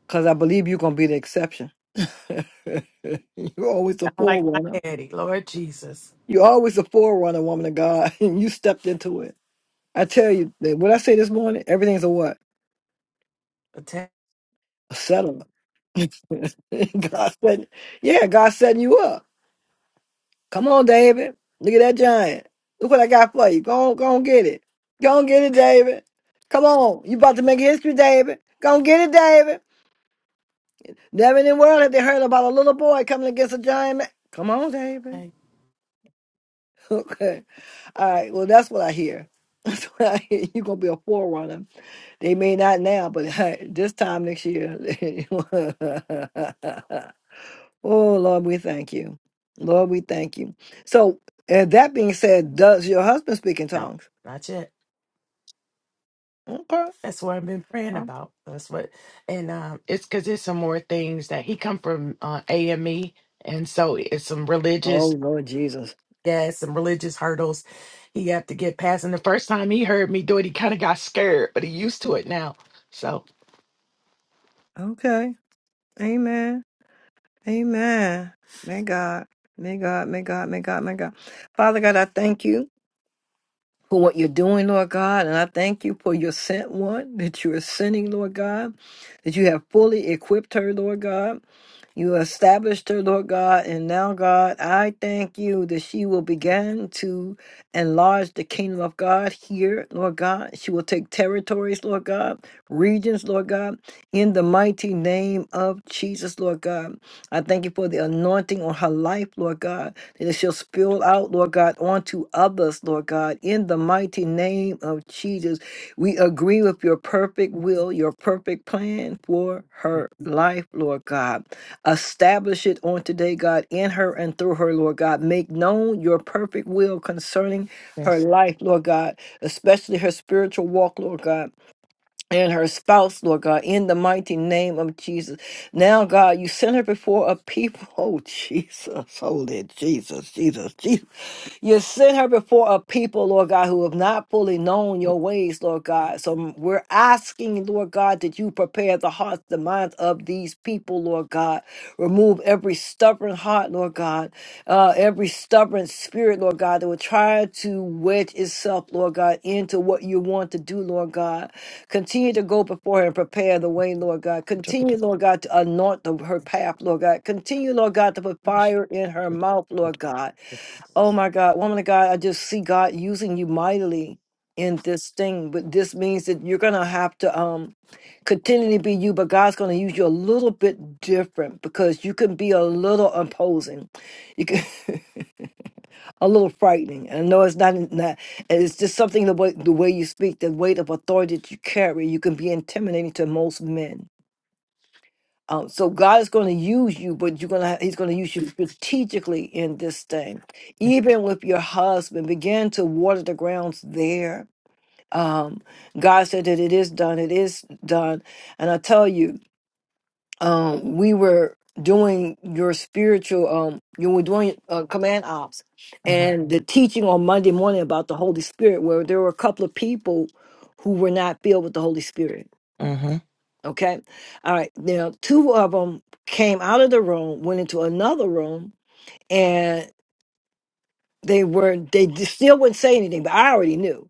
Speaker 1: Because I believe you're gonna be the exception. you're always the
Speaker 7: I like
Speaker 1: forerunner.
Speaker 7: my daddy, Lord Jesus.
Speaker 1: You're always the forerunner, woman of God, and you stepped into it. I tell you, that what I say this morning, everything's a what?
Speaker 7: But today,
Speaker 1: Settle it. God said, yeah, God setting you up. Come on, David. Look at that giant. Look what I got for you. Go on, go on, get it. Go on, get it, David. Come on. You about to make history, David. Go on, get it, David. Never in the world have they heard about a little boy coming against a giant man. Come on, David. Okay. All right. Well, that's what I hear. That's what I hear. You're going to be a forerunner. They may not now, but this time next year. Oh, Lord, we thank you. Lord, we thank you. So, uh, that being said, does your husband speak in
Speaker 7: No,
Speaker 1: tongues?
Speaker 7: not yet.
Speaker 1: Okay.
Speaker 7: That's what I've been praying about. That's what, and um, it's because there's some more things that he come from uh, AME, and so it's some
Speaker 1: Oh,
Speaker 7: religious
Speaker 1: Lord Jesus.
Speaker 7: Yeah, some religious hurdles he had to get past. And the first time he heard me do it, he kind of got scared, but he used to it now. So
Speaker 1: Okay. Amen. Amen. May God, may God, may God, may God, may God. Father God, I thank you for what you're doing, Lord God, and I thank you for your sent one that you are sending, Lord God, that you have fully equipped her, Lord God. You established her, Lord God, and now, God, I thank you that she will begin to enlarge the kingdom of God here, Lord God. She will take territories, Lord God, regions, Lord God, in the mighty name of Jesus, Lord God. I thank you for the anointing on her life, Lord God, that it shall spill out, Lord God, onto others, Lord God, in the mighty name of Jesus. We agree with your perfect will, your perfect plan for
Speaker 7: Mm-hmm.
Speaker 1: her life, Lord God. Establish it on today, God, in her and through her, Lord God. Make known your perfect will concerning her
Speaker 7: yes,
Speaker 1: life, Lord God, especially her spiritual walk, Lord God, and her spouse, Lord God, in the mighty name of Jesus. Now, God, you send her before a people. Oh, Jesus, holy Jesus, Jesus, Jesus. You sent her before a people, Lord God, who have not fully known your ways, Lord God. So we're asking, Lord God, that you prepare the hearts, the minds of these people, Lord God. Remove every stubborn heart, Lord God, uh, every stubborn spirit, Lord God, that will try to wedge itself, Lord God, into what you want to do, Lord God. Continue to go before her and prepare the way, Lord God. Continue,
Speaker 7: Interpretation.
Speaker 1: Lord God, to anoint the, her path, Lord God. Continue, Lord God, to put
Speaker 7: Yes.
Speaker 1: fire in her mouth, Lord God. Oh my God, woman of God, I just see God using you mightily in this thing. But this means that you're gonna have to um continue to be you, but God's gonna use you a little bit different because you can be a little imposing. You can a little frightening. And I know it's not, not it's just something the way the way you speak, the weight of authority that you carry, you can be intimidating to most men um, so God is going to use you, but you're gonna He's going to use you strategically in this thing. Even with your husband, begin to water the grounds there. Um, God said that it is done. It is done. And I tell you, um, we were doing your spiritual. Um, you were doing uh, command ops
Speaker 7: Mm-hmm.
Speaker 1: and the teaching on Monday morning about the Holy Spirit, where there were a couple of people who were not filled with the Holy Spirit
Speaker 7: Mm-hmm.
Speaker 1: Okay. All right. Now, two of them came out of the room, went into another room, and they were, they d- still wouldn't say anything, but I already knew.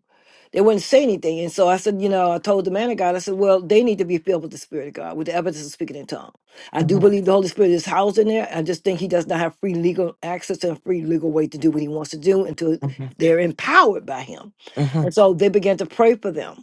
Speaker 1: They wouldn't say anything. And so I said, you know, I told the man of God, I said, well, they need to be filled with the Spirit of God, with the evidence of speaking in tongues. I do
Speaker 7: Mm-hmm.
Speaker 1: believe the Holy Spirit is housed in there. I just think he does not have free legal access and free legal way to do what he wants to do until
Speaker 7: Mm-hmm.
Speaker 1: they're empowered by him. And so they began to pray for them.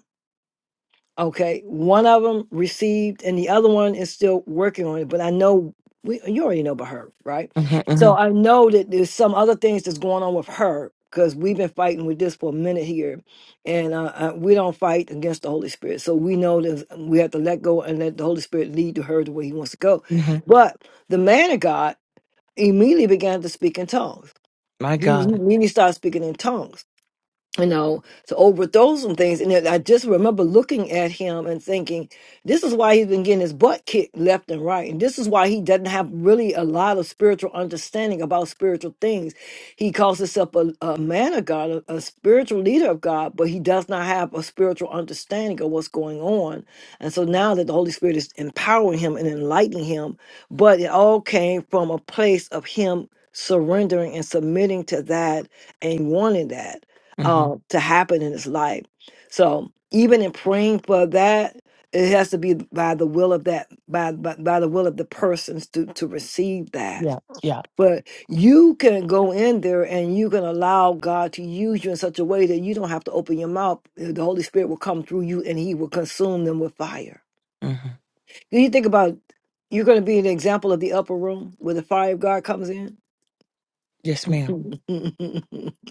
Speaker 1: Okay, one of them received, and the other one is still working on it. But I know we, you already know about her, right?
Speaker 7: Mm-hmm.
Speaker 1: So I know that there's some other things that's going on with her because we've been fighting with this for a minute here, and uh, uh, we don't fight against the Holy Spirit. So we know that we have to let go and let the Holy Spirit lead to her the way He wants to go.
Speaker 7: Mm-hmm.
Speaker 1: But the man of God immediately began to speak in tongues.
Speaker 7: My
Speaker 1: He he
Speaker 7: God.
Speaker 1: immediately started speaking in tongues you know, to overthrow some things. And then I just remember looking at him and thinking, this is why he's been getting his butt kicked left and right. And this is why he doesn't have really a lot of spiritual understanding about spiritual things. He calls himself a, a man of God, a, a spiritual leader of God, but he does not have a spiritual understanding of what's going on. And so now that the Holy Spirit is empowering him and enlightening him, but it all came from a place of him surrendering and submitting to that and wanting that
Speaker 7: Mm-hmm.
Speaker 1: uh, to happen in his life. So even in praying for that, it has to be by the will of that by by, by the will of the persons to to receive that.
Speaker 7: Yeah. Yeah.
Speaker 1: But you can go in there and you can allow God to use you in such a way that you don't have to open your mouth. The Holy Spirit will come through you and He will consume them with fire.
Speaker 7: Mm-hmm.
Speaker 1: Do you think about you're going to be an example of the upper room where the fire of God comes in?
Speaker 7: Yes, ma'am.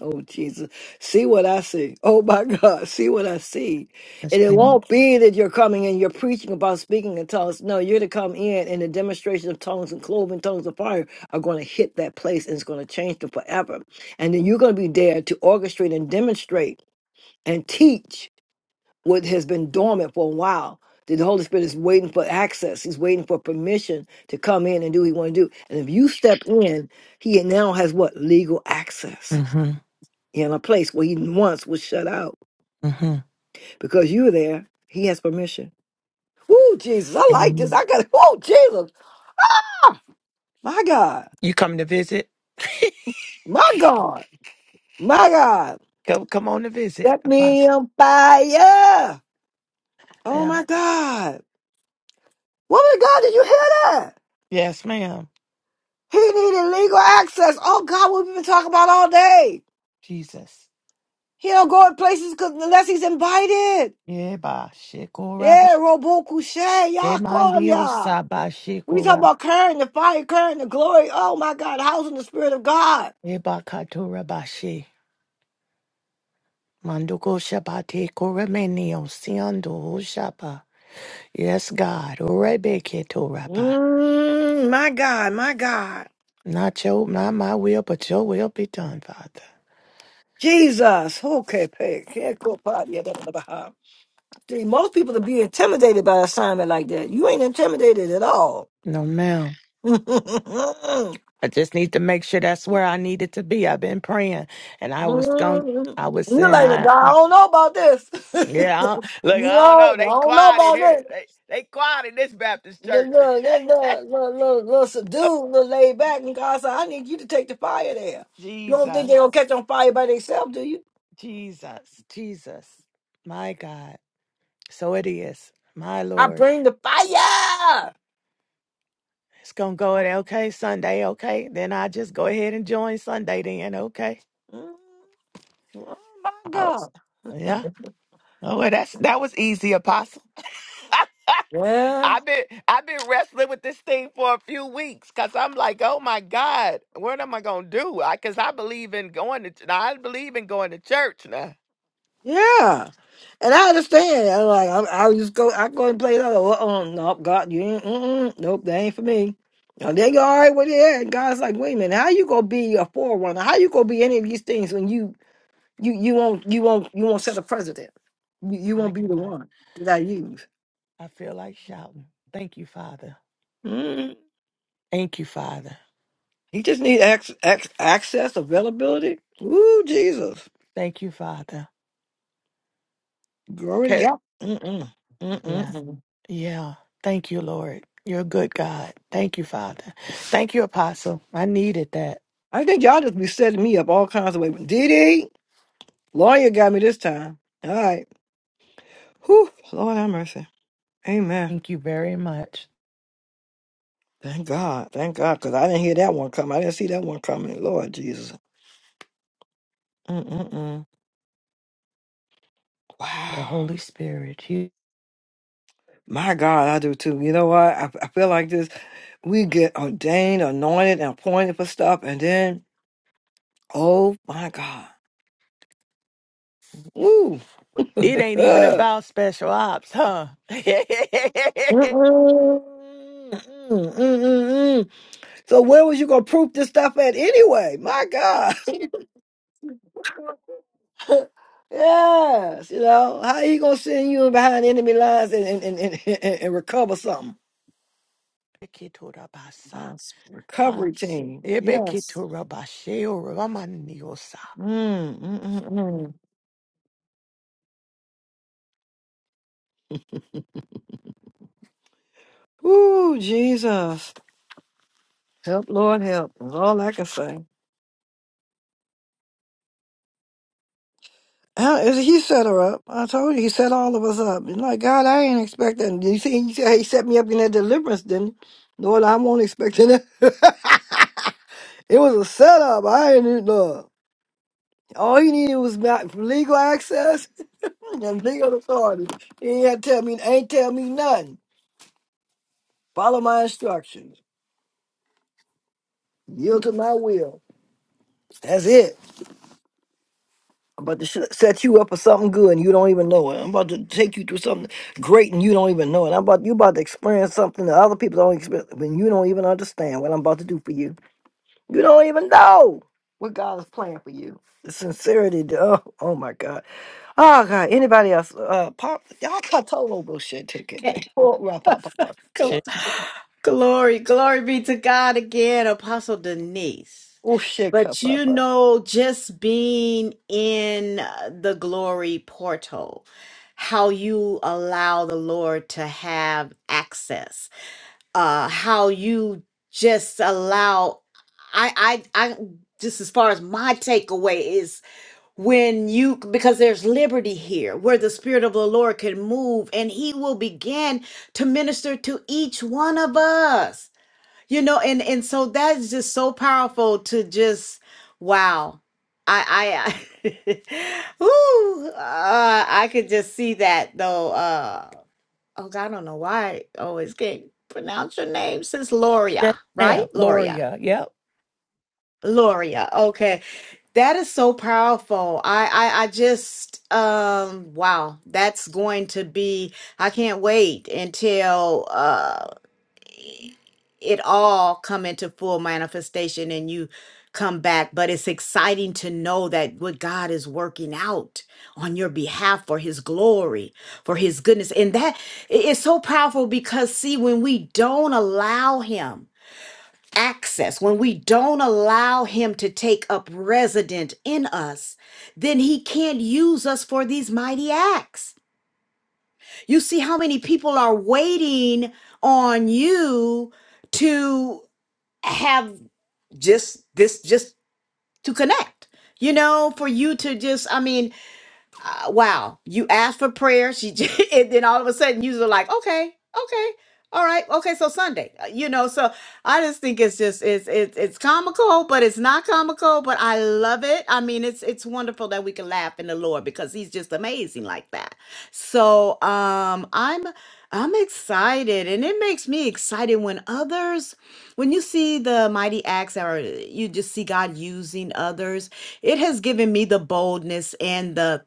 Speaker 1: oh Jesus. See what I see. Oh my God. See what I see.
Speaker 7: Yes,
Speaker 1: And it
Speaker 7: ma'am.
Speaker 1: won't be that you're coming and you're preaching about speaking in tongues. No, you're to come in and the demonstration of tongues and cloven tongues of fire are going to hit that place and it's going to change them forever. And then you're going to be there to orchestrate and demonstrate and teach what has been dormant for a while. The Holy Spirit is waiting for access. He's waiting for permission to come in and do what he want to do. And if you step in, he now has what? Legal access
Speaker 7: Mm-hmm.
Speaker 1: in a place where he once was shut out.
Speaker 7: Mm-hmm.
Speaker 1: Because you're there, he has permission. Woo, Jesus, I like this.
Speaker 7: And
Speaker 1: I got, oh, Jesus, my God,
Speaker 7: you come to visit?
Speaker 1: my God, my God.
Speaker 7: Come, come on to visit,
Speaker 1: Set me
Speaker 7: Apostle.
Speaker 1: on fire. Oh,
Speaker 7: Yeah.
Speaker 1: my God. Woman of God, did you hear that?
Speaker 7: Yes, ma'am.
Speaker 1: He needed legal access. Oh God, what we've been talking about all day.
Speaker 7: Jesus.
Speaker 1: He don't go in places 'cause- unless he's invited.
Speaker 7: Yeah, bye.
Speaker 1: Yeah, Robo Couché, y'all call
Speaker 7: Emandio
Speaker 1: y'all.
Speaker 7: sabashi
Speaker 1: We talk
Speaker 7: kura
Speaker 1: about current, the fire, current, the glory. Oh my God, housing the spirit of God.
Speaker 7: ebakatura bashi. Manduko shabati kuramenio siando shapa. Yes, God. Urebeke toraba.
Speaker 1: Mm, my God, my God.
Speaker 7: Not your, not my will, but your will be done, Father.
Speaker 1: Jesus. Okay, pay. Can't go part yet. That's what about. See, most people would be intimidated by an assignment like that. You ain't intimidated at all.
Speaker 7: No, ma'am. I just need to make sure that's where I needed to be. I've been praying, and I was going.
Speaker 1: hmm
Speaker 7: I was
Speaker 1: you
Speaker 7: saying,
Speaker 1: like, "Well,
Speaker 7: I
Speaker 1: I don't know about this.
Speaker 7: yeah. I, don't- look,
Speaker 1: you
Speaker 7: I don't
Speaker 1: know,
Speaker 7: know.
Speaker 1: I
Speaker 7: They
Speaker 1: don't know
Speaker 7: quiet in
Speaker 1: about this.
Speaker 7: here. They they quiet in this Baptist
Speaker 1: The
Speaker 7: church.
Speaker 1: little, the little, little, little, little subdued, little laid back, and God said, I need you to take the fire there. You don't think they're gonna
Speaker 7: Jesus.
Speaker 1: catch on fire by themselves, do you?
Speaker 7: Jesus, Jesus, my God. So it is, my
Speaker 1: I
Speaker 7: Lord.
Speaker 1: bring the fire.
Speaker 7: It's gonna go at okay Sunday, okay? Then I just go ahead and join Sunday then, okay?
Speaker 1: Mm. Oh my
Speaker 7: I was,
Speaker 1: God.
Speaker 7: yeah. Oh, well, that's that was easy, Apostle.
Speaker 1: Yeah.
Speaker 7: I've been I've been wrestling with this thing for a few weeks because I'm like, oh my God, what am I gonna do? I because I believe in going to ch- now, I believe in going to church now.
Speaker 1: Yeah, and I understand. I'm like, I'm, I'll just go. I go and play it. Oh, oh, no, God, you ain't. Mm-mm, nope, that ain't for me. And they go all right with it. And God's like, wait a minute, how you gonna be a forerunner? How you gonna be any of these things when you you you won't you won't you won't set a precedent? You, you
Speaker 7: My
Speaker 1: won't be the
Speaker 7: God,
Speaker 1: one that I use.
Speaker 7: I feel like shouting. Thank you, Father.
Speaker 1: mm
Speaker 7: Thank you, Father.
Speaker 1: He just need ac- ac- access, availability. Ooh, Jesus,
Speaker 7: Thank you, Father.
Speaker 1: glory to
Speaker 7: 'Kay.
Speaker 1: God. Mm-mm,
Speaker 7: Yeah.
Speaker 1: mm-mm.
Speaker 7: Yeah. Thank you, Lord. You're a good God. Thank you, Father. Thank you, Apostle. I needed that.
Speaker 1: I think y'all just be setting me up all kinds of ways. Did he? Lawyer got me this time. All right. Whew. Lord have mercy. Amen.
Speaker 7: Thank you very much.
Speaker 1: Thank God. Thank God. Because I didn't hear that one coming. I didn't see that one coming. Lord Jesus. Mm-mm-mm.
Speaker 7: The
Speaker 1: Wow.
Speaker 7: Holy Spirit. He-
Speaker 1: My God, I do too. You know what? I, I feel like this. We get ordained, anointed, and appointed for stuff. And then, oh my God. Woo.
Speaker 7: It ain't even
Speaker 1: Uh,
Speaker 7: about special ops, huh? Ekitorabasa.
Speaker 1: mm-mm, mm-mm, mm-mm, mm-mm. So where was you going to proof this stuff at anyway? My God. Yes, you know, how he gonna send you behind enemy lines and and, and, and, and and recover something? Uh, s-
Speaker 7: I'm
Speaker 1: recovery
Speaker 7: so-
Speaker 1: team. Yes.
Speaker 7: Ebekitorabasheoramaniosa.
Speaker 1: Mm, mm, mm, mm. Ooh, Jesus. Help, Lord, help. That's all I can say. How is he set her up? I told you he set all of us up. You know, like, God, I ain't expecting. You see, he said he set me up in that deliverance, didn't he? Lord, I won't expect it. it was a setup. I ain't even Lord. All he needed was not legal access Them legal authority. He ain't gotta tell me ain't tell me nothing. Follow my instructions. Yield to my will. That's it. I'm about to sh- set you up for something good and you don't even know it. I'm about to take you through something great and you don't even know it. I'm about you about to experience something that other people don't experience when you don't even understand what I'm about to do for you. You don't even know what God is planning for you. The sincerity, the- oh, oh my God. Oh God, anybody else? Uh pop y'all cut total bullshit ticket thing.
Speaker 5: Okay.
Speaker 1: Oh,
Speaker 5: Gl-
Speaker 7: Shit.
Speaker 5: Glory, glory be to God again, Apostle Denise.
Speaker 1: Oh shit, cup
Speaker 5: But you know, just being in uh, the glory portal, how you allow the Lord to have access, uh, how you just allow. I, I, I. Just as far as my takeaway is when you because there's liberty here where the spirit of the lord can move and he will begin to minister to each one of us you know and and so that's just so powerful to just wow i i I- ooh, uh, i could just see that though uh oh god i don't know why i always can't pronounce your name since loria right
Speaker 7: Yeah,
Speaker 5: loria
Speaker 7: Loria. Yep.
Speaker 5: loria okay that is so powerful. I, I I just um wow, that's going to be I can't wait until uh it all come into full manifestation and you come back, but it's exciting to know that what God is working out on your behalf for his glory, for his goodness. And that it- it's so powerful because see when we don't allow him access, when we don't allow Him to take up resident in us, then He can't use us for these mighty acts. You see how many people are waiting on you to have just this, just to connect. You know, for you to just, I mean, uh, wow, you asked for prayer. She just, and then all of a sudden you were like, okay, okay, all right, okay. So Sunday, Uh, you know. So I just think it's just it's it's it's comical, but it's not comical. But I love it. I mean, it's it's wonderful that we can laugh in the Lord because He's just amazing like that. So um, I'm I'm excited, and it makes me excited when others, when you see the mighty acts, or you just see God using others it has given me the boldness and the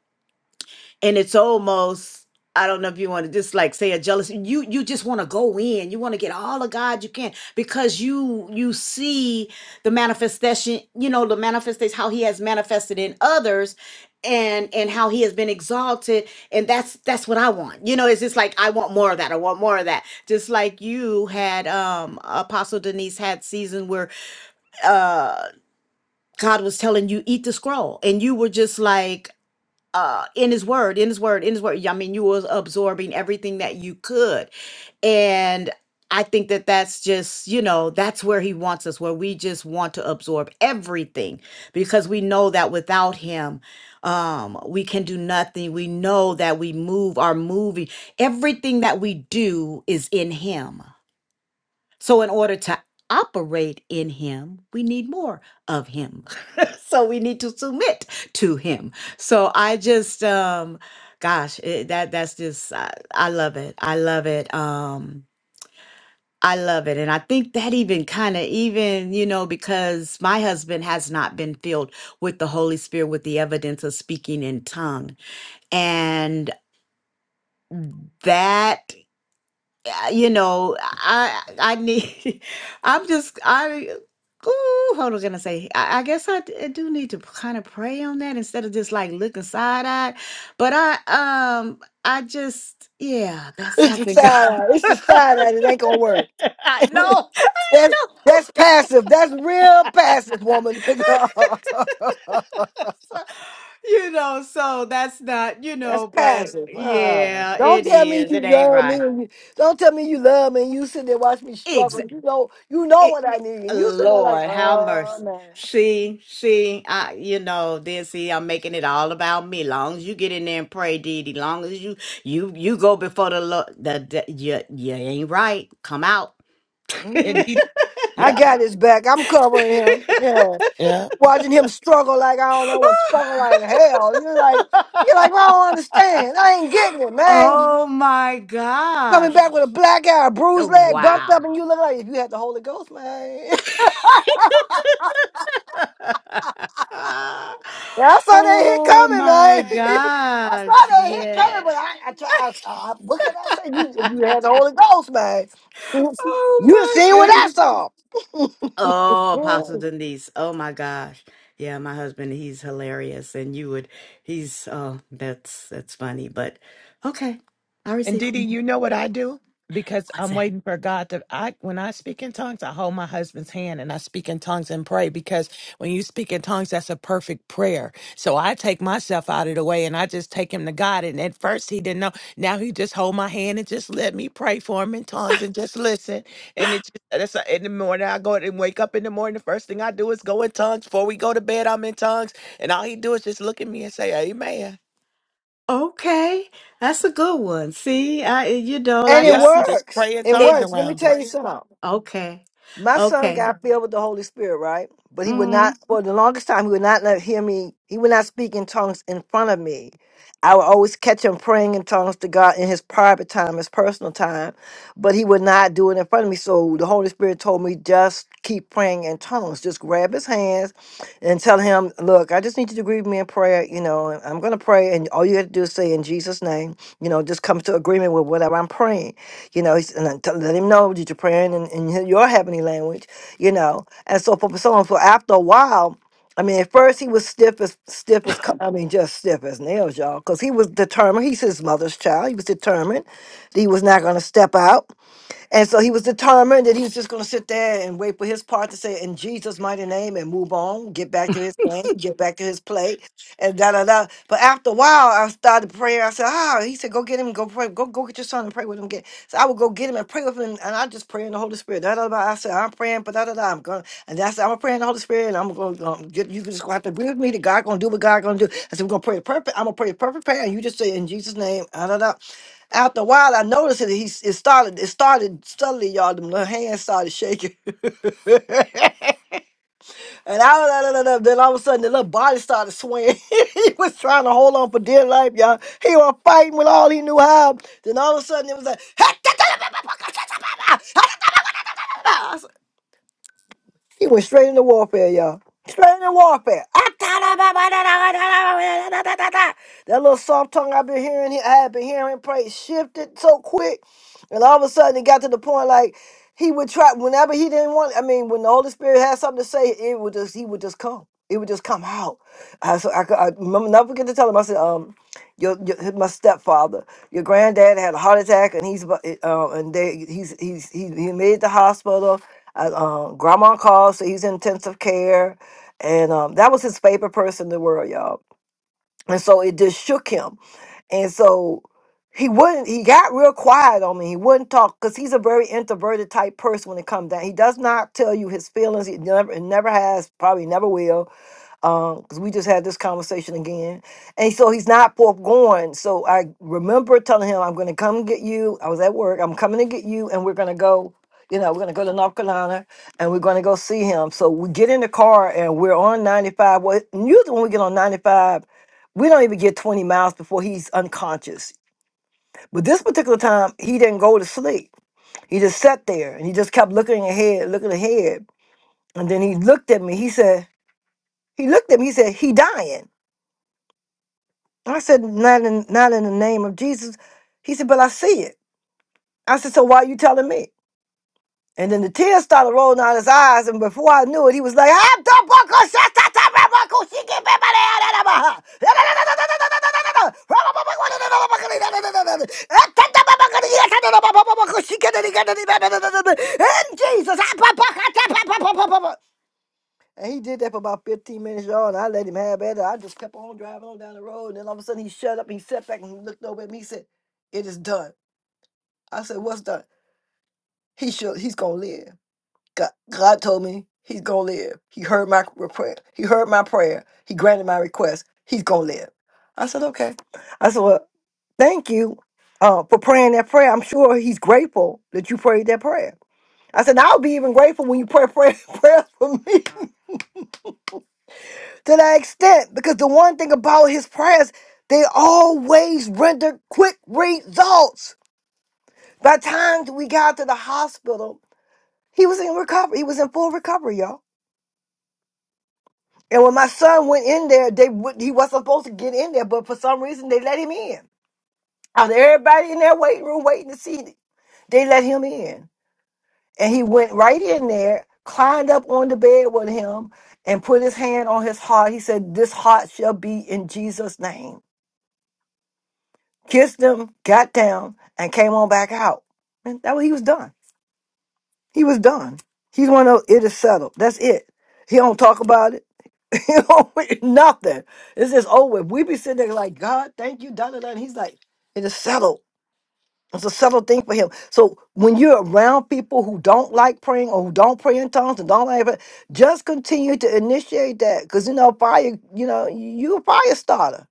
Speaker 5: and it's almost I don't know if you want to just like say a jealousy. You you just want to go in. You want to get all of God you can because you you see the manifestation. You know the manifestation how He has manifested in others, and and how He has been exalted. And that's that's what I want. You know, it's just like I want more of that. I want more of that. Just like you had um Apostle Denise had season where uh God was telling you eat the scroll, and you were just like uh in his word in his word in his word i mean you was absorbing everything that you could and i think that that's just you know that's where he wants us where we just want to absorb everything because we know that without him um we can do nothing we know that we move our moving everything that we do is in him so, in order to operate in Him, we need more of Him. so, we need to submit to Him. So, I just, um, gosh, it, that that's just, I, I love it. I love it. Um, I love it. And I think that even kind of, even, you know, because my husband has not been filled with the Holy Spirit with the evidence of speaking in tongue. And that uh, you know, I I need. I'm just I. Ooh, what was I gonna say? I, I guess I, d- I do need to kind of pray on that instead of just like looking side eyed. But I um I just yeah, that's
Speaker 1: It's the
Speaker 5: something.
Speaker 1: side eye. It's the
Speaker 5: I
Speaker 1: side eye. It ain't gonna work.
Speaker 5: know,
Speaker 1: That's that's passive. That's real
Speaker 5: no.
Speaker 1: passive, woman. that's
Speaker 5: So, you know, so that's not you know, but
Speaker 1: passive. Uh,
Speaker 5: yeah,
Speaker 1: don't
Speaker 5: it
Speaker 1: tell me
Speaker 5: is. It
Speaker 1: you
Speaker 5: ain't
Speaker 1: love me.
Speaker 5: right.
Speaker 1: And you, don't tell me you love me. And you sit there watch me struggle. You know, you know
Speaker 5: it,
Speaker 1: what I need. And you sit there like,
Speaker 5: Lord, how
Speaker 1: oh
Speaker 5: mercy.
Speaker 1: man,
Speaker 5: See, see, I, you know, then see, I'm making it all about me. Long as you get in there and pray, Didi. Long as you, you, you go before the Lord. The, the, you, you ain't right. Come out.
Speaker 1: Mhm.
Speaker 7: Indeed.
Speaker 1: I
Speaker 7: Yeah.
Speaker 1: got his back. I'm covering him. Yeah. watching him struggle like I don't know what struggle like hell. You're like, you're like, well, I don't understand. I ain't getting it, man.
Speaker 5: oh my
Speaker 1: Coming
Speaker 5: gosh!
Speaker 1: back with a black eye,
Speaker 5: Oh,
Speaker 1: bruised leg, bumped
Speaker 5: Wow.
Speaker 1: up, and you look like if you had the Holy Ghost, man. yeah, I saw that hit
Speaker 5: oh
Speaker 1: coming,
Speaker 5: my
Speaker 1: man. I saw
Speaker 5: gosh!
Speaker 1: that hit
Speaker 5: Yeah.
Speaker 1: coming, but I, I, try, I, I what can I say? You, if you had the Holy Ghost, man,
Speaker 5: oh
Speaker 1: you'd have
Speaker 5: my
Speaker 1: seen what I saw,
Speaker 5: Oh, Apostle Denise. Oh my gosh. Yeah, my husband, he's hilarious. And you would he's oh that's that's funny. But okay. I
Speaker 7: And
Speaker 5: receive
Speaker 7: Didi, you know what I do? Because
Speaker 5: what's
Speaker 7: I'm
Speaker 5: that?
Speaker 7: waiting for God to I when I speak in tongues, I hold my husband's hand and I speak in tongues and pray because when you speak in tongues, that's a perfect prayer. So I take myself out of the way and I just take him to God. And at first he didn't know. Now he just hold my hand and just let me pray for him in tongues and just listen. And it's just that's uh, in the morning I go and wake up in the morning. The first thing I do is go in tongues. Before we go to bed, I'm in tongues. And all he do is just look at me and say, Amen.
Speaker 5: Okay. That's a good one. See, I you know,
Speaker 1: and
Speaker 5: like
Speaker 1: it
Speaker 5: I
Speaker 7: Yep,
Speaker 5: said
Speaker 7: just
Speaker 1: works.
Speaker 7: pray in
Speaker 1: It
Speaker 5: it
Speaker 7: tongues
Speaker 1: works. Let me
Speaker 7: around him.
Speaker 1: tell you something.
Speaker 5: okay.
Speaker 1: My son
Speaker 5: Okay.
Speaker 1: got filled with the Holy Spirit, right? But he would
Speaker 5: Mm-hmm.
Speaker 1: not, for the longest time, he would not let, hear me. He would not speak in tongues in front of me. I would always catch him praying in tongues to God in his private time, his personal time, but he would not do it in front of me. So the Holy Spirit told me just keep praying in tongues. Just grab his hands and tell him, Look, I just need you to agree with me in prayer. You know, and I'm going to pray, and all you have to do is say in Jesus' name, you know, just come to agreement with whatever I'm praying you know, he's, and then to let him know that you're praying in, in your heavenly language, you know, and so forth and so on. So after a while, I mean, at first he was stiff as stiff as co- I mean, just stiff as nails, y'all, because he was determined. He's his mother's child. He was determined that he was not going to step out and so he was determined that he was just going to sit there and wait for his part to say in Jesus' mighty name and move on, get back to his game, get back to his play, and da da da. But after a while, I started praying. I said, "Ah," he said, "Go get him, go pray, go go get your son and pray with him." Get so I would go get him and pray with him, and I just pray in the Holy Spirit. Da da da. I said, "I'm praying, but da da da." I'm going, and that's I'm praying in the Holy Spirit, and I'm going. to get, you just gonna have to agree with me that God gonna do what God gonna do. I said, "We're gonna pray the perfect. I'm gonna pray the perfect prayer, and you just say in Jesus' name, da da da." After a while, I noticed that he s- it started it started suddenly, y'all. Them little hands started shaking, and I was like, "No, no, no." then all of a sudden the little body started swaying. he was trying to hold on for dear life, y'all. He was fighting with all he knew how. Then all of a sudden it was like, He went straight into warfare, y'all. Straight into warfare. That little soft tongue I've been hearing, I had been hearing pray shifted so quick. And all of a sudden it got to the point like he would try whenever he didn't want I mean, when the Holy Spirit had something to say, it would just he would just come. It would just come out. I, so I, could- I remember never forget to tell him, I said, um, your, your my stepfather, your granddad had a heart attack and he's about uh, and they he's he's he, he made it to the hospital I, um, grandma calls, so he's in intensive care. And um, that was his favorite person in the world, y'all. And so it just shook him. And so he wouldn't, he got real quiet on me. He wouldn't talk because he's a very introverted type person when it comes down. He does not tell you his feelings. He never, never has, probably never will because we just had this conversation again. And so he's not foregoing. So I remember telling him, I'm going to come get you. I was at work. I'm coming to get you, and we're going to go. You know, we're going to go to North Carolina and we're going to go see him. So we get in the car and we're on 95. Well, usually when we get on 95, we don't even get 20 miles before he's unconscious. But this particular time, he didn't go to sleep. He just sat there and he just kept looking ahead, looking ahead. And then he looked at me. He said, he looked at me. He said, he dying. I said, not in, not in the name of Jesus. He said, but I see it. I said, so why are you telling me? And then the tears started rolling down his eyes, and before I knew it, he was like, "Ah, don't walk on, shut up, shut up, walk on, she can't be my lady, I'm a- in Jesus, ah, ba ba ka ta ba ba ba ba ba. And he did that for about 15 minutes, y'all, and I let him have at it. I just kept on driving on down the road, and then all of a sudden he shut up, he sat back and he looked over at me, he said, It is done. I said, What's done? He should he's gonna live. God, God told me he's gonna live. He heard my prayer. He heard my prayer. He granted my request. He's gonna live. I said, Okay. I said, Well, thank you uh, for praying that prayer. I'm sure he's grateful that you prayed that prayer. I said, I'll be even grateful when you pray prayer, prayer for me. to that extent because the one thing about his prayers, they always rendered quick results. By the time we got to the hospital, he was in recovery. He was in full recovery, y'all. And when my son went in there, they would, he wasn't supposed to get in there, but for some reason they let him in. Out of everybody in that waiting room waiting to see, they let him in, and he went right in there, climbed up on the bed with him, and put his hand on his heart. He said, "This heart shall be in Jesus' name." kissed him, got down, and came on back out. And that way he was done. He was done. He's one of those, it is settled. That's it. He don't talk about it. He don't nothing. It's just over. with. We be sitting there like, God, thank you, da da da. And he's like, it is settled. It's a settled thing for him. So when you're around people who don't like praying or who don't pray in tongues and don't like it, just continue to initiate that. Cause you know, fire, you know, you a fire starter.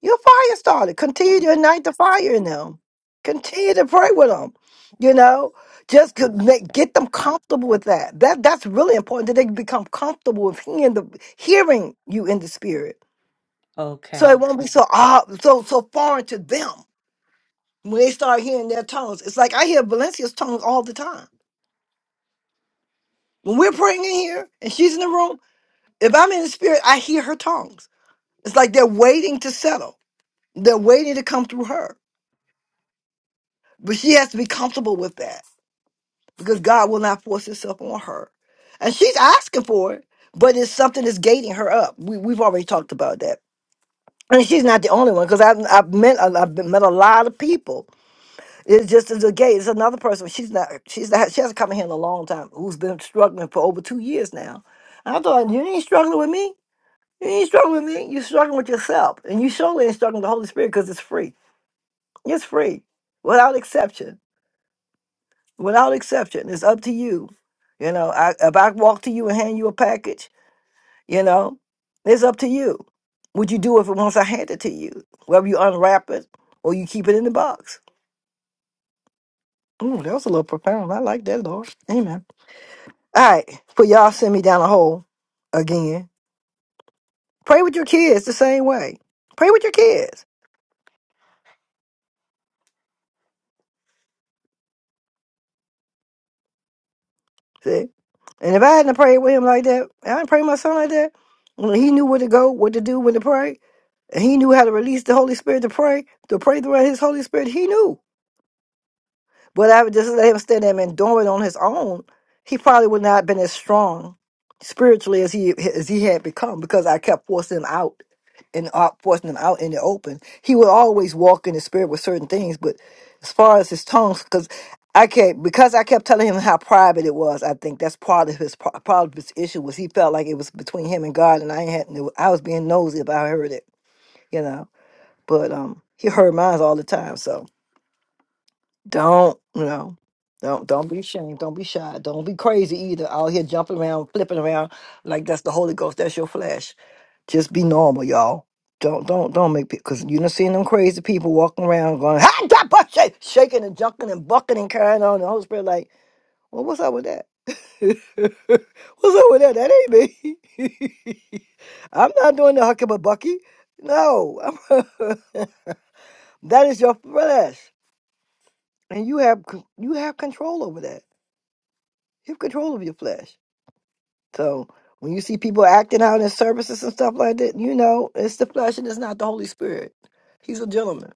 Speaker 1: Your fire started. Continue to ignite the fire in them. Continue to pray with them. You know, just to make, get them comfortable with that. That that's really important that they become comfortable with hearing the hearing you in the spirit.
Speaker 5: Okay.
Speaker 1: So it won't be so ah so so foreign to them when they start hearing their tones. It's like I hear Valencia's tones all the time. When we're praying in here and she's in the room, if I'm in the spirit, I hear her tongues. It's like they're waiting to settle. They're waiting to come through her. But she has to be comfortable with that because God will not force himself on her. And she's asking for it, but it's something that's gating her up. We, we've already talked about that. And she's not the only one because I've, I've met a- I've been- met a lot of people. It's just as a gate. It's another person. She's not she's not she hasn't come in here in a long time. Who's been struggling for over two years now? And I thought you ain't struggling with me. You ain't struggling with me. You're struggling with yourself, and you surely ain't struggling with the Holy Spirit because it's free. It's free without exception. without exception. It's up to you. You know, I, if I walk to you and hand you a package, you know, it's up to you. What you do if it once I hand it to you, whether you unwrap it or you keep it in the box. Ooh, that was a little profound. I like that, Lord. Amen. All right, but y'all send me down a hole again. Pray with your kids the same way. Pray with your kids. See, and if I hadn't prayed with him like that, I didn't pray my son like that. When he knew where to go, what to do, when to pray. And he knew how to release the Holy Spirit to pray, to pray through his Holy Spirit. He knew. But I would just let him stand there and do it on his own. He probably would not have been as strong spiritually as he as he had become because I kept forcing him out and uh, forcing him out in the open. He would always walk in the spirit with certain things, but as far as his tongues, because I kept because I kept telling him how private it was. I think that's part of his pro- part of his issue was he felt like it was between him and God, and I had I was being nosy about I heard it, you know but um he heard mine all the time so don't you know don't don't be ashamed don't be shy don't be crazy either out here jumping around flipping around like that's the holy ghost that's your flesh just be normal y'all don't don't don't make because you done seen them crazy people walking around going "Ah, da, ba, sha-" shaking and jumping and bucking and carrying on the holy spirit like well what's up with that what's up with that that ain't me i'm not doing the hucky but bucky no That is your flesh, and you have c- you have control over that. You have control over your flesh. So when you see people acting out in services and stuff like that, you know it's the flesh and it's not the Holy Spirit. He's a gentleman.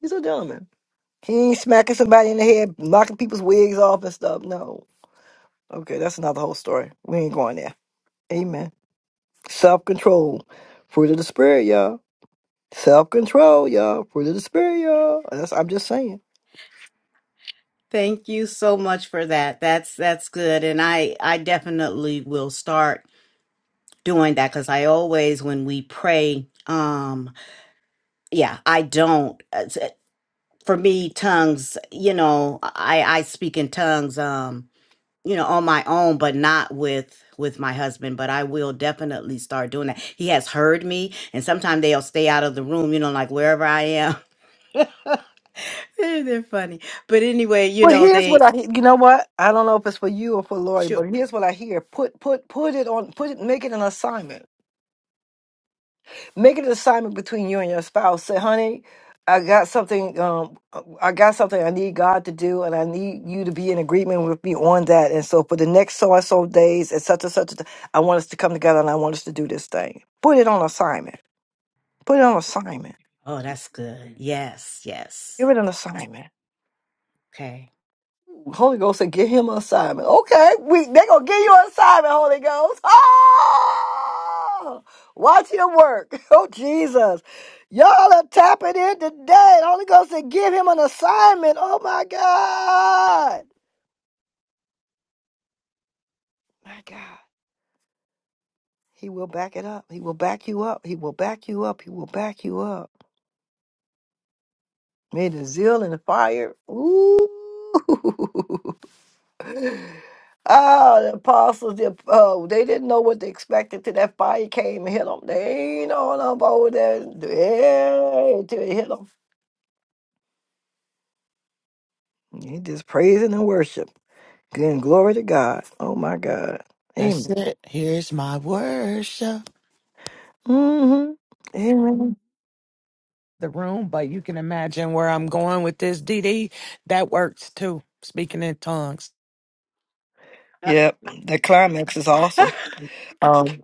Speaker 1: He's a gentleman. He ain't smacking somebody in the head, knocking people's wigs off and stuff. No. Okay, that's not the whole story. We ain't going there. Amen. Self control, fruit of the spirit, y'all. Self control, y'all. Fruit of the spirit, y'all. That's I'm just saying.
Speaker 5: Thank you so much for that. That's that's good. And I I definitely will start doing that because I always when we pray, um, yeah i don't uh, s- uh, for me tongues you know i i speak in tongues um you know on my own but not with with my husband but i will definitely start doing that he has heard me and sometimes they'll stay out of the room you know like wherever i am they're funny but anyway you
Speaker 1: Well,
Speaker 5: know
Speaker 1: here's what
Speaker 5: they
Speaker 1: I he- you know what I don't know if it's for you or for Lori,
Speaker 5: sure
Speaker 1: but here's what I hear: put put put it on, put it, make it an assignment, make it an assignment between you and your spouse. Say, honey, I got something, um, I got something I need God to do, and I need you to be in agreement with me on that. And so, for the next so and so days, and such and such, a- t- I want us to come together, and I want us to do this thing. Put it on assignment. Put it on assignment.
Speaker 5: oh that's good yes
Speaker 1: Give
Speaker 5: yes
Speaker 1: it an assignment.
Speaker 5: okay
Speaker 1: Holy Ghost said, give him an assignment. Okay, we they gonna give you an assignment, Holy Ghost. Oh, watch him work. Oh Jesus. Y'all are tapping in today. The Holy Ghost said, give him an assignment. Oh my God. My God. He will back it up. He will back you up. He will back you up. He will back you up. Man, the zeal and the fire. Ooh. Ah, the apostles, the, uh, they didn't know what they expected till that fire came and hit them. They ain't on up over there. Yeah, till it hit them. He just praising and worship. Giving glory to God. Oh my God.
Speaker 7: That's
Speaker 1: Amen.
Speaker 7: it. Here's my worship.
Speaker 1: Mm-hmm. Amen.
Speaker 7: The room, but you can imagine where I'm going with this DD. That works too. Speaking in tongues.
Speaker 1: Yep. The climax is awesome. Um,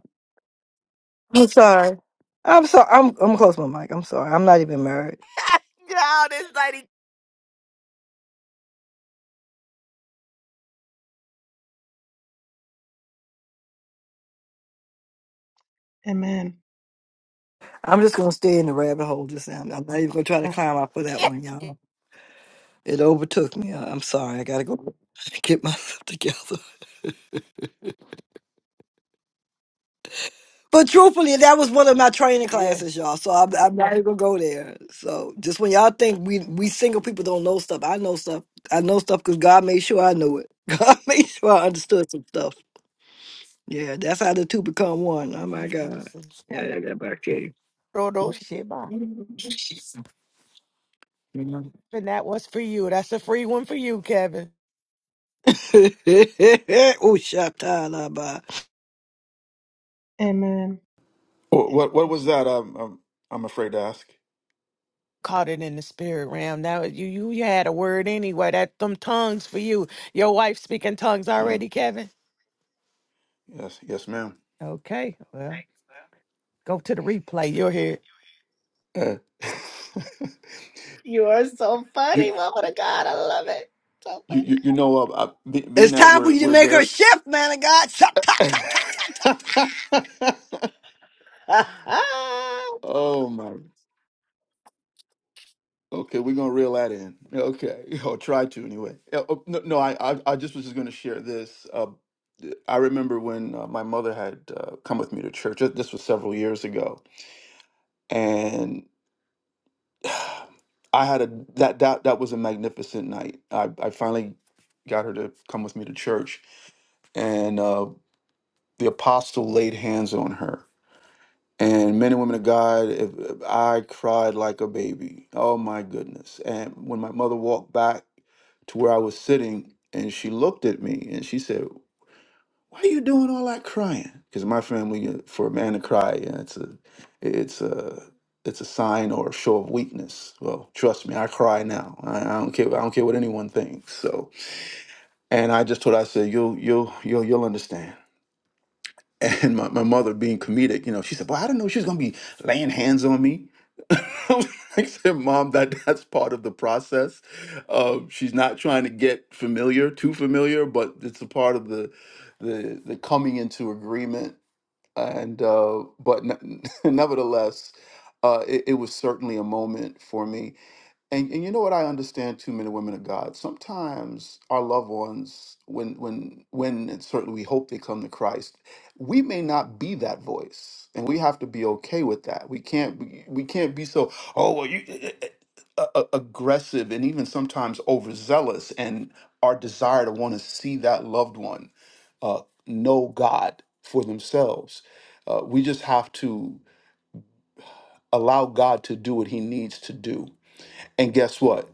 Speaker 1: I'm sorry. I'm sorry. I'm I'm close my mic. I'm sorry. I'm not even married.
Speaker 7: God, this lady.
Speaker 9: you. Amen.
Speaker 1: I'm just gonna stay in the rabbit hole just now. I'm not even gonna try to
Speaker 9: Uh,
Speaker 1: climb out for that one, y'all. It overtook me. I- I'm sorry. I gotta go get myself together. But truthfully, that was one of my training classes,
Speaker 7: Yes.
Speaker 1: y'all. So I'm, I'm not even gonna go there. So just when y'all think we we single people don't know stuff, I know stuff. I know stuff because God made sure I knew it. God made sure I understood some stuff. Yeah, that's how the two become one. Oh
Speaker 7: My
Speaker 1: my God.
Speaker 7: Jesus.
Speaker 1: Yeah, that that back here.
Speaker 7: Rodo Sheba. And that was for you. That's a free one for you, Kevin.
Speaker 1: oh, shut up,
Speaker 9: amen.
Speaker 6: Wh- What what was
Speaker 9: Yes.
Speaker 6: that? Um, um, I'm afraid to ask.
Speaker 7: Caught it in the spirit realm. Now you you you had a word anyway. That them tongues for you. Your wife speaking tongues
Speaker 6: Uh,
Speaker 7: already, Kevin.
Speaker 6: yes, yes, ma'am.
Speaker 7: Okay. Well, go to the replay. You'll hear. it.
Speaker 6: Uh,
Speaker 5: you are so
Speaker 6: you,
Speaker 5: funny woman of god i love it so
Speaker 6: you
Speaker 5: funny
Speaker 6: you you know, uh, I- be- being
Speaker 1: It's
Speaker 6: that
Speaker 1: time for
Speaker 6: we're
Speaker 1: you to
Speaker 6: we're
Speaker 1: make
Speaker 6: there.
Speaker 1: her shift, man of God. Shut up.
Speaker 6: oh my. Okay, we're gonna reel that in. Okay, or try to anyway. Yeah, oh, No, no, I, I, I just was just gonna share this. Uh, I remember when uh, my mother had uh, come with me to church. uh, This was several years ago, and I had a that that that was a magnificent night. I, I finally got her to come with me to church, and uh, the apostle laid hands on her, And men and women of God, if, if I cried like a baby. Oh my goodness. And when my mother walked back to where I was sitting and she looked at me and she said, Why are you doing all that crying? Because my family, uh, for a man to cry, yeah, it's a, it's a, it's a sign or a show of weakness. Well, trust me, I cry now. I, I don't care. I don't care what anyone thinks. So, and I just told her, I said, you'll, you'll, you'll, you'll understand. And my, my mother being comedic, you know, she said, Well, I didn't know she was gonna be laying hands on me. I said, Mom, that that's part of the process. Um, she's not trying to get familiar, too familiar, but it's a part of the the the coming into agreement. And uh, but ne- nevertheless, uh, it, it was certainly a moment for me and, and you know what I understand too, men and women of God. Sometimes our loved ones, when when when and certainly we hope they come to Christ, we may not be that voice, and we have to be okay with that. We can't be, we can't be so oh well you eh, eh, eh," a- a- aggressive and even sometimes overzealous, and our desire to want to see that loved one uh, know God for themselves. Uh, we just have to allow God to do what He needs to do. And guess what?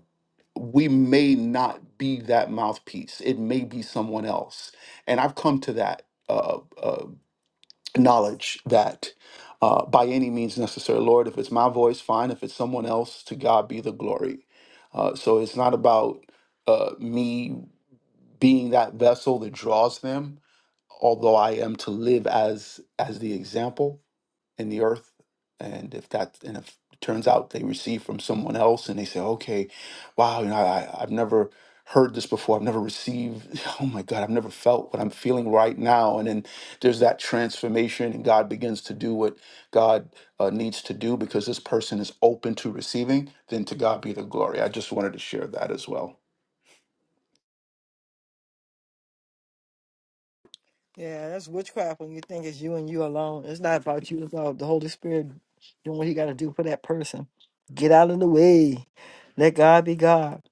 Speaker 6: we may not be that mouthpiece. It may be someone else. And I've come to that uh, uh, knowledge that uh, by any means necessary, Lord, if it's my voice, fine. If it's someone else, to God be the glory. Uh, so it's not about uh, me being that vessel that draws them, although I am to live as as the example in the earth and if that and if it turns out they receive from someone else and they say okay wow you know I, i've never heard this before i've never received oh my god i've never felt what i'm feeling right now and then there's that transformation and god begins to do what god uh, needs to do because this person is open to receiving then to god be the glory i just wanted to share that as well
Speaker 1: Yeah, that's witchcraft when you think it's you and you alone. It's not about you, it's about the Holy Spirit doing what he gotta do for that person. Get out of the way. Let God be God.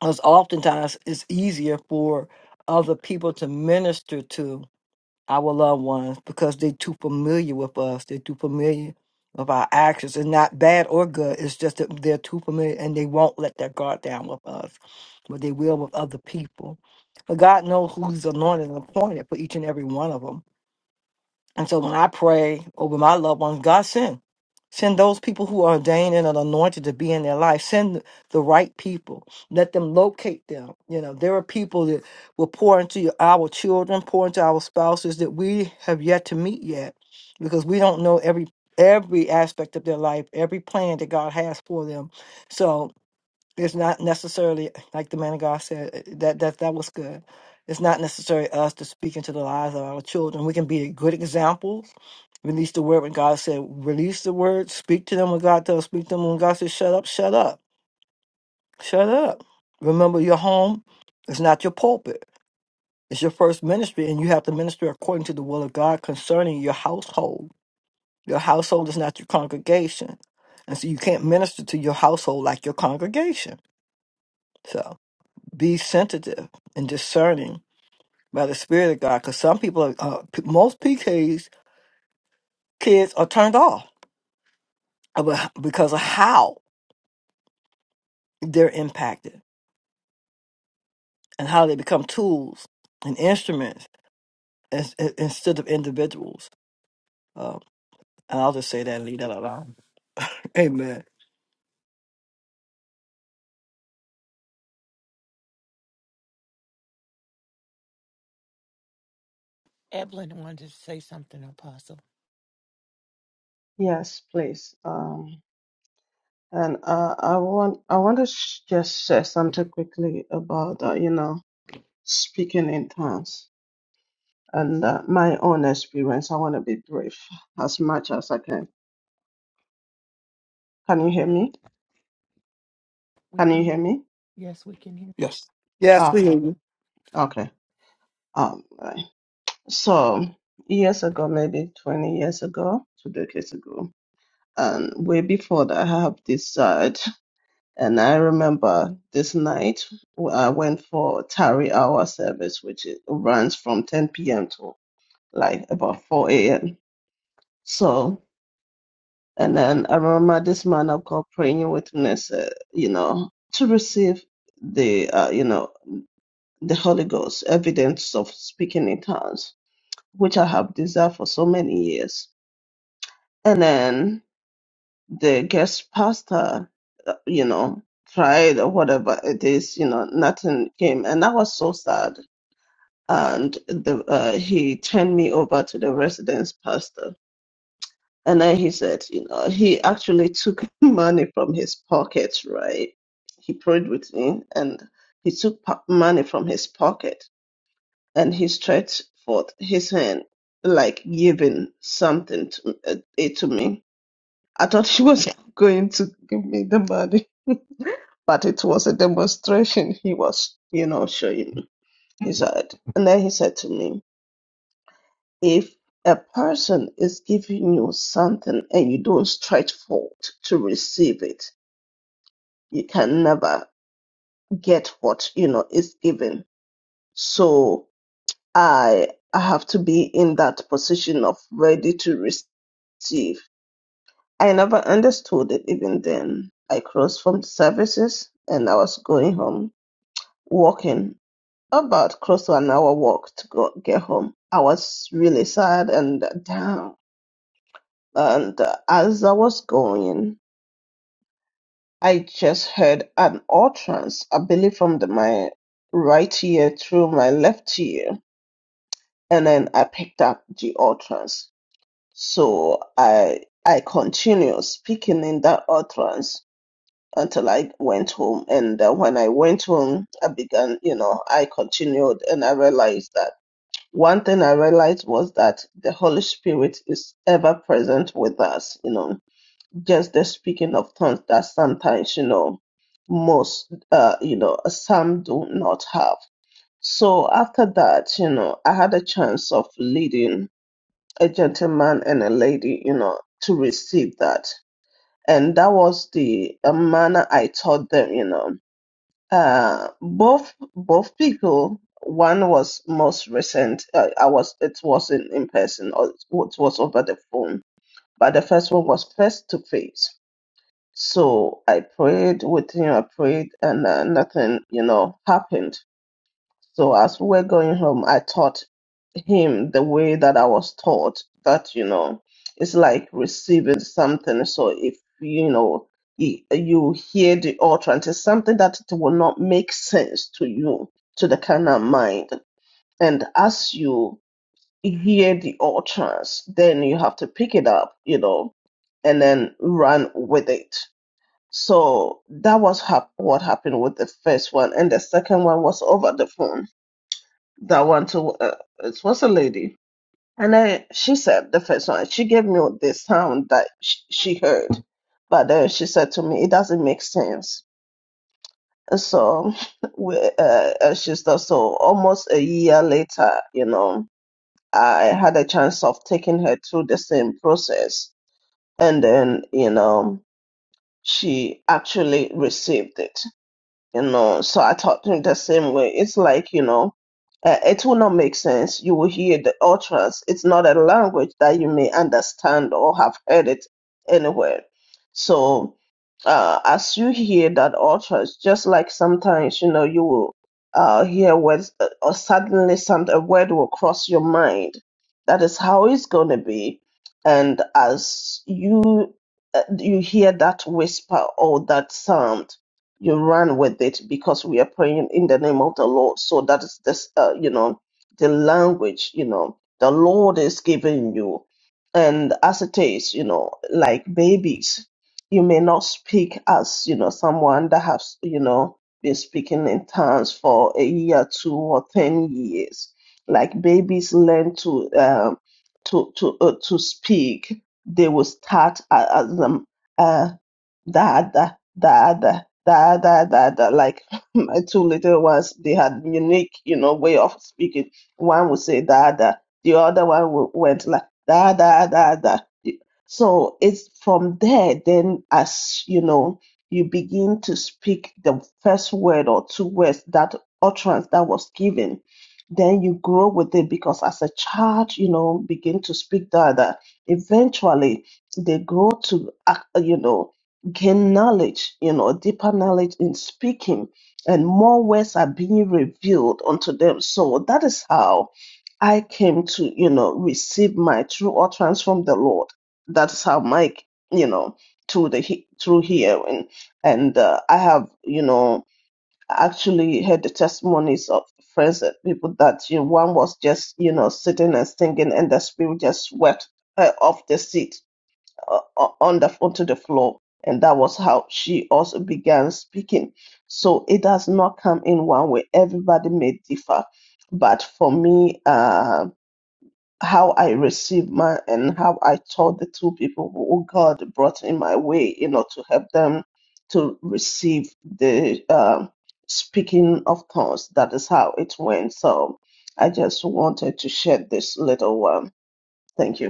Speaker 1: Because oftentimes it's easier for other people to minister to our loved ones because they're too familiar with us. They're too familiar with our actions. It's not bad or good. It's just that they're too familiar and they won't let their guard down with us. But they will with other people. But God knows who's anointed and appointed for each and every one of them and so when I pray over my loved ones, God send. Send those people who are ordained and anointed to be in their life. Send the right people. Let them locate them. You know, there are people that will pour into our children, pour into our spouses that we have yet to meet yet because we don't know every every aspect of their life, every plan that God has for them. So it's not necessarily like the man of God said eh, eh, that that that was good. It's not necessarily us to speak into the lives of our children. We can be good examples release the word when God said, release the word, speak to them when God tells, speak to them when God says, shut up, shut up, shut up. Remember, your home is not your pulpit, it's your first ministry, and you have to minister according to the will of God concerning your household. Your household is not your congregation, and so you can't minister to your household like your congregation. So. be sensitive and discerning by the Spirit of God. Because some people, are, uh, p- most PKs kids are turned off about- because of how they're impacted and how they become tools and instruments ins- in- instead of individuals. Um, and I'll just say that and leave that alone. Amen.
Speaker 7: Evelyn wanted to say something, Apostle.
Speaker 9: Yes, please. Um, And uh, I want I want to sh- just say something quickly about uh, you know speaking in tongues and uh, my own experience. I want to be brief as much as I can. Can you hear me? Can you hear me?
Speaker 6: yes
Speaker 1: Yes, we
Speaker 9: Okay,
Speaker 1: hear you.
Speaker 9: okay. Um, right. So years ago, maybe twenty years ago, two decades ago, and way before that, I have desired. And I remember this night I went for tarry hour service, which is, runs from 10 p.m. to like about 4 a.m. So, and then I remember this man I've got praying witness, uh, you know, to receive the, uh, you know, the Holy Ghost, evidence of speaking in tongues, which I have desired for so many years. And then the guest pastor, uh, you know, tried or whatever it is, you know, nothing came. And I was so sad. And the, uh, he turned me over to the residence pastor And then he said, you know, he actually took money from his pocket, right? He prayed with me and he took po- money from his pocket and he stretched forth his hand, like giving something to, uh, it to me. I thought he was going to give me the money, but it was a demonstration he was, you know, showing me. He said, and then he said to me, if a person is giving you something and you don't stretch forward to receive it, you can never get what you know is given. So I I have to be in that position of ready to receive. I never understood it even then. I crossed from the services and I was going home walking about close to an hour walk to go get home. I was really sad and down And uh, as I was going, I just heard an utterance, I believe from the, my right ear through my left ear, and then I picked up the utterance. So I I continued speaking in that utterance until I went home. And uh, when I went home, I began, you know, I continued, and I realized that one thing I realized was that the Holy Spirit is ever present with us, you know just the speaking of tongues that sometimes you know most uh you know some do not have so after that you know i had a chance of leading a gentleman and a lady you know to receive that and that was the uh, manner i taught them you know uh both both people one was most recent uh, i was it wasn't in person or it was over the phone but the first one was face to face so I prayed with him, I prayed, and uh, nothing, you know, happened. So as we were going home, I taught him the way that I was taught that, you know, it's like receiving something. So if, you know, y- you hear the utterance, it's something that it will not make sense to you, to the carnal mind. And as you hear the utterance, then you have to pick it up, you know, and then run with it so that was hap- what happened with the first one, and the second one was over the phone. That one too, uh, it was a lady, and I, she said the first one she gave me this sound that sh- she heard, but then she said to me it doesn't make sense. And so we, uh, uh, she's done so almost a year later, you know, I had a chance of taking her through the same process, and then you know she actually received it you know so i talk to him the same way it's like you know uh, it will not make sense you will hear the utterance it's not a language that you may understand or have heard it anywhere so uh, as you hear that utterance just like sometimes you know you will uh, hear words uh, or suddenly some a word will cross your mind that is how it's going to be and as you uh, you hear that whisper or that sound you run with it because we are praying in the name of the Lord. So that is this, uh, you know, the language, you know, the Lord is giving you. And as it is, you know, like babies, you may not speak as, you know, someone that has, you know, been speaking in tongues for a year, two or ten years. Like babies learn to, um, to, to, uh, to speak. They will start a- as, um, uh, Dada, dada, dada, dada. Like my two little ones, they had unique, you know, way of speaking. One would say dada, the other one w- went like dada, dada. So it's from there, then as you know, you begin to speak the first word or two words that utterance that was given. Then you grow with it because as a child, you know, begin to speak dada. Eventually, they grow to, act- you know, gain knowledge, you know, deeper knowledge in speaking, and more words are being revealed unto them. So that is how I came to, you know, receive my true utterance from the Lord. That's how Mike, you know, through the through hearing, and uh, I have, you know, actually heard the testimonies of friends and people that you know, one was just, you know, sitting and singing, and the spirit just swept her off the seat uh, uh, on the onto the floor and that was how she also began speaking so it does not come in one way everybody may differ but for me uh how i received my and how i taught the two people who god brought in my way you know to help them to receive the uh, speaking of tongues that is how it went so i just wanted to share this little one thank you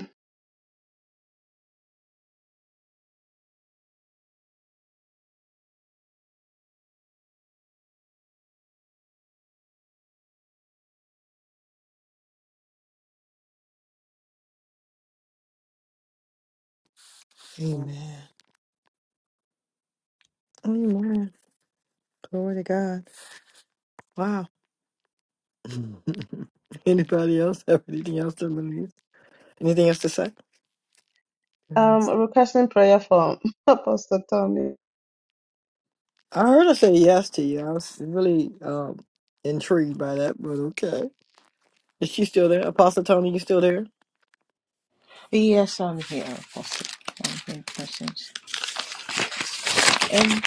Speaker 1: Glory to God. Wow. Anybody else have anything else to release? Anything else to say?
Speaker 9: Um, requesting prayer for Apostle Tommy
Speaker 1: I heard her say yes to you. I was really um, intrigued by that, but okay. Is she still there? Apostle Tony, you still there?
Speaker 4: Yes, I'm here, Apostle. I'm here, questions. Um,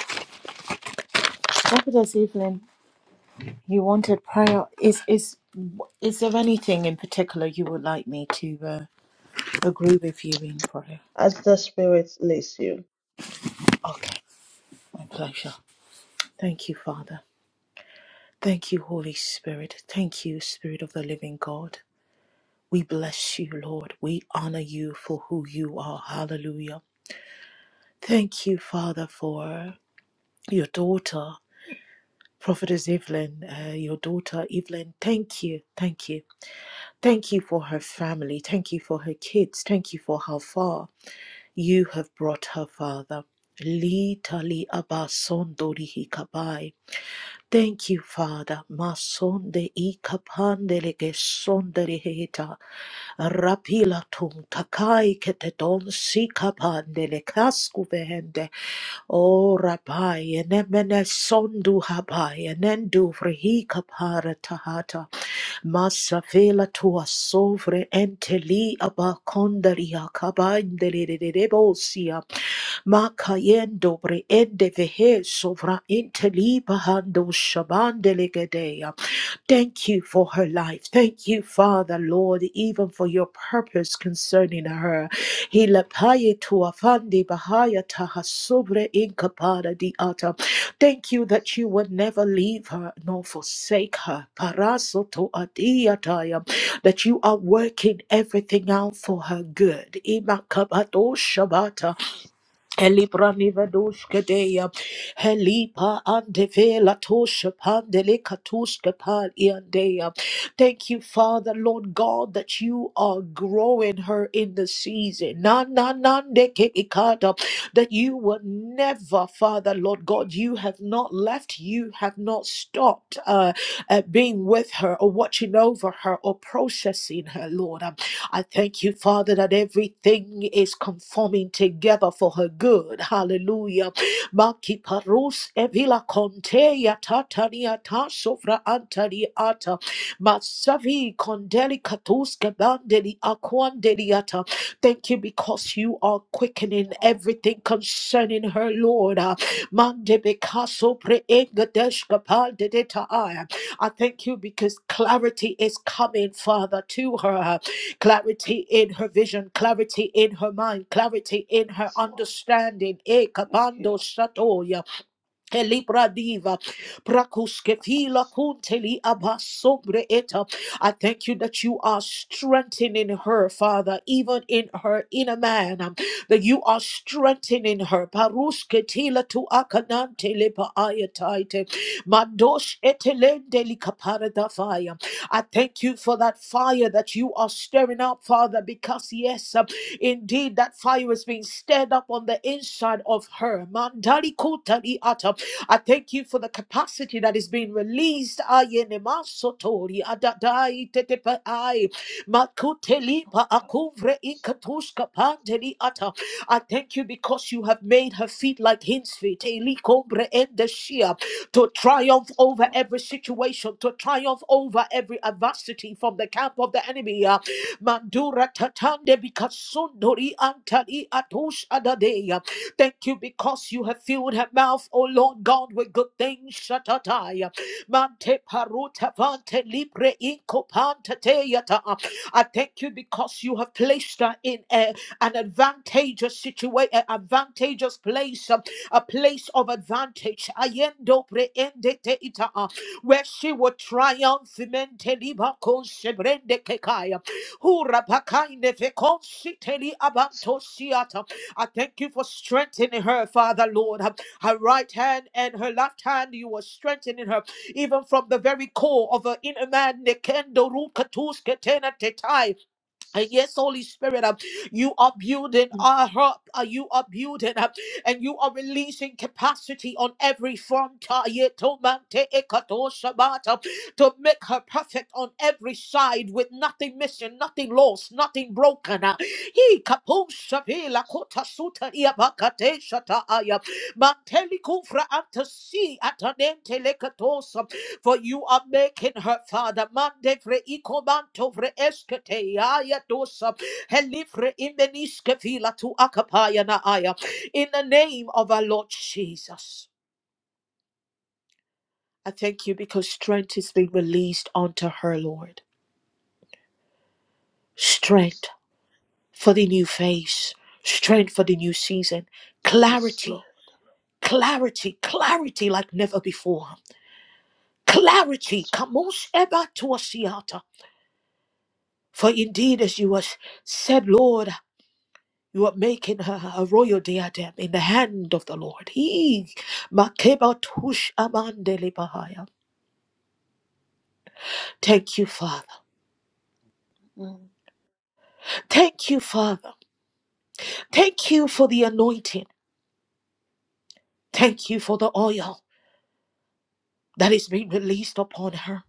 Speaker 4: Prophetess Evelyn, you wanted prayer. Is is is there anything in particular you would like me to uh, agree with you in prayer?
Speaker 9: as the Spirit leads you.
Speaker 4: Okay, my pleasure. Thank you, Father. Thank you, Holy Spirit. Thank you, Spirit of the Living God. We bless you, Lord. We honor you for who you are. Hallelujah. Thank you, Father, for your daughter, Prophetess Evelyn, uh, your daughter, Evelyn. Thank you. Thank you. Thank you for her family. Thank you for her kids. Thank you for how far you have brought her, Father. Li Litali abasondori hikabai. Thank you, Father. Masonde ikapandele gesondere heta. Rapila tum takai keteton sikapandele kaskuvehende. O Rabbi, Nemene Sondu Habai, Nendu Vrihi Kapara Tahata, Masafela Tua Sovre Enteli Abakondaria Kabaindelebosia, Makayendo Bre Ende Vehe Sovra Inteli Bahando Shabandelegedeya. Thank you for her life. Thank you, Father, Lord, even for your purpose concerning her. Hilapaye tuafandi bahaya tahasubre inkapara di ata. Thank you that you will never leave her nor forsake her. Paraso to adiataya. That you are working everything out for her good. Imakabato shabata. Elibra nivedoshke deya, helipa andevela tosha pandele katushke pal iandeya. Thank you, Father, Lord God, that you are growing her in the season. Na na na ndeke ikada, that you will never, Father, Lord God, you have not left, you have not stopped uh, at being with her or watching over her or processing her, Lord. I thank you, Father, that everything is conforming together for her good. Hallelujah. Maki parus evila contea tatania ta sofra antari ata. Masavi condeli katus kebandeli aquandeli ata. Thank you because you are quickening
Speaker 9: Lord,
Speaker 4: everything concerning her, Lord. Ah, Mande bekaso pre engadesh kapal de deta. I thank you because clarity is coming, Father, to her clarity in her vision, clarity in her mind, clarity in her
Speaker 9: yes, Lord,
Speaker 4: understanding.
Speaker 9: thank you.
Speaker 4: Ekapando satoya. Elibra diva, prakuskefila
Speaker 9: Yes,
Speaker 4: kunteli abasobre eta. I thank you that you are strengthening her, Father, even in her inner man, um, that you are strengthening her. Parusketila tu akanante lepa ayataite. Mandosh etelendeli kaparada fire. I thank you for that fire that you are stirring up, Father, because yes, um, indeed that fire is being stirred up on the inside of her. Mandali kutali ata. I thank you for the capacity that is being released. Ayenemasotori adadai tetepai makutelipa akuvre ikatuska pandeli ata. I thank you because you have made her feet like hinds feet, elikobre endeshia, to triumph over
Speaker 9: Lord, yes, Lord, yes,
Speaker 4: every situation, to triumph over every adversity from the camp of the enemy. Ah, Mandura tatande bikasundori antali atush adadeya. Thank you because you have filled her mouth, oh Lord God, with good things. Shatataya. Mante paruta vante libre incopante teata. I thank you because you have placed her in a, an advantageous situation, an advantageous place, um, a place of advantage. Ayendo preende teita, uh, Where she will triumph. Mente liba consebrende kekaya. Hura pakaine fe consiteli abanto I thank you for strengthening her, Father Lord. Her right hand and her left hand, you are strengthening her, even from the very core of her inner man. Nekendo rukatus ketena tetai. And yes, Holy Spirit, um, you are
Speaker 9: Mm.
Speaker 4: building uh, her up, uh, you are building up, and you are releasing capacity on every front uh, yeah, to man- te- e- kato- shabat, um, to make her perfect on every side with nothing missing, nothing lost, nothing broken. uh. He kapo shabi la kota suta ia bakate shata aya. Manteli kufra anta si atanente for you are making her father mande fre ikomanto fre eskete aya dosa helifre imeniske fila tu akapaya na aya. In the name of our Lord Jesus, I thank you because strength is being released unto her, Lord. Strength for the new phase, strength for the new season,
Speaker 9: yes, yes, Lord,
Speaker 4: clarity, clarity, clarity like never before. Clarity,
Speaker 9: yes,
Speaker 4: kamos eba tuasiata. For indeed, as you was said, Lord. You are making her a royal diadem in the hand of the Lord. He Makeba Tush Amandele Bahaya. Thank you, Father.
Speaker 9: Father. Mm.
Speaker 4: Thank you, Father. Thank you for the anointing. Thank you for the oil that is being released upon her.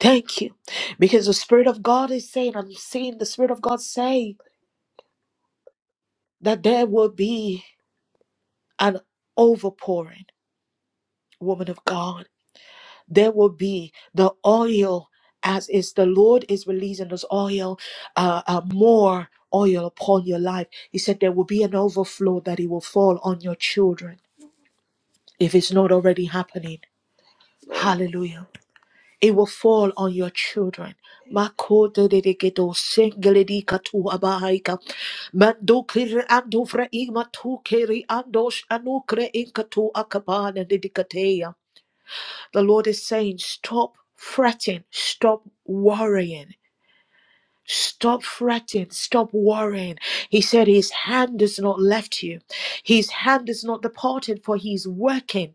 Speaker 4: Thank you. Because the Spirit of God is saying, I'm seeing the Spirit of God say that there will be an overpouring, woman of God. there will be the oil as is the Lord is releasing this oil, uh, uh, more oil upon your life. He said there will be an overflow that it will fall on your children
Speaker 9: Thank
Speaker 4: if it's not already happening.
Speaker 9: you, Lord.
Speaker 4: Hallelujah. It will fall on your children.
Speaker 9: Amen.
Speaker 4: Makodededekedo sengeledikatu abahaika. Mandukiri andufra igmatu keri andosh anukre inkatu akabana dedikateya. The Lord is saying, stop fretting, stop worrying. Stop fretting, stop worrying. He said his hand is not left you. His hand is not departed, for he's working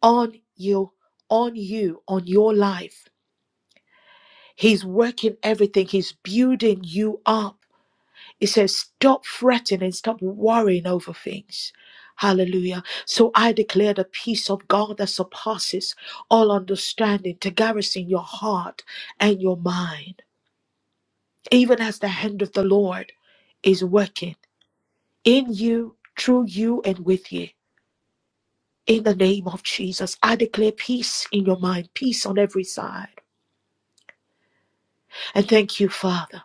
Speaker 4: on you, on you, on your life. He's working everything. He's building you up. It says, stop fretting and stop worrying over things. Hallelujah. So I declare the peace of God that surpasses all understanding to garrison your heart and your mind, even as the hand of the Lord is working in you, through you, and with you. In the name of Jesus, I declare peace in your mind, peace on every side. And thank you, Father.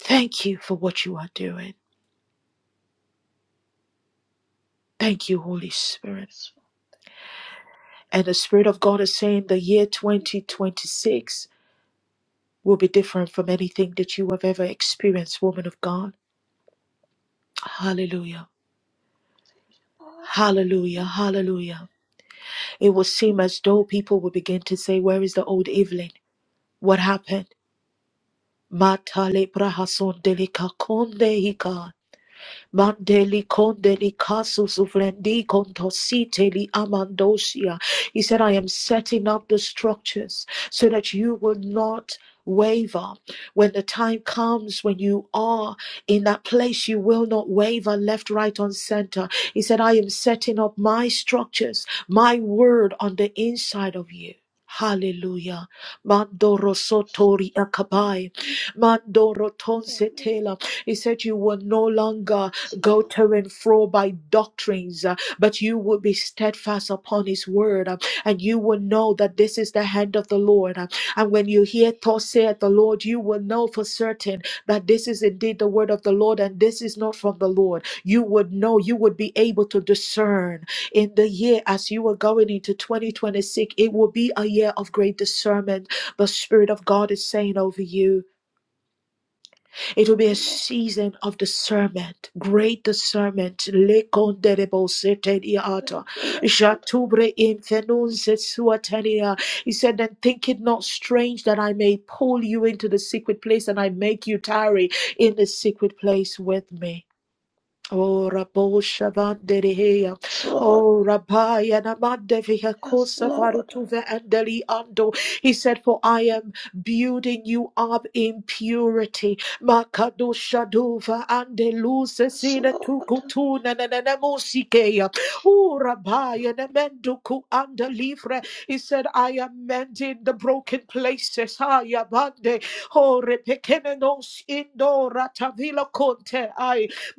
Speaker 4: Thank you for what you are doing. Thank you, Holy Spirit.
Speaker 9: Yes, Father.
Speaker 4: And the Spirit of God is saying the year
Speaker 9: Thank you, Lord.
Speaker 4: 2026 will be different from anything that you have ever experienced, woman of God. Hallelujah.
Speaker 9: Father. Amen.
Speaker 4: Hallelujah.
Speaker 9: Amen.
Speaker 4: Hallelujah. It will seem as though people will begin to say, Where is the old Evelyn? What happened? Mata Matale prahason delika konde hika. Mandeli kondeli kasu suvlendi kontositeli amandosia. He said, I am setting up the structures so that you will not waver. When the time comes when you are in that place, you will not waver left, right, on center. He said, I am setting up my structures, my word on the inside of you. Hallelujah. Mandoro sotori
Speaker 9: Amen.
Speaker 4: akabai. Mandoro
Speaker 9: Amen.
Speaker 4: tonsetela. He said, You will no longer
Speaker 9: Yes,
Speaker 4: go
Speaker 9: Lord.
Speaker 4: to and fro by doctrines, uh, but you will be steadfast upon his word, uh, and you will know that this is the hand of the Lord. uh, And when you hear thus saith the Lord, you will know for certain that this is indeed the word of the Lord, and this is not from the Lord. You would know, you would be able to discern in the year as you are going into 2026. It will be a year of great discernment. The Spirit of God is saying over you. It
Speaker 9: Thank
Speaker 4: will be a
Speaker 9: you, Lord.
Speaker 4: season of discernment, great discernment. Lekonderebo seteliata.
Speaker 9: Thank you, Lord.
Speaker 4: Shatubre infenun sesuatelia. He said, Then think it not strange that I may pull you into the secret place and I make you tarry in the secret place with me. Oh, Rabo Shabandereheya.
Speaker 9: Yes, Lord.
Speaker 4: Oh, Rabaya Namandeviha
Speaker 9: Yes,
Speaker 4: Kosa
Speaker 9: Lord.
Speaker 4: Varutuve Andeli Ando. He said, For I am building you up in purity. Makadoshaduva Andeluse
Speaker 9: Yes,
Speaker 4: Sina
Speaker 9: Lord.
Speaker 4: Tukutuna Nanamosikeya. Oh, Rabaya Namenduku Andelivre. He said, I am mending the broken places. Ayabande. Oh, Repekenenos Indo Ratavila Conte.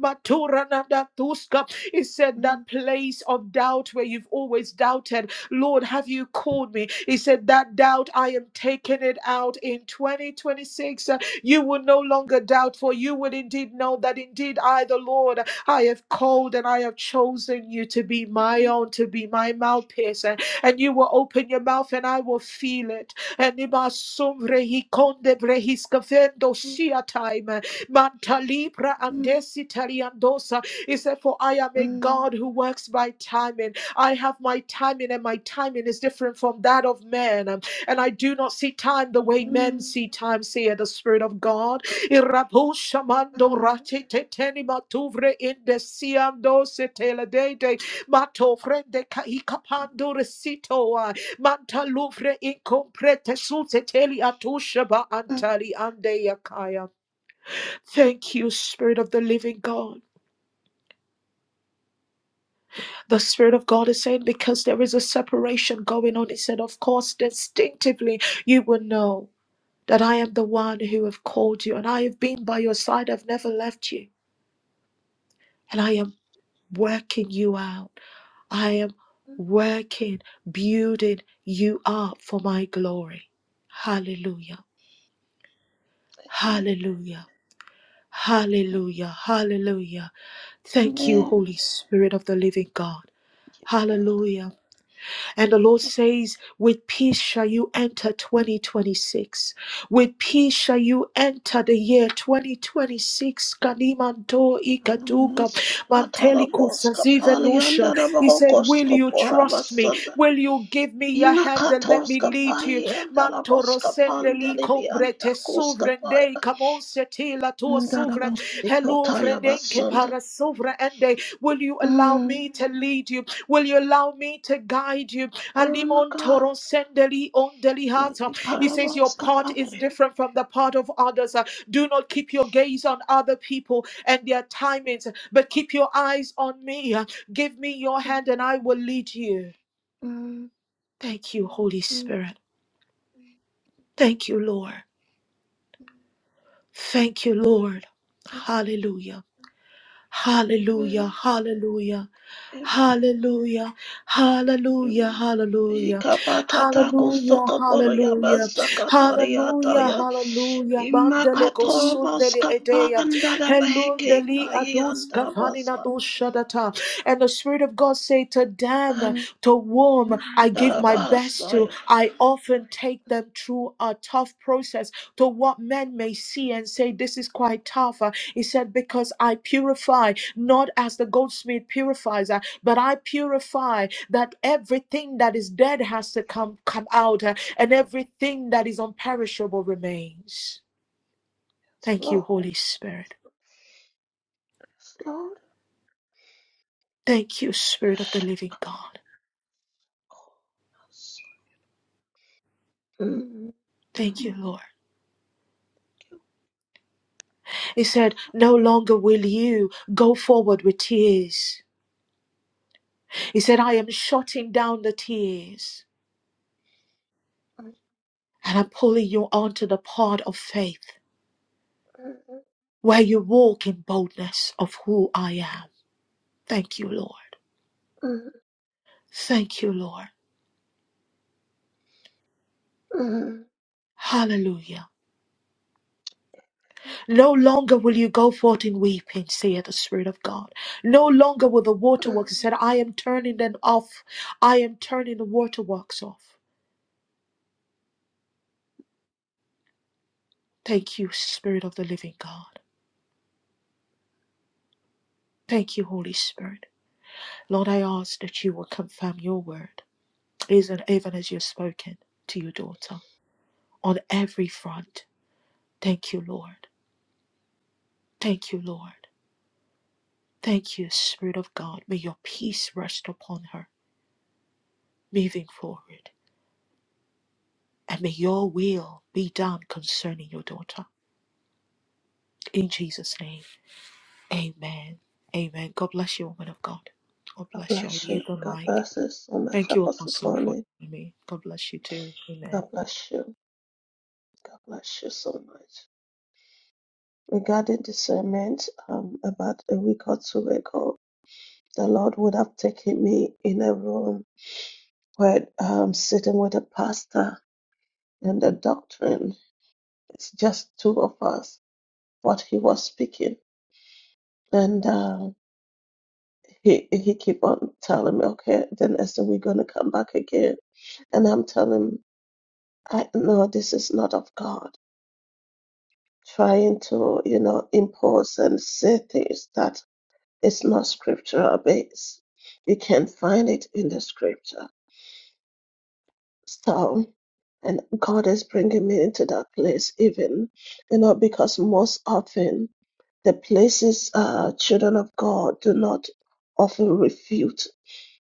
Speaker 4: Maturanadatuska. He said,
Speaker 9: Mm,
Speaker 4: That place of doubt where you've always doubted, Lord, have you called me? He said, That doubt, I am taking it out in 2026. Uh, You will no longer doubt, for you will indeed know that indeed I, the Lord, I have called and I have chosen you to be my
Speaker 9: mm,
Speaker 4: own, to be my mouthpiece. And, and you will open your mouth and I will feel it. And Ibasum rehikonde brehiskafendo
Speaker 9: mm,
Speaker 4: sia time Mantalibra
Speaker 9: mm.
Speaker 4: andesi taliandosa. He said, For I am a
Speaker 9: Mm,
Speaker 4: God who works by timing. I have my timing, and my timing is different from that of man. And I do not see time the way men
Speaker 9: mm,
Speaker 4: see time, saith the Spirit of God. Irabu shamando
Speaker 9: mm,
Speaker 4: rati teteni matuvre indesiando seteladede. Mato frende kahikapando resitoa. Mantaluvre incomprete suteteli atushaba
Speaker 9: mm.
Speaker 4: antali ande yakaya. Thank you, Spirit of the Living God. The Spirit of God is saying, because there is a separation going on, He said, of course, distinctively, you will know that I am the one who have called you, and I have been by your side, I've never left you, and I am working you out. I am working, building you up for my glory. Hallelujah.
Speaker 9: Amen.
Speaker 4: Hallelujah. Hallelujah. Hallelujah. Thank you,
Speaker 9: Amen. Thank
Speaker 4: Holy Spirit of the living God.
Speaker 9: you, Father.
Speaker 4: Hallelujah. And the Lord says, with peace shall you enter 2026. With peace shall you enter the year 2026. Kanimanto ikaduka
Speaker 9: Ekalamos, katalamos,
Speaker 4: mantelikusasivenusha. He said,
Speaker 9: kapaliandalabahokos,
Speaker 4: Will you trust me?
Speaker 9: kaporabasanda.
Speaker 4: Will you give me your hand and let
Speaker 9: Imakatos,
Speaker 4: me lead you?
Speaker 9: kapaliandalabos,
Speaker 4: Mantoro sendeli combrete
Speaker 9: kapandelibiantakos,
Speaker 4: suvrende
Speaker 9: kapaya.
Speaker 4: camonsetila tua suvra. Hello, Vrenenke
Speaker 9: Ndalabasikotayabasanda.
Speaker 4: para suvra ende. Will you allow
Speaker 9: Mm.
Speaker 4: me to lead you? Will you allow me to guide you?
Speaker 9: Oh, my
Speaker 4: Alimon
Speaker 9: God.
Speaker 4: toro sendeli ondeli hata. He says, Your
Speaker 9: Malikarabos,
Speaker 4: part is
Speaker 9: kapalia.
Speaker 4: different from the part of others. Uh, Do not keep your gaze on other people and their timings, but keep your eyes on me. Uh, Give me your hand
Speaker 9: Mm,
Speaker 4: and I will lead you.
Speaker 9: mm,
Speaker 4: Thank you, Holy
Speaker 9: mm,
Speaker 4: Spirit. Thank you, Lord. Thank you, Lord.
Speaker 9: mm.
Speaker 4: Hallelujah. Hallelujah,
Speaker 9: Amen.
Speaker 4: hallelujah.
Speaker 9: Amen.
Speaker 4: Hallelujah, hallelujah, hallelujah,
Speaker 9: Ikapatatako
Speaker 4: hallelujah,
Speaker 9: sokoporo
Speaker 4: hallelujah,
Speaker 9: yabasakatari
Speaker 4: hallelujah,
Speaker 9: ataya.
Speaker 4: hallelujah. Mandele
Speaker 9: Imakatorobos
Speaker 4: kosundele edeya,
Speaker 9: kapandara beheke
Speaker 4: helundeli adus
Speaker 9: tayanda
Speaker 4: kafanina
Speaker 9: basa.
Speaker 4: dushadata. And the Spirit of God say to them,
Speaker 9: Andara
Speaker 4: to whom I give my best to, I often take them through a tough process to what men may see and say, This is quite tough. Uh, He said, Because I purify, not as the goldsmith purifies, uh, but I purify that everything that is dead has to come, come out, uh, and everything that is unperishable remains.
Speaker 9: Yes,
Speaker 4: Thank you,
Speaker 9: Lord.
Speaker 4: Holy Spirit.
Speaker 9: Yes, Lord.
Speaker 4: Thank you, Spirit of the living God.
Speaker 9: Oh, yes. Mm.
Speaker 4: Thank you, Lord.
Speaker 9: Thank
Speaker 4: He
Speaker 9: you,
Speaker 4: said, No longer will you go forward with tears. He said, I am shutting down the tears. And I'm pulling you onto the path of faith
Speaker 9: Father.
Speaker 4: where you walk in boldness of who I am. Thank you, Lord.
Speaker 9: Mm,
Speaker 4: Thank you, Lord.
Speaker 9: mm,
Speaker 4: Hallelujah. No longer will you go forth in weeping, saith the Spirit of God. No longer will the
Speaker 9: mm.
Speaker 4: waterworks said, I am turning them off. I am turning the waterworks off. Thank you, Spirit of the living God. Thank you, Holy Spirit. Lord, I ask that you will confirm your word, even even as you've spoken to your daughter on every front Thank you, Lord. Thank you, Lord. Thank you, Spirit of God. May your peace rest upon her moving forward. And may your will be done concerning your daughter. In Jesus' name, amen. Amen. God bless you, woman of God. God
Speaker 9: God
Speaker 4: bless you. I
Speaker 9: bless
Speaker 4: yield
Speaker 9: you.
Speaker 4: the
Speaker 9: God
Speaker 4: mic.
Speaker 9: bless you so much,
Speaker 4: Thank you,
Speaker 9: Apostle
Speaker 4: Apostle, for
Speaker 9: Tony.
Speaker 4: me. God bless you too. Amen.
Speaker 9: God bless you. God bless you so much. regarding discernment, um, about a week or two ago, the Lord would have taken me in a room where I'm sitting with a pastor and the doctrine. It's just two of us. What he was speaking, and um, he he keep on telling me, okay, then Esther, we're gonna come back again, and I'm telling him, I know this is not of God. Trying to you know impose and say things that It's not scriptural based. You can't find it in the scripture. So, and God is bringing me into that place, even, you know, because most often the places uh, children of God do not often refute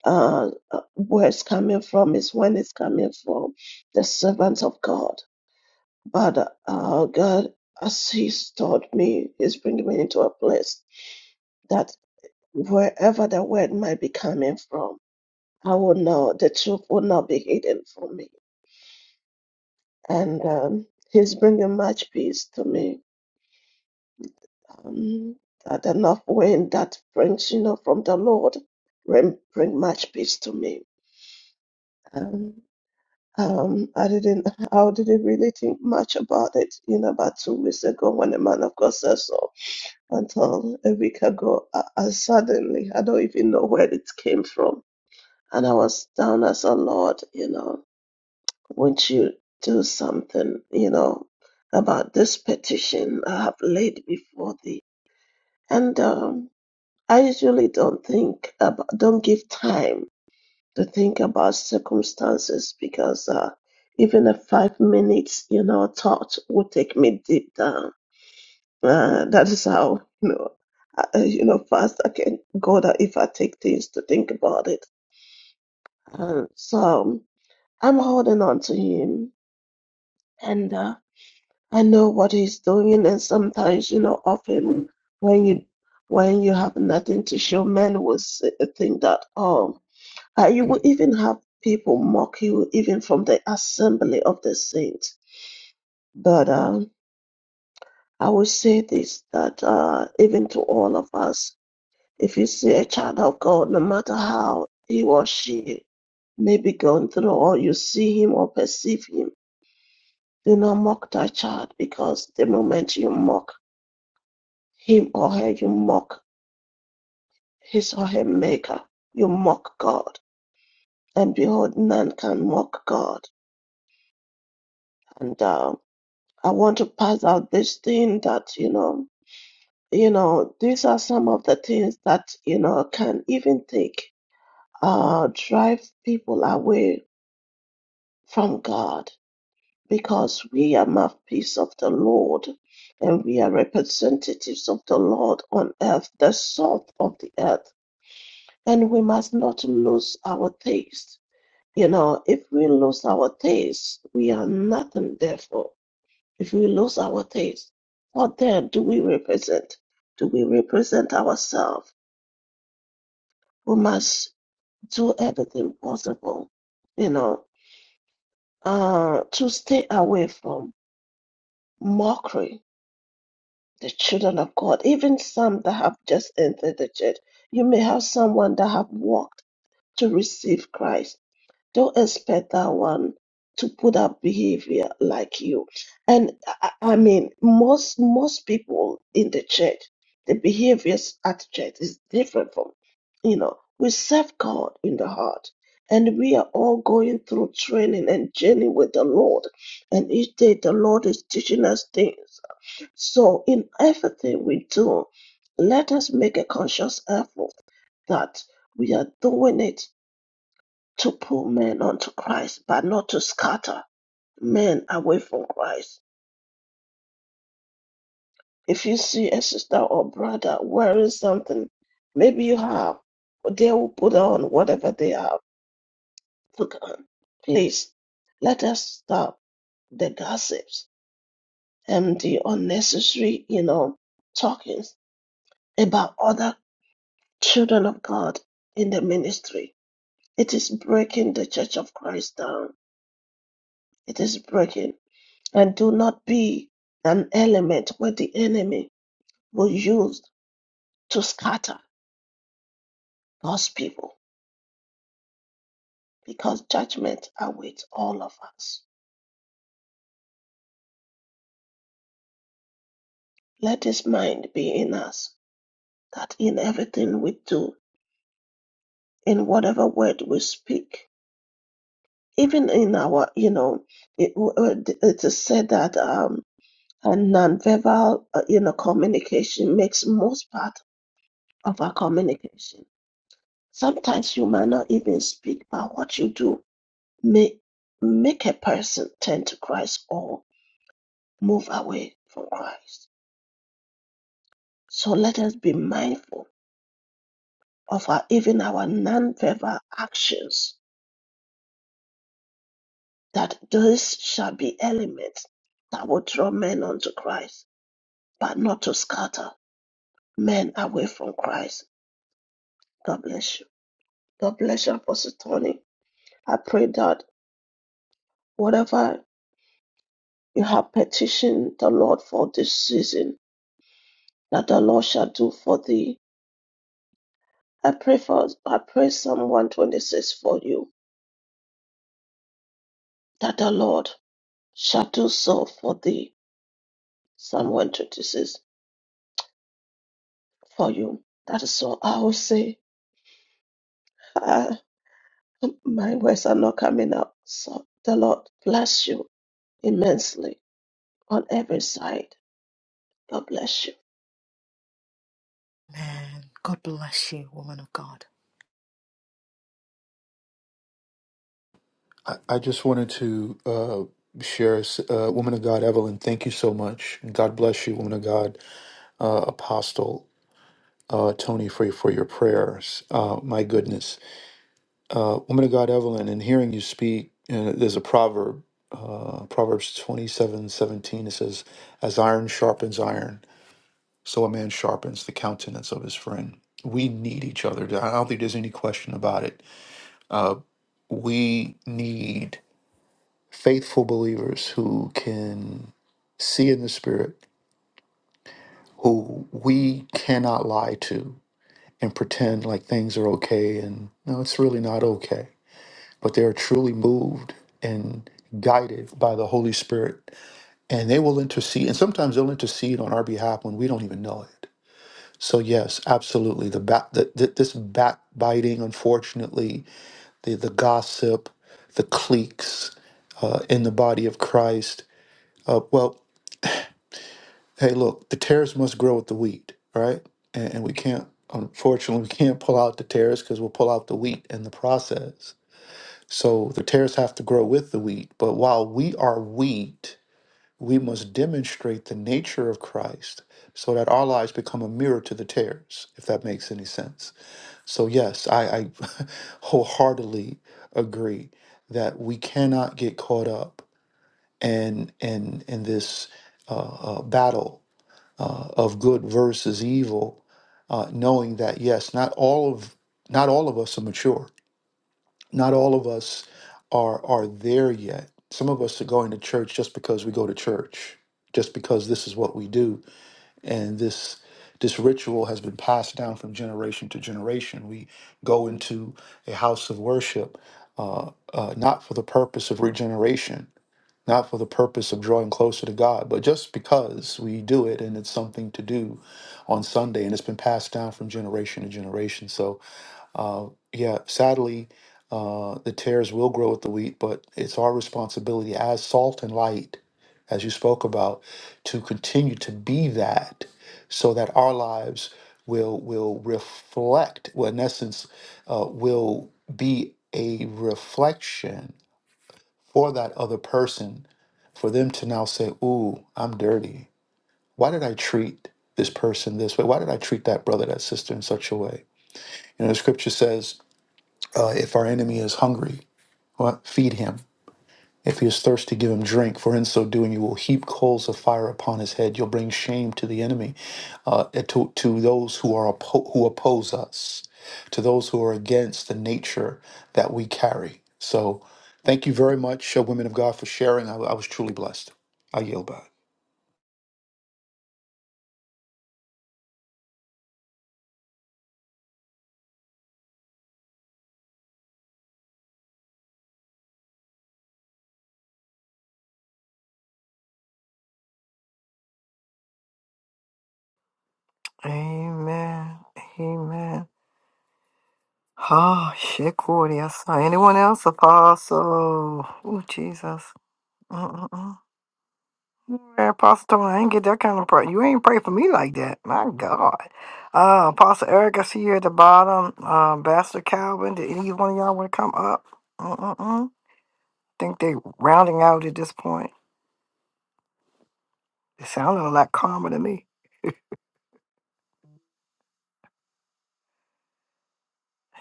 Speaker 9: uh, uh, where it's coming from is when it's coming from the servants of God. But uh, God, as He's taught me, is bringing me into a place that wherever the word might be coming from, I will know the truth will not be hidden from me. And um, He's bringing much peace to me. Um, that the north wind that brings, you know, from the Lord, bring, bring much peace to me. Um, um, I didn't, I didn't really think much about it, you know, about two weeks ago when the man of God said so. Until a week ago, I, I suddenly, I don't even know where it came from, and I was down as a Lord, you know. Won't you do something, you know, about this petition I have laid before thee? And um, I usually don't think about, don't give time to think about circumstances because uh, even a five minutes, you know, thought would take me deep down. Uh, that is how, you know, I, you know, fast I can go that if I take things to think about it. And so I'm holding on to him, and. uh, I know what he's doing, and sometimes, you know, often when you when you have nothing to show, men will say, think that um, uh, you will even have people mock you, even from the assembly of the saints. But um, I will say this that uh, even to all of us, if you see a child of God, no matter how he or she may be going through, or you see him or perceive him, do not mock that child because the moment you mock Him or her you mock, his or her maker. You mock God. And behold, none can mock God. And uh, I want to pass out this thing that, you know, you know, these are some of the things that, you know, can even take, uh, drive people away from God because we are mouthpiece of the Lord and we are representatives of the Lord on earth, the salt of the earth. And we must not lose our taste You know, if we lose our taste, we are nothing, therefore. If we lose our taste, what then do we represent? Do we represent ourselves? We must do everything possible, you know, uh, to stay away from mockery. The children of God, even some that have just entered the church, you may have someone that have walked to receive Christ don't expect that one to put up behavior like you and I, I mean most most people in the church the behaviors at church is different from you know we serve god in the heart and we are all going through training and journey with the lord and each day the lord is teaching us things so in everything we do let us make a conscious effort that we are doing it to pull men unto Christ, but not to scatter men away from Christ. If you see a sister or brother wearing something, maybe you have, they will put on whatever they have put on. Please, let us stop the gossips and the unnecessary, you know, talkings about other children of God in the ministry. It is breaking the church of Christ down. It is breaking. and do not be an element where the enemy will use to scatter God's people because judgment awaits all of us. Let his mind be in us that in everything we do, in whatever word we speak, even in our, you know, it, it is said that um, a nonverbal, uh, you know, communication makes most part of our communication. Sometimes you might not even speak, but what you do make make a person turn to Christ or move away from Christ. So let us be mindful of our even our non-verbal actions, that those shall be elements that will draw men unto Christ, but not to scatter men away from Christ. God bless you. God bless you, Apostle Tony. I pray that whatever you have petitioned the Lord for this season, that the Lord shall do for thee I pray for I pray Psalm 126 for you, that the Lord shall do so for thee. Psalm 126 for you. That is all I will say. Uh, my words are not coming out. So the Lord bless you immensely on every side. God bless you.
Speaker 4: Man, God bless you, woman of God.
Speaker 6: I, I just wanted to uh, share, s- uh, woman of God, Evelyn, thank you so much. God bless you, woman of God. uh, Apostle uh, Tony Frey, for your prayers. Uh, my goodness. Uh, woman of God, Evelyn, in hearing you speak, uh, there's a proverb, uh, Proverbs twenty-seven seventeen. It says, As iron sharpens iron, so a man sharpens the countenance of his friend. We need each other. I don't think there's any question about it. Uh, we need faithful believers who can see in the spirit, who we cannot lie to, and pretend like things are okay and no it's really not okay but they are truly moved and guided by the holy spirit and they will intercede and sometimes they'll intercede on our behalf when we don't even know it so yes absolutely the, back, the, the this backbiting unfortunately the, the gossip the cliques uh, in the body of christ uh, well hey, look, the tares must grow with the wheat, right? And, and we can't, unfortunately, we can't pull out the tares because we'll pull out the wheat in the process. So the tares have to grow with the wheat. But while we are wheat, we must demonstrate the nature of Christ so that our lives become a mirror to the tares, if that makes any sense. So, yes, I, I wholeheartedly agree that we cannot get caught up in, in, in this uh, uh, battle uh, of good versus evil, uh, knowing that yes, not all of not all of us are mature. Not all of us are are there yet. Some of us are going to church just because we go to church, just because this is what we do, and this this ritual has been passed down from generation to generation. We go into a house of worship uh, uh, not for the purpose of regeneration, not for the purpose of drawing closer to God, but just because we do it and it's something to do on Sunday and it's been passed down from generation to generation. So, uh, yeah, sadly, uh, the tares will grow with the wheat, but it's our responsibility as salt and light, as you spoke about, to continue to be that so that our lives will will reflect well in essence uh, will be a reflection or that other person for them to now say, Ooh, I'm dirty. Why did I treat this person this way? Why did I treat that brother, that sister in such a way? You know, the scripture says, uh, If our enemy is hungry, what? feed him. If he is thirsty, give him drink, for in so doing, you will heap coals of fire upon his head. You'll bring shame to the enemy uh, to, to those who are oppo- who oppose us, to those who are against the nature that we carry. So, thank you very much, uh, women of God, for sharing. I, I was truly blessed. I yield back.
Speaker 1: Amen. Amen. Oh, shit, Cordy. I saw Anyone else? Apostle. Oh, Jesus. Mm-mm-mm. Yeah, Apostle, Tony, I ain't get that kind of prayer. You ain't pray for me like that. My God. Uh, Apostle Eric, I see you at the bottom. Uh, Pastor Calvin, did any one of y'all want to come up? Mm-mm-mm. think they rounding out at this point. It sounded a lot calmer to me.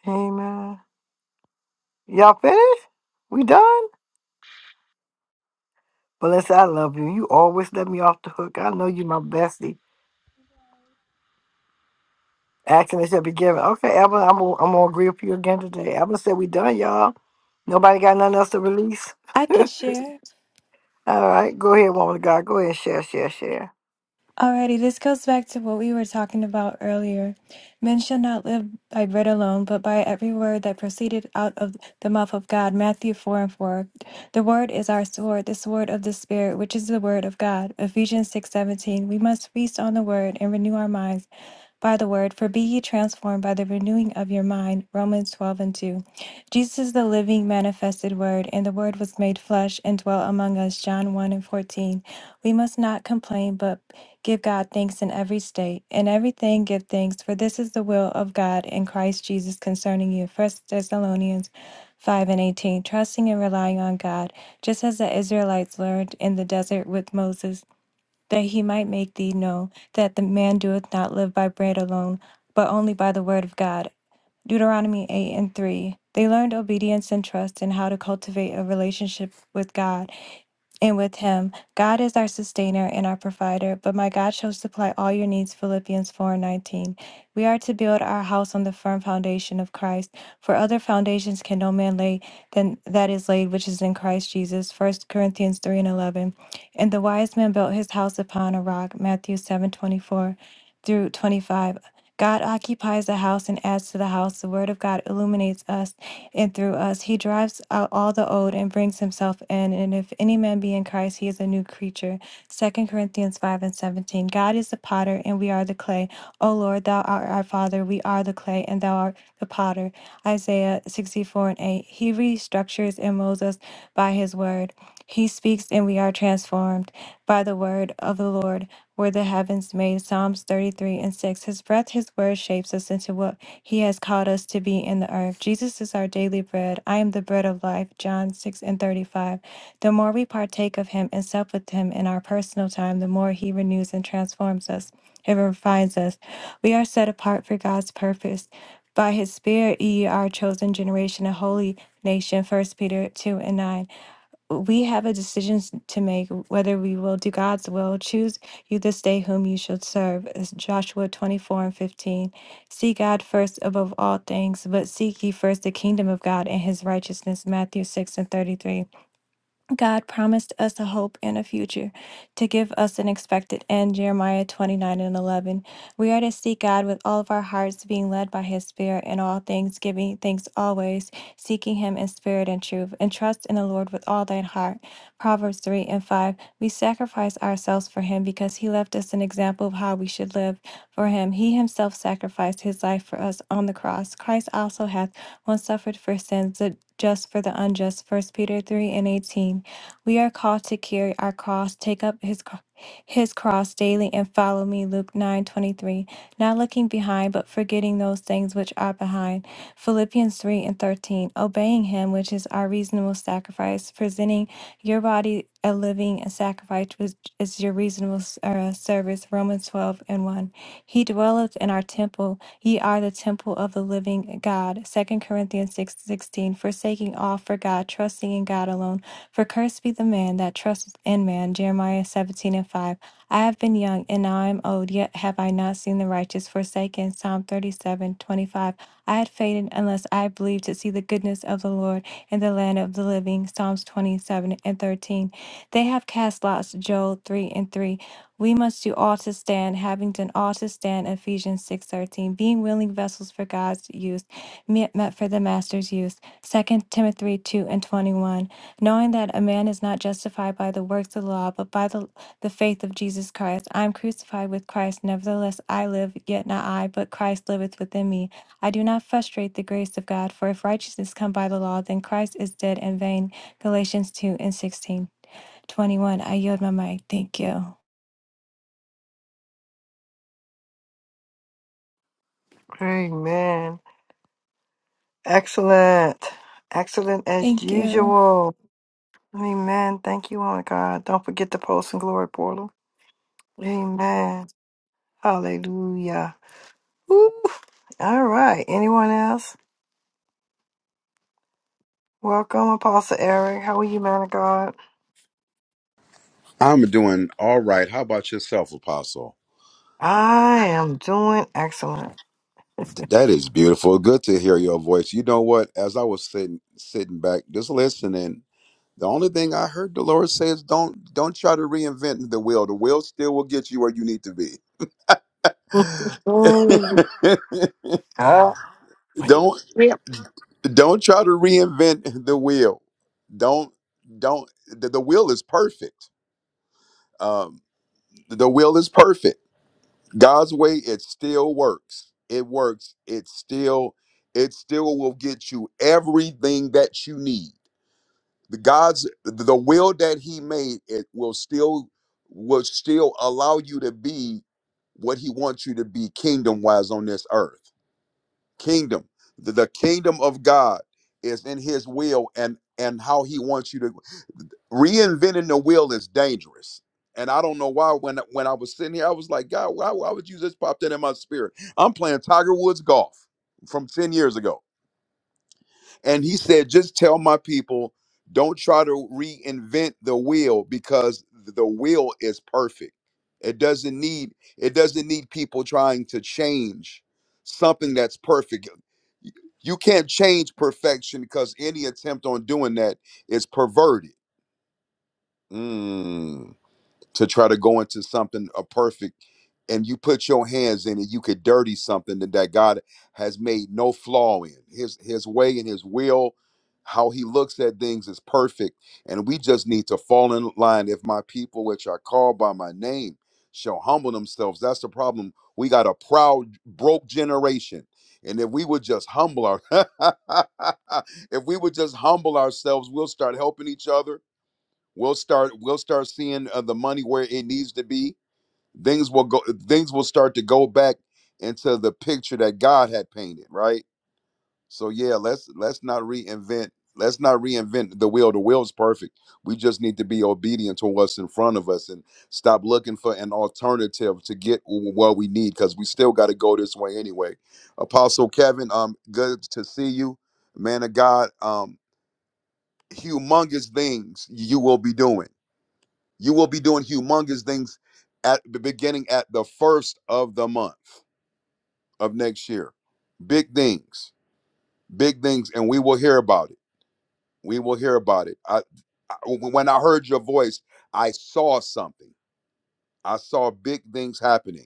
Speaker 1: Amen. Y'all finished? We done? Melissa, I love you. You always let me off the hook. I know you my bestie. Action that should be given. Okay, Evan, I'm gonna, I'm gonna agree with you again today. Evan said we done, y'all. Nobody got nothing else to release.
Speaker 13: I can share.
Speaker 1: All right, go ahead, woman of God. Go ahead and share, share, share.
Speaker 13: Alrighty, this goes back to what we were talking about earlier. Men shall not live by bread alone, but by every word that proceeded out of the mouth of God. Matthew 4 and 4. The word is our sword, the sword of the Spirit, which is the word of God. Ephesians six seventeen. We must feast on the word and renew our minds by the word, for be ye transformed by the renewing of your mind. Romans 12 and 2. Jesus is the living, manifested word, and the word was made flesh and dwelt among us. John 1 and 14. We must not complain, but give God thanks in every state. In everything, give thanks, for this is the will of God in Christ Jesus concerning you. First Thessalonians 5 and 18. Trusting and relying on God, just as the Israelites learned in the desert with Moses that he might make thee know that the man doeth not live by bread alone, but only by the word of God. Deuteronomy 8 and 3. They learned obedience and trust and how to cultivate a relationship with God and with him. God is our sustainer and our provider, but my God shall supply all your needs. Philippians 4 19. We are to build our house on the firm foundation of Christ, for other foundations can no man lay than that is laid which is in Christ Jesus. First Corinthians 3 and 11. And the wise man built his house upon a rock. Matthew 7 24 through 25. God occupies the house and adds to the house. The word of God illuminates us and through us. He drives out all the old and brings himself in. And if any man be in Christ, he is a new creature. Second Corinthians 5 and 17. God is the potter, and we are the clay. O Lord, thou art our Father, we are the clay, and thou art the potter. Isaiah 64 and 8. He restructures and molds us by his word. He speaks, and we are transformed by the word of the Lord were the heavens made. Psalms 33 and 6. His breath, His word shapes us into what He has called us to be in the earth. Jesus is our daily bread. I am the bread of life. John 6 and 35. The more we partake of Him and sup with Him in our personal time, the more He renews and transforms us. It refines us. We are set apart for God's purpose. By His Spirit, ye are a chosen generation, a holy nation. First Peter 2 and 9 we have a decision s- to make whether we will do God's will. Choose you this day whom you should serve. It's Joshua 24 and 15. Seek God first above all things, but seek ye first the kingdom of God and his righteousness. Matthew 6 and 33. God promised us a hope and a future to give us an expected end. Jeremiah 29 and 11. We are to seek God with all of our hearts, being led by His Spirit in all things, giving thanks always, seeking Him in spirit and truth, and trust in the Lord with all thine heart. Proverbs 3 and 5. We sacrifice ourselves for Him because He left us an example of how we should live for Him. He Himself sacrificed His life for us on the cross. Christ also hath once suffered for sins, the just for the unjust. First Peter 3 and 18. We are called to carry our cross, take up his cro- his cross daily and follow me. Luke 9:23. Not looking behind, but forgetting those things which are behind Philippians 3 and 13, obeying him, which is our reasonable sacrifice, presenting your body a living a sacrifice, which is your reasonable uh, service. Romans 12 and 1. He dwelleth in our temple. Ye are the temple of the living God. Second Corinthians 6 16, forsaking all for God, trusting in God alone. For cursed be the man that trusteth in man. Jeremiah 17 and 5. I have been young, and now I am old, yet have I not seen the righteous forsaken. Psalm 37 25. I had fainted unless I believed to see the goodness of the Lord in the land of the living. Psalms 27 and 13. They have cast lots, Joel 3 and 3. We must do all to stand, having done all to stand, Ephesians 6:13. Being willing vessels for God's use, me- meant for the master's use, Second Timothy 2 and 21. Knowing that a man is not justified by the works of the law, but by the, the faith of Jesus Christ. I am crucified with Christ, nevertheless I live, yet not I, but Christ liveth within me. I do not frustrate the grace of God, for if righteousness come by the law, then Christ is dead in vain. Galatians 2 and 16. 21. I yield my mic. Thank you.
Speaker 1: Amen. Excellent. Excellent as
Speaker 13: Thank you.
Speaker 1: usual. Amen. Thank you, Lord God. Don't forget the Post and Glory portal. Amen. Hallelujah. Woo. All right. Anyone else? Welcome, Apostle God.
Speaker 14: I'm doing all right. How about yourself, Apostle?
Speaker 1: I am doing excellent.
Speaker 14: Th- That is beautiful. Good to hear your voice. You know what? As I was sitting sitting back, just listening, the only thing I heard the Lord say is, "Don't don't try to reinvent the wheel. The wheel still will get you where you need to be.
Speaker 1: Ah.
Speaker 14: don't don't try to reinvent the wheel. Don't don't the, the wheel is perfect. Um, the wheel is perfect God's way, it still works. It works. It still, it still will get you everything that you need. The God's the will that He made, it will still will still allow you to be what He wants you to be kingdom wise on this earth. Kingdom. The, the kingdom of God is in His will and and how He wants you to reinventing the wheel is dangerous. And I don't know why when when I was sitting here, I was like, God, why, why would you just pop that in my spirit? I'm playing Tiger Woods golf from 10 years ago. And he said, just tell my people, don't try to reinvent the wheel because the wheel is perfect. It doesn't need it doesn't need people trying to change something that's perfect. You can't change perfection because any attempt on doing that is perverted. Mm to try to go into something a perfect and you put your hands in it, you could dirty something that, that God has made no flaw in. His his way and his will, how he looks at things is perfect. And we just need to fall in line. If my people, which are called by my name, shall humble themselves. That's the problem. We got a proud, broke generation. And if we would just humble our if we would just humble ourselves, we'll start helping each other We'll start we'll start seeing uh, the money where it needs to be. Things will go things will start to go back into the picture that God had painted, right? So yeah, let's let's not reinvent let's not reinvent the wheel. The wheel's perfect. We just need to be obedient to what's in front of us and stop looking for an alternative to get w- what we need because we still got to go this way anyway. Apostle Kevin, um, good to see you, man of God. Um, humongous things you will be doing. You will be doing humongous things at the beginning at the first of the month of next year. Big things, big things, and we will hear about it. We will hear about it. I, I- when I heard your voice, I saw something. I saw big things happening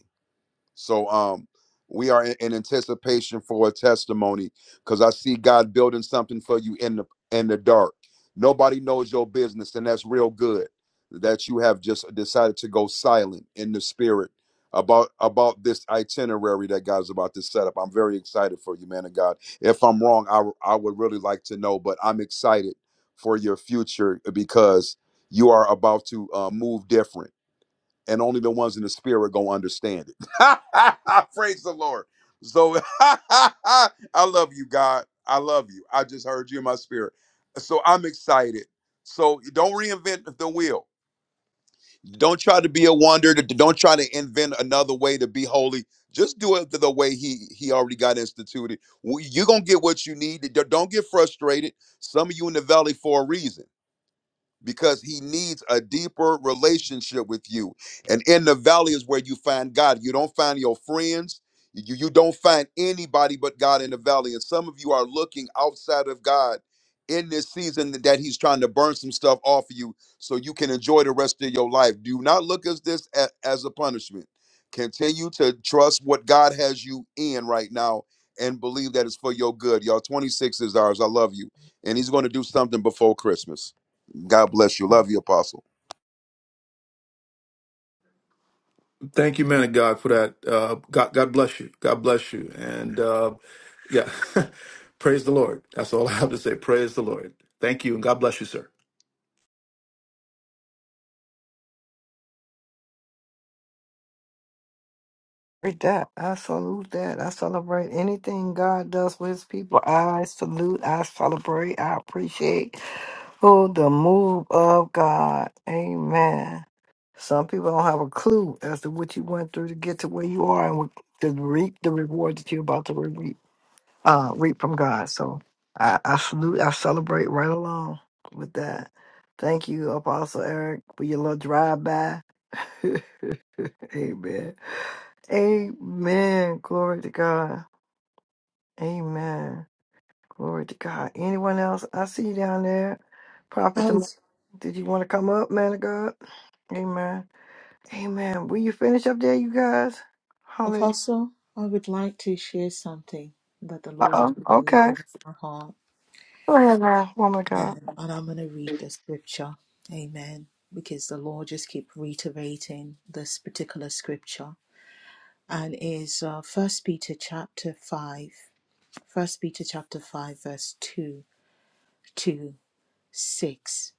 Speaker 14: So um we are in, in anticipation for a testimony because I see God building something for you in the in the dark. Nobody knows your business, and that's real good that you have just decided to go silent in the spirit about about this itinerary that God's about to set up. I'm very excited for you, man of God. If I'm wrong, I I would really like to know, but I'm excited for your future because you are about to uh, move different and only the ones in the spirit are gonna understand it. Praise the Lord. So I love you, God. I love you. I just heard you in my spirit. So I'm excited. So don't reinvent the wheel. Don't try to be a wonder. Don't try to invent another way to be holy. Just do it the way he he already got instituted. You're gonna get what you need. Don't get frustrated. Some of you in the valley for a reason because he needs a deeper relationship with you. And in the valley is where you find God. You don't find your friends. You, you don't find anybody but God in the valley. And some of you are looking outside of God in this season that he's trying to burn some stuff off of you so you can enjoy the rest of your life. Do not look at this a- as a punishment. Continue to trust what God has you in right now and believe that it's for your good. Y'all, 26 is ours. I love you. And he's going to do something before Christmas. God bless you. Love you, Apostle.
Speaker 6: Thank you, man of God, for that. Uh, God, God bless you. God bless you. And uh, yeah, praise the Lord. That's all I have to say. Praise the Lord. Thank you, and God bless you, sir.
Speaker 1: Celebrate that. I salute that. I celebrate anything God does for his people. I salute, I celebrate, I appreciate oh the move of God. Amen. Some people don't have a clue as to what you went through to get to where you are and what, to reap the reward that you're about to reap, uh, reap from God. So I, I salute, I celebrate right along with that. Thank you, Apostle Eric, for your little drive by. Amen. Amen. Glory to God. Amen. Glory to God. Anyone else? I see you down there. Prophet
Speaker 4: I
Speaker 1: tomorrow.
Speaker 4: was,
Speaker 1: Did you want to come up, man of God? Amen. Amen. Will you finish up there, you guys? Hallelujah.
Speaker 4: Apostle, I would like to share something that the Lord is
Speaker 1: Uh-oh.
Speaker 4: relaying
Speaker 1: Okay.
Speaker 4: in my heart.
Speaker 1: Go ahead now, woman of God.
Speaker 4: Um, and I'm going to read the scripture. Amen. Because the Lord just keep reiterating this particular scripture. And is uh, 1 Peter chapter 5, First Peter chapter 5, verse 2 to 6.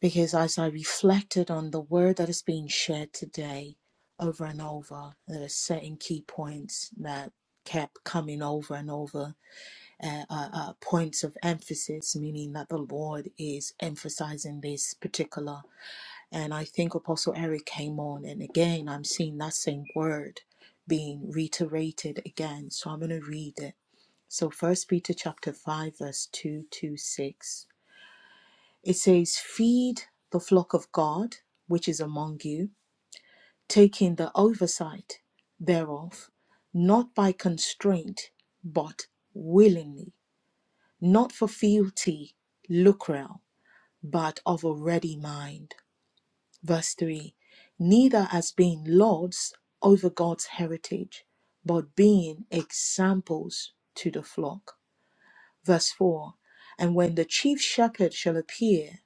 Speaker 4: Because as I reflected on the word that is being shared today over and over, there are certain key points that kept coming over and over uh, uh, uh, points of emphasis, meaning that the Lord is emphasizing this particular. And I think Apostle Eric came on, and again, I'm seeing that same word being reiterated again. So I'm going to read it. So First Peter chapter five, verse two to six. It says, "Feed the flock of God which is among you, taking the oversight thereof, not by constraint, but willingly." not for fealty, lucrel, but of a ready mind. Verse 3 Neither as being lords over God's heritage, but being examples to the flock. Verse 4 And when the chief shepherd shall appear,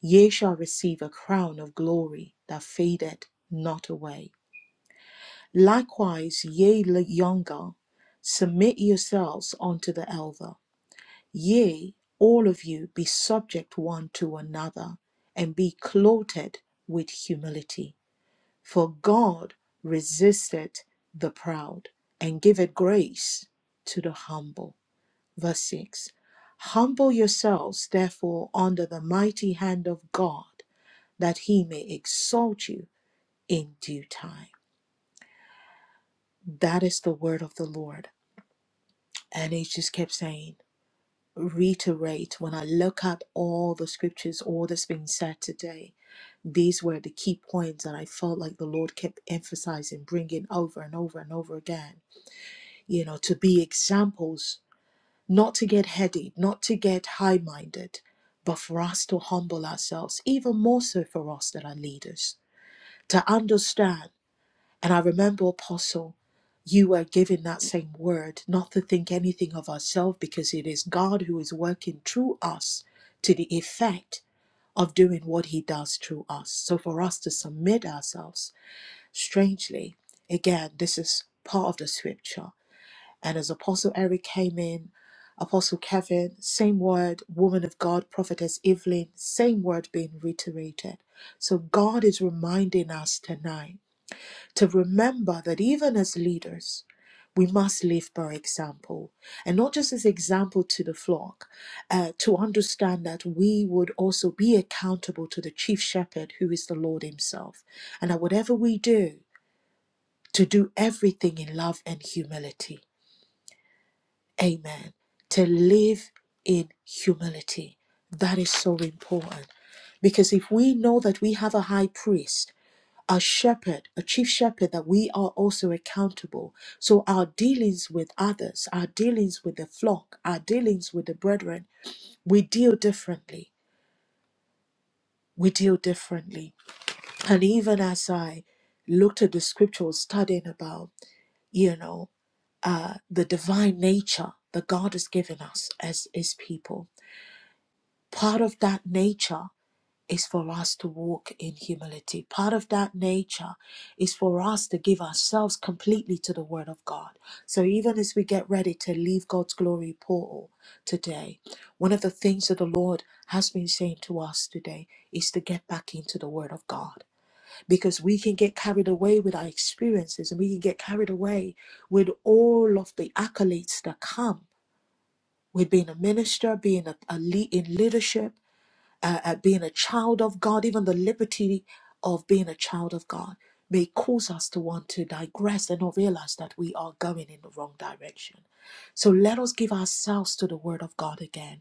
Speaker 4: ye shall receive a crown of glory that fadeth not away. Likewise, ye younger, submit yourselves unto the elder. Yea, all of you be subject one to another, and be clothed with humility. For God resisteth the proud, and giveth grace to the humble. Verse 6 Humble yourselves, therefore, under the mighty hand of God, that he may exalt you in due time. That is the word of the Lord. And he just kept saying, reiterate when I look at all the scriptures, all that's been said today, these were the key points that I felt like the Lord kept emphasizing, bringing over and over and over again. You know, to be examples, not to get heady, not to get high minded, but for us to humble ourselves, even more so for us that are leaders, to understand. And I remember, Apostle, you were given that same word, not to think anything of ourselves, because it is God who is working through us to the effect of doing what he does through us. So for us to submit ourselves, strangely, again, this is part of the scripture. And as Apostle Eric came in, Apostle Kevin, same word, woman of God, prophetess Evelyn, same word being reiterated. So God is reminding us tonight to remember that even as leaders, we must live by example and not just as example to the flock, uh, to understand that we would also be accountable to the chief shepherd who is the Lord Himself, and that whatever we do, to do everything in love and humility Amen. To live in humility. That is so important. Because if we know that we have a high priest, a shepherd, a chief shepherd, that we are also accountable. So our dealings with others, our dealings with the flock, our dealings with the brethren, we deal differently. We deal differently. And even as I looked at the scripture, I was studying about you know, uh, the divine nature that God has given us as His people. Part of that nature is for us to walk in humility. Part of that nature is for us to give ourselves completely to the Word of God. So even as we get ready to leave God's glory portal today, one of the things that the Lord has been saying to us today is to get back into the Word of God because we can get carried away with our experiences and we can get carried away with all of the accolades that come with being a minister, being a, a lead in leadership, uh, uh, being a child of God, even the liberty of being a child of God may cause us to want to digress and not realize that we are going in the wrong direction. So let us give ourselves to the Word of God again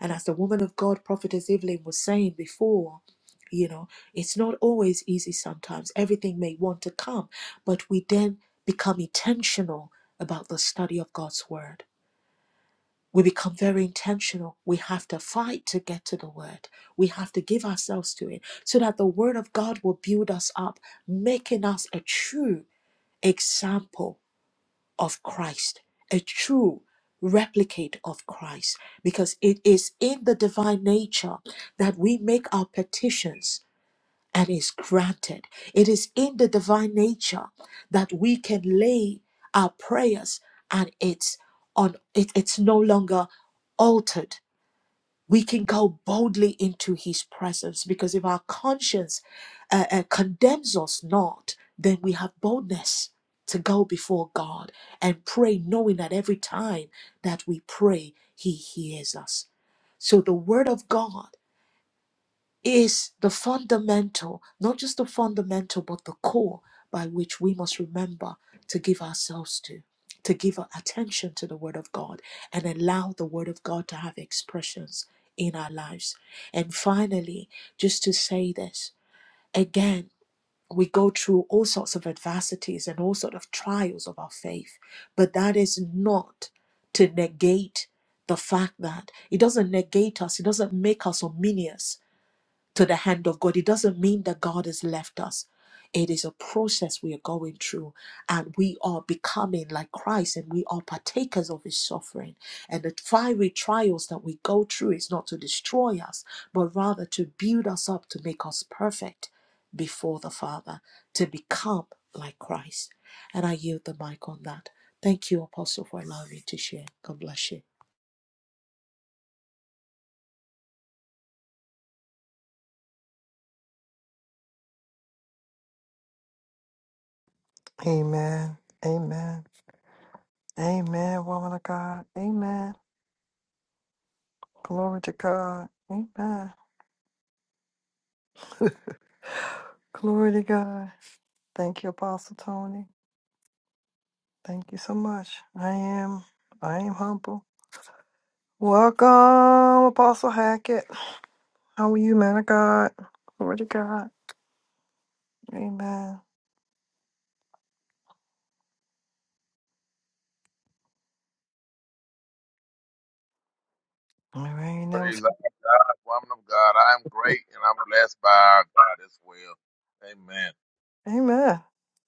Speaker 4: and as the woman of God, Prophetess Evelyn, was saying before, you know, it's not always easy sometimes. Everything may want to come, but we then become intentional about the study of God's word. We become very intentional. We have to fight to get to the word. We have to give ourselves to it so that the word of God will build us up, making us a true example of Christ, a true replicate of Christ, because it is in the divine nature that we make our petitions and is granted. It is in the divine nature that we can lay our prayers and it's on it, it's no longer altered we can go boldly into his presence because if our conscience uh, uh, condemns us not, then we have boldness to go before God and pray, knowing that every time that we pray, he hears us. So the word of God is the fundamental, not just the fundamental, but the core by which we must remember to give ourselves to, to give our attention to the Word of God and allow the Word of God to have expressions in our lives. And finally, just to say this again, we go through all sorts of adversities and all sorts of trials of our faith, but that is not to negate the fact that it doesn't negate us, it doesn't make us ominous to the hand of God. It doesn't mean that God has left us. It is a process we are going through, and we are becoming like Christ, and we are partakers of his suffering. And the fiery trials that we go through is not to destroy us, but rather to build us up, to make us perfect before the Father, to become like Christ. And I yield the mic on that. Thank you, Apostle, for allowing me to share. God bless you.
Speaker 1: Amen. Amen. Amen, woman of God. Amen. Glory to God. Amen. Glory to God. Thank you, Apostle Tony. Thank you so much. I am I am humble. Welcome, Apostle Hackett. How are you, man of God? Glory to God. Amen. Amen. that was
Speaker 15: Praise our God, woman of God. I'm great and I'm blessed by our God as well. Amen.
Speaker 1: Amen.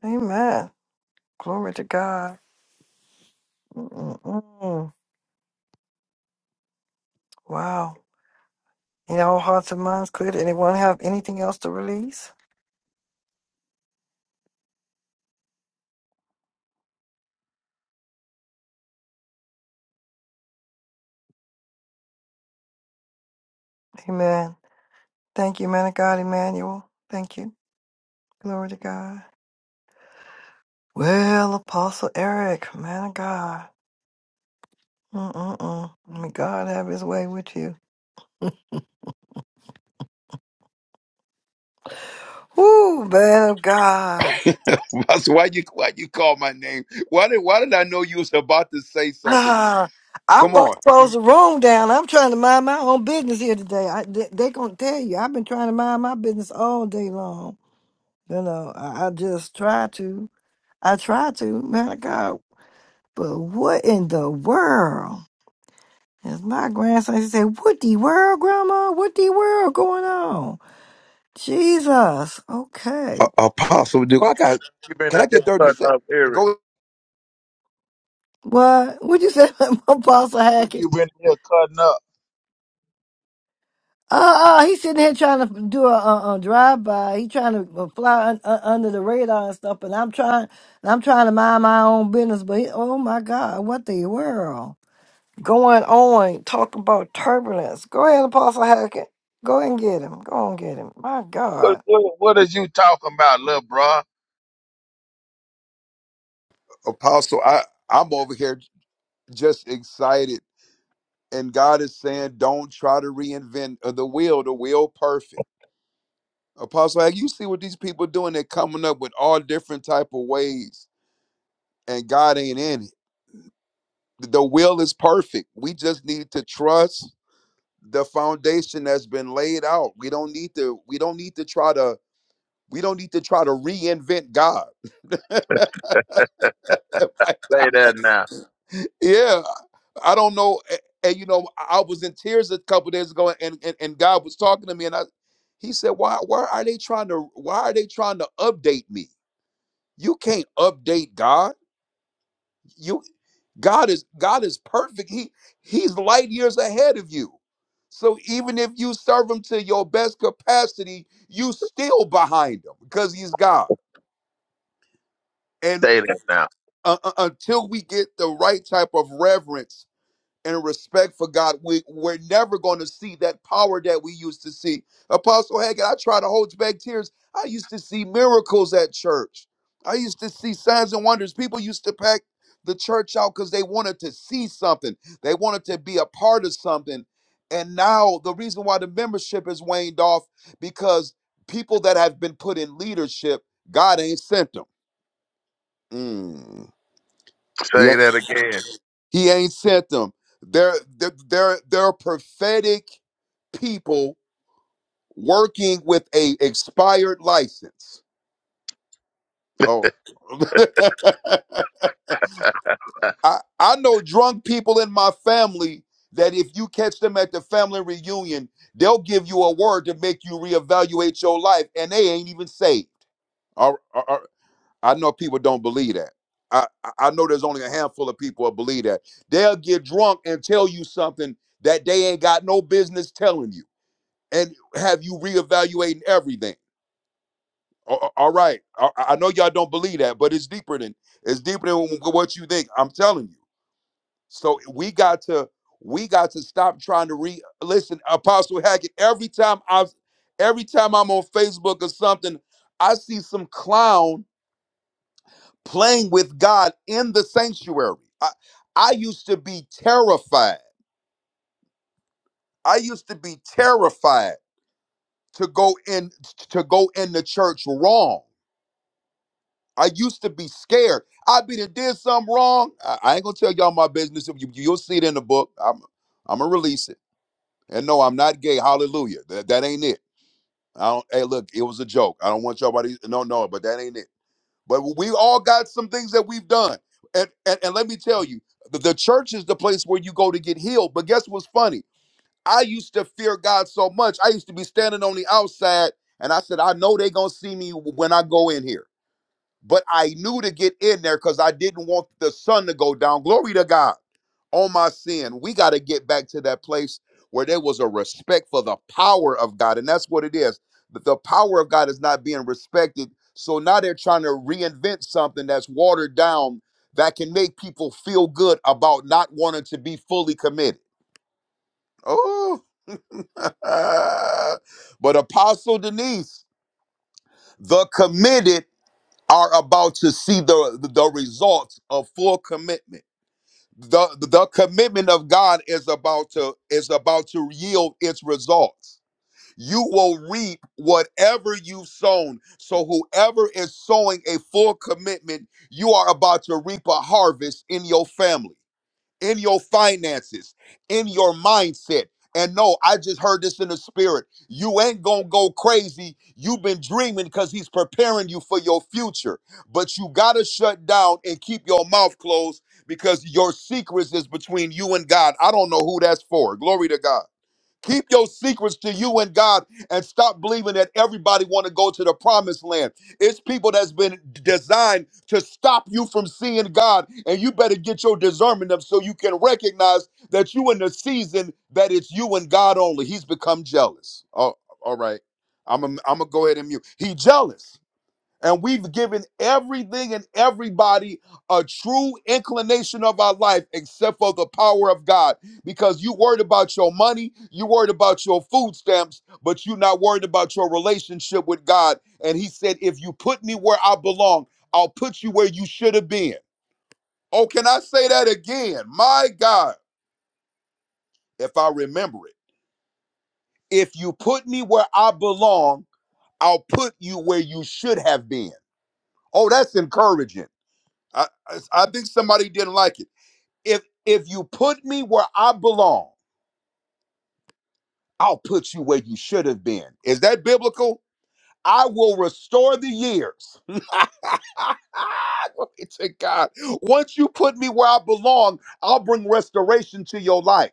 Speaker 1: Amen. Glory to God. Mm-mm-mm. Wow. In all hearts and minds clear, did anyone have anything else to release? Amen. Thank you, man of God, Emmanuel. Thank you. Glory to God. Well, Apostle Eric, man of God. Mm-mm-mm. May God have his way with you. Woo, man of God.
Speaker 14: Apostle, why you why you call my name? Why did why did I know you was about to say something?
Speaker 1: Ah, I'm
Speaker 14: Come
Speaker 1: about
Speaker 14: on.
Speaker 1: to close the room down. I'm trying to mind my own business here today. I, they, they gonna tell you I've been trying to mind my business all day long. You know, I, I just try to. I try to, man of God. But what in the world? As my grandson he said, "What the world, Grandma? What the world going on?" Jesus. Okay.
Speaker 14: Uh, Apostle, do I got?
Speaker 15: You've been
Speaker 14: Can I
Speaker 15: out here
Speaker 14: get thirty
Speaker 15: cutting
Speaker 14: sec?
Speaker 15: up, Eric.
Speaker 14: Go,
Speaker 1: What? What you say, Apostle
Speaker 15: Rick,
Speaker 1: Hackett?
Speaker 15: You've been here cutting up.
Speaker 1: Uh, uh, he's sitting here trying to do a, a, a drive by. He trying to uh, fly un, uh, under the radar and stuff, and I'm trying, and I'm trying to mind my own business. But he, oh my God, what the world going on? Talking about turbulence. Go ahead, Apostle Hackett. Go ahead and get him. Go and get him. My
Speaker 15: What,
Speaker 1: God,
Speaker 15: what, what is you talking about, little bro?
Speaker 14: Apostle. I I'm over here just excited, and God is saying, don't try to reinvent uh, the wheel. The wheel perfect. Apostle, like, you see what these people doing? They're coming up with all different type of ways, and God ain't in it. The wheel is perfect. We just need to trust the foundation that's been laid out. We don't need to we don't need to try to we don't need to try to reinvent God.
Speaker 15: Say that now.
Speaker 14: yeah. I don't know a- and, you know I I was in tears a couple days ago and, and and God was talking to me and I he said why why are they trying to why are they trying to update me? You can't update God. You. God is God is perfect. He he's light years ahead of you. So even if you serve him to your best capacity, you still behind him because he's God. And
Speaker 15: Say that now.
Speaker 14: uh, uh, until we get the right type of reverence and respect for God, we, we're never going to see that power that we used to see. Apostle Hagen, I try to hold back tears. I used to see miracles at church. I used to see signs and wonders. People used to pack the church out because they wanted to see something. They wanted to be a part of something. And now the reason why the membership has waned off because people that have been put in leadership, God ain't sent them. Mm. He,
Speaker 15: Say that again.
Speaker 14: he ain't sent them. They're they're they're, they're prophetic people working with a expired license. Oh, I I know drunk people in my family that if you catch them at the family reunion, they'll give you a word to make you reevaluate your life, and they ain't even saved. I know people don't believe that. I, I I know there's only a handful of people that believe that. They'll get drunk and tell you something that they ain't got no business telling you and have you reevaluating everything. A- a- All right. I I know y'all don't believe that, but it's deeper than it's deeper than what you think. I'm telling you. So we got to we got to stop trying to re listen, Apostle Hackett. Every time I every time I'm on Facebook or something, I see some clown playing with God in the sanctuary. I, I used to be terrified. I used to be terrified to go in to go in the church wrong. I used to be scared. I be done did something wrong. I, I ain't gonna tell y'all my business. You, you'll see it in the book. I'm I'm gonna release it. And no, I'm not gay. Hallelujah. That that ain't it. I don't. Hey, look, it was a joke. I don't want y'all to no no, but that ain't it. But we all got some things that we've done. And, and, and let me tell you, the, the church is the place where you go to get healed. But guess what's funny? I used to fear God so much. I used to be standing on the outside and I said, I know they're going to see me when I go in here. But I knew to get in there because I didn't want the sun to go down. Glory to God on my sin. We got to get back to that place where there was a respect for the power of God. And that's what it is. But the power of God is not being respected. So now they're trying to reinvent something that's watered down that can make people feel good about not wanting to be fully committed. Oh, but Apostle Denise, the committed are about to see the the the results of full commitment. The the commitment of God is about to is about to yield its results. You will reap whatever you've sown. So whoever is sowing a full commitment, you are about to reap a harvest in your family in your finances, in your mindset. And no, I just heard this in the spirit. You ain't gonna go crazy. You've been dreaming because he's preparing you for your future. But you gotta shut down and keep your mouth closed because your secrets is between you and God. I don't know who that's for. Glory to God. Keep your secrets to you and God and stop believing that everybody want to go to the promised land. It's people that's been designed to stop you from seeing God and you better get your discernment up so you can recognize that you in the season that it's you and God only. He's become jealous. Oh, all right. I'm i I'm gonna go ahead and mute. He jealous and we've given everything and everybody a true inclination of our life except for the power of God. Because you worried about your money, you worried about your food stamps, but you're not worried about your relationship with God. And He said, If you put me where I belong, I'll put you where you should have been. Oh, can I say that again? My God, if I remember it. If you put me where I belong, I'll put you where you should have been. Oh, that's encouraging I, I I think somebody didn't like it. If if you put me where I belong, I'll put you where you should have been. Is that biblical? I will restore the years. Glory to God. Once you put me where I belong, I'll bring restoration to your life.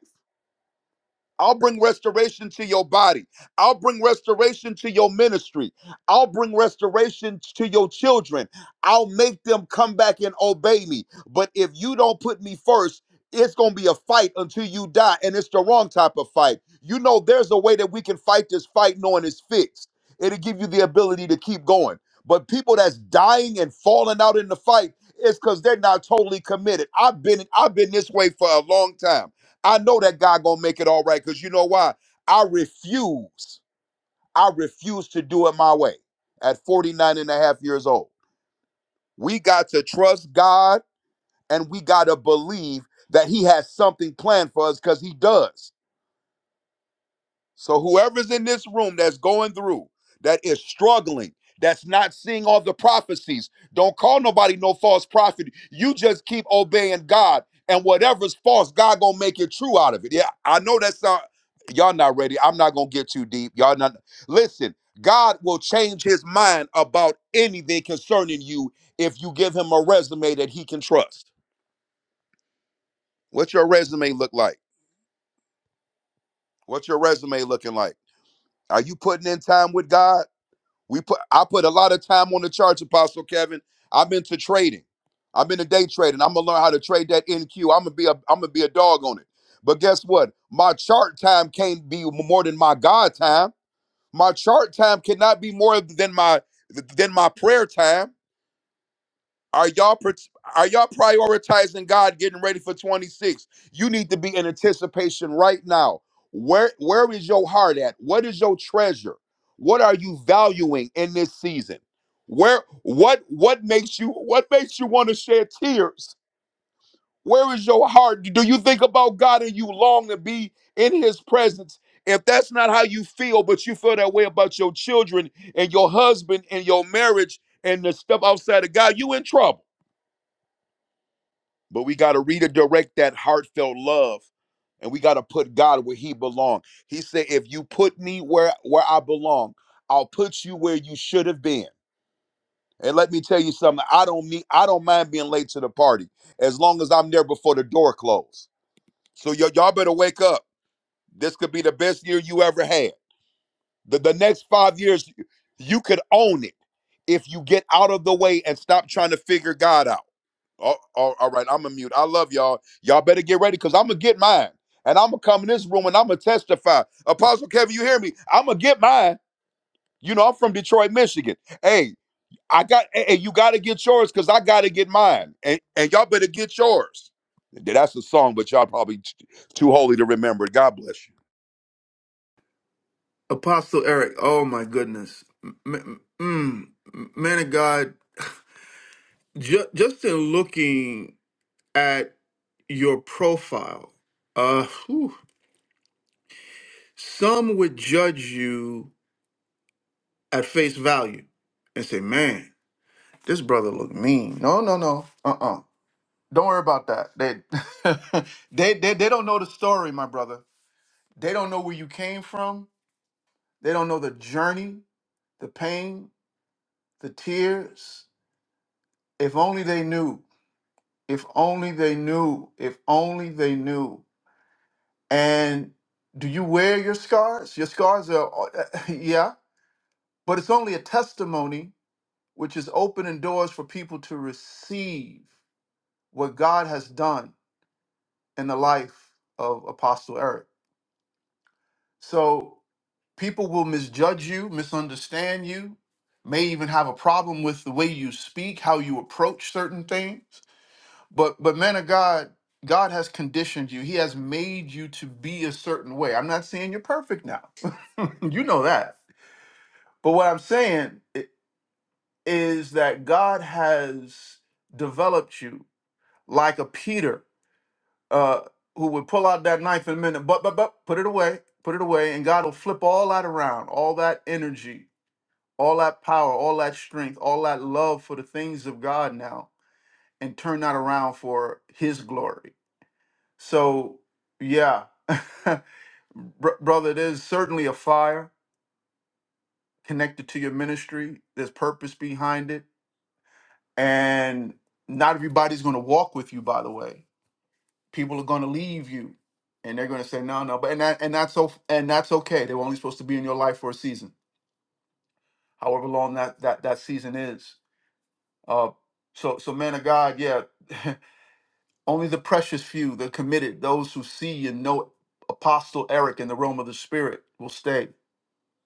Speaker 14: I'll bring restoration to your body. I'll bring restoration to your ministry. I'll bring restoration to your children. I'll make them come back and obey me. But if you don't put me first, it's going to be a fight until you die. And it's the wrong type of fight. You know, there's a way that we can fight this fight knowing it's fixed. It'll give you the ability to keep going. But people that's dying and falling out in the fight, is because they're not totally committed. I've been I've been this way for a long time. I know that God gonna make it all right because you know why? I refuse. I refuse to do it my way at 49 and a half years old. We got to trust God and we got to believe that He has something planned for us because He does. So whoever's in this room that's going through, that is struggling, that's not seeing all the prophecies, don't call nobody no false prophet. You just keep obeying God, and whatever's false, God gonna make it true out of it. Yeah, I know that's not y'all not ready. I'm not gonna get too deep. Y'all not listen. God will change his mind about anything concerning you if you give him a resume that he can trust. What's your resume look like? What's your resume looking like? Are you putting in time with God? We put I put a lot of time on the charts, Apostle Kevin. I've been to trading. I've been to day trading. I'm gonna learn how to trade that NQ. I'm gonna be a I'm gonna be a dog on it. But guess what? My chart time can't be more than my God time. My chart time cannot be more than my than my prayer time are y'all pri- are y'all prioritizing God getting ready for 26? You need to be in anticipation right now. Where where is your heart at? What is your treasure? What are you valuing in this season? Where what what makes you what makes you want to shed tears? Where is your heart? Do you think about God and you long to be in his presence? If that's not how you feel, but you feel that way about your children and your husband and your marriage and the stuff outside of God, you in trouble. But we got to redirect that heartfelt love and we got to put God where he belong. He said if you put me where where I belong, I'll put you where you should have been. And let me tell you something, I don't mean I don't mind being late to the party as long as I'm there before the door closes. So y- y'all better wake up. This could be the best year you ever had. The the next 5 years you could own it if you get out of the way and stop trying to figure God out all, all all right, I'm a mute. I love y'all. Y'all better get ready because I'm gonna get mine. And I'm gonna come in this room and I'm gonna testify. Apostle Kevin, you hear me? I'm gonna get mine. You know, I'm from Detroit, Michigan. Hey, I got hey, hey, you gotta get yours because I gotta get mine. And and y'all better get yours. That's a song, but y'all probably t- too holy to remember it. God bless you.
Speaker 6: Apostle Eric. Oh my goodness, M- m- mm, man of God. Ju- just in looking at your profile, uh, whew, some would judge you at face value and say, "Man, this brother look mean." No, no, no. Uh, uh do not worry about that. They, they, they, they don't know the story, my brother. They don't know where you came from. They don't know the journey, the pain, the tears. If only they knew. If only they knew. If only they knew. And do you wear your scars? Your scars are, yeah, but it's only a testimony which is opening doors for people to receive what God has done in the life of Apostle Eric. So people will misjudge you, misunderstand you, may even have a problem with the way you speak, how you approach certain things. But but man of God, God has conditioned you. He has made you to be a certain way. I'm not saying you're perfect now. you know that But what I'm saying i- is that God has developed you like a Peter uh, who would pull out that knife in a minute, but, but, but, put it away, put it away, and God will flip all that around, all that energy, all that power, all that strength, all that love for the things of God now, and turn that around for His glory. So, yeah, Br- brother, there's certainly a fire connected to your ministry, there's purpose behind it And not everybody's going to walk with you, by the way. People are going to leave you and they're going to say, no, no. But, and, that, and that's so, and that's okay. They were only supposed to be in your life for a season, however long that, that, that season is. Uh, so, so man of God, yeah, only the precious few, the committed, those who see and know Apostle Eric in the realm of the spirit will stay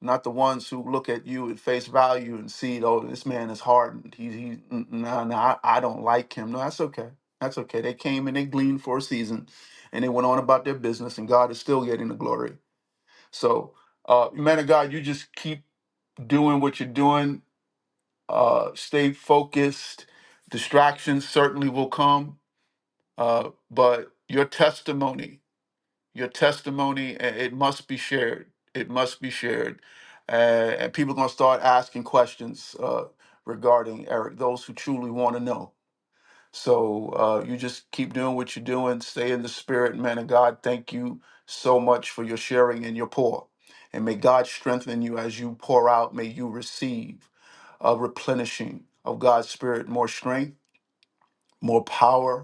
Speaker 6: not the ones who look at you at face value and see, oh, this man is hardened. He, he, mm, no, no, I, I don't like him. No, that's okay. That's okay. They came and they gleaned for a season, and they went on about their business, and God is still getting the glory. So, uh, man of God, you just keep doing what you're doing. Uh, stay focused. Distractions certainly will come, uh, but your testimony your testimony, i- it must be shared. It must be shared. Uh, and people are going to start asking questions uh, regarding Eric, those who truly want to know. So uh, you just keep doing what you're doing. Stay in the spirit, man of God. Thank you so much for your sharing and your pour. And may God strengthen you as you pour out. May you receive a replenishing of God's spirit, more strength, more power,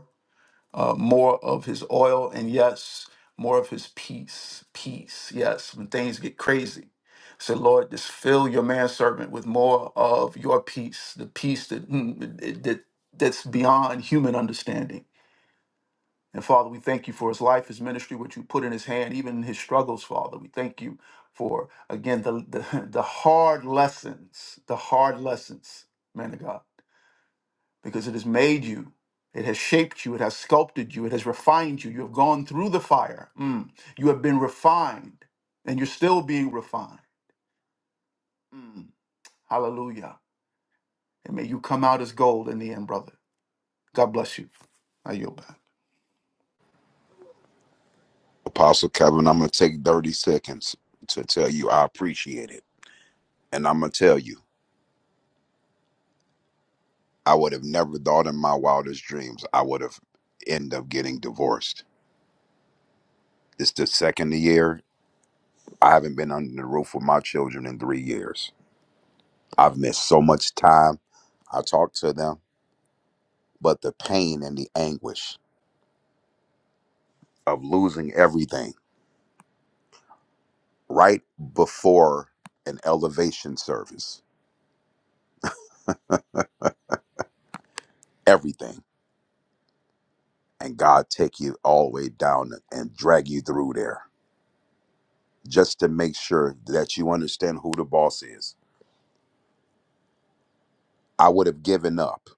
Speaker 6: uh, more of his oil and yes, more of his peace. Peace, yes, when things get crazy. Say, Lord, just fill your manservant with more of your peace, the peace that, mm, that that's beyond human understanding. And Father, we thank you for his life, his ministry, what you put in his hand, even his struggles, Father. We thank you for again the the, the hard lessons, the hard lessons, man of God because it has made you. It has shaped you. It has sculpted you. It has refined you. You have gone through the fire. Mm. You have been refined, and you're still being refined. Mm. Hallelujah. And may you come out as gold in the end, brother. God bless you. I yield back.
Speaker 14: Apostle Kevin, I'm going to take 30 seconds to tell you I appreciate it. And I'm going to tell you. I would have never thought in my wildest dreams I would have end up getting divorced. It's the second year. I haven't been under the roof with my children in three years. I've missed so much time. I talk to them, but the pain and the anguish of losing everything right before an elevation service, everything, and God take you all the way down and drag you through there just to make sure that you understand who the boss is. I would have given up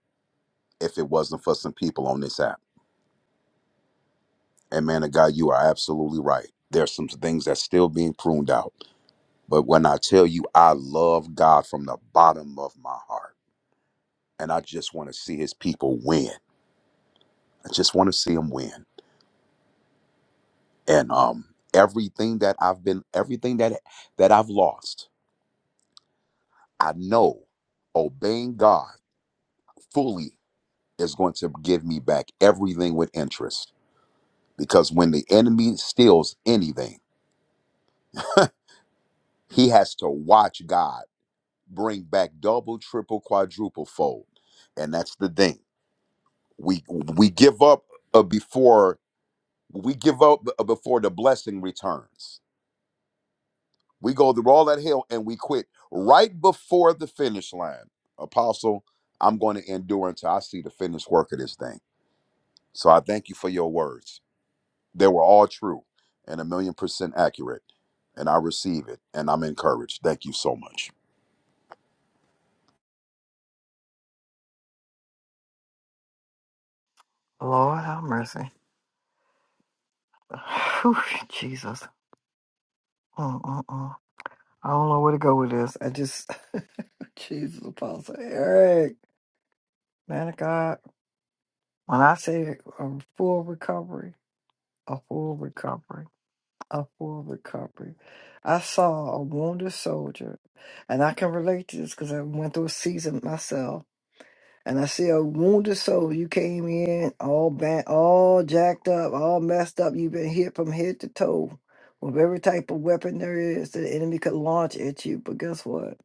Speaker 14: if it wasn't for some people on this app. And man of God, you are absolutely right. There's some things that's still being pruned out. But when I tell you I love God from the bottom of my heart, and I just want to see his people win. I just want to see them win. And um everything that I've been everything that that I've lost, I know obeying God fully is going to give me back everything with interest. Because when the enemy steals anything, he has to watch God bring back double, triple, quadruple fold. And that's the thing. We we give up uh, before we give up b- before the blessing returns. We go through all that hell and we quit right before the finish line. Apostle, I'm going to endure until I see the finished work of this thing. So I thank you for your words. They were all true and a million percent accurate. And I receive it and I'm encouraged. Thank you so much.
Speaker 1: Lord have mercy. Whew, Jesus, Mm-mm-mm. I don't know where to go with this. I just, Jesus, Apostle Eric, man of God. When I say a full recovery. a full recovery, a full recovery. I saw a wounded soldier, and I can relate to this because I went through a season myself. And I see a wounded soldier. You came in all bent, all jacked up, all messed up. You've been hit from head to toe with every type of weapon there is that the enemy could launch at you. But guess what?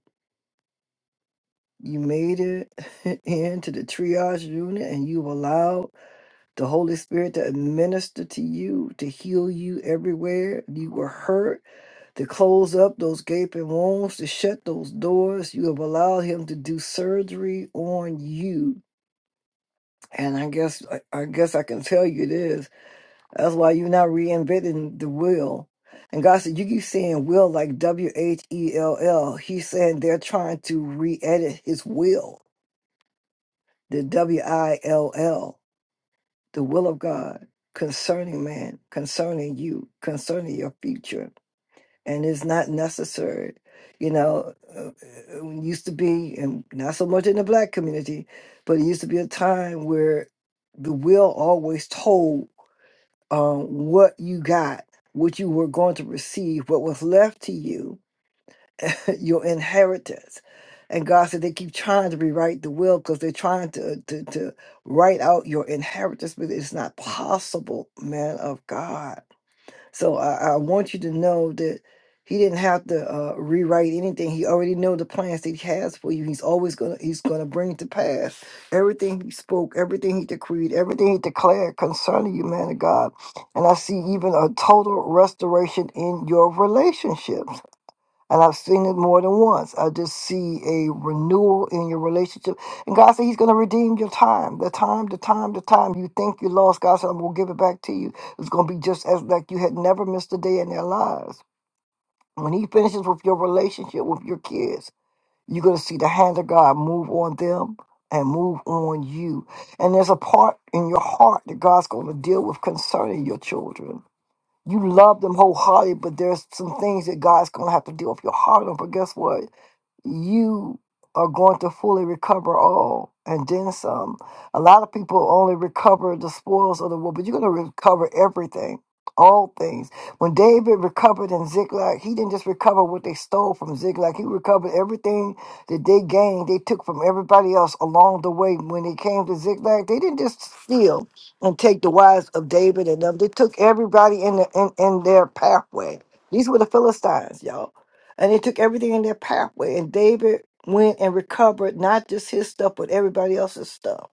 Speaker 1: You made it into the triage unit, and you were allowed. the Holy Spirit to administer to you, to heal you everywhere you were hurt, to close up those gaping wounds, to shut those doors. You have allowed Him to do surgery on you. And I guess I I guess I can tell you this. That's why you're not reinventing the wheel. And God said, you keep saying will like W H E L L. He's saying they're trying to re-edit His will, the W I L L. the will of God concerning man, concerning you, concerning your future. And it's not necessary. You know, uh, uh, it used to be, and not so much in the black community, but it used to be a time where the will always told um, what you got, what you were going to receive, what was left to you your inheritance. And God said they keep trying to rewrite the will because they're trying to, to to write out your inheritance, but it's not possible, man of God. So I, I want you to know that He didn't have to uh, rewrite anything. He already know the plans that He has for you. He's always gonna He's gonna bring to pass everything He spoke, everything He decreed, everything He declared concerning you, man of God. And I see even a total restoration in your relationships and I've seen it more than once. I just see a renewal in your relationship. And God said He's going to redeem your time. The time, the time, the time you think you lost, God said, I'm going to give it back to you. It's going to be just as like you had never missed a day in their lives. When He finishes with your relationship with your kids, you're going to see the hand of God move on them and move on you. And there's a part in your heart that God's going to deal with concerning your children. You love them wholeheartedly, but there's some things that God's going to have to deal with your heart on. But guess what? you are going to fully recover all and then some. A lot of people only recover the spoils of the war, but you're going to recover everything, all things. When David recovered in Ziklag, he didn't just recover what they stole from Ziklag, he recovered everything that they gained, they took from everybody else along the way. When they came to Ziklag, they didn't just steal and take the wives of David and them, they took everybody in, the, in, in their pathway. These were the Philistines, y'all and they took everything in their pathway. And David went and recovered not just his stuff, but everybody else's stuff.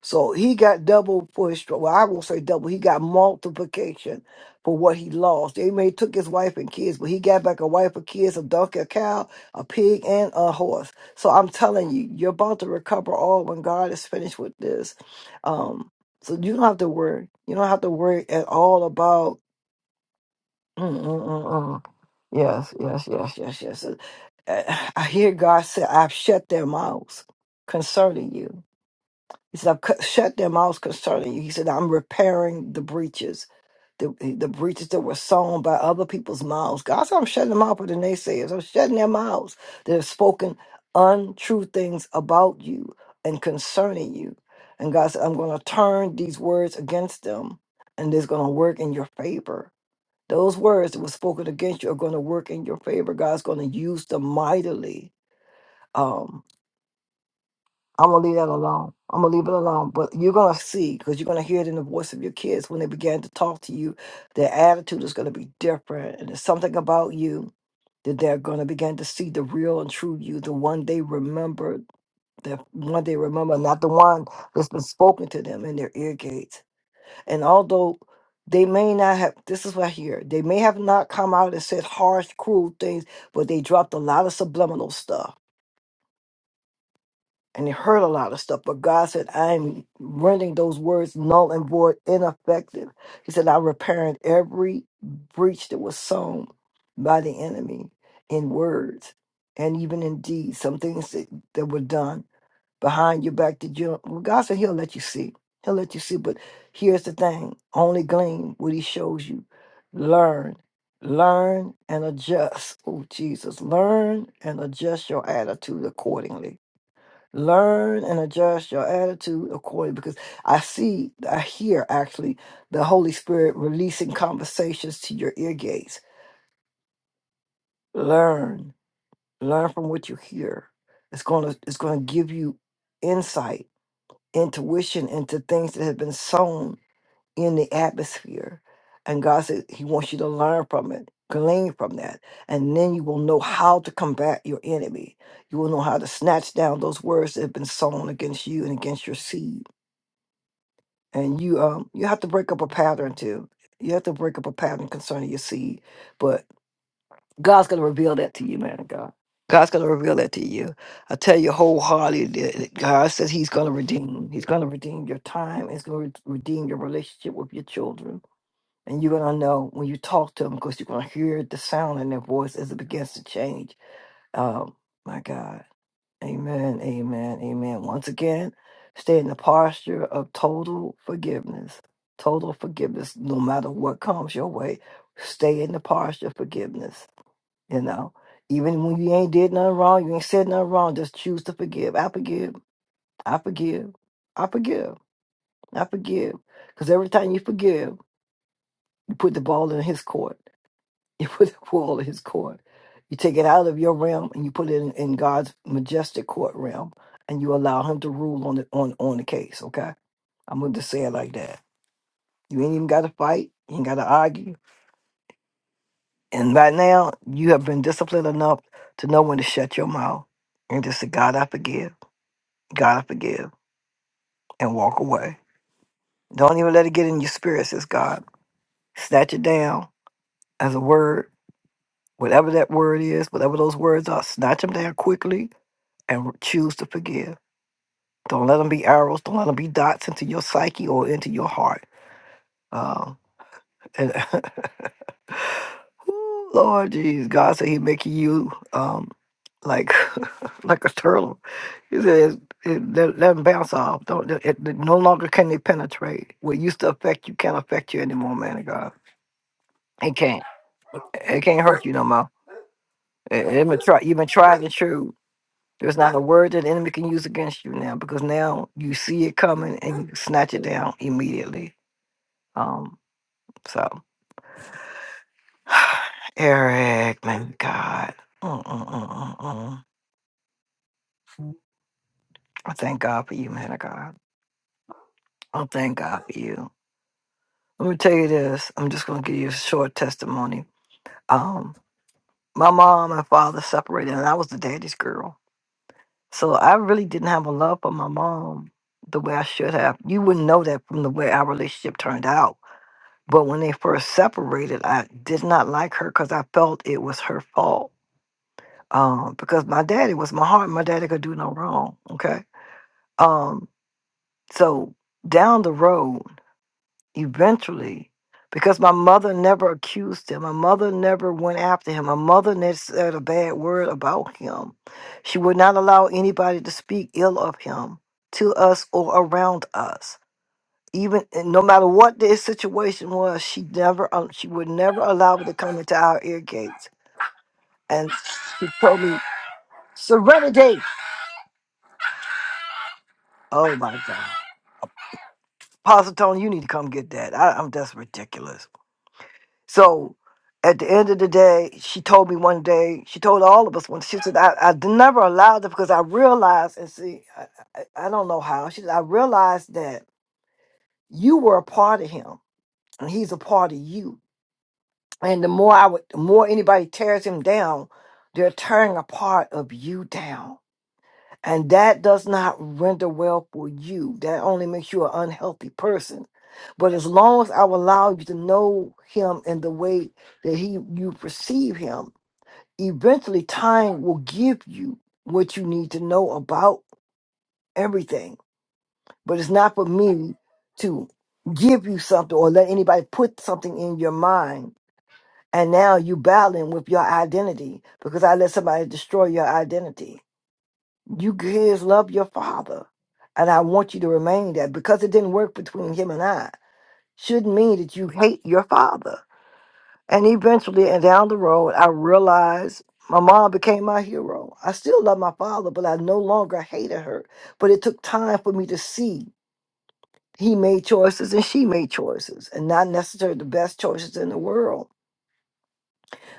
Speaker 1: So he got double for his trouble. Well, I won't say double. He got multiplication for what he lost. They may took his wife and kids, but he got back a wife, a kids, a donkey, a cow, a pig, and a horse. So I'm telling you, you're about to recover all when God is finished with this. Um, so you don't have to worry. You don't have to worry at all about. Mm-mm-mm-mm. Yes, yes, yes, yes, yes. Uh, I hear God say, I've shut their mouths concerning you. He said, I've cut- shut their mouths concerning you. He said, I'm repairing the breaches, the, the breaches that were sown by other people's mouths. God said, I'm shutting them out for the naysayers. I'm shutting their mouths that have spoken untrue things about you and concerning you. And God said, I'm going to turn these words against them, and it's going to work in your favor. Those words that were spoken against you are going to work in your favor. God's going to use them mightily. Um, I'm gonna leave that alone. I'm gonna leave it alone. But you're gonna see because you're gonna hear it in the voice of your kids when they begin to talk to you. Their attitude is gonna be different, and there's something about you that they're going to begin to see the real and true you, the one they remember, the one they remember, not the one that's been spoken to them in their ear gates. And although they may not have, this is what I hear, they may have not come out and said harsh, cruel things, but they dropped a lot of subliminal stuff and they heard a lot of stuff. But God said, I'm rendering those words null and void, ineffective. He said, I'm repairing every breach that was sown by the enemy in words and even in deeds, some things that, that were done behind your back to you well, God said He'll let you see. He'll let you see. But here's the thing: only glean what He shows you. Learn, learn, and adjust. Oh Jesus, learn and adjust your attitude accordingly. Learn and adjust your attitude accordingly, because I see, I hear actually the Holy Spirit releasing conversations to your ear gates. Learn, learn from what you hear. It's gonna, it's gonna give you insight intuition into things that have been sown in the atmosphere. And God said He wants you to learn from it, glean from that. And then you will know how to combat your enemy. You will know how to snatch down those words that have been sown against you and against your seed. And you um you have to break up a pattern too. You have to break up a pattern concerning your seed. but. God's going to reveal that to you, man of God. God's going to reveal that to you. I tell you wholeheartedly that that God says He's going to redeem. He's going to redeem your time. He's going to redeem your relationship with your children. And you're going to know when you talk to them because you're going to hear the sound in their voice as it begins to change. Um, my God. Amen. Amen. Amen. Once again, stay in the posture of total forgiveness. Total forgiveness, no matter what comes your way. Stay in the posture of forgiveness you know, even when you ain't did nothing wrong, you ain't said nothing wrong, just choose to forgive. I forgive. I forgive. I forgive. I forgive. Because every time you forgive, you put the ball in his court. You put the ball in his court. You take it out of your realm and you put it in, in God's majestic court realm and you allow him to rule on the on, on the case, okay? I'm gonna just say it like that. You ain't even gotta fight, you ain't gotta argue. And right now you have been disciplined enough to know when to shut your mouth and just say, God, I forgive. God, I forgive, and walk away. Don't even let it get in your spirit, says God. Snatch it down as a word, whatever that word is, whatever those words are, snatch them down quickly and choose to forgive. Don't let them be arrows. Don't let them be dots into your psyche or into your heart. Um, And Ooh, Lord jeez, God said He making you um like like a turtle. He says it, let, let 'em bounce off. Don't it, it- no longer can they penetrate. What used to affect you can't affect you anymore, man of God. It can't. It can't hurt you no more. It, it been try, you've been tried and true. There's not a word that the enemy can use against you now because now you see it coming and you snatch it down immediately. Um, so. Eric, man, God. Mm-mm-mm-mm-mm. I thank God for you, man of God. I thank God for you. Let me tell you this. I'm just going to give you a short testimony. Um, my mom and father separated, and I was the daddy's girl. So I really didn't have a love for my mom the way I should have. You wouldn't know that from the way our relationship turned out. But when they first separated, I did not like her because I felt it was her fault. Um, because my daddy was my heart. My daddy could do no wrong. Okay Um, so down the road, eventually, because my mother never accused him, my mother never went after him, my mother never said a bad word about him. She would not allow anybody to speak ill of him to us or around us. Even and no matter what the situation was, she never um, she would never allow it to come into our ear gates. And she told me, Serenity. Oh my God. Pastor Tony, you need to come get that. I, I'm that's ridiculous. So at the end of the day, she told me one day, she told all of us one, she said, I, I never allowed it because I realized, and see, I, I, I don't know how, she said, I realized that you were a part of him and he's a part of you. And the more I would, the more anybody tears him down, they're tearing a part of you down. And that does not render well for you. That only makes you an unhealthy person. But as long as I allow you to know him in the way that he you perceive him, eventually time will give you what you need to know about everything. But it's not for me to give you something or let anybody put something in your mind. And now you battling with your identity because I let somebody destroy your identity. You kids love your father. And I want you to remain that because it didn't work between him and I shouldn't mean that you hate your father. And eventually, and down the road, I realized my mom became my hero. I still love my father, but I no longer hated her. But it took time for me to see he made choices and she made choices, and not necessarily the best choices in the world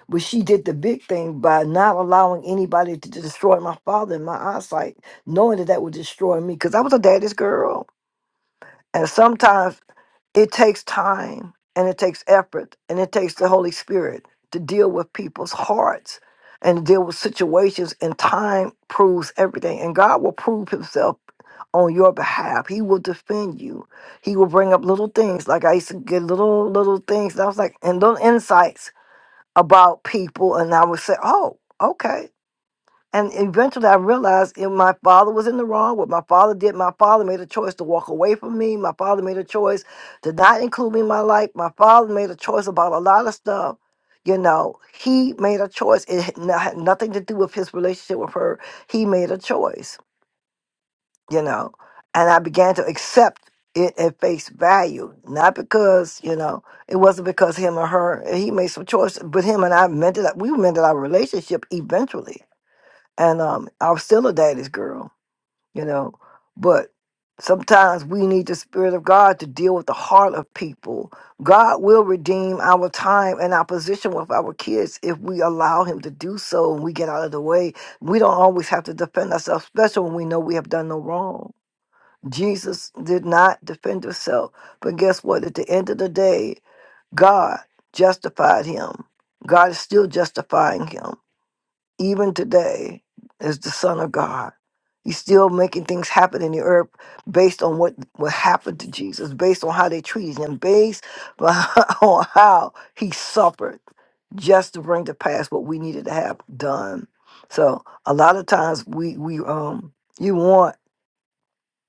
Speaker 1: But she did the big thing by not allowing anybody to destroy my father in my eyesight, knowing that that would destroy me because I was a daddy's girl. And sometimes it takes time and it takes effort and it takes the Holy Spirit to deal with people's hearts and deal with situations. And time proves everything. And God will prove himself on your behalf. He will defend you. He will bring up little things. Like I used to get little, little things. And I was like, and little insights about people and I would say, oh, okay. And eventually I realized if my father was in the wrong, what my father did, my father made a choice to walk away from me. My father made a choice to not include me in my life. My father made a choice about a lot of stuff. You know, he made a choice. It had no- had nothing to do with his relationship with her. He made a choice you know. And I began to accept it at face value, not because you know it wasn't because him or her he made some choice, but him and I mended up. We mended our relationship eventually, and um, I was still a daddy's girl, you know. But sometimes we need the spirit of God to deal with the heart of people. God will redeem our time and our position with our kids if we allow Him to do so, and we get out of the way. We don't always have to defend ourselves, especially when we know we have done no wrong Jesus did not defend himself. But guess what? At the end of the day, God justified him. God is still justifying him, even today, as the Son of God. He's still making things happen in the earth based on what, what happened to Jesus, based on how they treated him, based on how he suffered just to bring to pass what we needed to have done. So a lot of times we we um you want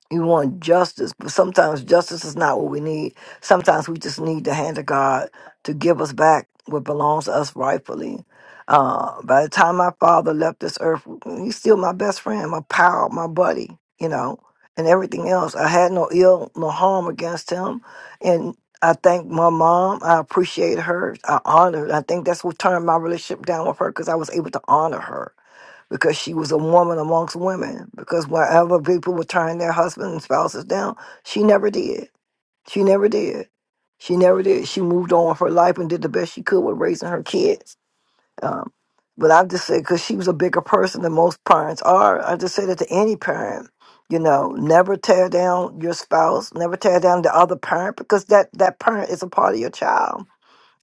Speaker 1: you want justice, but sometimes justice is not what we need. Sometimes we just need the hand of God to give us back what belongs to us rightfully. Uh, by the time my father left this earth, he's still my best friend, my pal, my buddy, you know, and everything else. I had no ill, no harm against him. And I thank my mom. I appreciate her. I honor. her. I think that's what turned my relationship down with her because I was able to honor her because she was a woman amongst women. Because whenever people would turn their husbands and spouses down, she never did. She never did. She never did. She moved on with her life and did the best she could with raising her kids. Um, but I just say, because she was a bigger person than most parents are, I just say that to any parent, you know, never tear down your spouse, never tear down the other parent, because that, that parent is a part of your child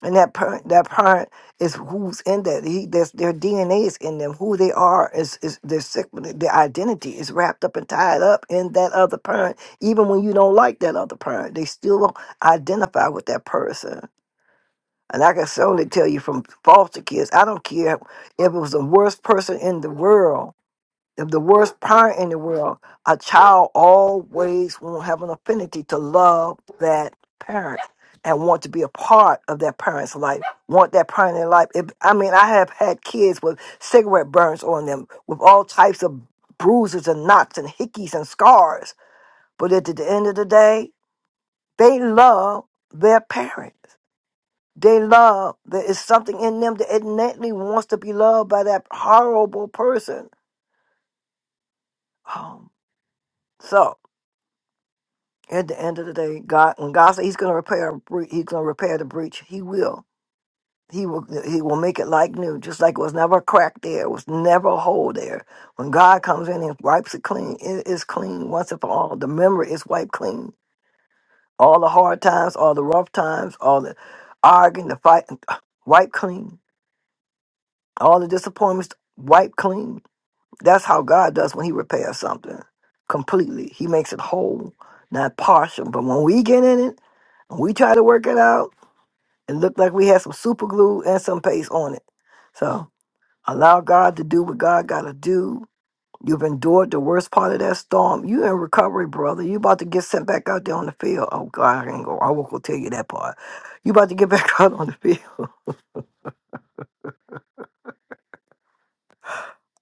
Speaker 1: and that parent, that parent is who's in that. He, that's their DNA is in them. Who they are is is their sig- their identity is wrapped up and tied up in that other parent. Even when you don't like that other parent, they still identify with that person. And I can certainly tell you from foster kids, I don't care if it was the worst person in the world. If the worst parent in the world, a child always will have an affinity to love that parent and want to be a part of that parent's life, want that parent in life. If, I mean, I have had kids with cigarette burns on them, with all types of bruises and knots and hickeys and scars. But at the end of the day, they love their parents. They love, there is something in them that innately wants to be loved by that horrible person. Um, so, At the end of the day, God, when God says He's going to repair, a bre- He's going to repair the breach. He will. He will. He will make it like new, just like it was never a crack there, it was never a hole there. When God comes in and wipes it clean, it is clean once and for all. The memory is wiped clean. All the hard times, all the rough times, all the arguing, the fight, wiped clean. All the disappointments, wiped clean. That's how God does when He repairs something completely. He makes it whole, not partial. But when we get in it. We try to work it out. It looked like we had some super glue and some paste on it. So allow God to do what God got to do. You've endured the worst part of that storm. You in recovery, brother. You about to get sent back out there on the field. Oh God, I ain't go. I won't go tell you that part. You about to get back out on the field.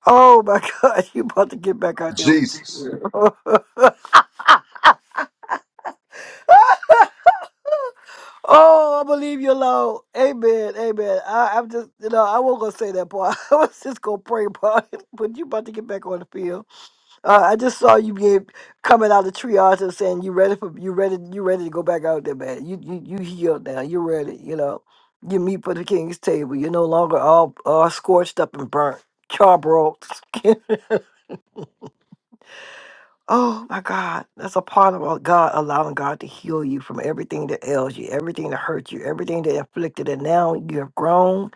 Speaker 1: Oh my God, you about to get back out there.
Speaker 14: Jesus.
Speaker 1: oh, I believe you, Lord. Amen, amen. I, I'm just, you know, I won't go say that part. I was just gonna pray about it. But you about to get back on the field. Uh, I just saw you get coming out of triage and saying you ready for you ready you ready to go back out there, man. You you you healed now. You're ready. You know, you meet for the king's table. You're no longer all all scorched up and burnt, charbroiled. oh my God, that's a part of all- God allowing God to heal you from everything that ails you, everything that hurt you, everything that inflicted. And now you have grown.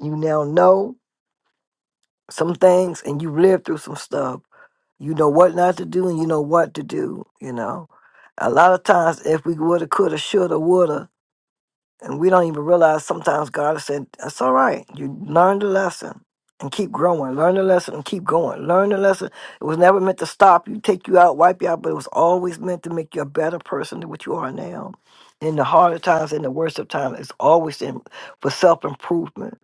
Speaker 1: You now know some things, and you lived through some stuff You know what not to do and you know what to do, you know. A lot of times if we woulda, coulda, shoulda, woulda, and we don't even realize sometimes God has said, That's all right. You learn the lesson and keep growing. Learn the lesson and keep going. Learn the lesson. It was never meant to stop you, take you out, wipe you out, but it was always meant to make you a better person than what you are now. In the harder times, in the worst of times, it's always in for self improvement.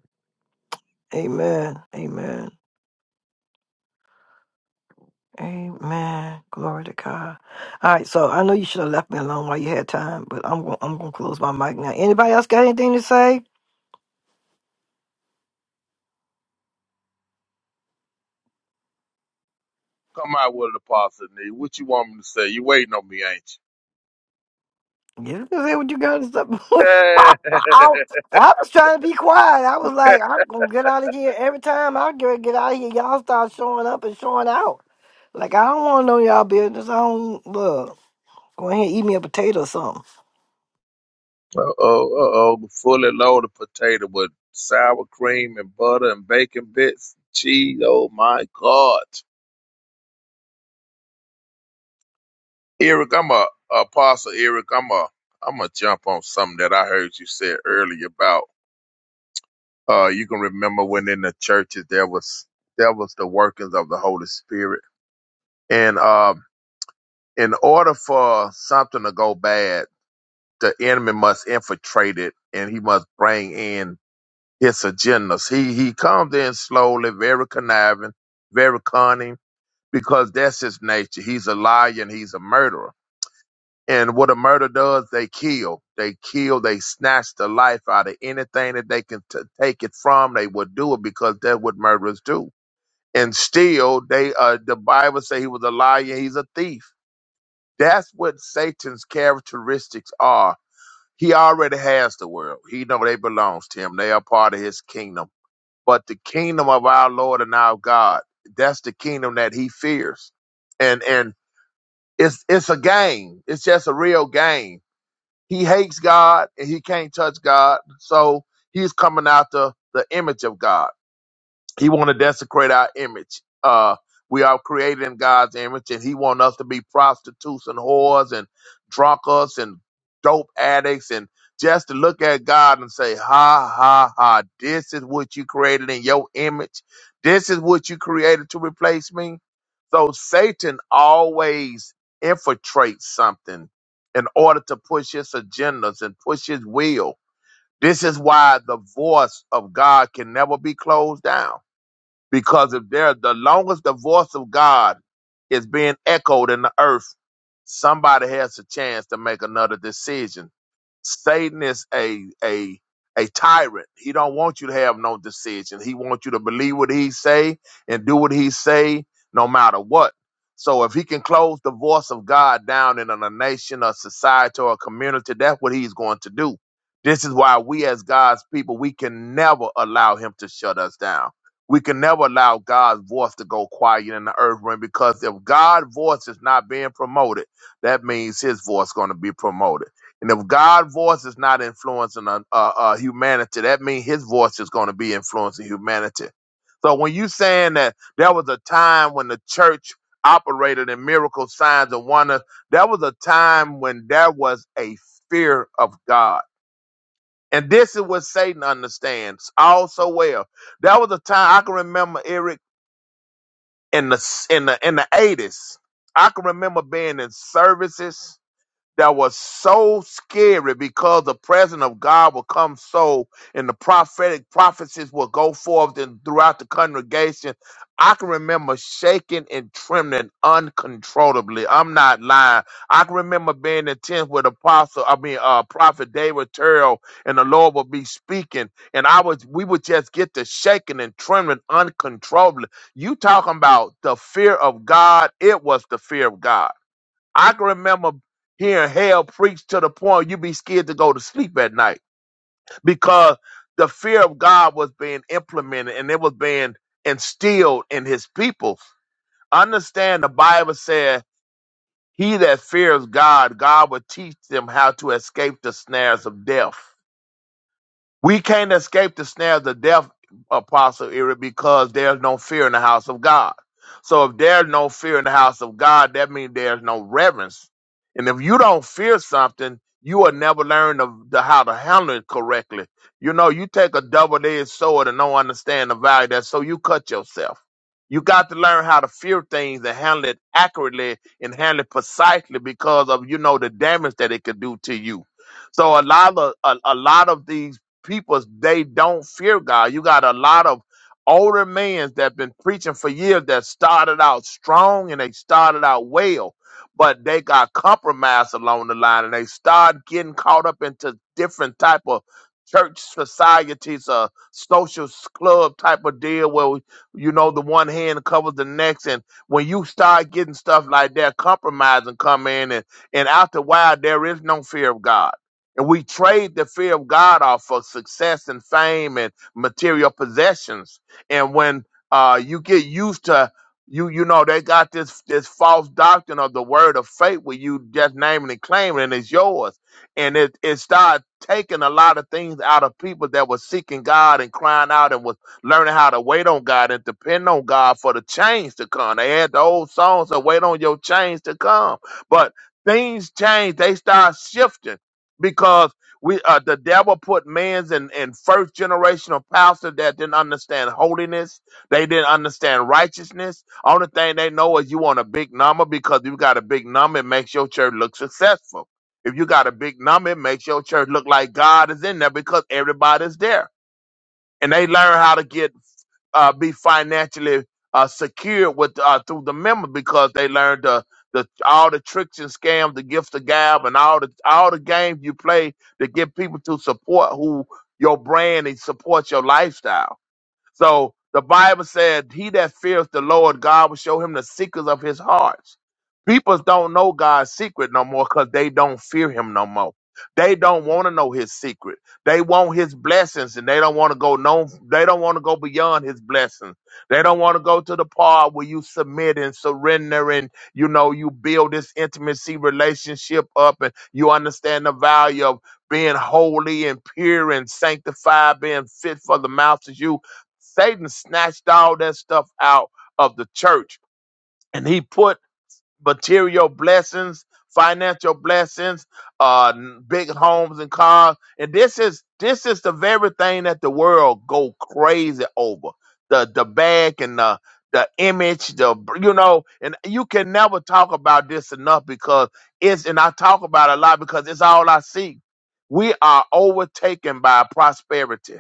Speaker 1: Amen. Amen. Amen. Glory to God. All right, so I know you should have left me alone while you had time, but I'm going I'm gonna close my mic now. Anybody else got anything to say?
Speaker 15: Come out with the apostle, knee. What you want me to say? You waiting on me, ain't
Speaker 1: You can say what you got to say.
Speaker 15: you?
Speaker 1: I, I was trying to be quiet. I was like, I'm gonna get out of here every time I get get out of here. Y'all start showing up and showing out. Like I don't want to know y'all business. I don't look. Go ahead, eat me a potato or something.
Speaker 15: uh oh, uh oh. Fully loaded potato with sour cream and butter and bacon bits, cheese. Oh my God. Eric, I'm a apostle. Eric, I'm a I'm a jump on something that I heard you said earlier about. Uh, you can remember when in the churches there was there was the workings of the Holy Spirit, and um, in order for something to go bad, the enemy must infiltrate it, and he must bring in his agendas. He he comes in slowly, very conniving, very cunning, because that's his nature. He's a liar and he's a murderer And what a murder does, they kill. They kill. They snatch the life out of anything that they can t- take it from. They would do it because that's what murderers do. And still, they uh, the Bible say he was a liar. He's a thief. That's what Satan's characteristics are. He already has the world. He know they belongs to him. They are part of his kingdom. But the kingdom of our Lord and our God, that's the kingdom that he fears. And and it's it's a game. It's just a real game he hates God and he can't touch God. So he's coming after the image of God. He want to desecrate our image. Uh, we are created in God's image, and He want us to be prostitutes and whores and drunkards and dope addicts, and just to look at God and say, "Ha ha ha! This is what you created in your image. This is what you created to replace me." So Satan always infiltrates something in order to push his agendas and push his will. This is why the voice of God can never be closed down because if there the longest the voice of God is being echoed in the earth, somebody has a chance to make another decision. Satan is a a a tyrant. He don't want you to have no decision. He wants you to believe what he say and do what he say, no matter what. So if he can close the voice of God down in a nation, a society, or a community, that's what he's going to do. This is why we as God's people, we can never allow him to shut us down we can never allow God's voice to go quiet in the earth realm because if God's voice is not being promoted, that means His voice is going to be promoted. And if God's voice is not influencing uh, uh, uh, humanity, that means His voice is going to be influencing humanity. So when you saying that there was a time when the church operated in miracles, signs, and wonders, there was a time when there was a fear of God and this is what Satan understands all so well. That was a time I can remember Eric in the in the in the eighties. I can remember being in services that was so scary because the presence of God would come so, and the prophetic prophecies would go forth and throughout the congregation. I can remember shaking and trembling uncontrollably. I'm not lying. I can remember being in tents with Apostle, I mean, uh, Prophet David Terrell, and the Lord would be speaking, and I was, we would just get to shaking and trembling uncontrollably. You talking about the fear of God? It was the fear of God I can remember hearing hell preached to the point you'd be scared to go to sleep at night because the fear of God was being implemented and it was being instilled in his people. Understand the Bible said, He that fears God, God will teach them how to escape the snares of death. We can't escape the snare of the death, Apostle Eric, because there's no fear in the house of God. So if there's no fear in the house of God, that means there's no reverence. And if you don't fear something, you will never learn the, the, how to handle it correctly. You know, you take a double-edged sword and don't understand the value of that, so you cut yourself. You got to learn how to fear things and handle it accurately and handle it precisely because of you know the damage that it could do to you. So a lot of a, a lot of these people they don't fear God. You got a lot of older men that been preaching for years that started out strong and they started out well, but they got compromised along the line and they start getting caught up into different type of church societies, uh, social s- club type of deal where you know the one hand covers the next, and when you start getting stuff like that, compromising come in, and and after a while there is no fear of God and we trade the fear of God off for success and fame and material possessions. And when uh, you get used to you, you know they got this this false doctrine of the word of faith where you just naming and claiming and it's yours, and it it started taking a lot of things out of people that were seeking God and crying out and was learning how to wait on God and depend on God for the change to come. They had the old songs of "Wait on your change to come," but things change. They start shifting because we uh, the devil put man's in, in first generation of pastor that didn't understand holiness they didn't understand righteousness only thing they know is you want a big number because you got a big number it makes your church look successful if you got a big number it makes your church look like god is in there because everybody's there and they learn how to get uh, be financially uh, secure with uh, through the member because they learned the the all the tricks and scams, the gift of gab, and all the all the games you play to get people to support who your brand and support your lifestyle. So the Bible said, He that fears the Lord, God will show him the secrets of his hearts. People don't know God's secret no more because they don't fear him no more. They don't want to know his secret. They want his blessings and they don't want to go no they don't want to go beyond his blessings. They don't want to go to the part where you submit and surrender and you know you build this intimacy relationship up and you understand the value of being holy and pure and sanctified, being fit for the mouth of you Satan snatched all that stuff out of the church and he put material blessings, financial blessings, uh n- big homes and cars. And this is this is the very thing that the world go crazy over. The the bag and the the image, the you know, and you can never talk about this enough because it's and I talk about it a lot because it's all I see. We are overtaken by prosperity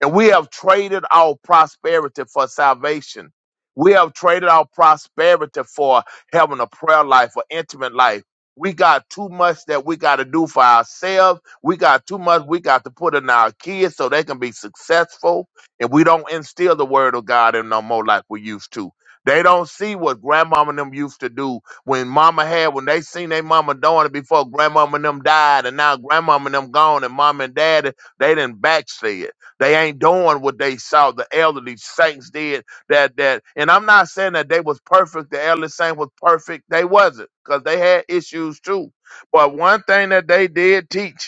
Speaker 15: and we have traded our prosperity for salvation. We have traded our prosperity for having a prayer life, for intimate life. We got too much that we got to do for ourselves. We got too much we got to put in our kids so they can be successful. And we don't instill the word of God in no more like we used to. They don't see what grandmama and them used to do when mama had, when they seen their mama doing it before grandmama and them died. And now grandmama and them gone and mom and dad, they didn't backslid. They ain't doing what they saw the elderly saints did. That that, and I'm not saying that they was perfect. The elderly saint was perfect. They wasn't because they had issues too. But one thing that they did teach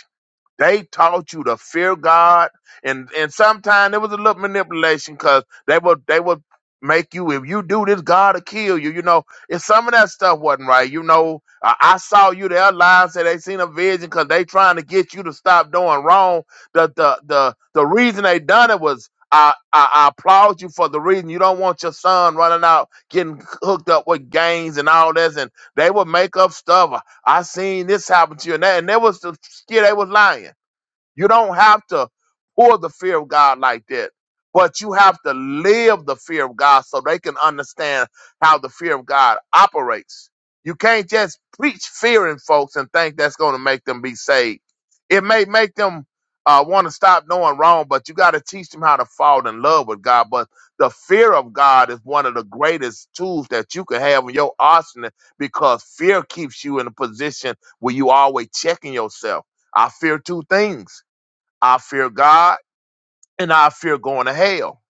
Speaker 15: they taught you to fear God, and and sometimes there was a little manipulation because they would they would make you if you do this, God will kill you. You know, if some of that stuff wasn't right, you know, I, I saw you. Their lives say they seen a vision because they trying to get you to stop doing wrong. The the the the reason they done it was. I, I, I applaud you for the reason you don't want your son running out getting hooked up with gangs and all this and they would make up stuff I seen this happen to you. And that, and that was the scared they was lying. You don't have to pour the fear of God like that, but you have to live the fear of God so they can understand how the fear of God operates. You can't just preach fear in folks and think that's going to make them be saved. It may make them uh, want to stop doing wrong, but you got to teach them how to fall in love with God. But the fear of God is one of the greatest tools that you can have in your arsenal because fear keeps you in a position where you always checking yourself. I fear two things. I fear God and I fear going to hell.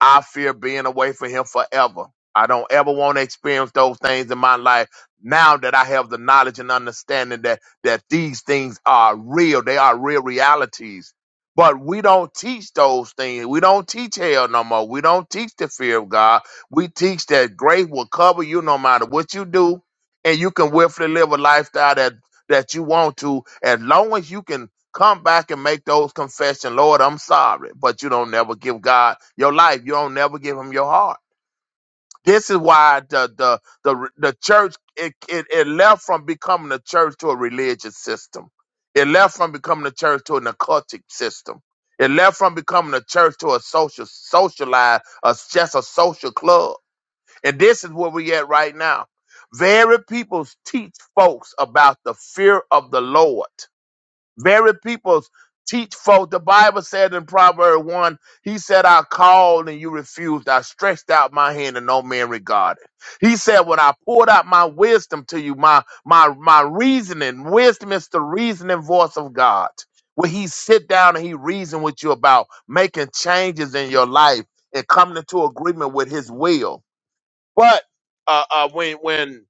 Speaker 15: I fear being away from Him forever. I don't ever want to experience those things in my life now that I have the knowledge and understanding that, that these things are real. They are real realities. But we don't teach those things. We don't teach hell no more. We don't teach the fear of God. We teach that grace will cover you no matter what you do. And you can willfully live a lifestyle that, that you want to as long as you can Come back and make those confession. Lord, I'm sorry, but you don't never give God your life. You don't never give him your heart. This is why the the the, the church it, it it left from becoming a church to a religious system. It left from becoming a church to an occultic system. It left from becoming a church to a social socialized, a, just a social club. And this is where we at right now. Very people teach folks about the fear of the Lord very peoples teach folk. The Bible said in Proverb 1, he said, I called and you refused. I stretched out my hand and no man regarded. He said, when I poured out my wisdom to you, my, my, my reasoning, wisdom is the reasoning voice of God. When he sit down and he reason with you about making changes in your life and coming into agreement with his will. But uh, uh, when when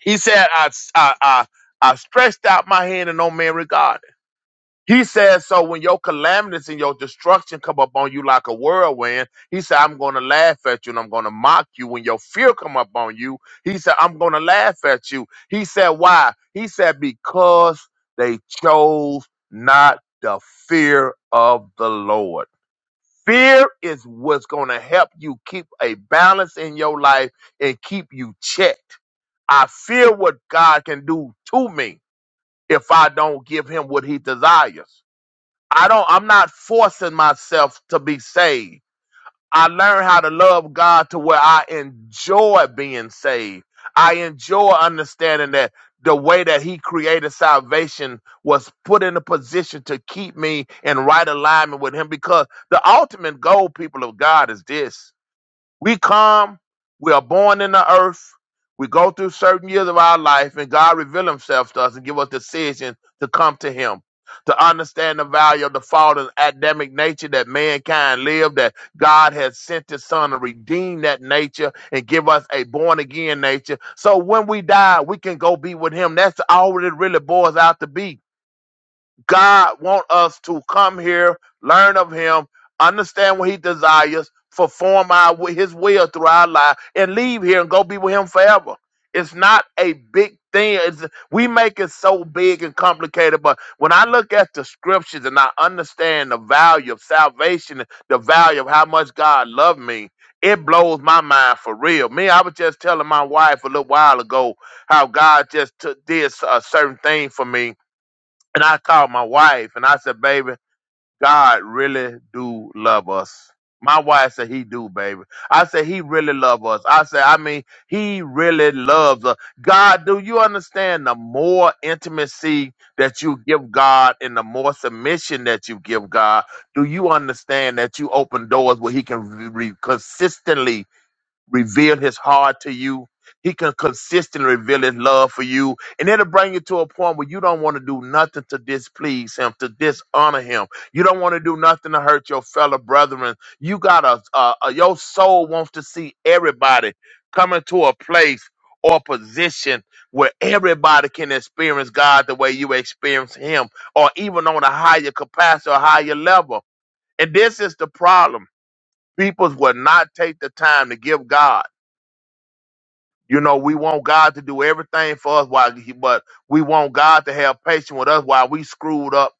Speaker 15: he said, I, I, I, I stretched out my hand and no man regarded he says, so when your calamities and your destruction come upon you like a whirlwind, he said, I'm going to laugh at you and I'm going to mock you. When your fear come upon you, he said, I'm going to laugh at you. He said, why? He said, because they chose not the fear of the Lord. Fear is what's going to help you keep a balance in your life and keep you checked. I fear what God can do to me if I don't give him what he desires. I don't I'm not forcing myself to be saved. I learned how to love God to where I enjoy being saved. I enjoy understanding that the way that he created salvation was put in a position to keep me in right alignment with him because the ultimate goal people of God is this. We come, we are born in the earth, we go through certain years of our life, and God reveal himself to us and give us decision to come to him, to understand the value of the fallen Adamic nature that mankind lived, that God has sent his son to redeem that nature and give us a born again nature. So when we die, we can go be with him. That's all it really boils out to be. God want us to come here, learn of Him, understand what He desires, perform our His will through our life, and leave here and go be with Him forever. It's not a big thing. It's, we make it so big and complicated, but when I look at the scriptures and I understand the value of salvation, the value of how much God loved me, it blows my mind for real. Me, I was just telling my wife a little while ago how God just took, did a certain thing for me and I called my wife and I said, baby, God really do love us. My wife said he do, baby. I said he really love us. I said, I mean, he really loves us. God, do you understand the more intimacy that you give God and the more submission that you give God, do you understand that you open doors where he can re- re- consistently reveal his heart to you. He can consistently reveal his love for you. And it'll bring you to a point where you don't want to do nothing to displease him, to dishonor him. You don't want to do nothing to hurt your fellow brethren. You got a uh, uh, your soul wants to see everybody coming to a place or position where everybody can experience God the way you experience him, or even on a higher capacity or higher level. And this is the problem. People will not take the time to give God. You know, we want God to do everything for us while he, but we want God to have patience with us while we screwed up,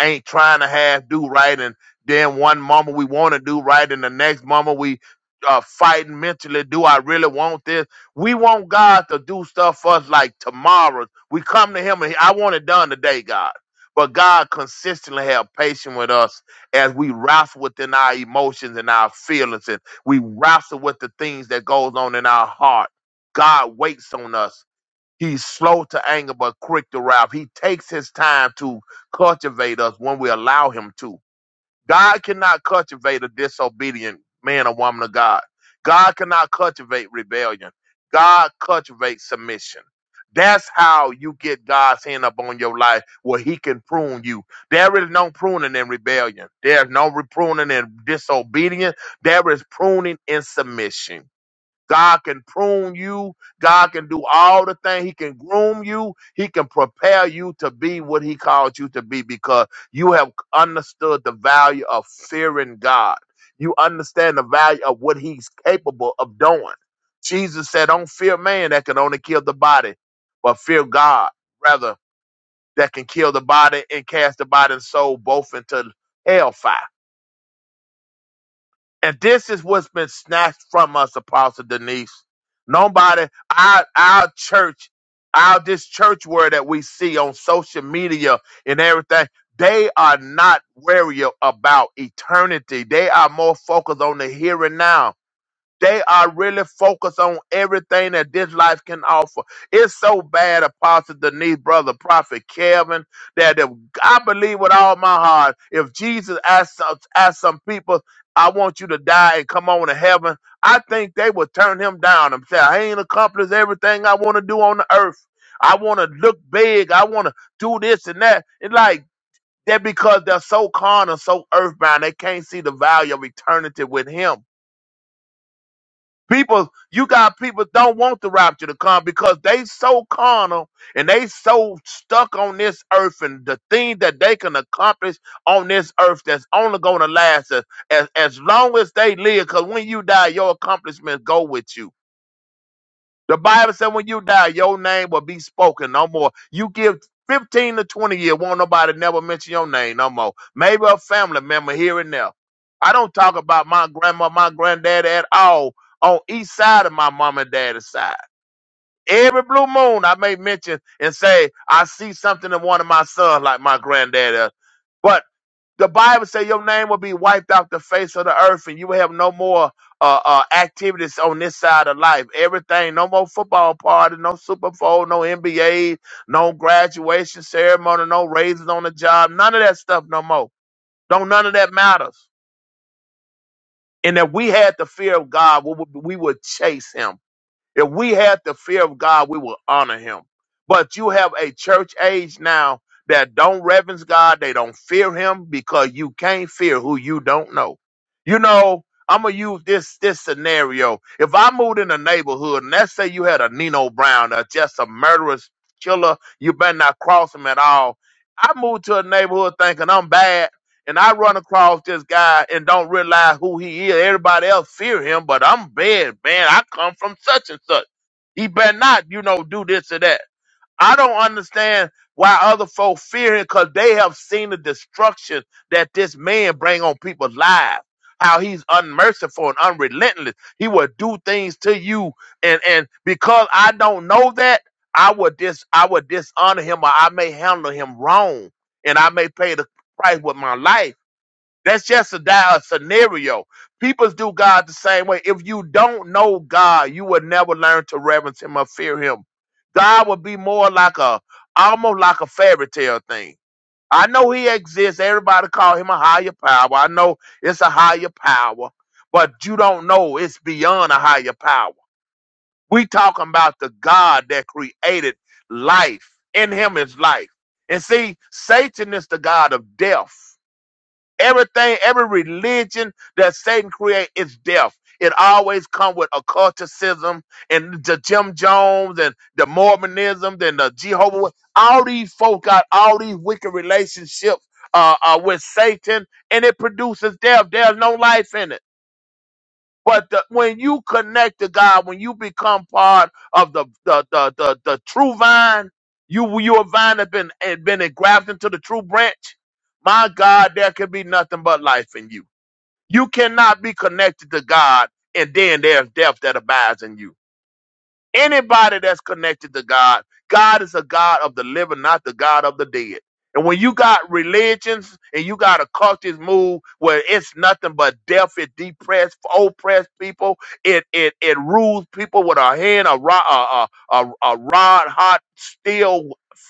Speaker 15: ain't trying to half do right. And then one moment we want to do right, and the next moment we uh, fighting mentally. Do I really want this? We want God to do stuff for us like tomorrow. We come to Him and I want it done today, God. But God consistently have patience with us as we wrestle within our emotions and our feelings, and we wrestle with the things that goes on in our heart God waits on us. He's slow to anger, but quick to wrath. He takes his time to cultivate us when we allow him to. God cannot cultivate a disobedient man or woman of God. God cannot cultivate rebellion. God cultivates submission. That's how you get God's hand upon your life where he can prune you. There is no pruning in rebellion. There's no re- pruning in disobedience. There is pruning in submission. God can prune you. God can do all the things. He can groom you. He can prepare you to be what He called you to be because you have understood the value of fearing God. You understand the value of what He's capable of doing. Jesus said, Don't fear man that can only kill the body, but fear God, rather, that can kill the body and cast the body and soul both into hellfire. And this is what's been snatched from us, Apostle Denise. Nobody, our our church, our this church word that we see on social media and everything, they are not wary about eternity. They are more focused on the here and now they are really focused on everything that this life can offer. It's so bad, Apostle Denise, Brother Prophet Kevin, that if, I believe with all my heart, if Jesus asked, some- asked some people, I want you to die and come on to heaven, I think they would turn him down and say, I ain't accomplished everything I want to do on the earth. I want to look big. I want to do this and that. It's like, that because they're so carnal, so earthbound, they can't see the value of eternity with him. People, you got people don't want the rapture to come because they so carnal and they so stuck on this earth and the thing that they can accomplish on this earth that's only going to last as, as as long as they live. Because when you die, your accomplishments go with you. The Bible said when you die, your name will be spoken no more. You give 15 to 20 years, won't nobody never mention your name no more. Maybe a family member here and there. I don't talk about my grandma, my granddad at all on each side of my mom and daddy's side. Every blue moon, I may mention and say, I see something in one of my sons like my granddad. The Bible says your name will be wiped off the face of the earth, and you will have no more uh, uh, activities on this side of life. Everything, no more football party, no Super Bowl, no NBA, no graduation ceremony, no raises on the job, none of that stuff no more. Don't none of that matters. And if we had the fear of God, we would, we would chase Him if we had the fear of God, we would honor him. But you have a church age now that don't reverence God, they don't fear him because you can't fear who you don't know. You know, I'm gonna use this this scenario. If I moved in a neighborhood and let's say you had a Nino Brown or just a murderous killer, you better not cross him at all. I moved to a neighborhood thinking I'm bad and I run across this guy and don't realize who he is. Everybody else fear him, but I'm bad, man. I come from such and such. He better not, you know, do this or that. I don't understand why other folk fear him because they have seen the destruction that this man bring on people's lives. How he's unmerciful and unrelentless. He will do things to you, and and because I don't know that, I would dis I would dishonor him, or I may handle him wrong, and I may pay the price with my life that's just a dire scenario. People do God the same way. If you don't know God, you will never learn to reverence Him or fear Him. God would be more like a, almost like a fairy tale thing. I know He exists. Everybody call Him a higher power. I know it's a higher power, but you don't know it's beyond a higher power. We talking about the God that created life. In Him is life. And see, Satan is the God of death. Everything, every religion that Satan create is death. It always come with occulticism and the Jim Jones and the Mormonism and the Jehovah. Wit- All these folk got all these wicked relationships uh, uh, with Satan, and it produces death. There's no life in it. But the, when you connect to God, when you become part of the the the the, the true vine, you your vine have been had been engrafted into the true branch. My God, there can be nothing but life in you. You cannot be connected to God, and then there's death that abides in you. Anybody that's connected to God, God is a God of the living, not the God of the dead. And when you got religions and you got a cultist move where it's nothing but death, it depressed, oppressed people, it it it rules people with a hand, a rod, a, a, a, a rod, hot steel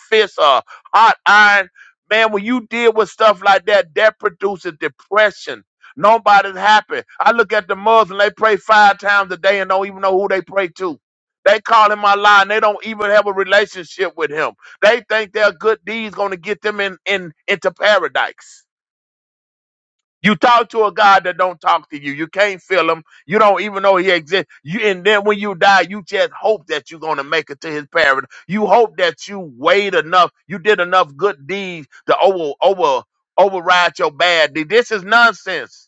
Speaker 15: fist, a hot iron. Man, when you deal with stuff like that, that produces depression. Nobody's happy. I look at the Muslims; they pray five times a day and don't even know who they pray to they call him Allah and they don't even have a relationship with him. They think their good deeds gonna get them in, in into paradise. You talk to a God that don't talk to you. You can't feel him. You don't even know he exists. You and then when you die, you just hope that you're gonna make it to his paradise. You hope that you weighed enough, you did enough good deeds to over over override your bad deed. This is nonsense.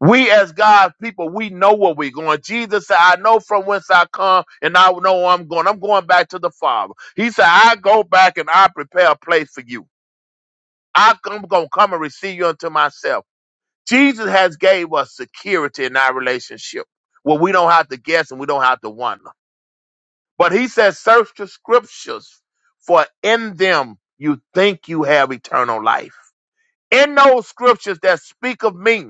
Speaker 15: We as God's people, we know where we're going. Jesus said, I know from whence I come and I know where I'm going. I'm going back to the Father. He said, I go back and I prepare a place for you. I- I'm going to come and receive you unto myself. Jesus has gave us security in our relationship where we don't have to guess and we don't have to wonder. But he says, search the scriptures for in them you think you have eternal life. In those scriptures that speak of me,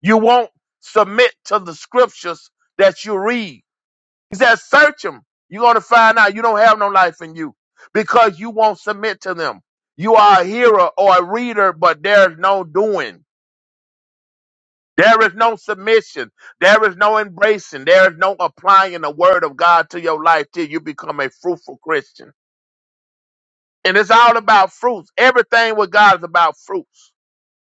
Speaker 15: You won't submit to the scriptures that you read. He says, search them. You're going to find out you don't have no life in you because you won't submit to them. You are a hearer or a reader, but there is no doing. There is no submission. There is no embracing. There is no applying the word of God to your life till you become a fruitful Christian. And it's all about fruits. Everything with God is about fruits.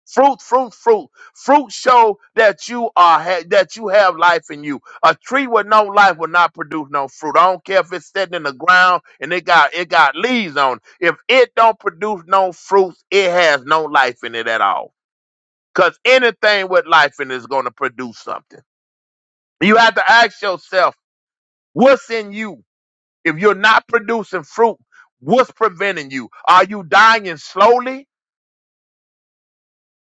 Speaker 15: Fruit, fruit, fruit. Fruit show that you are ha- that you have life in you. A tree with no life will not produce no fruit. I don't care if it's sitting in the ground and it got it got leaves on. it. If it don't produce no fruits, it has no life in it at all. Cause anything with life in it is going to produce something. You have to ask yourself, what's in you? If you're not producing fruit, what's preventing you? Are you dying slowly?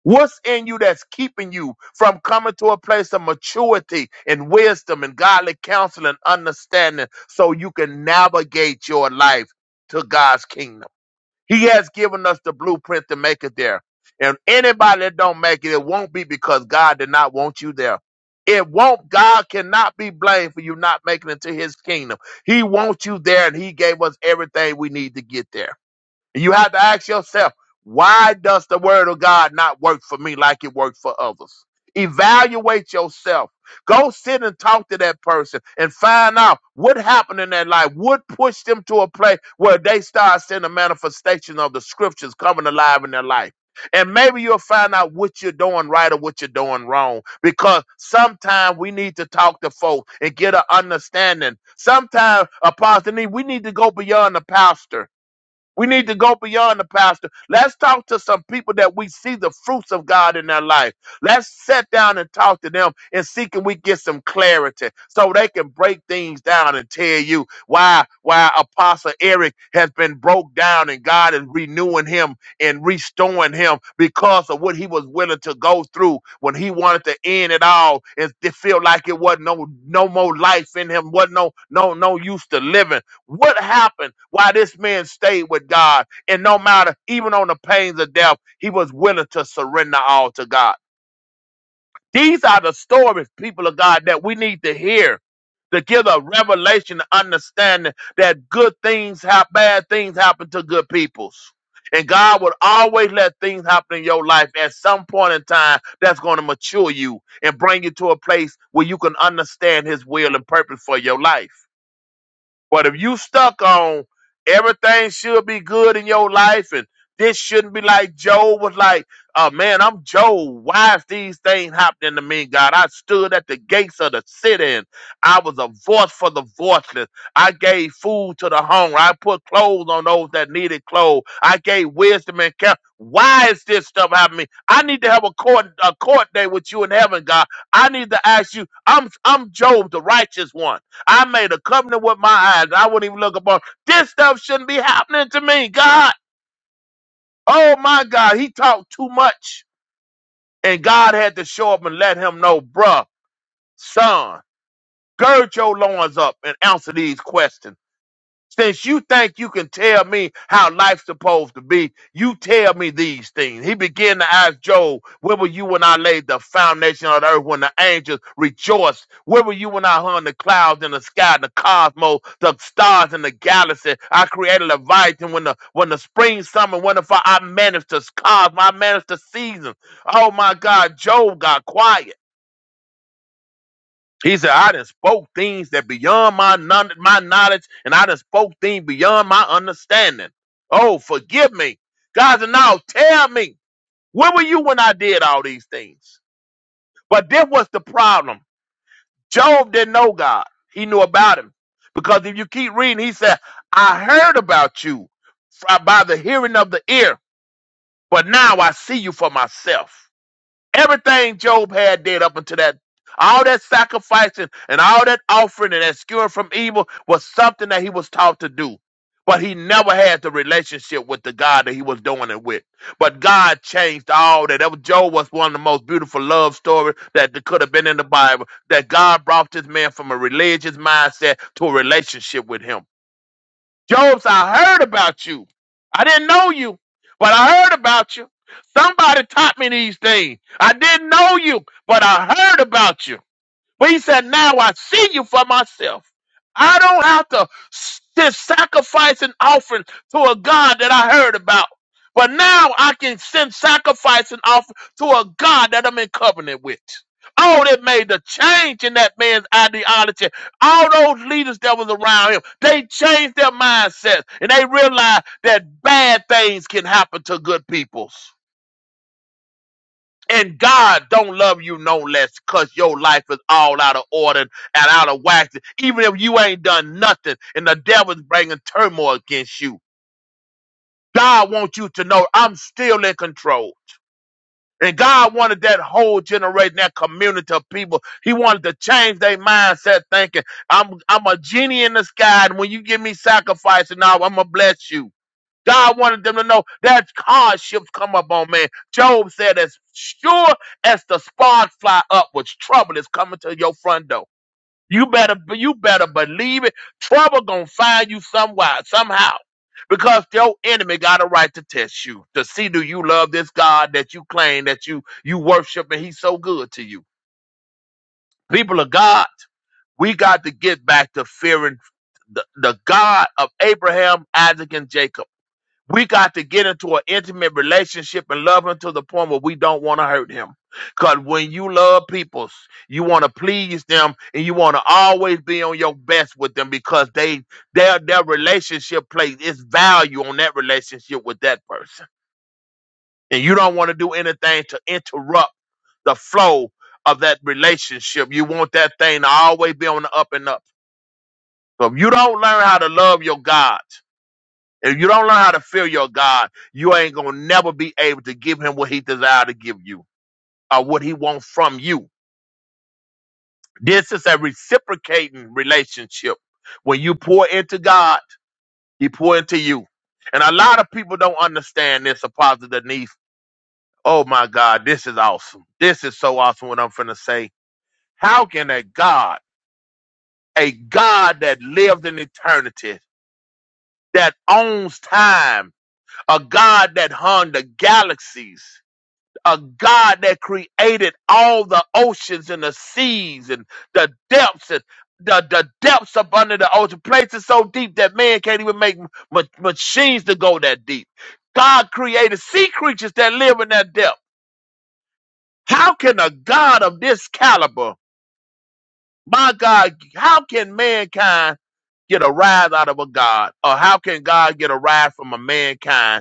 Speaker 15: What's in you that's keeping you from coming to a place of maturity and wisdom and godly counsel and understanding so you can navigate your life to God's kingdom? He has given us the blueprint to make it there. And anybody that don't make it, it won't be because God did not want you there. It won't, God cannot be blamed for you not making it to his kingdom. He wants you there and he gave us everything we need to get there. And you have to ask yourself, why does the word of God not work for me like it worked for others? Evaluate yourself. Go sit and talk to that person and find out what happened in their life. What pushed them to a place where they start seeing the manifestation of the scriptures coming alive in their life. And maybe you'll find out what you're doing right or what you're doing wrong. Because sometimes we need to talk to folks and get an understanding. Sometimes, Apostle, Nee, we need to go beyond the pastor we need to go beyond the pastor. Let's talk to some people that we see the fruits of God in their life. Let's sit down and talk to them and see can we get some clarity so they can break things down and tell you why why Apostle Eric has been broke down and God is renewing him and restoring him because of what he was willing to go through when he wanted to end it all and to feel like it wasn't no no more life in him, wasn't no no no use to living. What happened? Why this man stayed with God, and no matter, even on the pains of death, he was willing to surrender all to God. These are the stories, people of God, that we need to hear to give a revelation, to understanding that good things have bad things happen to good peoples. And God would always let things happen in your life at some point in time that's going to mature you and bring you to a place where you can understand His will and purpose for your life. But if you stuck on everything should be good in your life and this shouldn't be like Job was like, oh man, I'm Job. Why is these things happening to me, God? I stood at the gates of the city and I was a voice for the voiceless. I gave food to the hungry. I put clothes on those that needed clothes. I gave wisdom and care. Why is this stuff happening to me? I need to have a court a court day with you in heaven, God. I need to ask you. I'm I'm Job, the righteous one. I made a covenant with my eyes. I wouldn't even look upon. This stuff shouldn't be happening to me. God. Oh my God. He talked too much. And God had to show up and let him know, bruh, son, gird your loins up and answer these questions. Since you think you can tell me how life's supposed to be, you tell me these things. He began to ask Job, Where were you when I laid the foundation of the earth, when the angels rejoiced? Where were you when I hung the clouds in the sky, the cosmos, the stars in the galaxy? I created Leviathan when the when the spring, summer, winter, fall, I managed the cosmos, I managed the seasons. Oh my God, Job got quiet. He said, I done spoke things that beyond my non- my knowledge, and I done spoke things beyond my understanding. Oh, forgive me. God said, now tell me, where were you when I did all these things? But this was the problem. Job didn't know God. He knew about him. Because if you keep reading, he said, I heard about you fr- by the hearing of the ear, but now I see you for myself. Everything Job had did up until that, all that sacrificing and all that offering and that skewing from evil was something that he was taught to do. But he never had the relationship with the God that he was doing it with. But God changed all that. That was Job was one of the most beautiful love stories that th- could have been in the Bible. That God brought this man from a religious mindset to a relationship with him. Job's, I heard about you. I didn't know you, but I heard about you. Somebody taught me these things. I didn't know you, but I heard about you. But he said, Now I see you for myself. I don't have to s- to sacrifice an offering to a God that I heard about. But now I can send sacrifice and offering to a God that I'm in covenant with. Oh, that made the change in that man's ideology. All those leaders that was around him, they changed their mindsets and they realized that bad things can happen to good peoples. And God don't love you no less because your life is all out of order and out of whack. Even if you ain't done nothing and the devil's bringing turmoil against you, God wants you to know I'm still in control. And God wanted that whole generation, that community of people. He wanted to change their mindset thinking, I'm, I'm a genie in the sky. And when you give me sacrifice and all, I'm going to bless you. God wanted them to know that hardships come up on man. Job said, as sure as the spark fly upwards, trouble is coming to your front door. You better, you better believe it. Trouble gonna find you somewhere, somehow, because your enemy got a right to test you to see do you love this God that you claim that you you worship and He's so good to you. People of God, we got to get back to fearing the, the God of Abraham, Isaac, and Jacob we got to get into an intimate relationship and love him to the point where we don't want to hurt him. Because when you love people, you want to please them and you want to always be on your best with them because they their their relationship plays its value on that relationship with that person. And you don't want to do anything to interrupt the flow of that relationship. You want that thing to always be on the up and up. So if you don't learn how to love your God, if you don't learn how to fear your God, you ain't gonna never be able to give him what he desire to give you or what he wants from you. This is a reciprocating relationship. When you pour into God, he pour into you. And a lot of people don't understand this apostle Denise. Oh my God, this is awesome. This is so awesome what I'm finna say. How can a God, a God that lived in eternity, that owns time, a God that hung the galaxies. a God that created all the oceans and the seas and the depths and the, the depths up under the ocean, places so deep that man can't even make ma- machines to go that deep. God created sea creatures that live in that depth. How can a God of this caliber, my God, how can mankind get a rise out of a God? Or how can God get a rise from a mankind?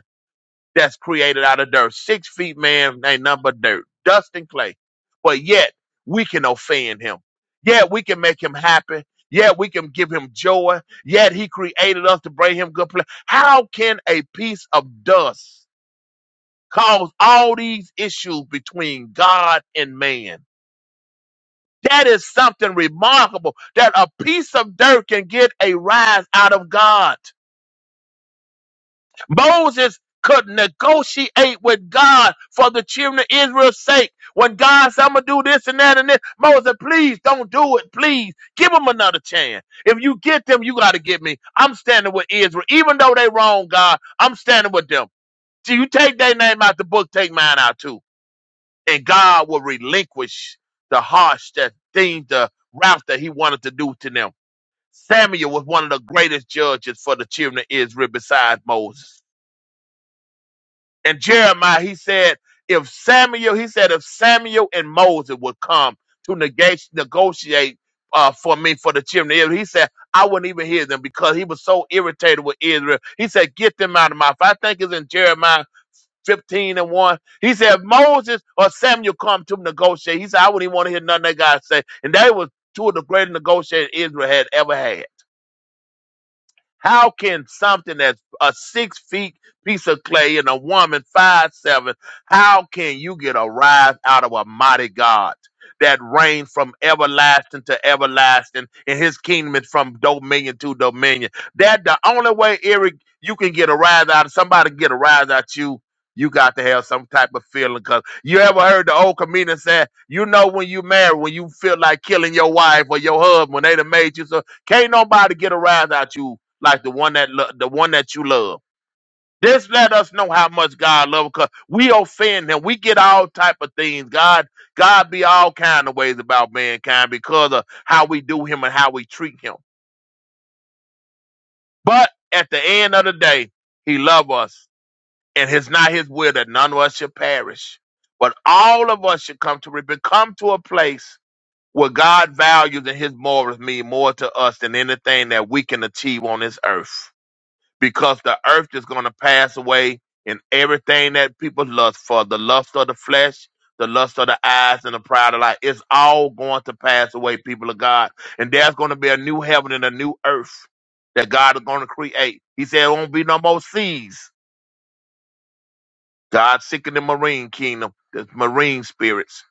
Speaker 15: that's created out of dirt. Six feet man ain't nothing but dirt, dust and clay. But yet we can offend him. Yet we can make him happy. Yet we can give him joy. Yet he created us to bring him good pleasure. How can a piece of dust cause all these issues between God and man? That is something remarkable that a piece of dirt can get a rise out of God. Moses could negotiate with God for the children of Israel's sake. When God said, I'm going to do this and that and this, Moses, please don't do it. Please give them another chance. If you get them, you got to get me. I'm standing with Israel. Even though they wrong, God, I'm standing with them. So you take their name out the book, take mine out too. And God will relinquish the harsh that things, the route that he wanted to do to them. Samuel was one of the greatest judges for the children of Israel besides Moses. And Jeremiah, he said, if Samuel, he said, if Samuel and Moses would come to negate, negotiate uh, for me for the children of Israel, he said, I wouldn't even hear them because he was so irritated with Israel. He said, get them out of my. mouth. I think it's in Jeremiah 15 and 1. He said, if Moses or Samuel come to negotiate. He said, I wouldn't even want to hear nothing that God say. And that was two of the greatest negotiators Israel had ever had. How can something that's a six feet piece of clay and a woman five seven, how can you get a rise out of a mighty God that reigns from everlasting to everlasting and his kingdom is from dominion to dominion? That the only way, Eric, you can get a rise out of somebody get a rise out you. You got to have some type of feeling, cause you ever heard the old comedian say, "You know when you married, when you feel like killing your wife or your husband, when they done made you so." Can't nobody get a rise out you like the one that lo- the one that you love. This let us know how much God loves because we offend him. We get all type of things. God, God be all kind of ways about mankind because of how we do him and how we treat him. But at the end of the day, he loves us. And it's not his will that none of us should perish. But all of us should come to repent, come to a place where God values and his morals mean more to us than anything that we can achieve on this earth. because the earth is going to pass away and everything that people lust for the lust of the flesh the lust of the eyes and the pride of life it's all going to pass away people of god and there's going to be a new heaven and a new earth that god is going to create he said it won't be no more seas god seeking the marine kingdom the marine spirits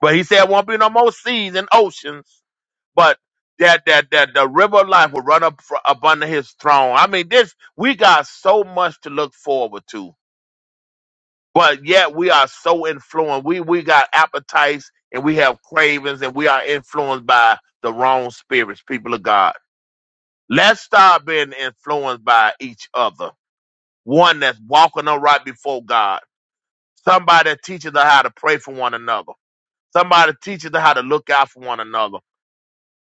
Speaker 15: but he said it won't be no more seas and oceans but that that that the river of life will run up fr- up under his throne. I mean, this we got so much to look forward to, but yet we are so influenced. We we got appetites and we have cravings and we are influenced by the wrong spirits. People of God, let's stop being influenced by each other. One that's walking on right before God. Somebody that teaches us how to pray for one another. Somebody that teaches us how to look out for one another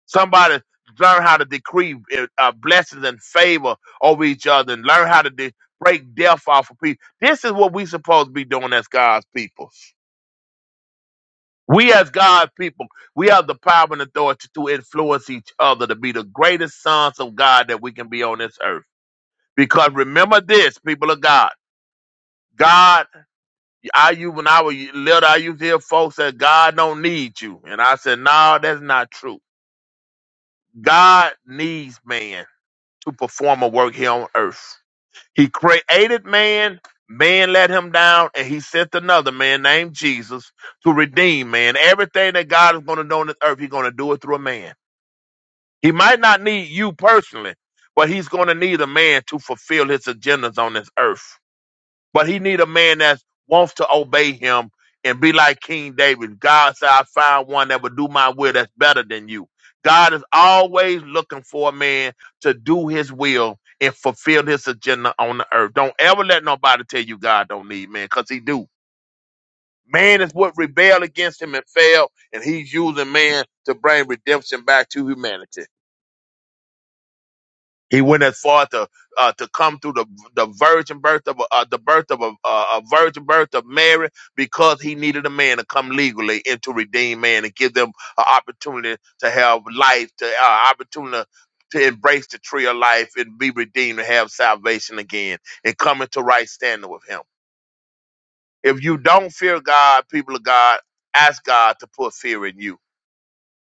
Speaker 15: Somebody learn how to decree eh, uh, blessings and favor over each other and learn how to de- break death off of people. This is what we supposed to be doing as God's people. We as God's people, we have the power and authority to influence each other to be the greatest sons of God that we can be on this earth. Because remember this, people of God. God, I you when I was little, I used to hear folks say God don't need you. And I said, No, that's not true. God needs man. to perform a work here on earth. He created man, man let him down, and he sent another man named Jesus to redeem man. Everything that God is going to do on this earth, he's going to do it through a man. He might not need you personally, but he's going to need a man to fulfill his agendas on this earth but he need a man that wants to obey him and be like King David. God said, I found one that would do my will that's better than you. God is always looking for a man to do his will and fulfill his agenda on the earth. Don't ever let nobody tell you God don't need man, because he do. Man is what rebelled against him and failed, and he's using man to bring redemption back to humanity. He went as far to uh, to come through the the virgin birth of a, uh, the birth of a, uh, a virgin birth of Mary because he needed a man to come legally and to redeem man and give them an opportunity to have life, to uh, opportunity to embrace the tree of life and be redeemed and have salvation again and come into right standing with Him. If you don't fear God, people of God, ask God to put fear in you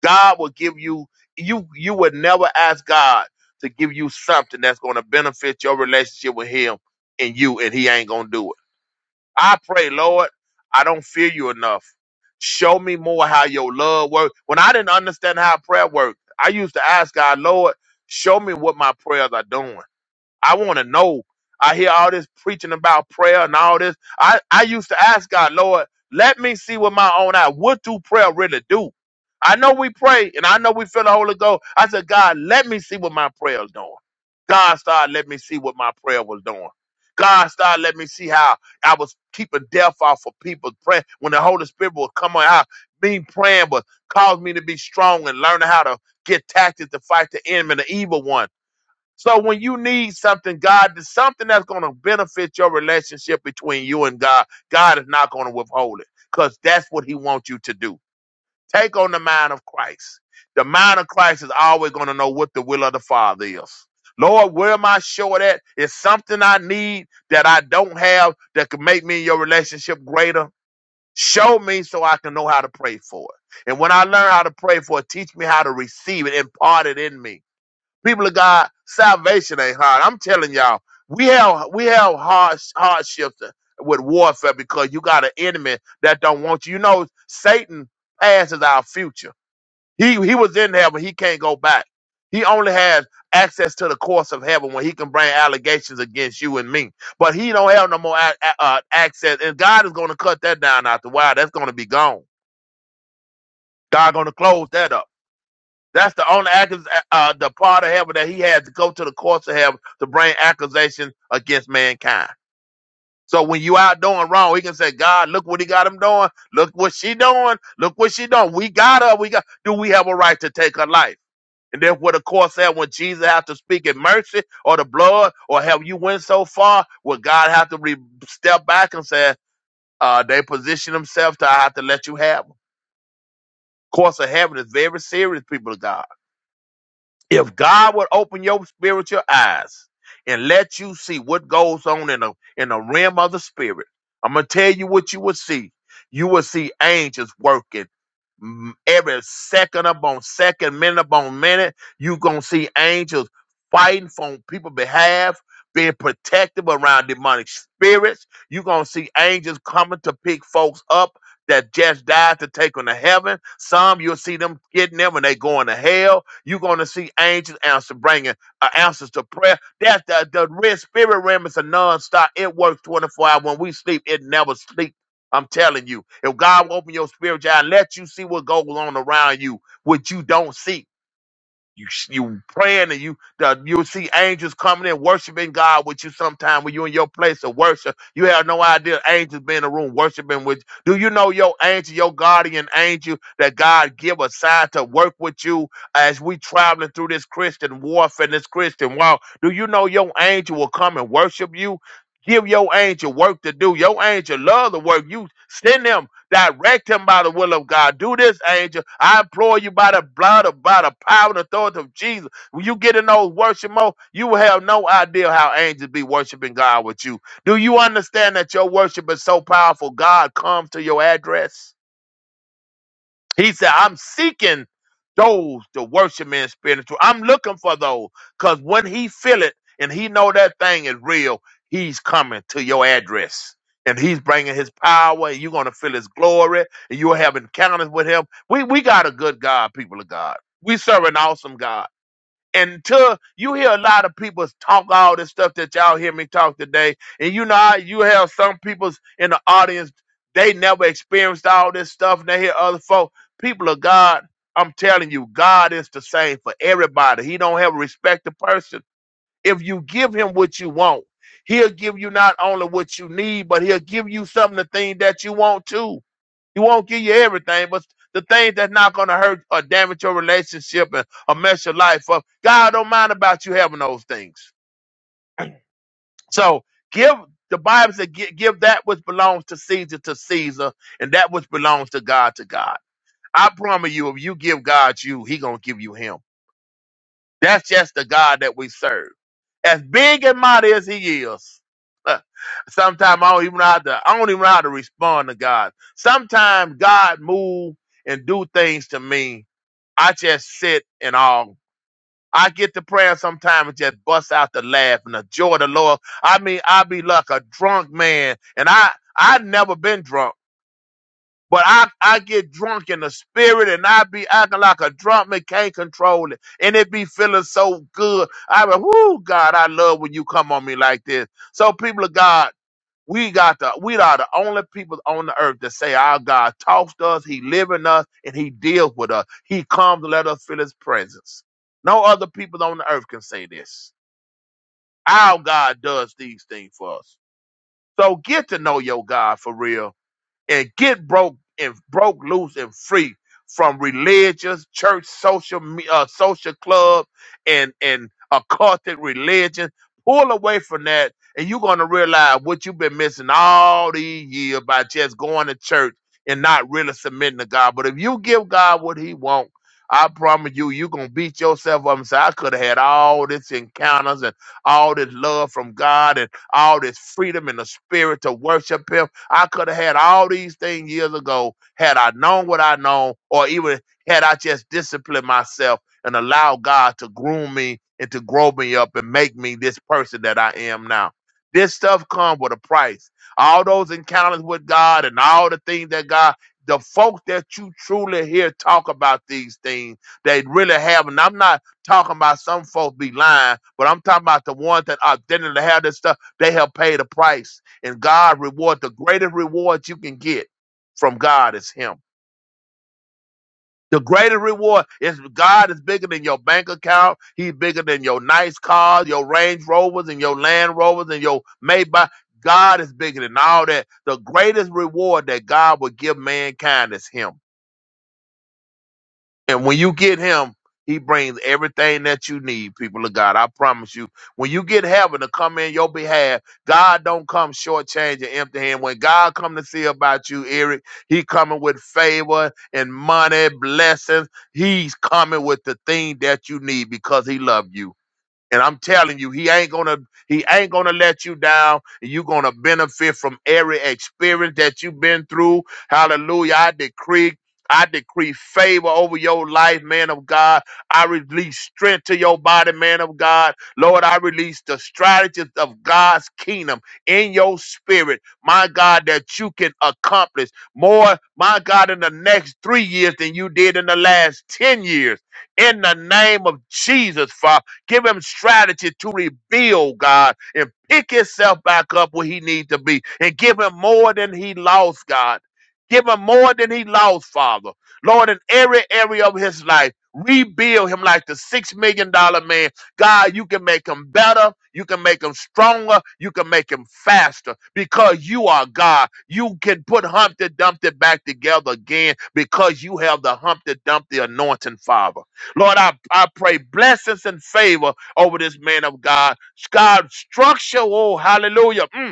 Speaker 15: God will give you you you would never ask God to give you something that's going to benefit your relationship with him and you and he ain't going to do it. I pray, Lord, I don't fear you enough. Show me more how your love works. When I didn't understand how prayer worked, I used to ask God, Lord, show me what my prayers are doing. I want to know. I hear all this preaching about prayer and all this. I, I used to ask God, Lord, let me see with my own eye. What do prayer really do? I know we pray and I know we feel the Holy Ghost. I said, God, let me see what my prayer is doing. God started let me see what my prayer was doing. God started let me see how I was keeping death off of people's prayer. When the Holy Spirit would come on out, me praying was caused me to be strong and learning how to get tactics to fight the enemy, the evil one. So when you need something, God, there's something that's going to benefit your relationship between you and God, God is not going to withhold it because that's what He wants you to do. Take on the mind of Christ. The mind of Christ is always going to know what the will of the Father is. Lord, where am I short at? Is something I need that I don't have that could make me and your relationship greater? Show me so I can know how to pray for it. And when I learn how to pray for it, teach me how to receive it, impart it in me people of God, salvation ain't hard. I'm telling y'all, we have we have hard hardships with warfare because you got an enemy that don't want you. You know, Satan passes our future. He he was in heaven, he can't go back. He only has access to the courts of heaven when he can bring allegations against you and me. But he don't have no more a- a- uh, access, and God is going to cut that down after a while. That's going to be gone. God going to close that up. That's the only accus- uh, uh, the part of heaven that he had to go to the courts of heaven to bring accusation against mankind. So when you out doing wrong, he can say, God, look what he got him doing. Look what she doing. Look what she doing. We got her. We got. Do we have a right to take her life? And therefore, the court said, when Jesus have to speak in mercy or the blood, or have you went so far, will God have to re- step back and say, uh, they position themselves to I have to let you have them. Course of heaven is very serious, people of God. If God would open your spiritual eyes and let you see what goes on in the in the realm of the spirit, I'm gonna tell you what you would see. You would see angels working mm, every second upon second, minute upon minute. you gonna see angels fighting for people's behalf, being protective around demonic spirits. you gonna see angels coming to pick folks up. That just died to take them to heaven. Some you'll see them getting them when they going to hell you're going to see angels answer, bringing uh, answers to prayer. That's the, the red spirit realm is a nonstop. It works 24 hours. When we sleep, it never sleeps. I'm telling you, if God will open your spiritual eye, let you see what goes on around you, what you don't see. You you praying and you the, you'll see angels coming in worshiping God with you sometime when you in your place of worship. You have no idea angels be in the room worshiping with you. Do you know your angel, your guardian angel that God give a sign to work with you as we traveling through this Christian warfare, this Christian walk? Do you know your angel will come and worship you? Give your angel work to do. Your angel love the work. You send them Direct him by the will of God. Do this, angel. I implore you by the blood of by the power and authority of Jesus. When you get in those worship mode, you will have no idea how angels be worshiping God with you. Do you understand that your worship is so powerful? God comes to your address. He said, I'm seeking those to worship me in spirit and truth. I'm looking for those. Cause when he feel it and he know that thing is real, he's coming to your address. And he's bringing his power, and you're gonna feel his glory, and you'll have encounters with him. We we got a good God, people of God. We serve an awesome God until you hear a lot of people talk all this stuff that y'all hear me talk today, and you know how you have some people in the audience, they never experienced all this stuff, and they hear other folk. People of God, I'm telling you, God is the same for everybody. He don't have a respect to person. If you give him what you want, he'll give you not only what you need, but he'll give you something the thing that you want too. He won't give you everything, but the things that's not going to hurt or damage your relationship and, or mess your life up, God don't mind about you having those things. So give the Bible said, give, give that which belongs to Caesar to Caesar, and that which belongs to God to God. I promise you, if you give God you, He gonna give you Him. That's just the God that we serve. As big and mighty as He is, sometimes I don't even know how to. I don't even know how to respond to God. Sometimes God move and do things to me. I just sit and all. I get to prayer sometimes and just bust out the laugh and the joy of the Lord. I mean, I be like a drunk man, and I I never been drunk. But I, I get drunk in the spirit and I be acting like a drunk man can't control it. And it be feeling so good. I be, whoo, God, I love when you come on me like this. So people of God, we got the we are the only people on the earth that say our God talks to us, He live in us, and He deals with us. He comes to let us feel His presence. No other people on the earth can say this. Our God does these things for us. So get to know your God for real and get broke and broke loose and free from religious church social me- uh, social club and and occulted religion pull away from that and you're going to realize what you've been missing all these years by just going to church and not really submitting to god but if you give god what he wants I promise you, you're gonna beat yourself up and say, I could have had all this encounters and all this love from God and all this freedom in the spirit to worship him I could have had all these things years ago had I known what I know, or even had I just disciplined myself and allowed God to groom me and to grow me up and make me this person that I am now. This stuff comes with a price. All those encounters with God and all the things that God, the folks that you truly hear talk about these things, they really have. And I'm not talking about some folks be lying, but I'm talking about the ones that authentically have this stuff. They have paid a price and God reward the greatest reward you can get from God is Him. The greatest reward is God is bigger than your bank account. He's bigger than your nice cars, your Range Rovers, and your Land Rovers, and your Maybach. God is bigger than all that. The greatest reward that God will give mankind is Him. And when you get him, he brings everything that you need, people of God. I promise you. When you get heaven to come in your behalf, God don't come shortchanged and empty hand. When God come to see about you, Eric, he coming with favor and money, blessings. He's coming with the thing that you need because he love you. And I'm telling you, he ain't gonna he ain't gonna let you down. You're gonna benefit from every experience that you've been through. Hallelujah. I decree. I decree favor over your life, man of God. I release strength to your body, man of God. Lord, I release the strategies of God's kingdom in your spirit, my God, that you can accomplish more, my God, in the next three years than you did in the last 10 years. In the name of Jesus, Father. Give him strategy to rebuild, God, and pick himself back up where he needs to be and give him more than he lost, God. Give him more than he lost, Father. Lord, in every area of his life, rebuild him like the six million dollar man. God, you can make him better. You can make him stronger. You can make him faster because you are God. You can put Humpty Dumpty back together again because you have the Humpty Dumpty anointing, Father. Lord, I, I pray blessings and favor over this man of God. God, structure, oh, hallelujah. Mm.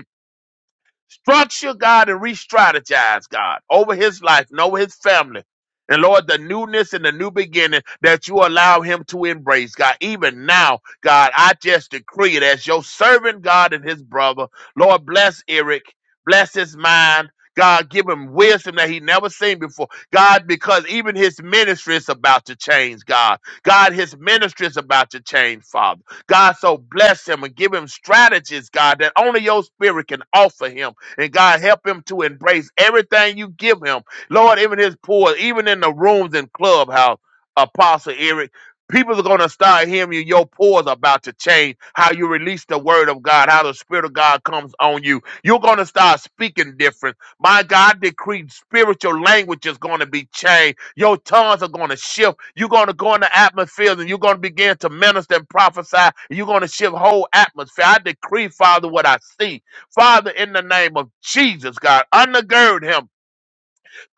Speaker 15: Structure, God, and re strategize, God, over his life and over his family. And Lord, the newness and the new beginning that you allow him to embrace, God, even now, God, I just decree it as your servant, God, and his brother. Lord, bless Eric, bless his mind. God, give him wisdom that he never seen before. God, because even his ministry is about to change, God. God, his ministry is about to change, Father. God, so bless him and give him strategies, God, that only your spirit can offer him. And God, help him to embrace everything you give him. Lord, even his poor, even in the rooms and clubhouse, Apostle Eric, people are going to start hearing you. Your pores are about to change. How you release the word of God, how the spirit of God comes on you. You're going to start speaking different. My God, I decree spiritual language is going to be changed. Your tongues are going to shift. You're going to go in the atmosphere and you're going to begin to minister and prophesy. You're going to shift whole atmosphere. I decree, Father, what I see. Father, in the name of Jesus, God, undergird him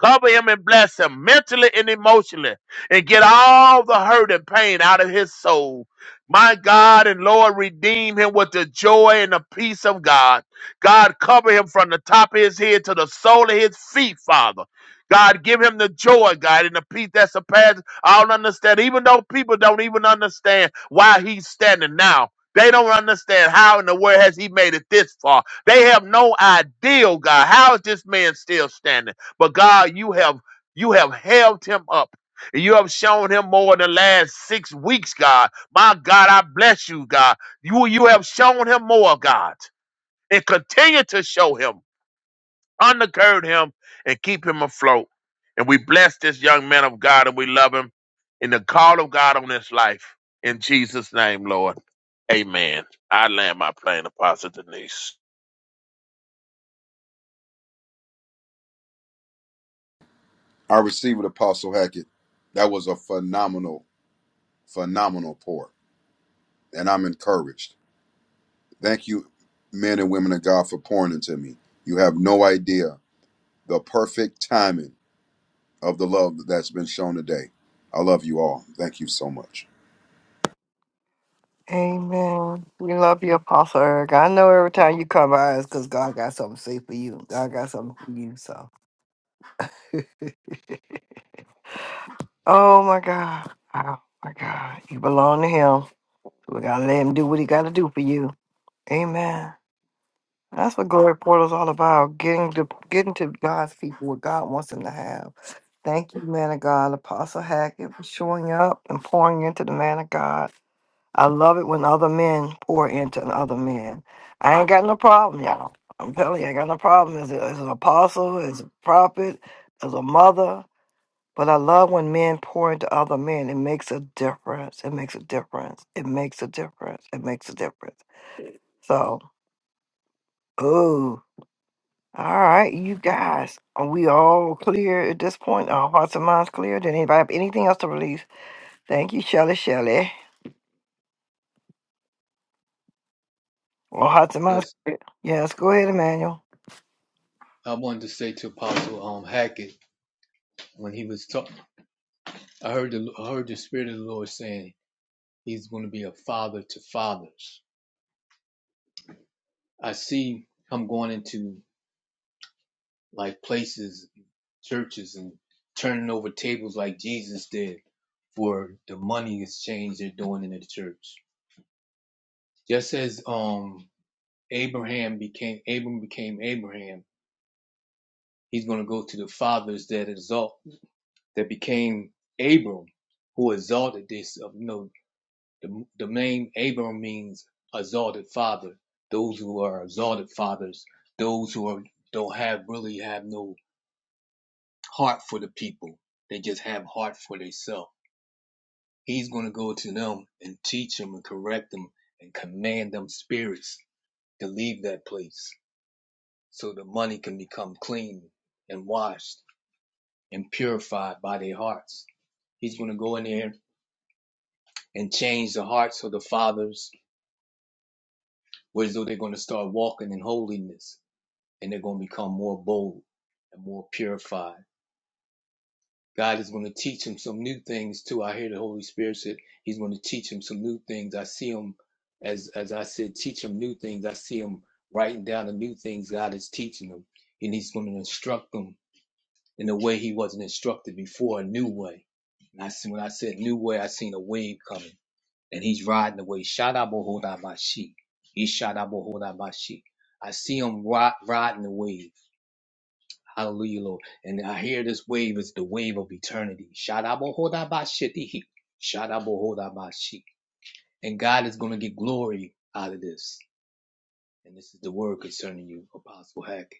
Speaker 15: Cover him and bless him mentally and emotionally and get all the hurt and pain out of his soul. My God and Lord, redeem him with the joy and the peace of God. God, cover him from the top of his head to the sole of his feet, Father. God, give him the joy, God, and the peace that surpasses all understanding. Even though people don't even understand why he's standing now, they don't understand how in the world has he made it this far. They have no idea, God. How is this man still standing? But God, you have you have held him up. And you have shown him more in the last six weeks, God. My God, I bless you, God. You you have shown him more, God. And continue to show him, undergird him, and keep him afloat. And we bless this young man of God and we love him in the call of God on his life. In Jesus' name, Lord. Amen. I land my plane, Apostle Denise.
Speaker 14: I received Apostle Hackett. That was a phenomenal, phenomenal pour, and I'm encouraged. Thank you, men and women of God, for pouring into me. You have no idea the perfect timing of the love that's been shown today. I love you all. Thank you so much.
Speaker 1: Amen. We love you, Apostle Eric. I know every time you come by, it's because God got something safe for you. God got something for you. So, oh my God. Oh my God. You belong to Him. We got to let Him do what He got to do for you. Amen. That's what glory portal is all about. Getting to getting to God's people what God wants them to have. Thank you, man of God, Apostle Hackett, for showing up and pouring into the man of God. I love it when other men pour into other men. I ain't got no problem, y'all. I'm telling you, I ain't got no problem as, a, as an apostle, as a prophet, as a mother. But I love when men pour into other men. It makes a difference. It makes a difference. It makes a difference. It makes a difference. So, ooh. All right, you guys, are we all clear at this point? Our hearts and minds clear? Did anybody have anything else to release? Thank you, Shelley. Shelley. Well, hearts and minds
Speaker 16: Bless.
Speaker 1: clear. Yes, go ahead, Emmanuel.
Speaker 16: I wanted to say to Apostle um, Hackett when he was talking, I heard the I heard the Spirit of the Lord saying he's going to be a father to fathers. I see him going into like places, churches, and turning over tables like Jesus did for the money exchange they're doing in the church. Just as um Abraham became Abram became Abraham, he's going to go to the fathers that exalt that became Abram, who exalted this. uh, You know, The, the name Abram means exalted father. Those who are exalted fathers, those who are, don't have really have no heart for the people. They just have heart for themselves. He's going to go to them and teach them and correct them and command them spirits to leave that place so the money can become clean and washed and purified by their hearts. He's going to go in there and change the hearts of the fathers, where as though they're going to start walking in holiness and they're going to become more bold and more purified. God is going to teach him some new things too. I hear the Holy Spirit said he's going to teach him some new things. I see him as as I said, teach him new things. I see him writing down the new things God is teaching him, and he's going to instruct them in a way he wasn't instructed before, a new way. And I see when I said new way, I seen a wave coming, and he's riding the wave. Shadabohodabashi. He shadabohodabashi. I see him ri- riding the wave. Hallelujah, Lord. And I hear this wave is the wave of eternity. Shadabohodabashitihi. Shadabohodabashi. And God is going to get glory out of this. And this is the word concerning you, Apostle Hack.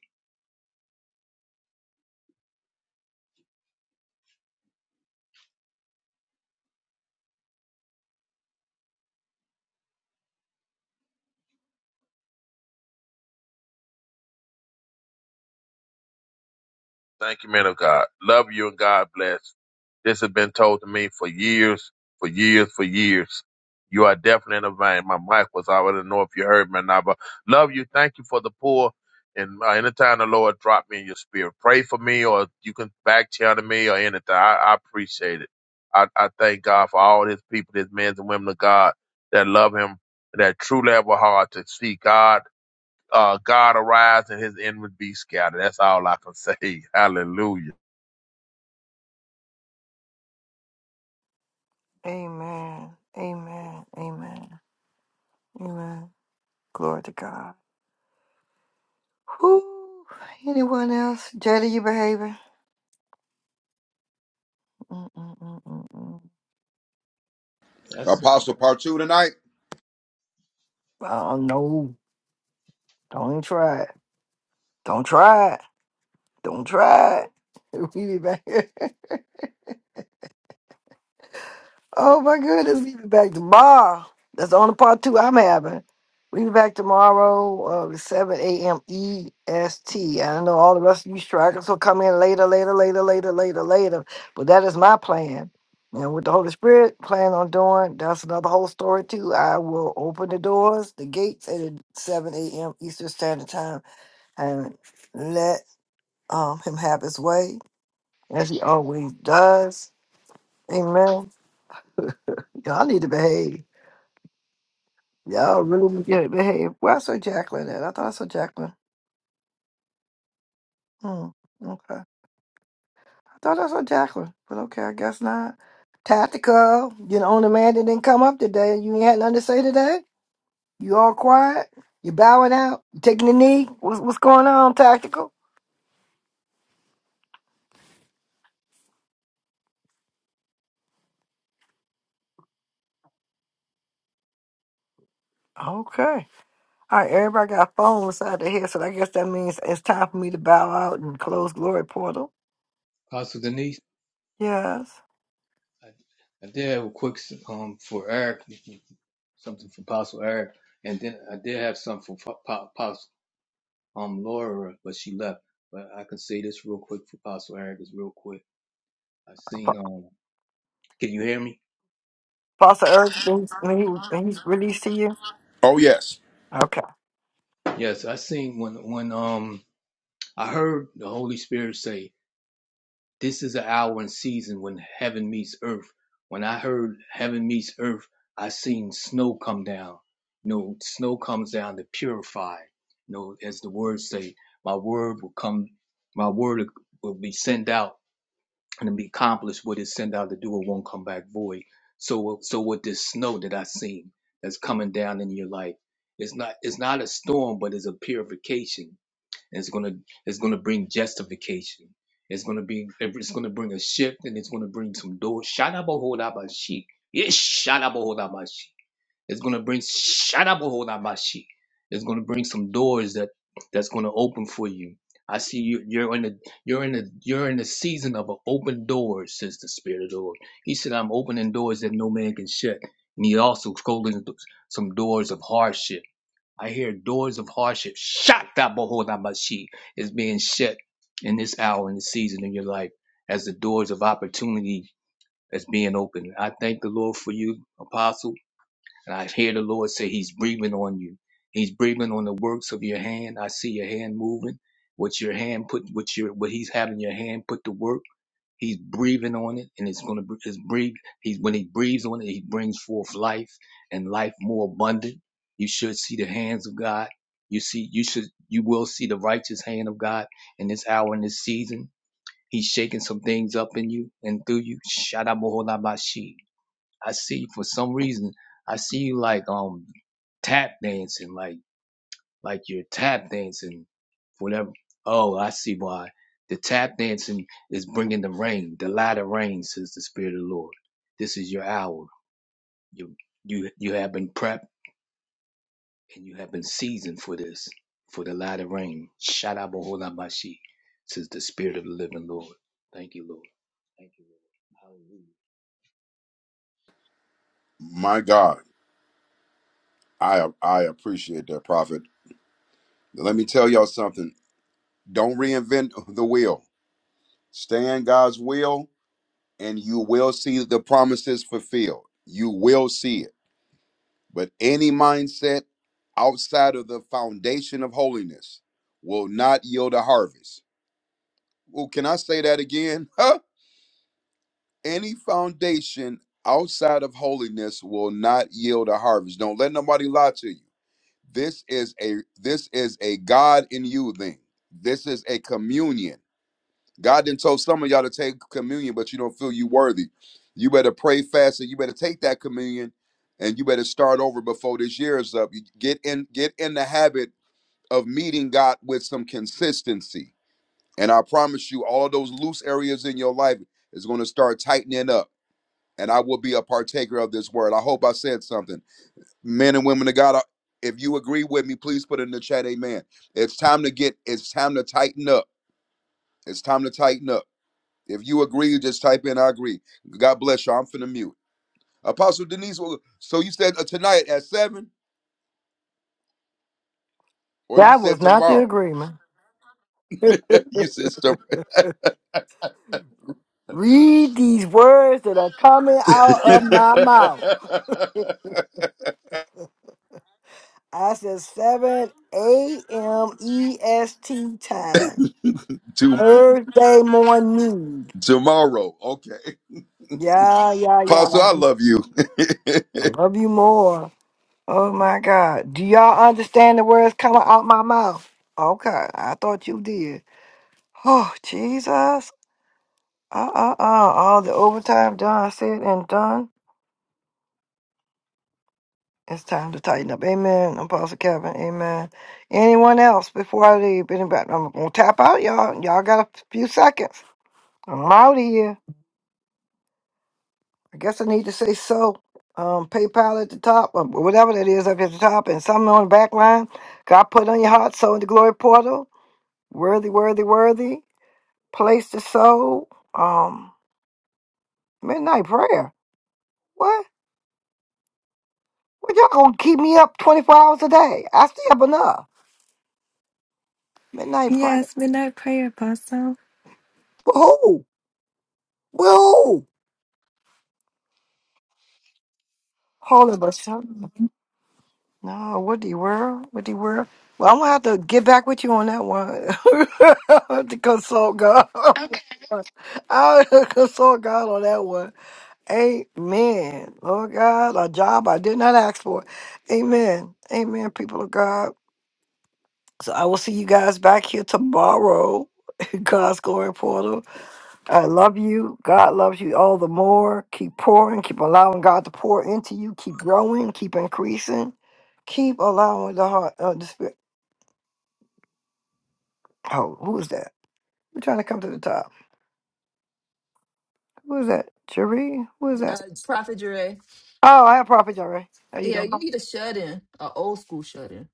Speaker 15: Thank you, man of God. Love you and God bless. This has been told to me for years, for years, for years. You are definitely in the vein. My mic was out. I do not know if you heard me or not, but love you. Thank you for the poor. And uh, anytime the Lord drop me in your spirit, pray for me or you can back channel me or anything. I, I appreciate it. I, I thank God for all his people, his men and women of God that love him, that truly have a heart to see God uh, God arise and his enemy be scattered. That's all I can say. Hallelujah.
Speaker 1: Amen. Amen. Amen. Amen. Glory to God. Who? Anyone else? Jada, you behaving? Mm-mm-mm-mm-mm.
Speaker 16: That's
Speaker 14: Apostle part two tonight.
Speaker 1: I don't know. Don't even try it. Don't try it. Don't try it. We be back here. Oh my goodness, we be back tomorrow. That's the only part two I'm having. We be back tomorrow, uh, 7 a.m. EST. I know all the rest of you strikers will come in later, later, later, later, later, later. But that is my plan. And with the Holy Spirit plan on doing, that's another whole story too. I will open the doors, the gates at 7 a.m. Eastern Standard Time and let um, him have his way as he always does. Amen. Y'all need to behave. Y'all really need to behave. Where I saw Jacqueline at? I thought I saw Jacqueline. Hmm. Okay. I thought I saw Jacqueline, but okay, I guess not. Tactical. You're the only man that didn't come up today. You ain't had nothing to say today. You all quiet. You bowing out. You taking the knee. What's, what's going on, Tactical? Okay. All right, everybody got a phone beside their head, so I guess that means it's time for me to bow out and close Glory Portal.
Speaker 16: Apostle Denise.
Speaker 1: Yes.
Speaker 16: I, I did have a quick um for Eric, something for Apostle Eric, and then I did have something for Apostle um Laura, but she left. But I can say this real quick for Apostle Eric is real quick. I seen
Speaker 1: Fa-
Speaker 16: um. Can you hear me?
Speaker 1: Pastor Eric, when he, when he's released to you?
Speaker 14: Oh yes,
Speaker 1: Okay.
Speaker 16: Yes, I seen when when um I heard the Holy Spirit say, "This is an hour and season when heaven meets earth." When I heard heaven meets earth, I seen snow come down. You know, snow comes down to purify. You know, as the words say, "My word will come. My word will be sent out and it'll be accomplished. What it sent out to do, it won't come back void." So, so with this snow that I seen that's coming down in your life, it's not it's not a storm, but it's a purification it's gonna it's gonna bring justification. It's gonna be it's gonna bring a shift and it's gonna bring some doors. Shadabahodabashi. Yes, shadabahodabashi. It's gonna bring shadabahodabashi. It's gonna bring some doors that that's gonna open for you. I see you you're in the, you're in the, you're in the season of an open door, says the Spirit of the Lord. He said, I'm opening doors that no man can shut. And he also closing some doors of hardship. I hear doors of hardship, Shatabohodabashi, is being shut in this hour in this season in your life as the doors of opportunity is being opened. I thank the Lord for you, Apostle. And I hear the Lord say He's breathing on you. He's breathing on the works of your hand. I see your hand moving. What your hand put, what your, what He's having your hand put to work. He's breathing on it, and it's gonna, it's breathe. He's when He breathes on it, He brings forth life and life more abundant. You should see the hands of God. You see, you should, you will see the righteous hand of God in this hour, in this season. He's shaking some things up in you and through you. Shadamoholabashi. I see for some reason. I see you like um tap dancing, like like you're tap dancing, whatever. Oh, I see why. The tap dancing is bringing the rain, the light of rain, says the Spirit of the Lord. This is your hour. You you you have been prepped and you have been seasoned for this, for the light of rain. Shadabashi, says the Spirit of the Living Lord. Thank you, Lord. Thank you, Lord. Hallelujah.
Speaker 14: my God, I I appreciate that prophet. Let me tell y'all something. Don't reinvent the wheel. Stay in God's will and you will see the promises fulfilled. You will see it. But any mindset outside of the foundation of holiness will not yield a harvest. Well, can I say that again? Huh? Any foundation outside of holiness will not yield a harvest. Don't let nobody lie to you. This is a this is a God in you thing. This is a communion. God didn't told some of y'all to take communion, but you don't feel you worthy. You better pray fast and you better take that communion and you better start over before this year is up. You get in get in the habit of meeting God with some consistency. And I promise you, all those loose areas in your life is going to start tightening up. And I will be a partaker of this word. I hope I said something. Men and women of God, I- if you agree with me, please put in the chat, amen. It's time to get, it's time to tighten up. It's time to tighten up. If you agree, you just type in I agree. God bless you. I'm finna mute. Apostle Denise, well, so you said uh, tonight at seven, or you
Speaker 1: That was
Speaker 14: said
Speaker 1: not the
Speaker 14: tomorrow?
Speaker 1: agreement.
Speaker 14: you said some
Speaker 1: Read these words that are coming out of my mouth. I said 7 a.m. EST time,
Speaker 14: to,
Speaker 1: Thursday morning.
Speaker 14: tomorrow. Okay.
Speaker 1: Yeah, yeah, yeah.
Speaker 14: Apostle, I love you.
Speaker 1: I love you more. Oh my God. Do y'all understand the words coming out my mouth? Okay, I thought you did. Oh, Jesus. Uh uh uh. All the overtime done, said and done. It's time to tighten up. Amen. Apostle Kevin. Amen. Anyone else before I leave? Anybody? I'm going to tap out, y'all. Y'all got a few seconds. I'm out of here. I guess I need to say so. Um, PayPal at the top, or whatever that is up at the top, and something on the back line. God put on your heart, so in the glory portal. Worthy, worthy, worthy. Place to sow. Um, midnight prayer. What? What y'all gonna keep me up twenty four hours a day? I stay up enough. Midnight prayer.
Speaker 13: Yes, midnight prayer, Apostle.
Speaker 1: For who? With who? Holy but No, what the world? What the world? Well, I'm gonna have to get back with you on that one. I have to consult God. I'll consult God on that one. Amen. Lord God, a job I did not ask for. Amen. Amen, people of God. So I will see you guys back here tomorrow. God's glory portal. I love you. God loves you all the more. Keep pouring. Keep allowing God to pour into you. Keep growing. Keep increasing. Keep allowing the heart of the spirit. Oh, who is that? We're trying to come to the top. Who is that? Jerry? Who is that?
Speaker 17: uh, Prophet Dre.
Speaker 1: Oh, I have Prophet Jerry. How you
Speaker 17: Yeah,
Speaker 1: doing?
Speaker 17: you need a shut in, a old school shut in.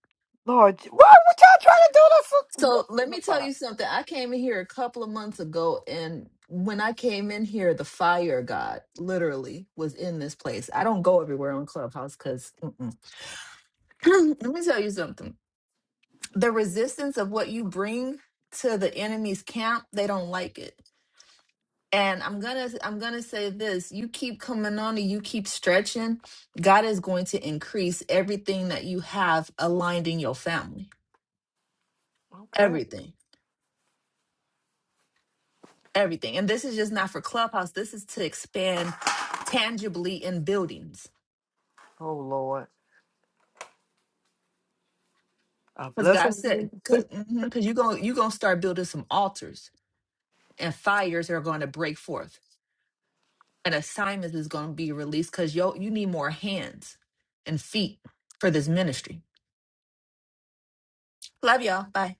Speaker 1: Lord, what, what y'all trying to
Speaker 17: So
Speaker 1: do
Speaker 17: let me
Speaker 1: this?
Speaker 17: tell
Speaker 1: for?
Speaker 17: you something. I came in here a couple of months ago, and when I came in here, the fire of god literally was in this place. I don't go everywhere on Clubhouse because let me tell you something. The resistance of what you bring to the enemy's camp, they don't like it. And I'm gonna I'm gonna say this. You keep coming on and you keep stretching, God is going to increase everything that you have aligned in your family.
Speaker 1: Okay.
Speaker 17: Everything. Everything. And this is just not for clubhouse. This is to expand tangibly in buildings.
Speaker 1: Oh Lord. I
Speaker 17: Because
Speaker 1: bless
Speaker 17: God
Speaker 1: him.
Speaker 17: said, because you're gonna you're gonna start building some altars and fires are gonna break forth. And assignments is gonna be released because yo you need more hands and feet for this ministry. Love y'all. Bye.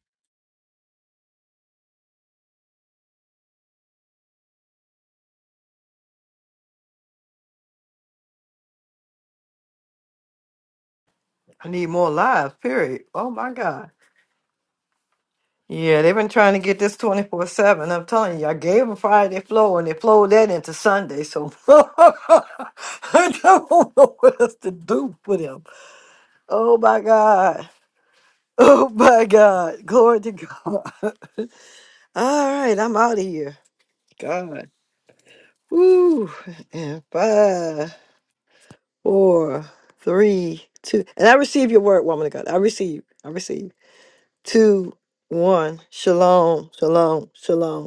Speaker 1: I need more lives, period. Oh my God. Yeah, they've been trying to get this 24 7. I'm telling you, I gave them Friday flow and they flowed that into Sunday. So I don't know what else to do for them. Oh my God. Oh my God. Glory to God. All right, I'm out of here. God. Woo. And five, four, three, two. And I receive your word, woman of God. I receive. I receive. Two, one. Shalom. Shalom. Shalom.